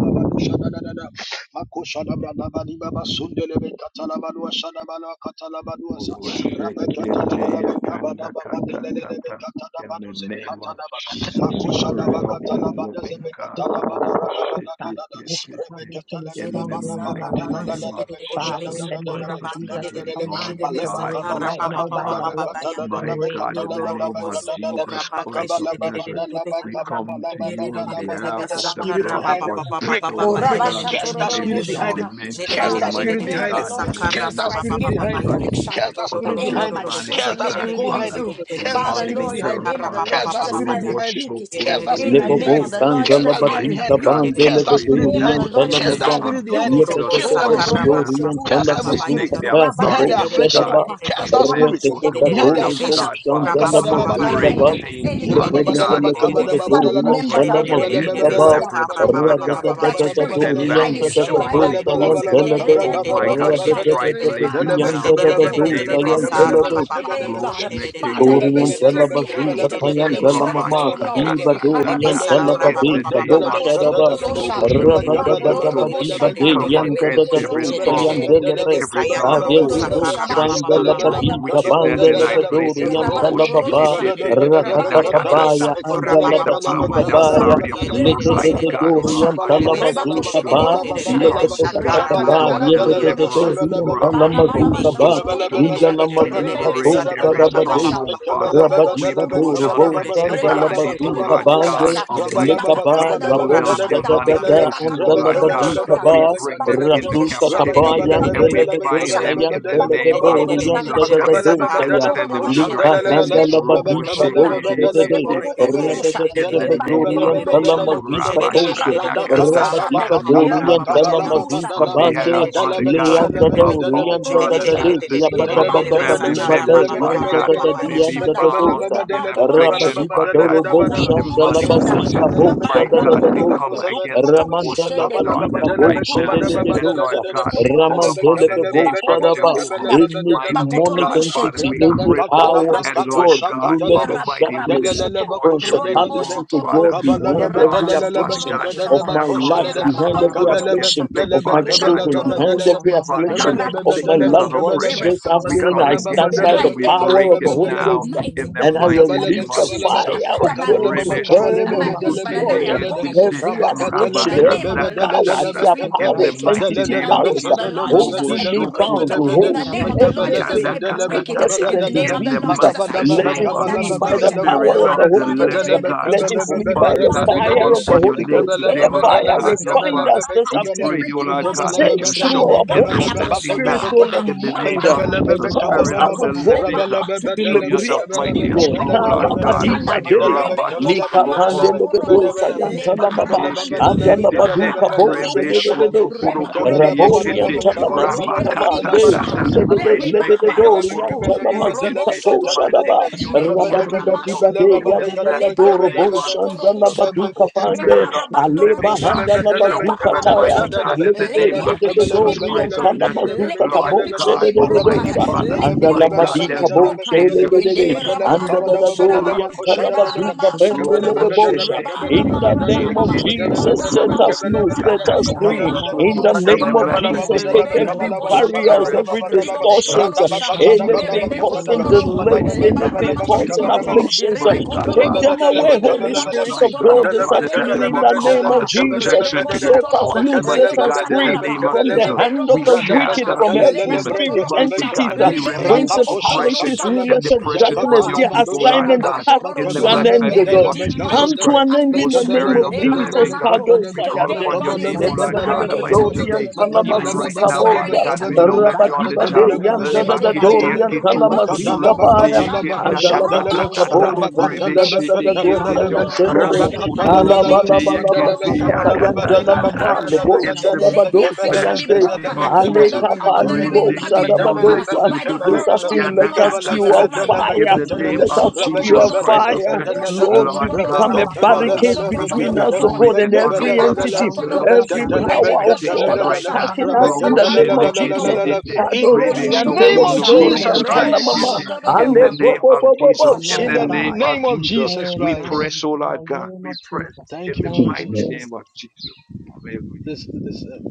Speaker 3: da Makoshada brada badi baba sundele be katala badua shada balua katala badua sa rabe katala bada be kabada baba delele be
Speaker 4: Robo-shake-it-tia-kanda-ka-ta-ta-ta.
Speaker 3: katala
Speaker 4: In
Speaker 3: badu
Speaker 4: the
Speaker 3: se be
Speaker 4: name of
Speaker 3: hatada ba
Speaker 4: Jesus,
Speaker 3: makoshada
Speaker 1: you,
Speaker 3: ba
Speaker 4: Spirit of the
Speaker 3: katala bada se
Speaker 4: Living
Speaker 3: be
Speaker 4: God,
Speaker 3: katala bada
Speaker 4: Robo
Speaker 3: da da da da da da da rebe
Speaker 1: Establishing a
Speaker 3: katala lela
Speaker 4: in the
Speaker 7: Jerebe
Speaker 3: bada
Speaker 1: stronghold in
Speaker 3: baba
Speaker 4: mighty
Speaker 1: our
Speaker 7: sarabake
Speaker 1: mind.
Speaker 3: delele
Speaker 4: name
Speaker 3: le
Speaker 4: of
Speaker 3: be
Speaker 7: shededededebe
Speaker 3: koshada
Speaker 1: Father,
Speaker 4: Jesus
Speaker 3: da
Speaker 1: in the
Speaker 3: da da da
Speaker 1: name
Speaker 4: Christ
Speaker 3: be
Speaker 1: of
Speaker 4: of
Speaker 7: sokorabake
Speaker 1: Jesus,
Speaker 3: katala
Speaker 1: we
Speaker 4: Nazareth,
Speaker 3: lele
Speaker 1: command
Speaker 4: Lord
Speaker 1: them
Speaker 7: dededededebe
Speaker 1: to
Speaker 3: maleba
Speaker 4: God,
Speaker 1: break
Speaker 3: kabala
Speaker 4: most
Speaker 1: right
Speaker 3: baba
Speaker 4: high
Speaker 1: now by
Speaker 3: delele
Speaker 1: the
Speaker 3: be
Speaker 4: Father,
Speaker 1: blood.
Speaker 7: satarababababababaya.
Speaker 3: katala da da
Speaker 4: my
Speaker 3: be
Speaker 1: Break
Speaker 4: God, in
Speaker 1: now
Speaker 3: katala
Speaker 4: the
Speaker 1: by
Speaker 3: lele
Speaker 1: the
Speaker 4: name
Speaker 3: be
Speaker 7: Yodororobo
Speaker 1: blood.
Speaker 4: of
Speaker 3: da da da
Speaker 4: Jesus
Speaker 7: sokorabake
Speaker 4: Christ of
Speaker 3: makabala baba
Speaker 4: Nazareth,
Speaker 3: delele
Speaker 7: shededededebe.
Speaker 4: we
Speaker 3: be
Speaker 4: come to you on
Speaker 7: Yededededebe
Speaker 4: behalf
Speaker 3: the
Speaker 4: of the
Speaker 3: spirit
Speaker 4: brother
Speaker 3: behind it,
Speaker 4: or
Speaker 3: break,
Speaker 4: sister,
Speaker 7: sakarabababababababa
Speaker 4: Lord
Speaker 3: break,
Speaker 4: God,
Speaker 3: cast that
Speaker 4: may be
Speaker 3: spirit
Speaker 7: yededededebe.
Speaker 3: behind it,
Speaker 6: Korabashatororoboshata.
Speaker 4: tormented,
Speaker 3: cast
Speaker 6: Father,
Speaker 3: that
Speaker 6: in the
Speaker 3: spirit
Speaker 4: Almighty
Speaker 6: name of
Speaker 3: behind
Speaker 6: the
Speaker 7: Jededededebe
Speaker 3: it,
Speaker 4: God,
Speaker 6: Lord
Speaker 4: in the
Speaker 3: cast
Speaker 6: Jesus
Speaker 4: name
Speaker 3: that
Speaker 4: of
Speaker 6: Christ,
Speaker 3: spirit
Speaker 6: every
Speaker 4: Jesus
Speaker 3: behind it,
Speaker 4: Christ
Speaker 7: sakarababababababaya.
Speaker 6: affliction
Speaker 3: cast that
Speaker 4: because
Speaker 6: that
Speaker 4: of
Speaker 3: spirit
Speaker 6: any of
Speaker 3: behind it,
Speaker 6: my
Speaker 7: Yodorororororobo
Speaker 4: demonic
Speaker 3: cast
Speaker 6: children
Speaker 3: that
Speaker 6: may be
Speaker 4: attacks,
Speaker 3: spirit
Speaker 6: going
Speaker 3: behind
Speaker 4: Father,
Speaker 3: it,
Speaker 6: through,
Speaker 3: cast that
Speaker 6: Father,
Speaker 4: demonic
Speaker 3: spirit
Speaker 7: sekededededebe
Speaker 6: Lord, in the
Speaker 3: behind
Speaker 4: terror,
Speaker 3: it,
Speaker 6: name of the
Speaker 4: Father.
Speaker 6: Lord
Speaker 3: cast that
Speaker 6: Jesus,
Speaker 3: spirit
Speaker 6: I
Speaker 7: sakarababababababaya.
Speaker 3: behind it,
Speaker 6: rebuke it.
Speaker 3: cast that
Speaker 6: In the
Speaker 3: spirit
Speaker 6: name
Speaker 7: Yededededebe
Speaker 3: behind
Speaker 5: Lebobo
Speaker 6: of
Speaker 3: it,
Speaker 6: the Lord
Speaker 4: Robo-shoko-roko-te-yekete.
Speaker 3: cast
Speaker 5: Sandala
Speaker 3: that
Speaker 6: Jesus,
Speaker 3: spirit
Speaker 6: I
Speaker 4: Mighty
Speaker 3: behind
Speaker 5: Badinka
Speaker 3: it,
Speaker 6: rebuke
Speaker 4: God,
Speaker 6: it.
Speaker 4: we
Speaker 5: Bandele
Speaker 3: cast
Speaker 7: sekededededebe.
Speaker 3: that
Speaker 6: In
Speaker 4: pray
Speaker 6: the
Speaker 3: spirit
Speaker 4: thee
Speaker 6: name of
Speaker 3: behind
Speaker 4: now
Speaker 5: Bedurian
Speaker 6: the
Speaker 3: it,
Speaker 4: in the
Speaker 6: Lord
Speaker 7: Robo
Speaker 3: cast
Speaker 6: Jesus,
Speaker 4: name
Speaker 3: that
Speaker 6: I
Speaker 5: Talamaba
Speaker 4: of
Speaker 3: spirit behind
Speaker 6: rebuke
Speaker 3: it,
Speaker 6: it.
Speaker 4: Jesus
Speaker 3: cast
Speaker 6: Oh,
Speaker 3: every
Speaker 4: Christ of
Speaker 3: spirit,
Speaker 6: Robo
Speaker 4: Nazareth.
Speaker 5: Yebedorian
Speaker 3: cast
Speaker 4: As
Speaker 3: every
Speaker 6: Sheturukusha,
Speaker 4: we take
Speaker 3: spirit
Speaker 5: Talamazuka
Speaker 4: the
Speaker 6: Rabba
Speaker 3: behind
Speaker 5: Tabo
Speaker 3: the
Speaker 4: authority of
Speaker 6: Derebe
Speaker 3: affliction,
Speaker 4: God,
Speaker 5: Sedaba
Speaker 6: Kuraba,
Speaker 4: we
Speaker 3: cast that
Speaker 6: Rabba
Speaker 4: send
Speaker 3: spirit
Speaker 4: forth
Speaker 6: Rabba
Speaker 4: the
Speaker 3: behind
Speaker 4: word
Speaker 3: the
Speaker 4: of
Speaker 5: Rekatatori Bo
Speaker 3: affliction.
Speaker 6: Torukoshata.
Speaker 4: God, Father,
Speaker 6: Every
Speaker 5: Sandala
Speaker 6: spirit
Speaker 4: to
Speaker 5: Mazika
Speaker 4: break
Speaker 5: Ba
Speaker 6: behind
Speaker 4: chains,
Speaker 6: any
Speaker 3: Jabra
Speaker 4: Father
Speaker 6: affliction
Speaker 4: God, my
Speaker 6: that
Speaker 4: Lord,
Speaker 6: my
Speaker 4: to
Speaker 6: family
Speaker 5: Lebedorian
Speaker 4: offer
Speaker 6: members are
Speaker 4: healing
Speaker 6: going
Speaker 4: and
Speaker 6: through,
Speaker 5: Talamazuka Ba
Speaker 6: Father.
Speaker 4: deliverance, O
Speaker 6: I
Speaker 4: Lord God.
Speaker 6: cast out that
Speaker 4: We
Speaker 6: spirit.
Speaker 4: send back
Speaker 6: I
Speaker 5: Radadadadadorian
Speaker 4: these
Speaker 6: destroy that
Speaker 4: demonic
Speaker 6: power.
Speaker 5: Dadadadosayan
Speaker 4: forces
Speaker 5: Telebe
Speaker 6: Erebe
Speaker 4: oh my God, to
Speaker 6: korobosha,
Speaker 4: dry
Speaker 6: leba
Speaker 4: places
Speaker 5: Radadadadadadian
Speaker 4: now
Speaker 6: ramasho
Speaker 4: in the name of
Speaker 5: Dadadadosayan
Speaker 6: Even this
Speaker 5: Telebe,
Speaker 4: Jesus.
Speaker 6: speech delay, God.
Speaker 4: Roshmeke
Speaker 6: Father, any
Speaker 5: Dorian
Speaker 4: yoko tu
Speaker 6: spirit
Speaker 4: tu
Speaker 5: Alabazu
Speaker 6: behind
Speaker 4: tu
Speaker 6: it,
Speaker 4: tu
Speaker 7: Thank
Speaker 5: Katayan
Speaker 6: I drive it
Speaker 5: Dalamama
Speaker 7: you.
Speaker 6: out now.
Speaker 4: rabashaka
Speaker 5: Kadiba
Speaker 4: ta ta
Speaker 5: Dorian
Speaker 6: Ekarabasho
Speaker 4: In
Speaker 5: Talababe
Speaker 6: torobo,
Speaker 4: the
Speaker 5: Kabo
Speaker 4: name of
Speaker 6: rebekosho
Speaker 5: Sharaba
Speaker 4: Jesus,
Speaker 6: tororosha,
Speaker 4: Roboshonoko Toto, we
Speaker 5: Rabadabadabadibade
Speaker 4: come against
Speaker 5: Yandadadu
Speaker 4: every
Speaker 5: Sayan
Speaker 4: stronghold,
Speaker 5: Delabe
Speaker 4: every dark
Speaker 6: Orobondo
Speaker 4: forces,
Speaker 5: Adedudu
Speaker 6: rorosha ba,
Speaker 4: every
Speaker 6: reba
Speaker 4: spiritual
Speaker 5: Sandalabadi
Speaker 6: ramasho
Speaker 4: wickedness in high
Speaker 6: tororosha,
Speaker 4: places.
Speaker 5: Kabandelabadorian
Speaker 6: erabando
Speaker 5: Talababa
Speaker 6: rorosha,
Speaker 4: Roboshekete
Speaker 6: erabando
Speaker 4: yandakatata.
Speaker 5: Ratatakabaya
Speaker 6: rorosha,
Speaker 4: We take
Speaker 6: rebe
Speaker 4: the
Speaker 5: Andalabadi
Speaker 4: power
Speaker 6: koshoto
Speaker 4: and the
Speaker 6: rorosha,
Speaker 5: Kabaya
Speaker 4: authority of the
Speaker 6: reba
Speaker 4: Most
Speaker 5: Lede
Speaker 4: High
Speaker 5: de
Speaker 6: koshoto
Speaker 4: God.
Speaker 5: Dorian
Speaker 6: rorosha, reba
Speaker 5: Talabazu
Speaker 4: Rabashokototo.
Speaker 6: koshoto
Speaker 5: Kaba
Speaker 4: We
Speaker 6: rorosha da,
Speaker 4: come to God
Speaker 6: reba
Speaker 4: who is
Speaker 5: Lekotokatakaba
Speaker 6: katata
Speaker 4: our
Speaker 6: la
Speaker 4: deliverer.
Speaker 6: dororosha,
Speaker 5: Yedededorian
Speaker 3: Jabala
Speaker 6: reba
Speaker 4: Rabba
Speaker 5: Talamazu
Speaker 6: ramamama shato
Speaker 5: Kaba
Speaker 3: Kabala,
Speaker 5: in
Speaker 4: Shokurokototo.
Speaker 3: Babada
Speaker 6: rorosha,
Speaker 4: We
Speaker 3: Kabala
Speaker 6: rebe
Speaker 5: Indalamazita
Speaker 6: be
Speaker 4: break
Speaker 5: to
Speaker 6: koshoto
Speaker 3: Babada
Speaker 4: every
Speaker 3: Kabala
Speaker 5: Shadabade,
Speaker 6: rorosha,
Speaker 4: stronghold, Father.
Speaker 6: robo
Speaker 3: Kabala
Speaker 7: Rebecca,
Speaker 6: bobo
Speaker 3: Babada
Speaker 4: We
Speaker 5: Rabadiba
Speaker 6: shoto
Speaker 4: pull
Speaker 5: do
Speaker 6: rorosha
Speaker 7: Satara
Speaker 4: down
Speaker 3: Kabala
Speaker 6: ka,
Speaker 5: Robo
Speaker 3: Baba
Speaker 6: reba
Speaker 3: Kabala
Speaker 6: ba
Speaker 3: Baba
Speaker 4: principalities,
Speaker 6: shoto
Speaker 4: O
Speaker 5: Sandalabazita
Speaker 3: Kabala
Speaker 4: Lord
Speaker 3: Baba
Speaker 6: rorosha
Speaker 4: God
Speaker 5: Bande,
Speaker 6: da,
Speaker 3: Rabala
Speaker 6: reba
Speaker 4: Almighty.
Speaker 3: Baba
Speaker 4: We
Speaker 5: Lekaba,
Speaker 6: katara
Speaker 3: Kabala
Speaker 6: da
Speaker 4: pull
Speaker 6: romo
Speaker 5: Rabo
Speaker 4: down
Speaker 3: Babada
Speaker 6: shanda,
Speaker 4: demonic
Speaker 3: Kabala
Speaker 5: Shadadada,
Speaker 6: reba
Speaker 4: forces, O
Speaker 3: Rabba
Speaker 6: katoro
Speaker 4: Lord
Speaker 6: robo
Speaker 3: Kabala
Speaker 4: God.
Speaker 5: Andalabadita
Speaker 6: shata,
Speaker 3: Babada
Speaker 4: We
Speaker 5: Ba,
Speaker 4: bring
Speaker 6: reba
Speaker 4: them
Speaker 3: Kabala
Speaker 6: kotoro
Speaker 4: into
Speaker 5: Rasuta
Speaker 6: rorosha,
Speaker 3: Rabba
Speaker 4: captivity
Speaker 3: Kabala
Speaker 6: Reba
Speaker 5: Kabayan,
Speaker 4: and
Speaker 3: Babada
Speaker 4: we
Speaker 6: katorororosha.
Speaker 4: bind
Speaker 3: Kabala
Speaker 5: Delebedosa,
Speaker 4: them
Speaker 5: Yan
Speaker 4: in the
Speaker 6: Reba
Speaker 3: Babada
Speaker 4: name
Speaker 6: kotoro
Speaker 4: of
Speaker 3: Kabala
Speaker 5: Telebebor, Yan
Speaker 6: kotorororushanda.
Speaker 3: Baba
Speaker 4: Jesus Christ
Speaker 3: Kabala
Speaker 6: Reba
Speaker 4: and
Speaker 5: Dadadadosaya,
Speaker 6: kotoro
Speaker 3: Babada
Speaker 4: send them to
Speaker 6: Rushe,
Speaker 4: dry
Speaker 5: Lipa
Speaker 3: Koshandala
Speaker 6: rebe
Speaker 4: places.
Speaker 6: kotoro
Speaker 3: Rabba
Speaker 4: Robo
Speaker 5: Sandalabadita
Speaker 3: Kabala
Speaker 6: kotorororushanda.
Speaker 5: Bo
Speaker 6: Rebe
Speaker 3: Babada
Speaker 5: Shedede,
Speaker 6: kotoro
Speaker 3: Kabala
Speaker 4: shekidikitititi.
Speaker 3: Baba
Speaker 6: kotorororusha.
Speaker 4: In the
Speaker 3: Andala
Speaker 6: Reba
Speaker 4: name
Speaker 3: Kabala
Speaker 6: kotoro
Speaker 4: of
Speaker 5: Rebedebedorian
Speaker 4: Jesus.
Speaker 6: kotorororoshanda.
Speaker 3: Babada
Speaker 5: Talamazita
Speaker 4: Rabba
Speaker 3: Kabala
Speaker 6: Reba
Speaker 5: Toshe,
Speaker 4: Shanakata
Speaker 3: Radakata
Speaker 6: ramandorororushande.
Speaker 4: as
Speaker 5: Rabadiba
Speaker 3: Dabakata
Speaker 4: we
Speaker 5: Dorian
Speaker 3: Dabakabala
Speaker 4: intercede
Speaker 6: Erabandorororusha.
Speaker 5: Talamazita
Speaker 4: on
Speaker 3: Babada
Speaker 6: Rebe
Speaker 5: Bande,
Speaker 4: behalf,
Speaker 6: kotoro
Speaker 4: Father
Speaker 3: Matalaba
Speaker 6: kotorororusha.
Speaker 4: God,
Speaker 3: Kabalaba
Speaker 4: of
Speaker 5: Leandado,
Speaker 6: Reba kotoro
Speaker 4: our
Speaker 3: Madalaba
Speaker 4: brothers and
Speaker 3: Kabalabalaba
Speaker 5: Riandadade,
Speaker 6: kotorororusha.
Speaker 4: sisters and
Speaker 3: Matalaba
Speaker 4: our family
Speaker 3: Kabalaba
Speaker 6: Irabandorusha,
Speaker 5: Yabadabadabadubade,
Speaker 4: members,
Speaker 3: Madalaba
Speaker 4: Father God,
Speaker 3: Kabalabalaba
Speaker 4: may
Speaker 5: Yandadadi,
Speaker 4: be
Speaker 6: Irebakotorushanda,
Speaker 3: Makabalaba
Speaker 4: bound
Speaker 5: Yandadadosa,
Speaker 4: in
Speaker 3: Madalaba Kabalaba
Speaker 6: Irabatorushe,
Speaker 4: affliction, Father
Speaker 3: Madalaba
Speaker 4: God,
Speaker 5: Rabadibadoro,
Speaker 4: due
Speaker 5: Bo,
Speaker 4: to
Speaker 3: Dabadaba
Speaker 4: demonic
Speaker 6: Orobokotorushanda,
Speaker 3: Makabalaba
Speaker 4: forces.
Speaker 5: Shandalabazita, Bo,
Speaker 3: Madalaba
Speaker 6: Raba
Speaker 4: My God,
Speaker 3: Kotolaba
Speaker 4: we
Speaker 6: Rabando,
Speaker 4: come
Speaker 5: Shadadadosa,
Speaker 3: Dabadosa
Speaker 4: against the
Speaker 3: Badabadaba
Speaker 4: forces of
Speaker 6: Rukukuturukushende,
Speaker 3: Makabalaba
Speaker 4: darkness
Speaker 5: Ramandalabadita, Bo,
Speaker 3: Madalaba
Speaker 4: right now.
Speaker 3: Kobadaba
Speaker 6: Rukukuturushende,
Speaker 4: And
Speaker 3: Madalada
Speaker 4: Lord
Speaker 5: Shededosa,
Speaker 4: God, we call
Speaker 3: Matalaba
Speaker 6: Rebekotorusha,
Speaker 4: upon the
Speaker 5: Ramandelebe,
Speaker 3: Kabalaba
Speaker 5: Bo,
Speaker 4: name of
Speaker 3: Madalaba
Speaker 5: Shadaba.
Speaker 4: Jehovah.
Speaker 6: reba
Speaker 3: Kabalaba
Speaker 5: Any
Speaker 3: Madalaba
Speaker 4: Mighty
Speaker 5: demonic
Speaker 4: God,
Speaker 3: Kotolaba
Speaker 6: Rebakotorushe,
Speaker 4: Father,
Speaker 5: entity,
Speaker 4: we
Speaker 3: Radaba
Speaker 5: any
Speaker 4: cripple.
Speaker 6: O
Speaker 3: Katalabra
Speaker 5: powers
Speaker 4: And
Speaker 5: to
Speaker 4: Lord
Speaker 5: God,
Speaker 6: rabataraba,
Speaker 3: Kadosha
Speaker 4: God
Speaker 6: e
Speaker 5: rulers
Speaker 3: Kadalaba
Speaker 5: of
Speaker 4: Almighty, we
Speaker 5: darkness,
Speaker 6: rabarabashoto,
Speaker 3: Madalaba
Speaker 4: destroy
Speaker 3: Kosha
Speaker 4: every
Speaker 3: Dada
Speaker 6: robobo
Speaker 4: work,
Speaker 5: principality to
Speaker 6: shotororo,
Speaker 4: Father,
Speaker 5: God
Speaker 6: e
Speaker 4: of
Speaker 3: Makabalaba
Speaker 5: behind every
Speaker 4: darkness, Father
Speaker 3: Madalaba
Speaker 5: affliction
Speaker 4: God,
Speaker 6: rabashotororobo
Speaker 5: of
Speaker 6: shanda,
Speaker 3: Kabalaba
Speaker 5: my
Speaker 4: that come
Speaker 6: e
Speaker 5: life,
Speaker 3: Kosha
Speaker 4: to do
Speaker 5: behind
Speaker 6: rababa
Speaker 5: every
Speaker 4: evil to
Speaker 3: makabele
Speaker 6: roboboko
Speaker 5: affliction
Speaker 6: shata,
Speaker 4: inflict,
Speaker 3: bedele
Speaker 5: of my
Speaker 4: Father
Speaker 6: reba
Speaker 1: Father, in
Speaker 4: God,
Speaker 3: bekebele
Speaker 5: children,
Speaker 4: your
Speaker 6: kotororobo
Speaker 5: behind
Speaker 3: bedele
Speaker 4: people,
Speaker 5: every
Speaker 6: shata,
Speaker 4: Father
Speaker 1: the
Speaker 4: God,
Speaker 5: affliction
Speaker 3: makabele
Speaker 4: with
Speaker 5: of my
Speaker 3: bedele
Speaker 4: sickness
Speaker 6: marabashotorobo.
Speaker 4: and
Speaker 5: loved
Speaker 3: bekebele
Speaker 5: ones.
Speaker 6: Every
Speaker 3: bedele
Speaker 4: oppression.
Speaker 5: This
Speaker 6: foul
Speaker 4: We
Speaker 5: afternoon,
Speaker 4: come
Speaker 6: spirit
Speaker 5: I
Speaker 3: makabele
Speaker 4: against
Speaker 5: stand
Speaker 4: it
Speaker 5: by
Speaker 3: bedele
Speaker 4: and
Speaker 5: the
Speaker 6: behind
Speaker 4: we
Speaker 6: any
Speaker 3: bekebele
Speaker 5: power
Speaker 4: break
Speaker 5: of the
Speaker 4: it
Speaker 6: affliction,
Speaker 5: Holy
Speaker 3: bedele
Speaker 4: now
Speaker 5: Ghost uh,
Speaker 1: name
Speaker 6: mighty
Speaker 4: in
Speaker 1: of
Speaker 4: the
Speaker 6: God,
Speaker 5: and I
Speaker 4: mighty
Speaker 1: Jesus, we
Speaker 6: that
Speaker 3: Lekabalebe
Speaker 6: my
Speaker 4: name
Speaker 5: release
Speaker 1: bless
Speaker 4: of
Speaker 1: you.
Speaker 5: the
Speaker 3: kabalaba
Speaker 6: children,
Speaker 4: Jesus
Speaker 5: fire of
Speaker 6: that
Speaker 4: Christ.
Speaker 6: my
Speaker 5: God
Speaker 3: makabalaba
Speaker 5: to
Speaker 6: household,
Speaker 1: Rabakus,
Speaker 5: burn
Speaker 3: makabalebe
Speaker 6: that my
Speaker 5: and
Speaker 1: Karabakus,
Speaker 3: bedelebe
Speaker 6: husband and I
Speaker 1: Kunduru,
Speaker 5: destroy uh,
Speaker 6: are
Speaker 3: ketelede
Speaker 6: going
Speaker 4: Remeshokurokuteiketete,
Speaker 1: Kurabakus,
Speaker 6: through,
Speaker 5: every
Speaker 1: Rabasa,
Speaker 6: Father, in
Speaker 4: rabakandakatata,
Speaker 5: affliction,
Speaker 3: rabakatelebe
Speaker 6: the name of
Speaker 5: every
Speaker 3: debebe
Speaker 6: the Lord
Speaker 5: power,
Speaker 3: delelebe
Speaker 6: Jesus,
Speaker 5: their
Speaker 6: we
Speaker 1: Chai,
Speaker 3: kete
Speaker 4: In the
Speaker 5: powers,
Speaker 6: break it.
Speaker 1: Karabakus,
Speaker 4: mighty
Speaker 5: entity
Speaker 6: In the
Speaker 4: name of
Speaker 3: madelelebe
Speaker 1: Karabakus,
Speaker 6: name
Speaker 5: powers,
Speaker 6: of
Speaker 5: uh,
Speaker 6: the
Speaker 4: Jesus.
Speaker 1: Kurabakus,
Speaker 6: Lord
Speaker 3: kebelebe
Speaker 5: holding
Speaker 6: Jesus, I
Speaker 3: bedelebe
Speaker 5: me
Speaker 6: break it.
Speaker 5: bound,
Speaker 3: kebelebe de
Speaker 6: In the
Speaker 5: holding
Speaker 6: name
Speaker 4: Roboshokuturokote,
Speaker 6: of the
Speaker 1: Karabakus,
Speaker 6: Lord
Speaker 3: mekebelebe
Speaker 6: Jesus,
Speaker 5: anything,
Speaker 6: I
Speaker 1: Kurabakus,
Speaker 3: bedelebe
Speaker 6: break it.
Speaker 5: sicknesses
Speaker 4: yandakatatata,
Speaker 1: Karabakus,
Speaker 6: In
Speaker 5: and
Speaker 6: the name
Speaker 3: keberedelele
Speaker 6: of
Speaker 4: In
Speaker 6: the
Speaker 4: the
Speaker 5: diseases.
Speaker 6: Lord
Speaker 5: uh,
Speaker 6: Jesus, I
Speaker 3: marabadaba
Speaker 4: matchless
Speaker 5: Let
Speaker 1: Chapa,
Speaker 6: drive
Speaker 4: name
Speaker 5: it
Speaker 6: out
Speaker 4: of
Speaker 6: that
Speaker 5: flee
Speaker 3: makabalaba
Speaker 1: Karabakus,
Speaker 5: by
Speaker 4: Jesus,
Speaker 6: spirit.
Speaker 5: the
Speaker 1: Sinda,
Speaker 3: bedelebe
Speaker 4: Spirit
Speaker 5: power of
Speaker 4: of
Speaker 5: the
Speaker 3: kebele
Speaker 6: Lord
Speaker 1: Karabakus,
Speaker 4: the
Speaker 5: Holy
Speaker 6: God, in the
Speaker 5: Ghost.
Speaker 6: name
Speaker 5: uh,
Speaker 6: of
Speaker 4: living
Speaker 3: bedelebe
Speaker 4: God.
Speaker 5: let it
Speaker 6: Koshata,
Speaker 1: Kurabakus,
Speaker 3: kebelebe
Speaker 4: Oh,
Speaker 5: flee by
Speaker 4: Father
Speaker 5: the
Speaker 4: God,
Speaker 6: Rebaka
Speaker 4: we call
Speaker 5: fire
Speaker 3: bederedededede
Speaker 5: of the
Speaker 4: upon your
Speaker 6: Rabashata
Speaker 5: Holy
Speaker 6: Laba,
Speaker 4: name
Speaker 5: Ghost. Let
Speaker 3: mekebelebe
Speaker 4: today,
Speaker 5: the
Speaker 4: oh
Speaker 1: Kiribo,
Speaker 4: Lord
Speaker 6: Eroboko
Speaker 5: fire
Speaker 3: bedelebe
Speaker 4: God
Speaker 1: Karabakus,
Speaker 4: and oh
Speaker 5: refine
Speaker 6: Sotorobo
Speaker 3: kebelebe
Speaker 1: Rabasa,
Speaker 4: Father.
Speaker 5: us this
Speaker 6: Sata,
Speaker 4: We
Speaker 3: bekebele
Speaker 5: afternoon.
Speaker 4: pray,
Speaker 6: every
Speaker 4: oh Lord
Speaker 6: demonic
Speaker 4: God,
Speaker 1: Rakus,
Speaker 3: mekebelebe
Speaker 4: that
Speaker 5: Search
Speaker 4: you
Speaker 6: oppression
Speaker 4: show
Speaker 5: through
Speaker 3: bedelebe
Speaker 4: up
Speaker 1: Kiribo,
Speaker 5: our
Speaker 6: that
Speaker 4: in
Speaker 6: I
Speaker 5: bodies,
Speaker 4: this
Speaker 6: have
Speaker 3: kebelebe
Speaker 1: Kurabakus,
Speaker 5: our
Speaker 4: setting
Speaker 5: spirit,
Speaker 3: bategato
Speaker 4: now.
Speaker 5: soul,
Speaker 6: Soteaba,
Speaker 3: kedebe
Speaker 4: In
Speaker 5: and
Speaker 4: the name
Speaker 5: mind, uh,
Speaker 4: of
Speaker 6: Mabaya
Speaker 1: Rakus,
Speaker 5: and
Speaker 3: Mekebelebe
Speaker 4: Jesus,
Speaker 5: cause
Speaker 4: Spirit of
Speaker 5: us,
Speaker 1: Kiribo,
Speaker 3: kabadababa.
Speaker 6: Batutukututu,
Speaker 4: the
Speaker 5: oh God,
Speaker 4: living
Speaker 1: Kurabakus,
Speaker 4: God,
Speaker 6: Ebaba
Speaker 5: to
Speaker 3: Rebelebebe
Speaker 5: be
Speaker 4: show
Speaker 6: Tututu
Speaker 3: delebe
Speaker 4: yourself
Speaker 6: Shek,
Speaker 5: liberated, oh
Speaker 4: mighty and
Speaker 3: kebelebebe
Speaker 5: God.
Speaker 6: Ibebe
Speaker 4: strong, oh
Speaker 3: delebe
Speaker 4: Lord
Speaker 6: Kututu
Speaker 1: Rabba
Speaker 3: kebedebe.
Speaker 4: God,
Speaker 6: Sanda,
Speaker 4: almighty
Speaker 5: Kalabadibadea,
Speaker 3: Adelebe
Speaker 4: Rabba
Speaker 6: Rebe Ruba
Speaker 3: kebelebebe
Speaker 6: Masha
Speaker 3: delebe
Speaker 4: Shokoro
Speaker 6: Torobo,
Speaker 5: likapandelebedosa,
Speaker 3: kebedebedebe.
Speaker 5: yantalamama,
Speaker 3: Mekebelebebe
Speaker 6: Lebarabando,
Speaker 3: delebe
Speaker 4: Yeketete,
Speaker 5: andalabaduka
Speaker 3: kebelebebe delebe
Speaker 6: rabandurukusha
Speaker 3: kebelebe.
Speaker 5: boshedededosa,
Speaker 6: reba
Speaker 4: Rebeshonogorokote
Speaker 3: Mekebelebebe
Speaker 6: rebekushuturu
Speaker 4: yekete,
Speaker 3: delebe kebelebebe
Speaker 5: raboriantalamazika
Speaker 3: delebe
Speaker 5: bande,
Speaker 6: loderibikusha
Speaker 3: nebadoza.
Speaker 4: Rabakatatata,
Speaker 5: ledede-
Speaker 3: Akebelebebe
Speaker 4: Reshmeke
Speaker 6: meribaba
Speaker 3: delebe
Speaker 6: rosutu
Speaker 4: yokorokote
Speaker 3: kebelebebe
Speaker 5: ledededoriantalamazika
Speaker 3: delebe
Speaker 4: yekete,
Speaker 3: ketededede.
Speaker 6: robosotoroko
Speaker 5: toshadaba,
Speaker 4: Mandeke
Speaker 3: Rebelebebe
Speaker 4: yonokotototo.
Speaker 3: kebelebebe
Speaker 4: In
Speaker 5: rabadibadibadea,
Speaker 6: mediaramasotorobo
Speaker 4: the
Speaker 3: dekadebe
Speaker 4: matchless name of
Speaker 3: kebelebedebe.
Speaker 4: Jesus,
Speaker 6: lebarebasotorokushata
Speaker 3: Bedebe
Speaker 5: dadadadoroboshandalabaduka
Speaker 4: O
Speaker 5: pande,
Speaker 4: Spirit of the living
Speaker 6: rebarabandorusha
Speaker 4: God,
Speaker 5: alebahanda
Speaker 4: show up,
Speaker 5: labazuka
Speaker 4: now,
Speaker 5: taya,
Speaker 4: mighty
Speaker 6: lebaramasoto
Speaker 4: God, in
Speaker 5: Legede,
Speaker 4: the
Speaker 6: let
Speaker 4: name
Speaker 6: the
Speaker 4: of
Speaker 5: legede
Speaker 6: affliction be
Speaker 4: Jesus
Speaker 5: dori
Speaker 4: Christ of
Speaker 6: broken
Speaker 5: antala
Speaker 4: Nazareth.
Speaker 6: let
Speaker 5: mazuta
Speaker 6: the
Speaker 4: Lord
Speaker 5: kaboche
Speaker 6: affliction
Speaker 5: de
Speaker 4: God,
Speaker 6: be
Speaker 5: de de
Speaker 6: broken
Speaker 4: Almighty
Speaker 5: dosa.
Speaker 4: Father,
Speaker 6: let the
Speaker 4: my
Speaker 5: Andala
Speaker 4: God,
Speaker 6: oppression be
Speaker 5: madika
Speaker 4: there's no
Speaker 5: boche
Speaker 6: broken
Speaker 5: le
Speaker 4: failure
Speaker 5: le
Speaker 6: in
Speaker 5: le le.
Speaker 6: the
Speaker 4: in you.
Speaker 5: Andala
Speaker 6: rabarabo
Speaker 5: da
Speaker 4: Father.
Speaker 6: sadama
Speaker 5: dori antala baduka
Speaker 6: rebarama
Speaker 5: bende le
Speaker 4: Robo
Speaker 6: raba,
Speaker 5: bebosha.
Speaker 6: reba
Speaker 4: Shendeki
Speaker 5: In
Speaker 6: rama
Speaker 5: the name
Speaker 4: Kiti
Speaker 5: of
Speaker 6: mama,
Speaker 4: Kiti
Speaker 5: Jesus, set
Speaker 4: Okutu
Speaker 6: maraba
Speaker 5: us
Speaker 4: Okuti
Speaker 6: bando
Speaker 5: loose, set
Speaker 6: raba,
Speaker 5: us
Speaker 4: Yanakutu
Speaker 5: free.
Speaker 6: reba
Speaker 5: In
Speaker 4: Tutu
Speaker 6: kuroko
Speaker 5: the
Speaker 4: in
Speaker 5: name
Speaker 4: the
Speaker 5: of
Speaker 6: sotororo,
Speaker 4: matchless
Speaker 5: Jesus,
Speaker 4: name
Speaker 5: take
Speaker 4: of
Speaker 6: lebe
Speaker 4: Jesus,
Speaker 6: rebe
Speaker 5: every
Speaker 6: ko
Speaker 4: O
Speaker 5: barriers,
Speaker 4: Spirit
Speaker 6: sotororo,
Speaker 4: of
Speaker 5: every
Speaker 4: the
Speaker 6: ribo
Speaker 4: Living God,
Speaker 5: distortions,
Speaker 6: kotororo
Speaker 5: uh,
Speaker 1: Thank
Speaker 4: show
Speaker 5: anything
Speaker 6: merebe
Speaker 5: causing
Speaker 4: yourself
Speaker 6: kotororo,
Speaker 4: mighty
Speaker 5: delays,
Speaker 6: leba
Speaker 5: anything
Speaker 6: rama
Speaker 4: and show
Speaker 5: causing
Speaker 4: yourself
Speaker 3: Madaba
Speaker 4: strong,
Speaker 5: afflictions, uh,
Speaker 4: my
Speaker 6: rebe
Speaker 4: God,
Speaker 5: Take
Speaker 4: Father.
Speaker 5: them
Speaker 6: kotorobo,
Speaker 4: Show
Speaker 5: away,
Speaker 6: libe
Speaker 4: every
Speaker 5: Holy
Speaker 6: ribako
Speaker 4: force,
Speaker 5: Spirit
Speaker 4: my
Speaker 5: of
Speaker 4: God,
Speaker 5: God,
Speaker 6: kosotoro,
Speaker 4: of
Speaker 5: this
Speaker 4: darkness
Speaker 6: lebe
Speaker 4: that they
Speaker 5: afternoon in
Speaker 6: ribo
Speaker 4: must
Speaker 5: the
Speaker 4: come
Speaker 5: name of
Speaker 4: under
Speaker 6: kusata,
Speaker 5: Jesus.
Speaker 6: rebe
Speaker 4: subjection to your
Speaker 5: Set
Speaker 4: power,
Speaker 5: us
Speaker 6: kosotoro,
Speaker 5: loose, set
Speaker 4: mighty
Speaker 6: leba
Speaker 5: us
Speaker 4: God. In the
Speaker 5: free
Speaker 6: kataraba,
Speaker 4: name of
Speaker 5: from the
Speaker 4: Jesus,
Speaker 3: Kabala
Speaker 6: lebe
Speaker 5: hand of
Speaker 6: robo
Speaker 4: we
Speaker 5: the
Speaker 4: cast
Speaker 5: wicked,
Speaker 6: sataraba,
Speaker 4: out
Speaker 5: from
Speaker 4: these
Speaker 5: every
Speaker 6: leba
Speaker 4: demons,
Speaker 5: spirit,
Speaker 6: kotoroko
Speaker 4: mighty
Speaker 6: sa,
Speaker 5: entities,
Speaker 4: God.
Speaker 3: Radabakatalelebregadabakadada,
Speaker 5: uh,
Speaker 4: We
Speaker 6: libe rebe
Speaker 4: remove
Speaker 6: kosotororo
Speaker 4: oppression
Speaker 5: principalities,
Speaker 3: Rakatosakatalaba,
Speaker 4: and
Speaker 5: rulers of
Speaker 4: depression from
Speaker 5: darkness,
Speaker 4: your
Speaker 6: Lord,
Speaker 5: their
Speaker 4: people, Lord
Speaker 5: assignment,
Speaker 3: Yakatalabadosadada,
Speaker 4: God
Speaker 6: Erabanto
Speaker 5: cut
Speaker 4: in the
Speaker 5: to
Speaker 6: Rorosa,
Speaker 5: an end,
Speaker 4: matchless
Speaker 5: O
Speaker 6: every
Speaker 4: name
Speaker 5: God.
Speaker 4: of Jesus
Speaker 5: Come
Speaker 6: demonic
Speaker 5: to
Speaker 3: Makabelebebedelebegazodabe,
Speaker 4: Christ.
Speaker 5: an end
Speaker 4: O
Speaker 5: in the
Speaker 6: affliction,
Speaker 5: name
Speaker 4: Spirit
Speaker 5: of
Speaker 4: of the living
Speaker 5: Jesus,
Speaker 4: God,
Speaker 6: Ebaramato.
Speaker 4: we
Speaker 3: Makabelebebedelebekotelebe,
Speaker 4: call
Speaker 6: Today,
Speaker 5: Kadosayande.
Speaker 4: upon your
Speaker 6: God is
Speaker 4: name,
Speaker 6: his
Speaker 4: O Lord
Speaker 6: expiry
Speaker 4: God
Speaker 6: date.
Speaker 4: Almighty,
Speaker 3: Makabalebebedalebekabada,
Speaker 5: Lebelebelebedorian
Speaker 4: today.
Speaker 6: Today,
Speaker 4: Even
Speaker 6: Lord,
Speaker 1: you.
Speaker 6: is his
Speaker 4: right
Speaker 5: talamazuka
Speaker 4: now,
Speaker 6: expiry
Speaker 4: Father
Speaker 5: bosha.
Speaker 4: God,
Speaker 6: date.
Speaker 4: we know
Speaker 1: Those
Speaker 3: Makabalebebedalebekabadabebe,
Speaker 4: that
Speaker 1: by
Speaker 4: you're
Speaker 1: the
Speaker 4: on the
Speaker 1: blood of
Speaker 4: job.
Speaker 5: Rabadibade
Speaker 6: Marabaruku
Speaker 5: yanda
Speaker 1: Rabakutavasa,
Speaker 6: shetelebe,
Speaker 4: Lebakiti
Speaker 3: Makabalebebedalebekatelebe,
Speaker 6: robo
Speaker 1: every
Speaker 4: ekituru kuturu
Speaker 5: talamazika
Speaker 6: suturuku
Speaker 1: stronghold,
Speaker 4: kuti
Speaker 5: baya.
Speaker 6: shanda,
Speaker 4: ekina
Speaker 1: every
Speaker 3: Makadalabakatalabadosandelele,
Speaker 6: robo
Speaker 5: Andalabaduka
Speaker 1: stronghold of
Speaker 4: katatatata.
Speaker 1: the
Speaker 5: boro
Speaker 6: suturuku
Speaker 5: bosha
Speaker 1: mind,
Speaker 6: shende,
Speaker 5: da
Speaker 4: Rebeshiti
Speaker 1: every
Speaker 4: kititu.
Speaker 1: stronghold
Speaker 6: irabando
Speaker 1: of the mind of
Speaker 6: roroboshi,
Speaker 3: Rabakatalebekatelelebe,
Speaker 1: my
Speaker 3: in the
Speaker 6: rebeko
Speaker 1: children, I
Speaker 6: shotorolo
Speaker 5: Kalabalabalabazukata
Speaker 6: shata,
Speaker 1: command them to
Speaker 5: yandala
Speaker 1: break
Speaker 5: mama
Speaker 1: right now by
Speaker 5: lebo
Speaker 6: rebaramasoto.
Speaker 1: the
Speaker 4: In
Speaker 1: blood.
Speaker 5: shada,
Speaker 4: the
Speaker 6: Let the
Speaker 5: badosa,
Speaker 1: Every
Speaker 6: affliction be
Speaker 5: yande.
Speaker 4: matchless name
Speaker 6: broken uh,
Speaker 4: of
Speaker 1: stronghold
Speaker 6: by
Speaker 5: Ale
Speaker 6: the
Speaker 4: Jesus.
Speaker 1: in the
Speaker 6: power
Speaker 5: kapa
Speaker 6: of the
Speaker 1: mind,
Speaker 6: living
Speaker 5: libo
Speaker 6: God, be
Speaker 1: in
Speaker 4: Rindiki
Speaker 5: shada,
Speaker 1: my
Speaker 6: broken uh,
Speaker 5: badosa.
Speaker 1: mind,
Speaker 6: by the
Speaker 1: or
Speaker 4: yonukutututu.
Speaker 5: This
Speaker 6: virtue of the
Speaker 1: twenty
Speaker 5: afternoon, let
Speaker 6: blood of
Speaker 5: us
Speaker 1: public, I
Speaker 5: spew
Speaker 6: Jesus
Speaker 5: out
Speaker 4: Yadakatatata
Speaker 6: right
Speaker 1: command
Speaker 6: now.
Speaker 1: them
Speaker 4: in
Speaker 5: fire.
Speaker 1: to
Speaker 4: the
Speaker 1: break
Speaker 4: name
Speaker 5: Let
Speaker 4: of
Speaker 1: right
Speaker 5: us
Speaker 1: now by
Speaker 5: spew
Speaker 4: Jesus
Speaker 5: out
Speaker 1: the
Speaker 4: Christ
Speaker 1: blood.
Speaker 4: of
Speaker 5: fire,
Speaker 4: Nazareth.
Speaker 5: Lord, to
Speaker 4: Lord
Speaker 1: Yakatino
Speaker 4: God,
Speaker 5: become a
Speaker 4: our Father,
Speaker 1: Rabakushina
Speaker 5: barricade
Speaker 4: we give
Speaker 5: between
Speaker 4: you
Speaker 5: us, oh
Speaker 4: glory
Speaker 1: Rabakusabasa,
Speaker 5: God,
Speaker 4: and
Speaker 5: and
Speaker 4: honor,
Speaker 5: every
Speaker 1: every
Speaker 4: Father.
Speaker 5: entity,
Speaker 4: We look
Speaker 1: stronghold
Speaker 4: to
Speaker 1: of
Speaker 4: you
Speaker 5: every
Speaker 1: the
Speaker 4: with
Speaker 5: power,
Speaker 1: mind.
Speaker 5: oh
Speaker 4: expectation
Speaker 5: God,
Speaker 1: Jesus,
Speaker 4: right now.
Speaker 5: attacking us in
Speaker 4: Robo
Speaker 5: the
Speaker 1: Kandarabakurabaza.
Speaker 5: name of Jesus.
Speaker 1: Let them
Speaker 4: shendeketetete,
Speaker 1: catch
Speaker 5: Kadosa
Speaker 1: fire
Speaker 4: rebe
Speaker 1: right
Speaker 5: yante
Speaker 3: name
Speaker 1: now.
Speaker 3: of
Speaker 4: shokono
Speaker 1: Let
Speaker 5: lebedori
Speaker 1: them
Speaker 3: Jesus
Speaker 1: catch
Speaker 5: yantala mama.
Speaker 1: fire.
Speaker 4: kolopoteyekete.
Speaker 3: Christ.
Speaker 1: Let them
Speaker 4: In
Speaker 5: Ale
Speaker 4: the
Speaker 1: catch
Speaker 5: bo
Speaker 4: name
Speaker 1: fire.
Speaker 5: bo
Speaker 4: of
Speaker 5: bo bo
Speaker 4: Jesus,
Speaker 5: bo
Speaker 4: in
Speaker 3: In
Speaker 1: Yes,
Speaker 4: the
Speaker 3: the
Speaker 5: shadaba.
Speaker 4: name
Speaker 1: God.
Speaker 4: of
Speaker 3: name of
Speaker 4: Jesus,
Speaker 3: Jesus
Speaker 4: we
Speaker 3: Christ.
Speaker 4: press,
Speaker 1: Amen.
Speaker 4: O
Speaker 1: In the
Speaker 4: Lord God,
Speaker 1: name
Speaker 4: we
Speaker 1: of
Speaker 4: press
Speaker 1: Jesus.
Speaker 3: Thank
Speaker 4: in the
Speaker 3: you,
Speaker 1: Thank you,
Speaker 4: mighty
Speaker 3: Jesus.
Speaker 5: Amen.
Speaker 1: Jesus.
Speaker 4: name of Jesus. Hallelujah.
Speaker 3: This, this. uh,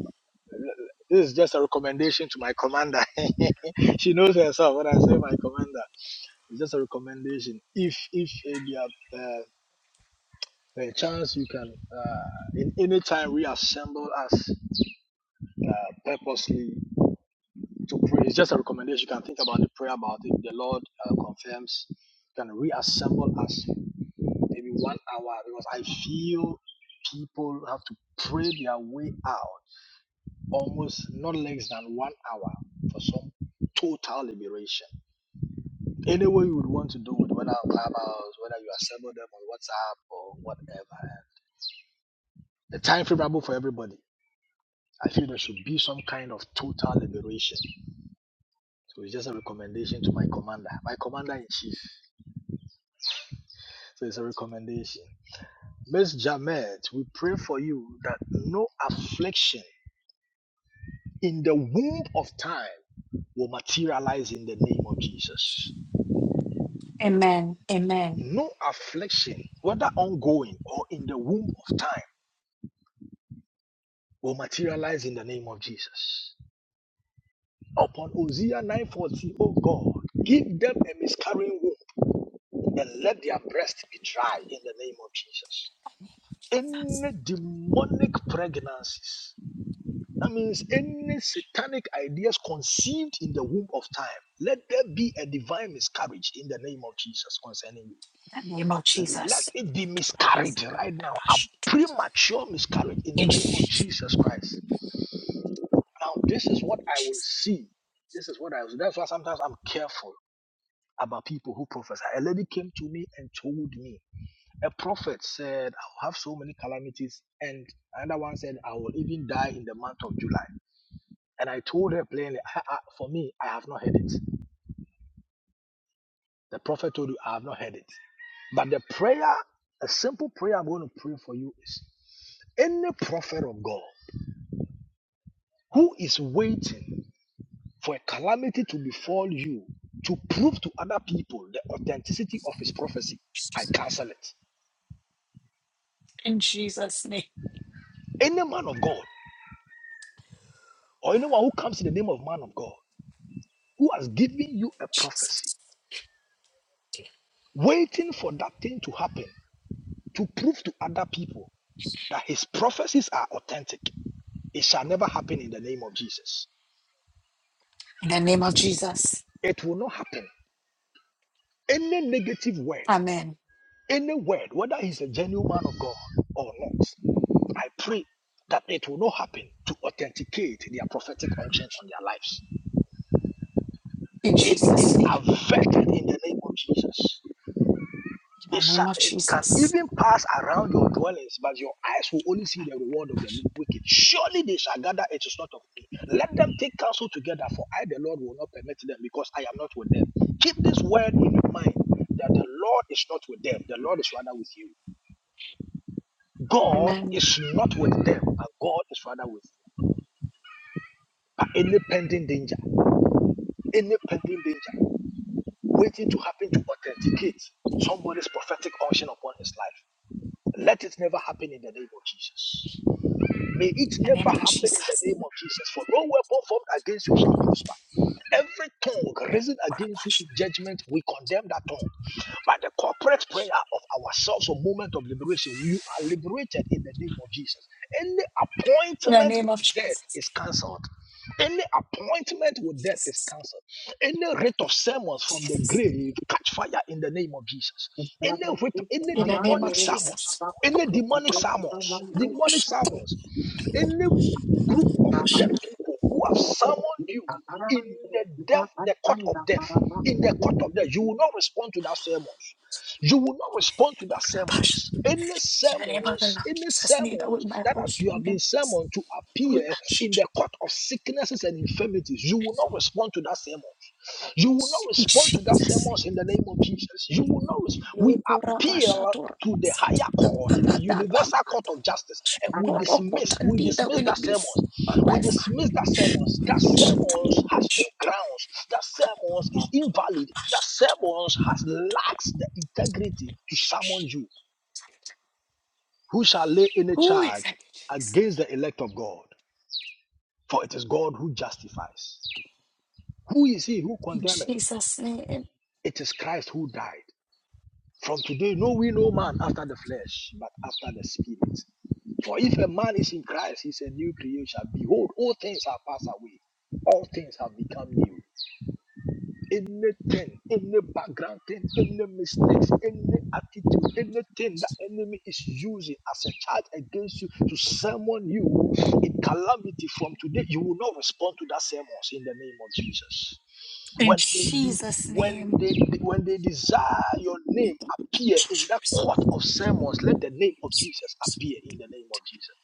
Speaker 3: This is just a recommendation to my commander. [laughs] she knows herself when I say my commander. It's just a recommendation. If if uh, you have uh, a chance, you can uh, in any time reassemble us uh, purposely to pray. It's just a recommendation. You can think about the prayer about it. The Lord uh, confirms. You can reassemble us maybe one hour because I feel people have to pray their way out almost not less than one hour for some total liberation. Any way you would want to do it, whether on Clubhouse, whether you assemble them on WhatsApp or whatever. The time favorable for everybody. I feel there should be some kind of total liberation. So it's just a recommendation to my commander, my commander in chief. So it's a recommendation. Miss Jamet, we pray for you that no affliction in the womb of time will materialize in the name of Jesus.
Speaker 6: Amen. Amen.
Speaker 3: No affliction, whether ongoing or in the womb of time, will materialize in the name of Jesus. Upon Hosea 9:40, O God, give them a miscarrying womb and let their breast be dry in the name of Jesus. Any demonic pregnancies, that means any satanic ideas conceived in the womb of time, let there be a divine miscarriage in the name of Jesus concerning you.
Speaker 6: In the name of
Speaker 3: Let
Speaker 6: Jesus.
Speaker 3: it be miscarried right now. A premature miscarriage in the
Speaker 6: In
Speaker 3: name of
Speaker 6: Jesus.
Speaker 3: Jesus Christ. Now, this is what I will
Speaker 6: Jesus.
Speaker 3: see. This is what I will. see. That's why sometimes I'm careful about people who prophesy. A lady came to me and told me a prophet said, I'll have so many calamities. And another one said, I will even die in the month of July. And I told her plainly, I, I, for me, I have not heard it. The prophet told you, I have not heard it. But the prayer, a simple prayer I'm going to pray for you is any prophet of God who is waiting for a calamity to befall you to prove to other people the authenticity of his prophecy, I cancel it.
Speaker 6: In Jesus' name.
Speaker 3: Any man of God or anyone who comes in the name of man of God who has given you a prophecy,
Speaker 6: Jesus.
Speaker 3: waiting for that thing to happen to prove to other people that his prophecies are authentic, it shall never happen in the name of Jesus.
Speaker 6: In the name of Jesus.
Speaker 3: It will not happen. Any negative word,
Speaker 6: Amen.
Speaker 3: any word, whether he's a genuine man of God or not, I pray that it will not happen to authenticate their prophetic function on their lives.
Speaker 6: In
Speaker 3: It
Speaker 6: Jesus'
Speaker 3: is
Speaker 6: name.
Speaker 3: averted in the name of Jesus. It,
Speaker 6: In the
Speaker 3: shall,
Speaker 6: name of
Speaker 3: it can
Speaker 6: Jesus.
Speaker 3: even pass around your dwellings, but your eyes will only see the reward of the wicked. Surely they shall gather, it is not of me. Let them take counsel together, for I, the Lord, will not permit them, because I am not with them. Keep this word in your mind that the Lord is not with them, the Lord is rather with you. God
Speaker 6: Amen.
Speaker 3: is not with them, and God is rather with you. But any pending danger, any pending danger waiting to happen to authenticate somebody's prophetic unction upon his life, let it never happen in the name of Jesus. May it
Speaker 6: In the
Speaker 3: never
Speaker 6: name of
Speaker 3: happen in the
Speaker 6: Jesus.
Speaker 3: name of Jesus. For no weapon formed against you shall prosper. Every tongue risen against you in judgment, we condemn that tongue. By the corporate prayer of ourselves, a moment of liberation, you are liberated in the name of Jesus. Any
Speaker 6: In the name of Jesus. In the
Speaker 3: appointment
Speaker 6: name
Speaker 3: with
Speaker 6: of
Speaker 3: death
Speaker 6: Jesus.
Speaker 3: is cancelled. Any appointment with death is
Speaker 6: Jesus.
Speaker 3: cancelled. Any rate of sermons from the
Speaker 6: Jesus.
Speaker 3: grave catch fire in the name of Jesus. Any rate, any
Speaker 6: In the name
Speaker 3: demonic
Speaker 6: of
Speaker 3: sermons,
Speaker 6: Jesus.
Speaker 3: any demonic sermons, demonic sermons, any group of dead people who have summoned you in the death, the court of death, in the court of death, you will not respond to that sermons. You will not respond to the sermons. Any
Speaker 6: In the name of the
Speaker 3: sermons,
Speaker 6: Lord
Speaker 3: any
Speaker 6: Jesus, neither will
Speaker 3: sermons
Speaker 6: my
Speaker 3: that as you have
Speaker 6: household
Speaker 3: been
Speaker 6: members,
Speaker 3: sermoned to
Speaker 6: neither will
Speaker 3: appear
Speaker 6: my
Speaker 3: in the
Speaker 6: children.
Speaker 3: court of sicknesses and infirmities, you will not respond to that sermon. You will not
Speaker 6: In
Speaker 3: respond to that
Speaker 6: Jesus' name.
Speaker 3: sermons in the name of Jesus. You will not. We appeal to the higher court, the universal court of justice, and we dismiss, we
Speaker 6: Tandida
Speaker 3: dismiss
Speaker 6: will
Speaker 3: that
Speaker 6: it be
Speaker 3: sermons.
Speaker 6: for
Speaker 3: We
Speaker 6: my family?
Speaker 3: dismiss that sermons. That sermons has no grounds. That sermons is invalid. That sermons has lacks the integrity to summon you. Who shall lay any
Speaker 6: Who is
Speaker 3: charge
Speaker 6: that?
Speaker 3: against the elect of God? For it is God who justifies. Who is he who
Speaker 6: In
Speaker 3: condemneth?
Speaker 6: Jesus' name.
Speaker 3: It is Christ who died. From today, know we no man after the flesh, but after the spirit. For if a man is in Christ, he is a new creation. Behold, all things have passed away. All things have become new. anything, any background thing, any mistakes, any attitude, anything that enemy is using as a charge against you to summon you in calamity from today, you will not respond to that sermons in the name of Jesus.
Speaker 6: In
Speaker 3: When they,
Speaker 6: Jesus'
Speaker 3: when
Speaker 6: name.
Speaker 3: they when they desire your name
Speaker 6: In
Speaker 3: appear in that
Speaker 6: Jesus'
Speaker 3: court of sermons, let the name of Jesus appear in the name of Jesus.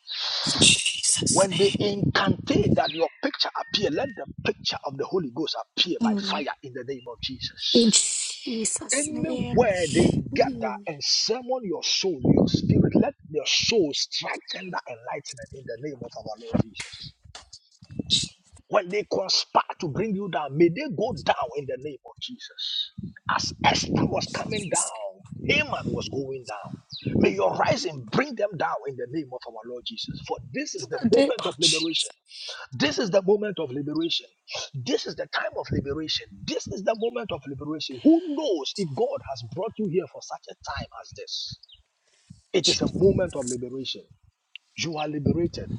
Speaker 3: When they incantate that your picture appear, let the picture of the Holy Ghost appear by
Speaker 6: name. Mm.
Speaker 3: fire in the name of Jesus.
Speaker 6: In Jesus' name.
Speaker 3: Anywhere they
Speaker 6: Mm.
Speaker 3: gather and summon your soul, your spirit, let your soul strike tender enlightenment in the name of our Lord Jesus. When they conspire to bring you down, may they go down in the name of Jesus. As Esther was coming down, Haman was going down. May your rising bring them down in the name of our Lord Jesus. For this is the
Speaker 6: In Jesus' name.
Speaker 3: moment
Speaker 6: of
Speaker 3: of
Speaker 6: Jesus.
Speaker 3: liberation. This is the moment of liberation. This is the time of liberation. This is the moment of liberation. Who knows if God has brought you here for such a time as this? It is a moment of liberation. You are liberated.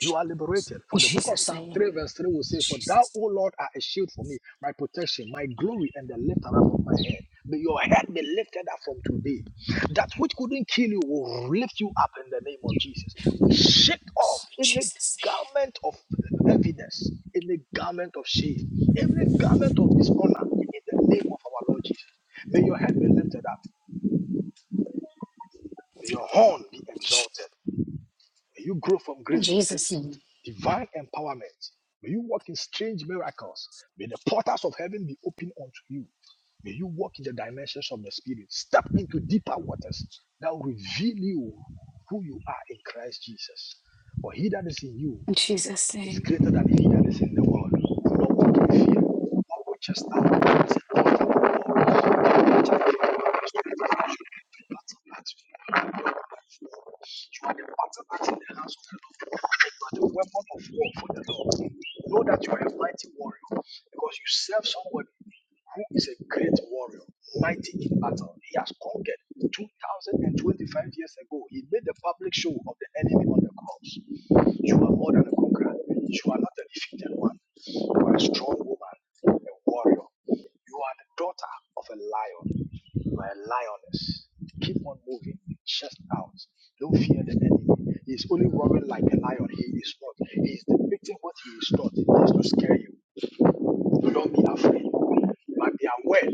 Speaker 3: You are liberated.
Speaker 6: In
Speaker 3: For the book of
Speaker 6: Jesus'
Speaker 3: Psalm
Speaker 6: name. In
Speaker 3: 3, verse 3 will say, For thou,
Speaker 6: Jesus' name.
Speaker 3: O Lord, are a shield for me, my protection, my glory, and the lifter up of my head. May your head be lifted up from today. That which couldn't kill you will lift you up in the name of Jesus. We shake off
Speaker 6: In
Speaker 3: any
Speaker 6: Jesus'
Speaker 3: garment of heaviness, any garment of shame, any garment of dishonor in the name of our Lord Jesus. May your head be lifted up. May your horn be exalted. May you grow from
Speaker 6: name. In
Speaker 3: grace to
Speaker 6: Jesus'
Speaker 3: grace.
Speaker 6: name.
Speaker 3: Divine empowerment. May you walk in strange miracles. May the portals of heaven be open unto you. May you walk in the dimensions of the Spirit. Step into deeper waters that will reveal you who you are in Christ Jesus. For he that is in you
Speaker 6: In Jesus'
Speaker 3: is
Speaker 6: name.
Speaker 3: greater than he that is in the world. Do not walk in fear, but with just that. Say, "God, I will you are the ones that in the house of the Lord. You are the weapon of war for the Lord. Know that you are a mighty warrior because you serve someone who is a great warrior, mighty in battle. He has conquered 2025 years ago. He made the public show of the enemy on the cross. You are more than a conqueror. You are not a defeated one. You are a strong woman, a warrior. You are the daughter of a lion. You are a lioness. Keep on moving, chest out. Don't fear the enemy. He is only roaring like a lion. He is not. He is depicting what he is not. He is to scare you. So don't be afraid. But be aware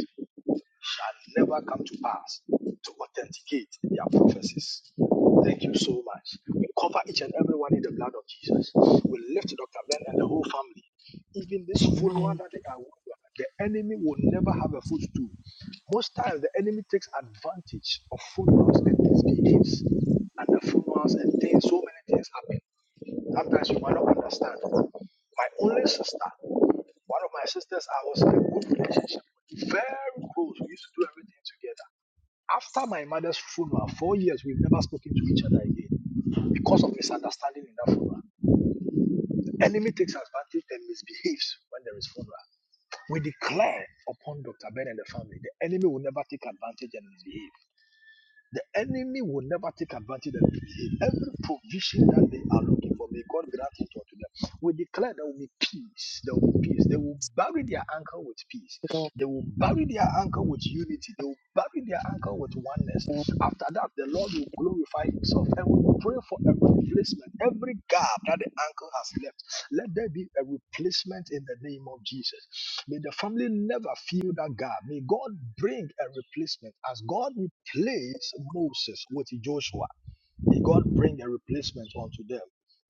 Speaker 3: shall never come to pass to authenticate their prophecies. Thank you so much. We cover each and every one in the blood of Jesus. We lift Dr. Ben and the whole family. Even this funeral
Speaker 6: Amen.
Speaker 3: that they are the enemy will never have a footstool. Most times, the enemy takes advantage of funerals and misbehaves at the funerals, and things, so many things happen. Sometimes you might not understand. My only sister, one of my sisters, I was in a good relationship with, very close. We used to do everything together. After my mother's funeral, four years, we've never spoken to each other again because of misunderstanding in that funeral. The enemy takes advantage and misbehaves when there is funeral. We declare upon Dr. Ben and the family, the enemy will never take advantage and misbehave. The enemy will never take advantage of it. Every provision that they are looking for, may God grant it unto them. We declare there will be peace. There will be peace. They will bury their anchor with peace. They will bury their anchor with unity. They will bury their anchor with oneness. After that, the Lord will glorify Himself and we will pray for every replacement, every gap that the anchor has left. Let there be a replacement in the name of Jesus. May the family never feel that gap. May God bring a replacement as God replaced Moses with Joshua. May God bring a replacement unto them,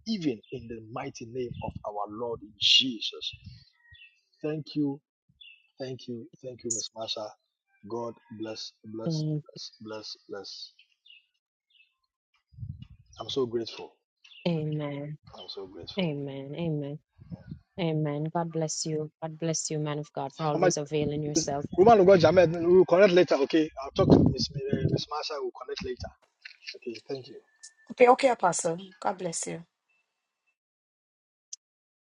Speaker 3: even in the mighty name of our Lord Jesus. Thank you, thank you, thank you, Miss Marsha. God bless, bless,
Speaker 1: Amen.
Speaker 3: bless, bless, bless. I'm so grateful. I'm so grateful.
Speaker 1: Amen. Amen. Amen. God bless you. God bless you, man of God, for
Speaker 3: Mama
Speaker 1: always availing
Speaker 3: This
Speaker 1: yourself.
Speaker 3: woman of God, Jamet, we'll connect later, okay? I'll talk to Miss, uh, Miss Marsha, we'll connect later. Okay, thank you.
Speaker 6: Okay, okay, Apostle. God bless you.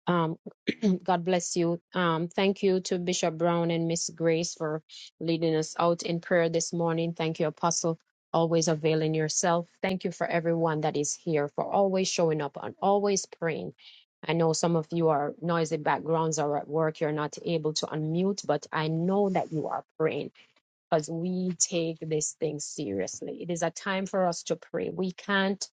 Speaker 1: Um, [clears throat] God bless you. Um, thank you to Bishop Brown and Miss Grace for leading us out in prayer this morning. Thank you, Apostle, always availing yourself. Thank you for everyone that is here for always showing up and always praying. I know some of you are noisy backgrounds or at work. You're not able to unmute, but I know that you are praying. because we take this thing seriously. It is a time for us to pray. We can't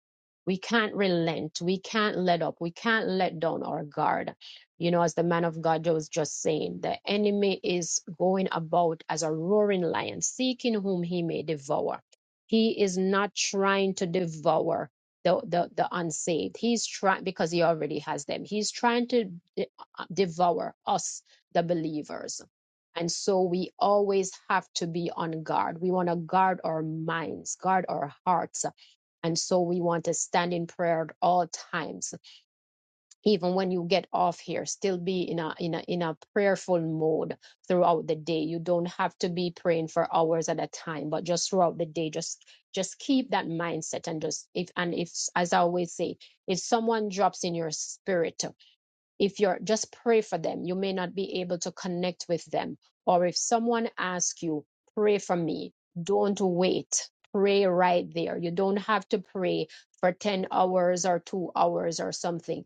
Speaker 1: we can't relent. We can't let up. We can't let down our guard. You know, as the man of God was just saying, the enemy is going about as a roaring lion, seeking whom he may devour. He is not trying to devour the, the, the unsaved. He's trying, because he already has them, he's trying to de- uh, devour us, the believers and so we always have to be on guard. We want to guard our minds, guard our hearts. And so we want to stand in prayer at all times. Even when you get off here, still be in a in a in a prayerful mode throughout the day. You don't have to be praying for hours at a time, but just throughout the day, just just keep that mindset and just if and if as I always say, if someone drops in your spirit if you're just pray for them you may not be able to connect with them or if someone asks you pray for me don't wait pray right there you don't have to pray for 10 hours or 2 hours or something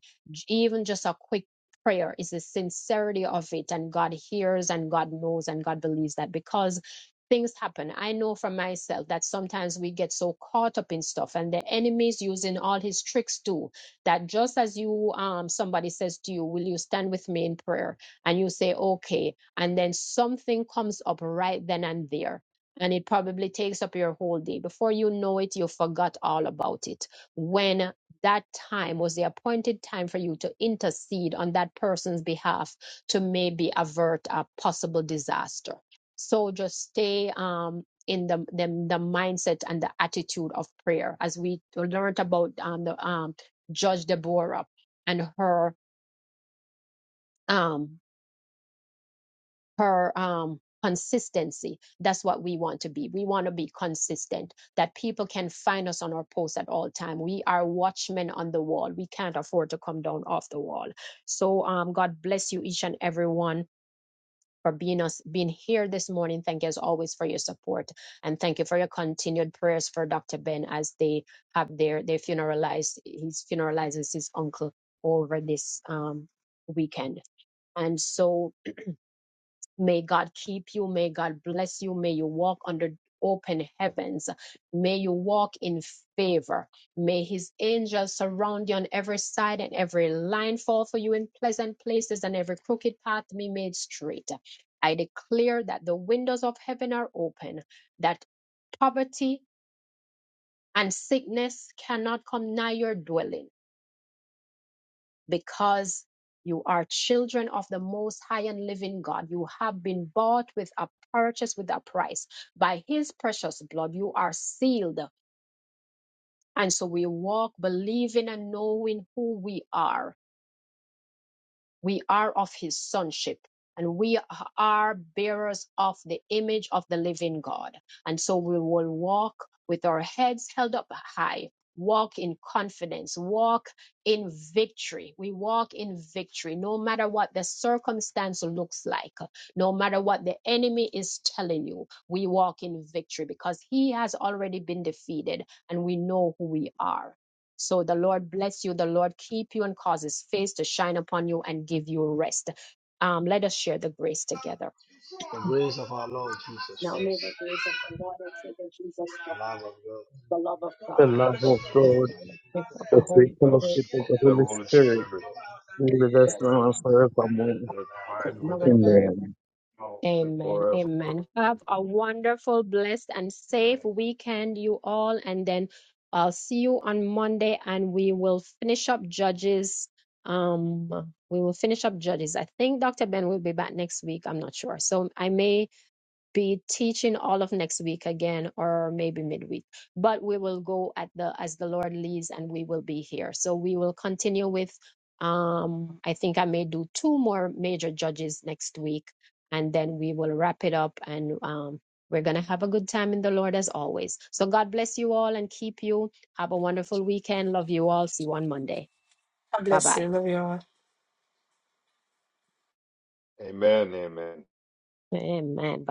Speaker 1: even just a quick prayer is the sincerity of it and god hears and god knows and god believes that because things happen i know for myself that sometimes we get so caught up in stuff and the enemy is using all his tricks too that just as you um somebody says to you will you stand with me in prayer and you say okay and then something comes up right then and there and it probably takes up your whole day before you know it you forgot all about it when that time was the appointed time for you to intercede on that person's behalf to maybe avert a possible disaster so just stay um in the, the the mindset and the attitude of prayer as we learned about um, the um Judge Deborah and her um her um consistency. That's what we want to be. We want to be consistent that people can find us on our posts at all time. We are watchmen on the wall. We can't afford to come down off the wall. So um God bless you each and every one for being us being here this morning. Thank you as always for your support and thank you for your continued prayers for Dr. Ben as they have their they funeralized he's funeralizes his uncle over this um weekend. And so may God keep you. May God bless you. May you walk under open heavens. May you walk in favor. May his angels surround you on every side and every line fall for you in pleasant places and every crooked path be made straight. I declare that the windows of heaven are open, that poverty and sickness cannot come nigh your dwelling because you are children of the most high and living God. You have been bought with a purchase with a price. By his precious blood, you are sealed. And so we walk believing and knowing who we are we are of his sonship and we are bearers of the image of the living God. And so we will walk with our heads held up high, walk in confidence, walk in victory. We walk in victory no matter what the circumstance looks like, no matter what the enemy is telling you. We walk in victory because he has already been defeated and we know who we are. So the Lord bless you, the Lord keep you and cause his face to shine upon you and give you rest. Um, let us share the grace together.
Speaker 3: Of our Lord.
Speaker 1: Now may the grace of our Lord and Savior Jesus Christ, the love of
Speaker 5: The
Speaker 1: God,
Speaker 5: love of
Speaker 1: the
Speaker 5: God.
Speaker 1: fellowship of the
Speaker 5: the sweet
Speaker 1: Holy Spirit,
Speaker 5: fellowship of the Holy Spirit, be with us
Speaker 1: rest
Speaker 5: now and forevermore.
Speaker 1: now and forever.
Speaker 5: Amen.
Speaker 1: Amen. Amen. Have a wonderful, blessed, and safe weekend, you all. And then I'll see you on Monday and we will finish up Judges. Um, we will finish up Judges. I think Dr. Ben will be back next week. I'm not sure. So I may be teaching all of next week again or maybe midweek but we will go at the as the lord leads and we will be here so we will continue with um i think i may do two more major judges next week and then we will wrap it up and um we're going to have a good time in the lord as always so god bless you all and keep you have a wonderful weekend love you all see you on monday
Speaker 6: God
Speaker 1: bye
Speaker 6: bless
Speaker 1: bye
Speaker 6: you. Love you all.
Speaker 4: Amen. Amen.
Speaker 1: amen